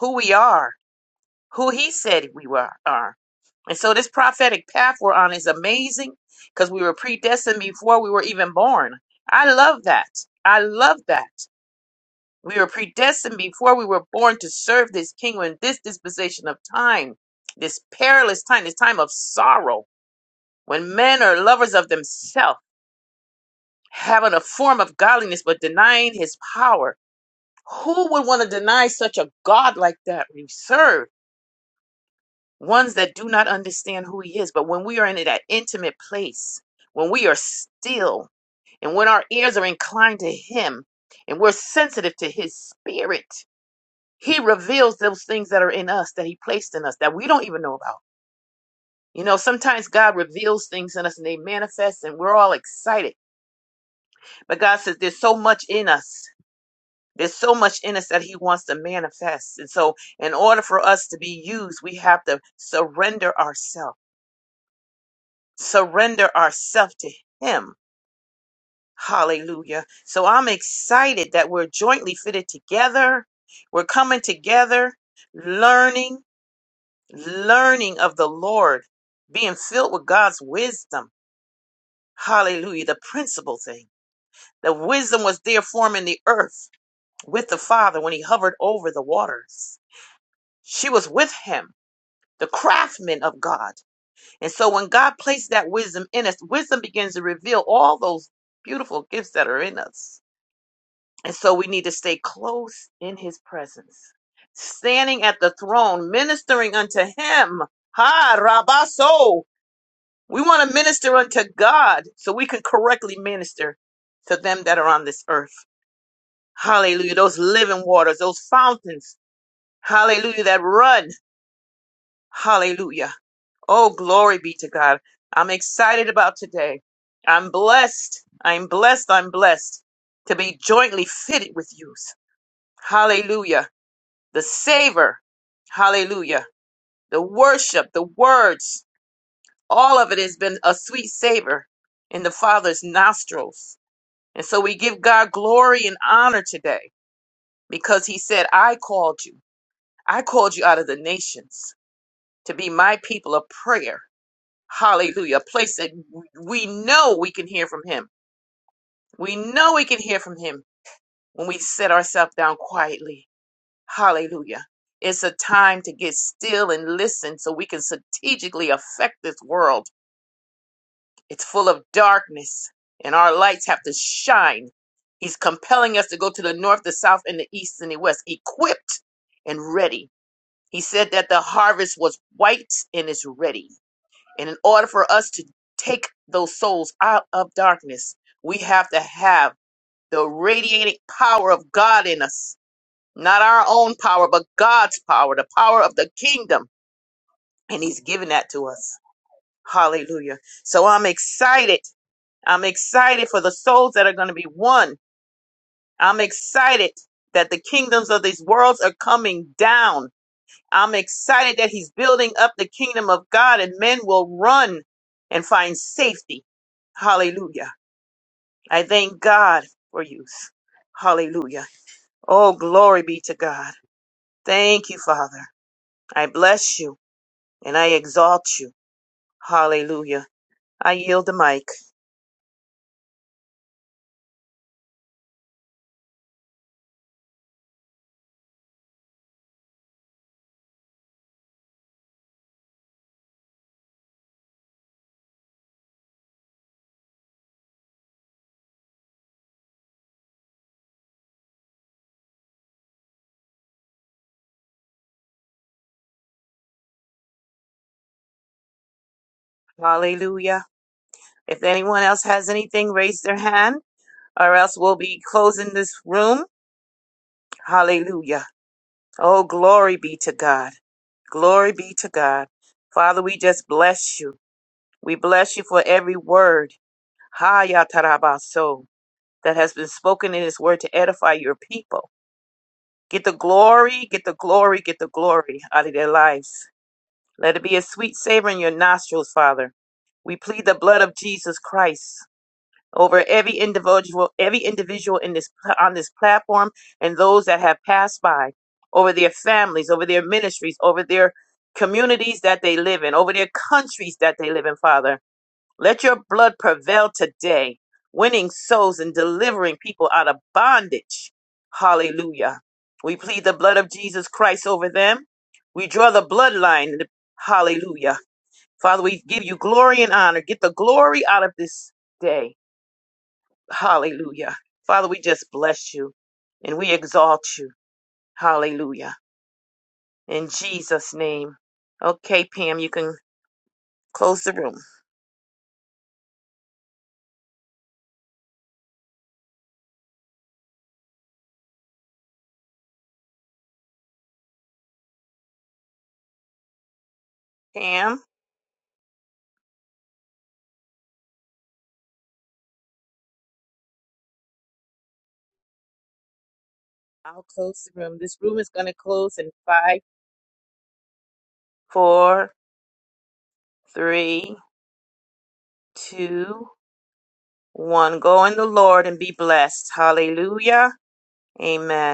who we are, who He said we were- are. And so this prophetic path we're on is amazing because we were predestined before we were even born. I love that. I love that. We were predestined before we were born to serve this kingdom in this disposition of time, this perilous time, this time of sorrow, when men are lovers of themselves, having a form of godliness but denying his power. Who would want to deny such a God like that we serve? ones that do not understand who he is. But when we are in that intimate place, when we are still, and when our ears are inclined to him, and we're sensitive to his spirit, he reveals those things that are in us that he placed in us that we don't even know about. You know, sometimes God reveals things in us and they manifest and we're all excited. But God says there's so much in us. There's so much in us that he wants to manifest. And so, in order for us to be used, we have to surrender ourselves surrender ourselves to Him. Hallelujah. So I'm excited that we're jointly fitted together. We're coming together, learning, learning of the Lord, being filled with God's wisdom. Hallelujah. The principal thing. The wisdom was there forming the earth with the Father when He hovered over the waters. She was with Him, the craftsman of God. And so when God placed that wisdom in us, wisdom begins to reveal all those beautiful gifts that are in us. And so we need to stay close in his presence, standing at the throne, ministering unto him. Ha, Rabaso. We want to minister unto God so we can correctly minister to them that are on this earth. Hallelujah. Those living waters, those fountains. Hallelujah. That run. Hallelujah Oh, glory be to God. I'm excited about today. I'm blessed. I'm blessed. I'm blessed to be jointly fitted with youth. Hallelujah. The savor. Hallelujah. The worship, the words, all of it has been a sweet savor in the Father's nostrils. And so we give God glory and honor today because he said, I called you. I called you out of the nations to be my people of prayer. Hallelujah. A place that we know we can hear from him. We know we can hear from him when we set ourselves down quietly. Hallelujah. It's a time to get still and listen so we can strategically affect this world. It's full of darkness and our lights have to shine. He's compelling us to go to the north, the south, and the east and the west, equipped and ready. He said that the harvest was white and is ready. And in order for us to take those souls out of darkness, we have to have the radiating power of God in us. Not our own power, but God's power, the power of the kingdom. And He's given that to us. Hallelujah. So I'm excited. I'm excited for the souls that are going to be won. I'm excited that the kingdoms of these worlds are coming down. I'm excited that he's building up the kingdom of God and men will run and find safety. Hallelujah. I thank God for youth. Hallelujah. Oh, glory be to God. Thank you, Father. I bless you and I exalt you. Hallelujah. I yield the mic. Hallelujah. If anyone else has anything, raise their hand or else we'll be closing this room. Hallelujah. Oh, glory be to God. Glory be to God. Father, we just bless you. We bless you for every word, Ha tarabaso, that has been spoken in this word to edify your people. Get the glory, get the glory, get the glory out of their lives. Let it be a sweet savor in your nostrils, Father. We plead the blood of Jesus Christ over every individual every individual in this on this platform and those that have passed by over their families over their ministries over their communities that they live in over their countries that they live in father let your blood prevail today winning souls and delivering people out of bondage hallelujah we plead the blood of Jesus Christ over them we draw the bloodline hallelujah father we give you glory and honor get the glory out of this day Hallelujah. Father, we just bless you and we exalt you. Hallelujah. In Jesus' name. Okay, Pam, you can close the room. Pam, I'll close the room. This room is going to close in five, four, three, two, one. Go in the Lord and be blessed. Hallelujah. Amen.